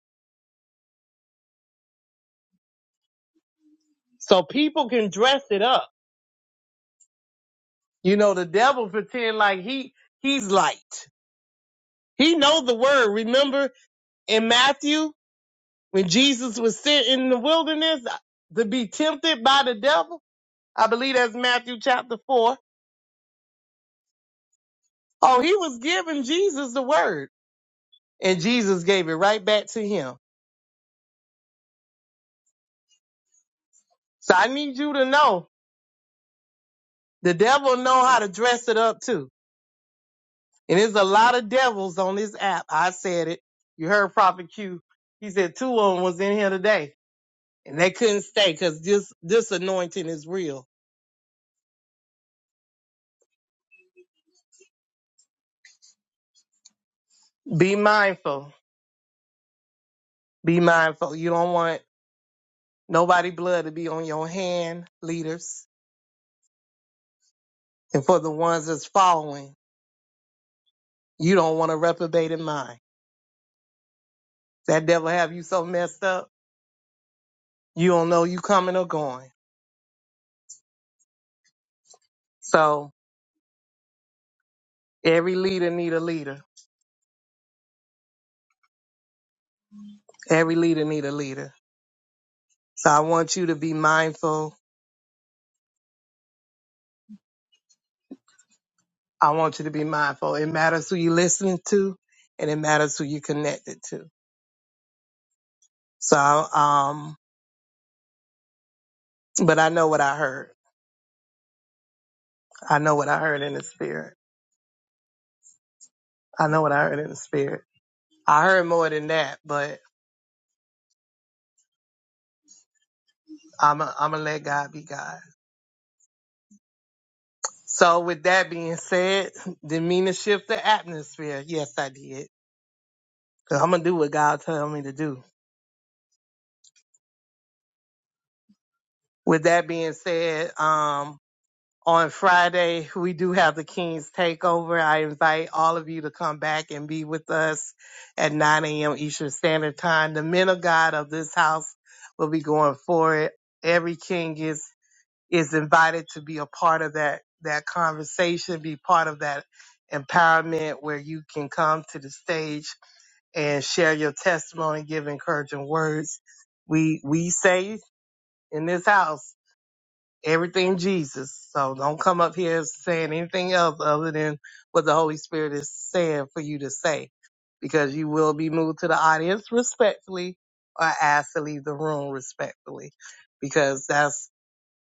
So people can dress it up You know, the devil pretend like he he's light. He knows the word. Remember in Matthew when Jesus was sitting in the wilderness uh, to be tempted by the devil? I believe that's Matthew chapter four. Oh, he was giving Jesus the word, and Jesus gave it right back to him. So I need you to know the devil know how to dress it up too. And there's a lot of devils on this app. I said it. You heard Prophet Q. He said two of them was in here today and they couldn't stay because this this anointing is real. Be mindful. Be mindful. You don't want nobody blood to be on your hand, leaders, and for the ones that's following, you don't want a reprobated mind. That devil have you so messed up, you don't know you coming or going. So every leader need a leader. Every leader need a leader. So I want you to be mindful. I want you to be mindful. It matters who you listening to, and it matters who you connected to. So um, But I know what I heard. I know what I heard in the spirit. I know what I heard in the spirit. I heard more than that, but I'm i am i gonna let God be God. So with that being said, didn't mean to shift the atmosphere. Yes, I did. i I'm gonna do what God told me to do. With that being said, um, on Friday, we do have the King's Takeover. I invite all of you to come back and be with us at 9 a.m. Eastern Standard Time. The men of God of this house will be going for it. Every king is is invited to be a part of that that conversation, be part of that empowerment where you can come to the stage and share your testimony, give encouraging words. We we say in this house everything Jesus. So don't come up here saying anything else other than what the Holy Spirit is saying for you to say, because you will be moved to the audience respectfully or asked to leave the room respectfully, because that's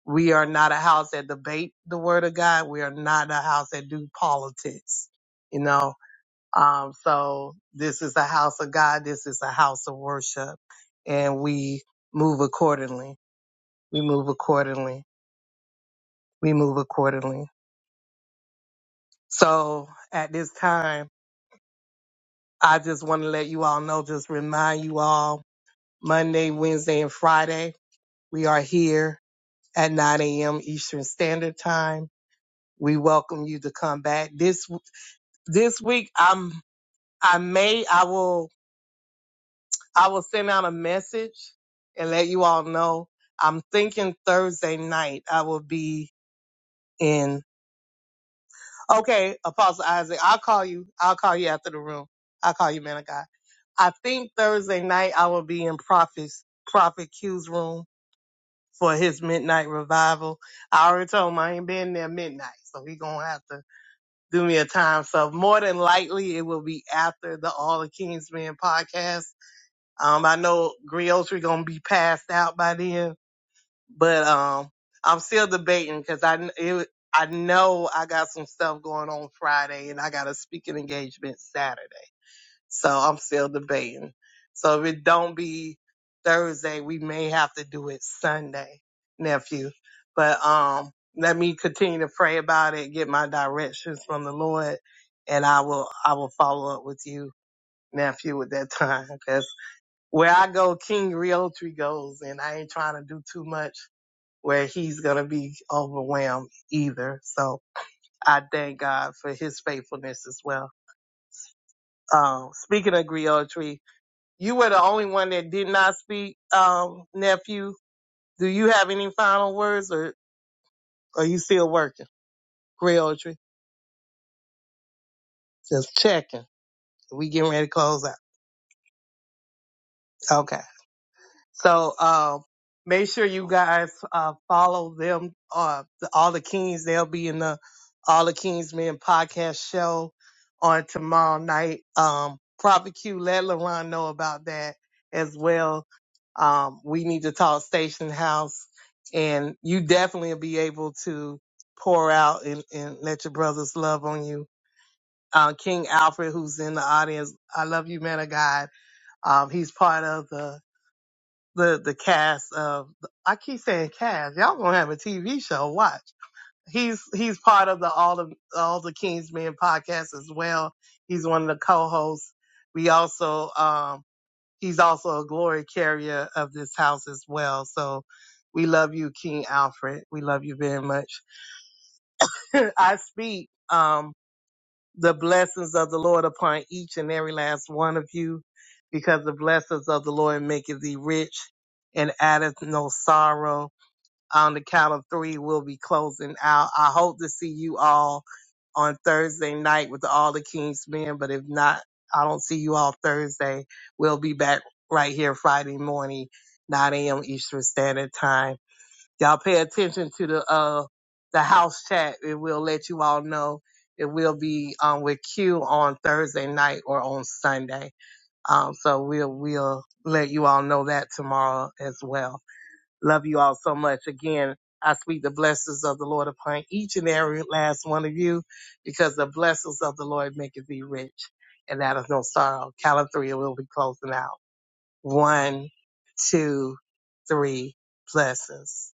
we are not a house that debate the word of God. We are not a house that do politics, you know. Um, so this is a house of God. This is a house of worship, and we move accordingly. We move accordingly. We move accordingly. So at this time, I just want to let you all know, just remind you all Monday, Wednesday, and Friday, we are here at 9 a.m. Eastern Standard Time. We welcome you to come back. This this week I'm I may I will I will send out a message and let you all know. I'm thinking Thursday night I will be in Okay, Apostle Isaac, I'll call you. I'll call you after the room. I'll call you, man of God. I think Thursday night I will be in Prophet's Prophet Q's room for his midnight revival. I already told him I ain't been there midnight, so he gonna have to do me a time. So more than likely it will be after the All the Kings Men podcast. Um, I know Griotri gonna be passed out by then, but um, I'm still debating because I kn- it, I know I got some stuff going on Friday and I got a speaking engagement Saturday. So I'm still debating. So if it don't be Thursday, we may have to do it Sunday, nephew. But um, let me continue to pray about it, get my directions from the Lord, and I will I will follow up with you, nephew, at that time. Cause where I go, King Realtree goes, and I ain't trying to do too much where he's gonna be overwhelmed either. So I thank God for His faithfulness as well. Um, speaking of Realtree, you were the only one that did not speak, um, nephew. Do you have any final words or are you still working? Realtree? Just checking. We getting ready to close out. Okay. So um, make sure you guys uh, follow them. Uh, the, all the Kings, they'll be in the All the Kings Men podcast show on tomorrow night. Um, Prophet Q, let LaRon know about that as well. Um, we need to talk Station House, and you definitely will be able to pour out and, and let your brothers love on you. Uh, King Alfred, who's in the audience, I love you, man of God. Um, he's part of the the the cast of I keep saying cast. Y'all gonna have a TV show. Watch. He's he's part of the all the all the King's Men podcast as well. He's one of the co-hosts. We also um he's also a glory carrier of this house as well. So we love you, King Alfred. We love you very much. I speak. Um the blessings of the Lord upon each and every last one of you, because the blessings of the Lord maketh thee rich and addeth no sorrow. On the count of three, we'll be closing out. I hope to see you all on Thursday night with all the King's men, but if not, I don't see you all Thursday. We'll be back right here Friday morning, 9 a.m. Eastern Standard Time. Y'all pay attention to the uh the house chat. It will let you all know. It will be um with Q on Thursday night or on Sunday. Um so we'll we'll let you all know that tomorrow as well. Love you all so much. Again, I speak the blessings of the Lord upon each and every last one of you, because the blessings of the Lord maketh thee rich. And that is no sorrow. Count of three, and we'll be closing out. One, two, three blessings.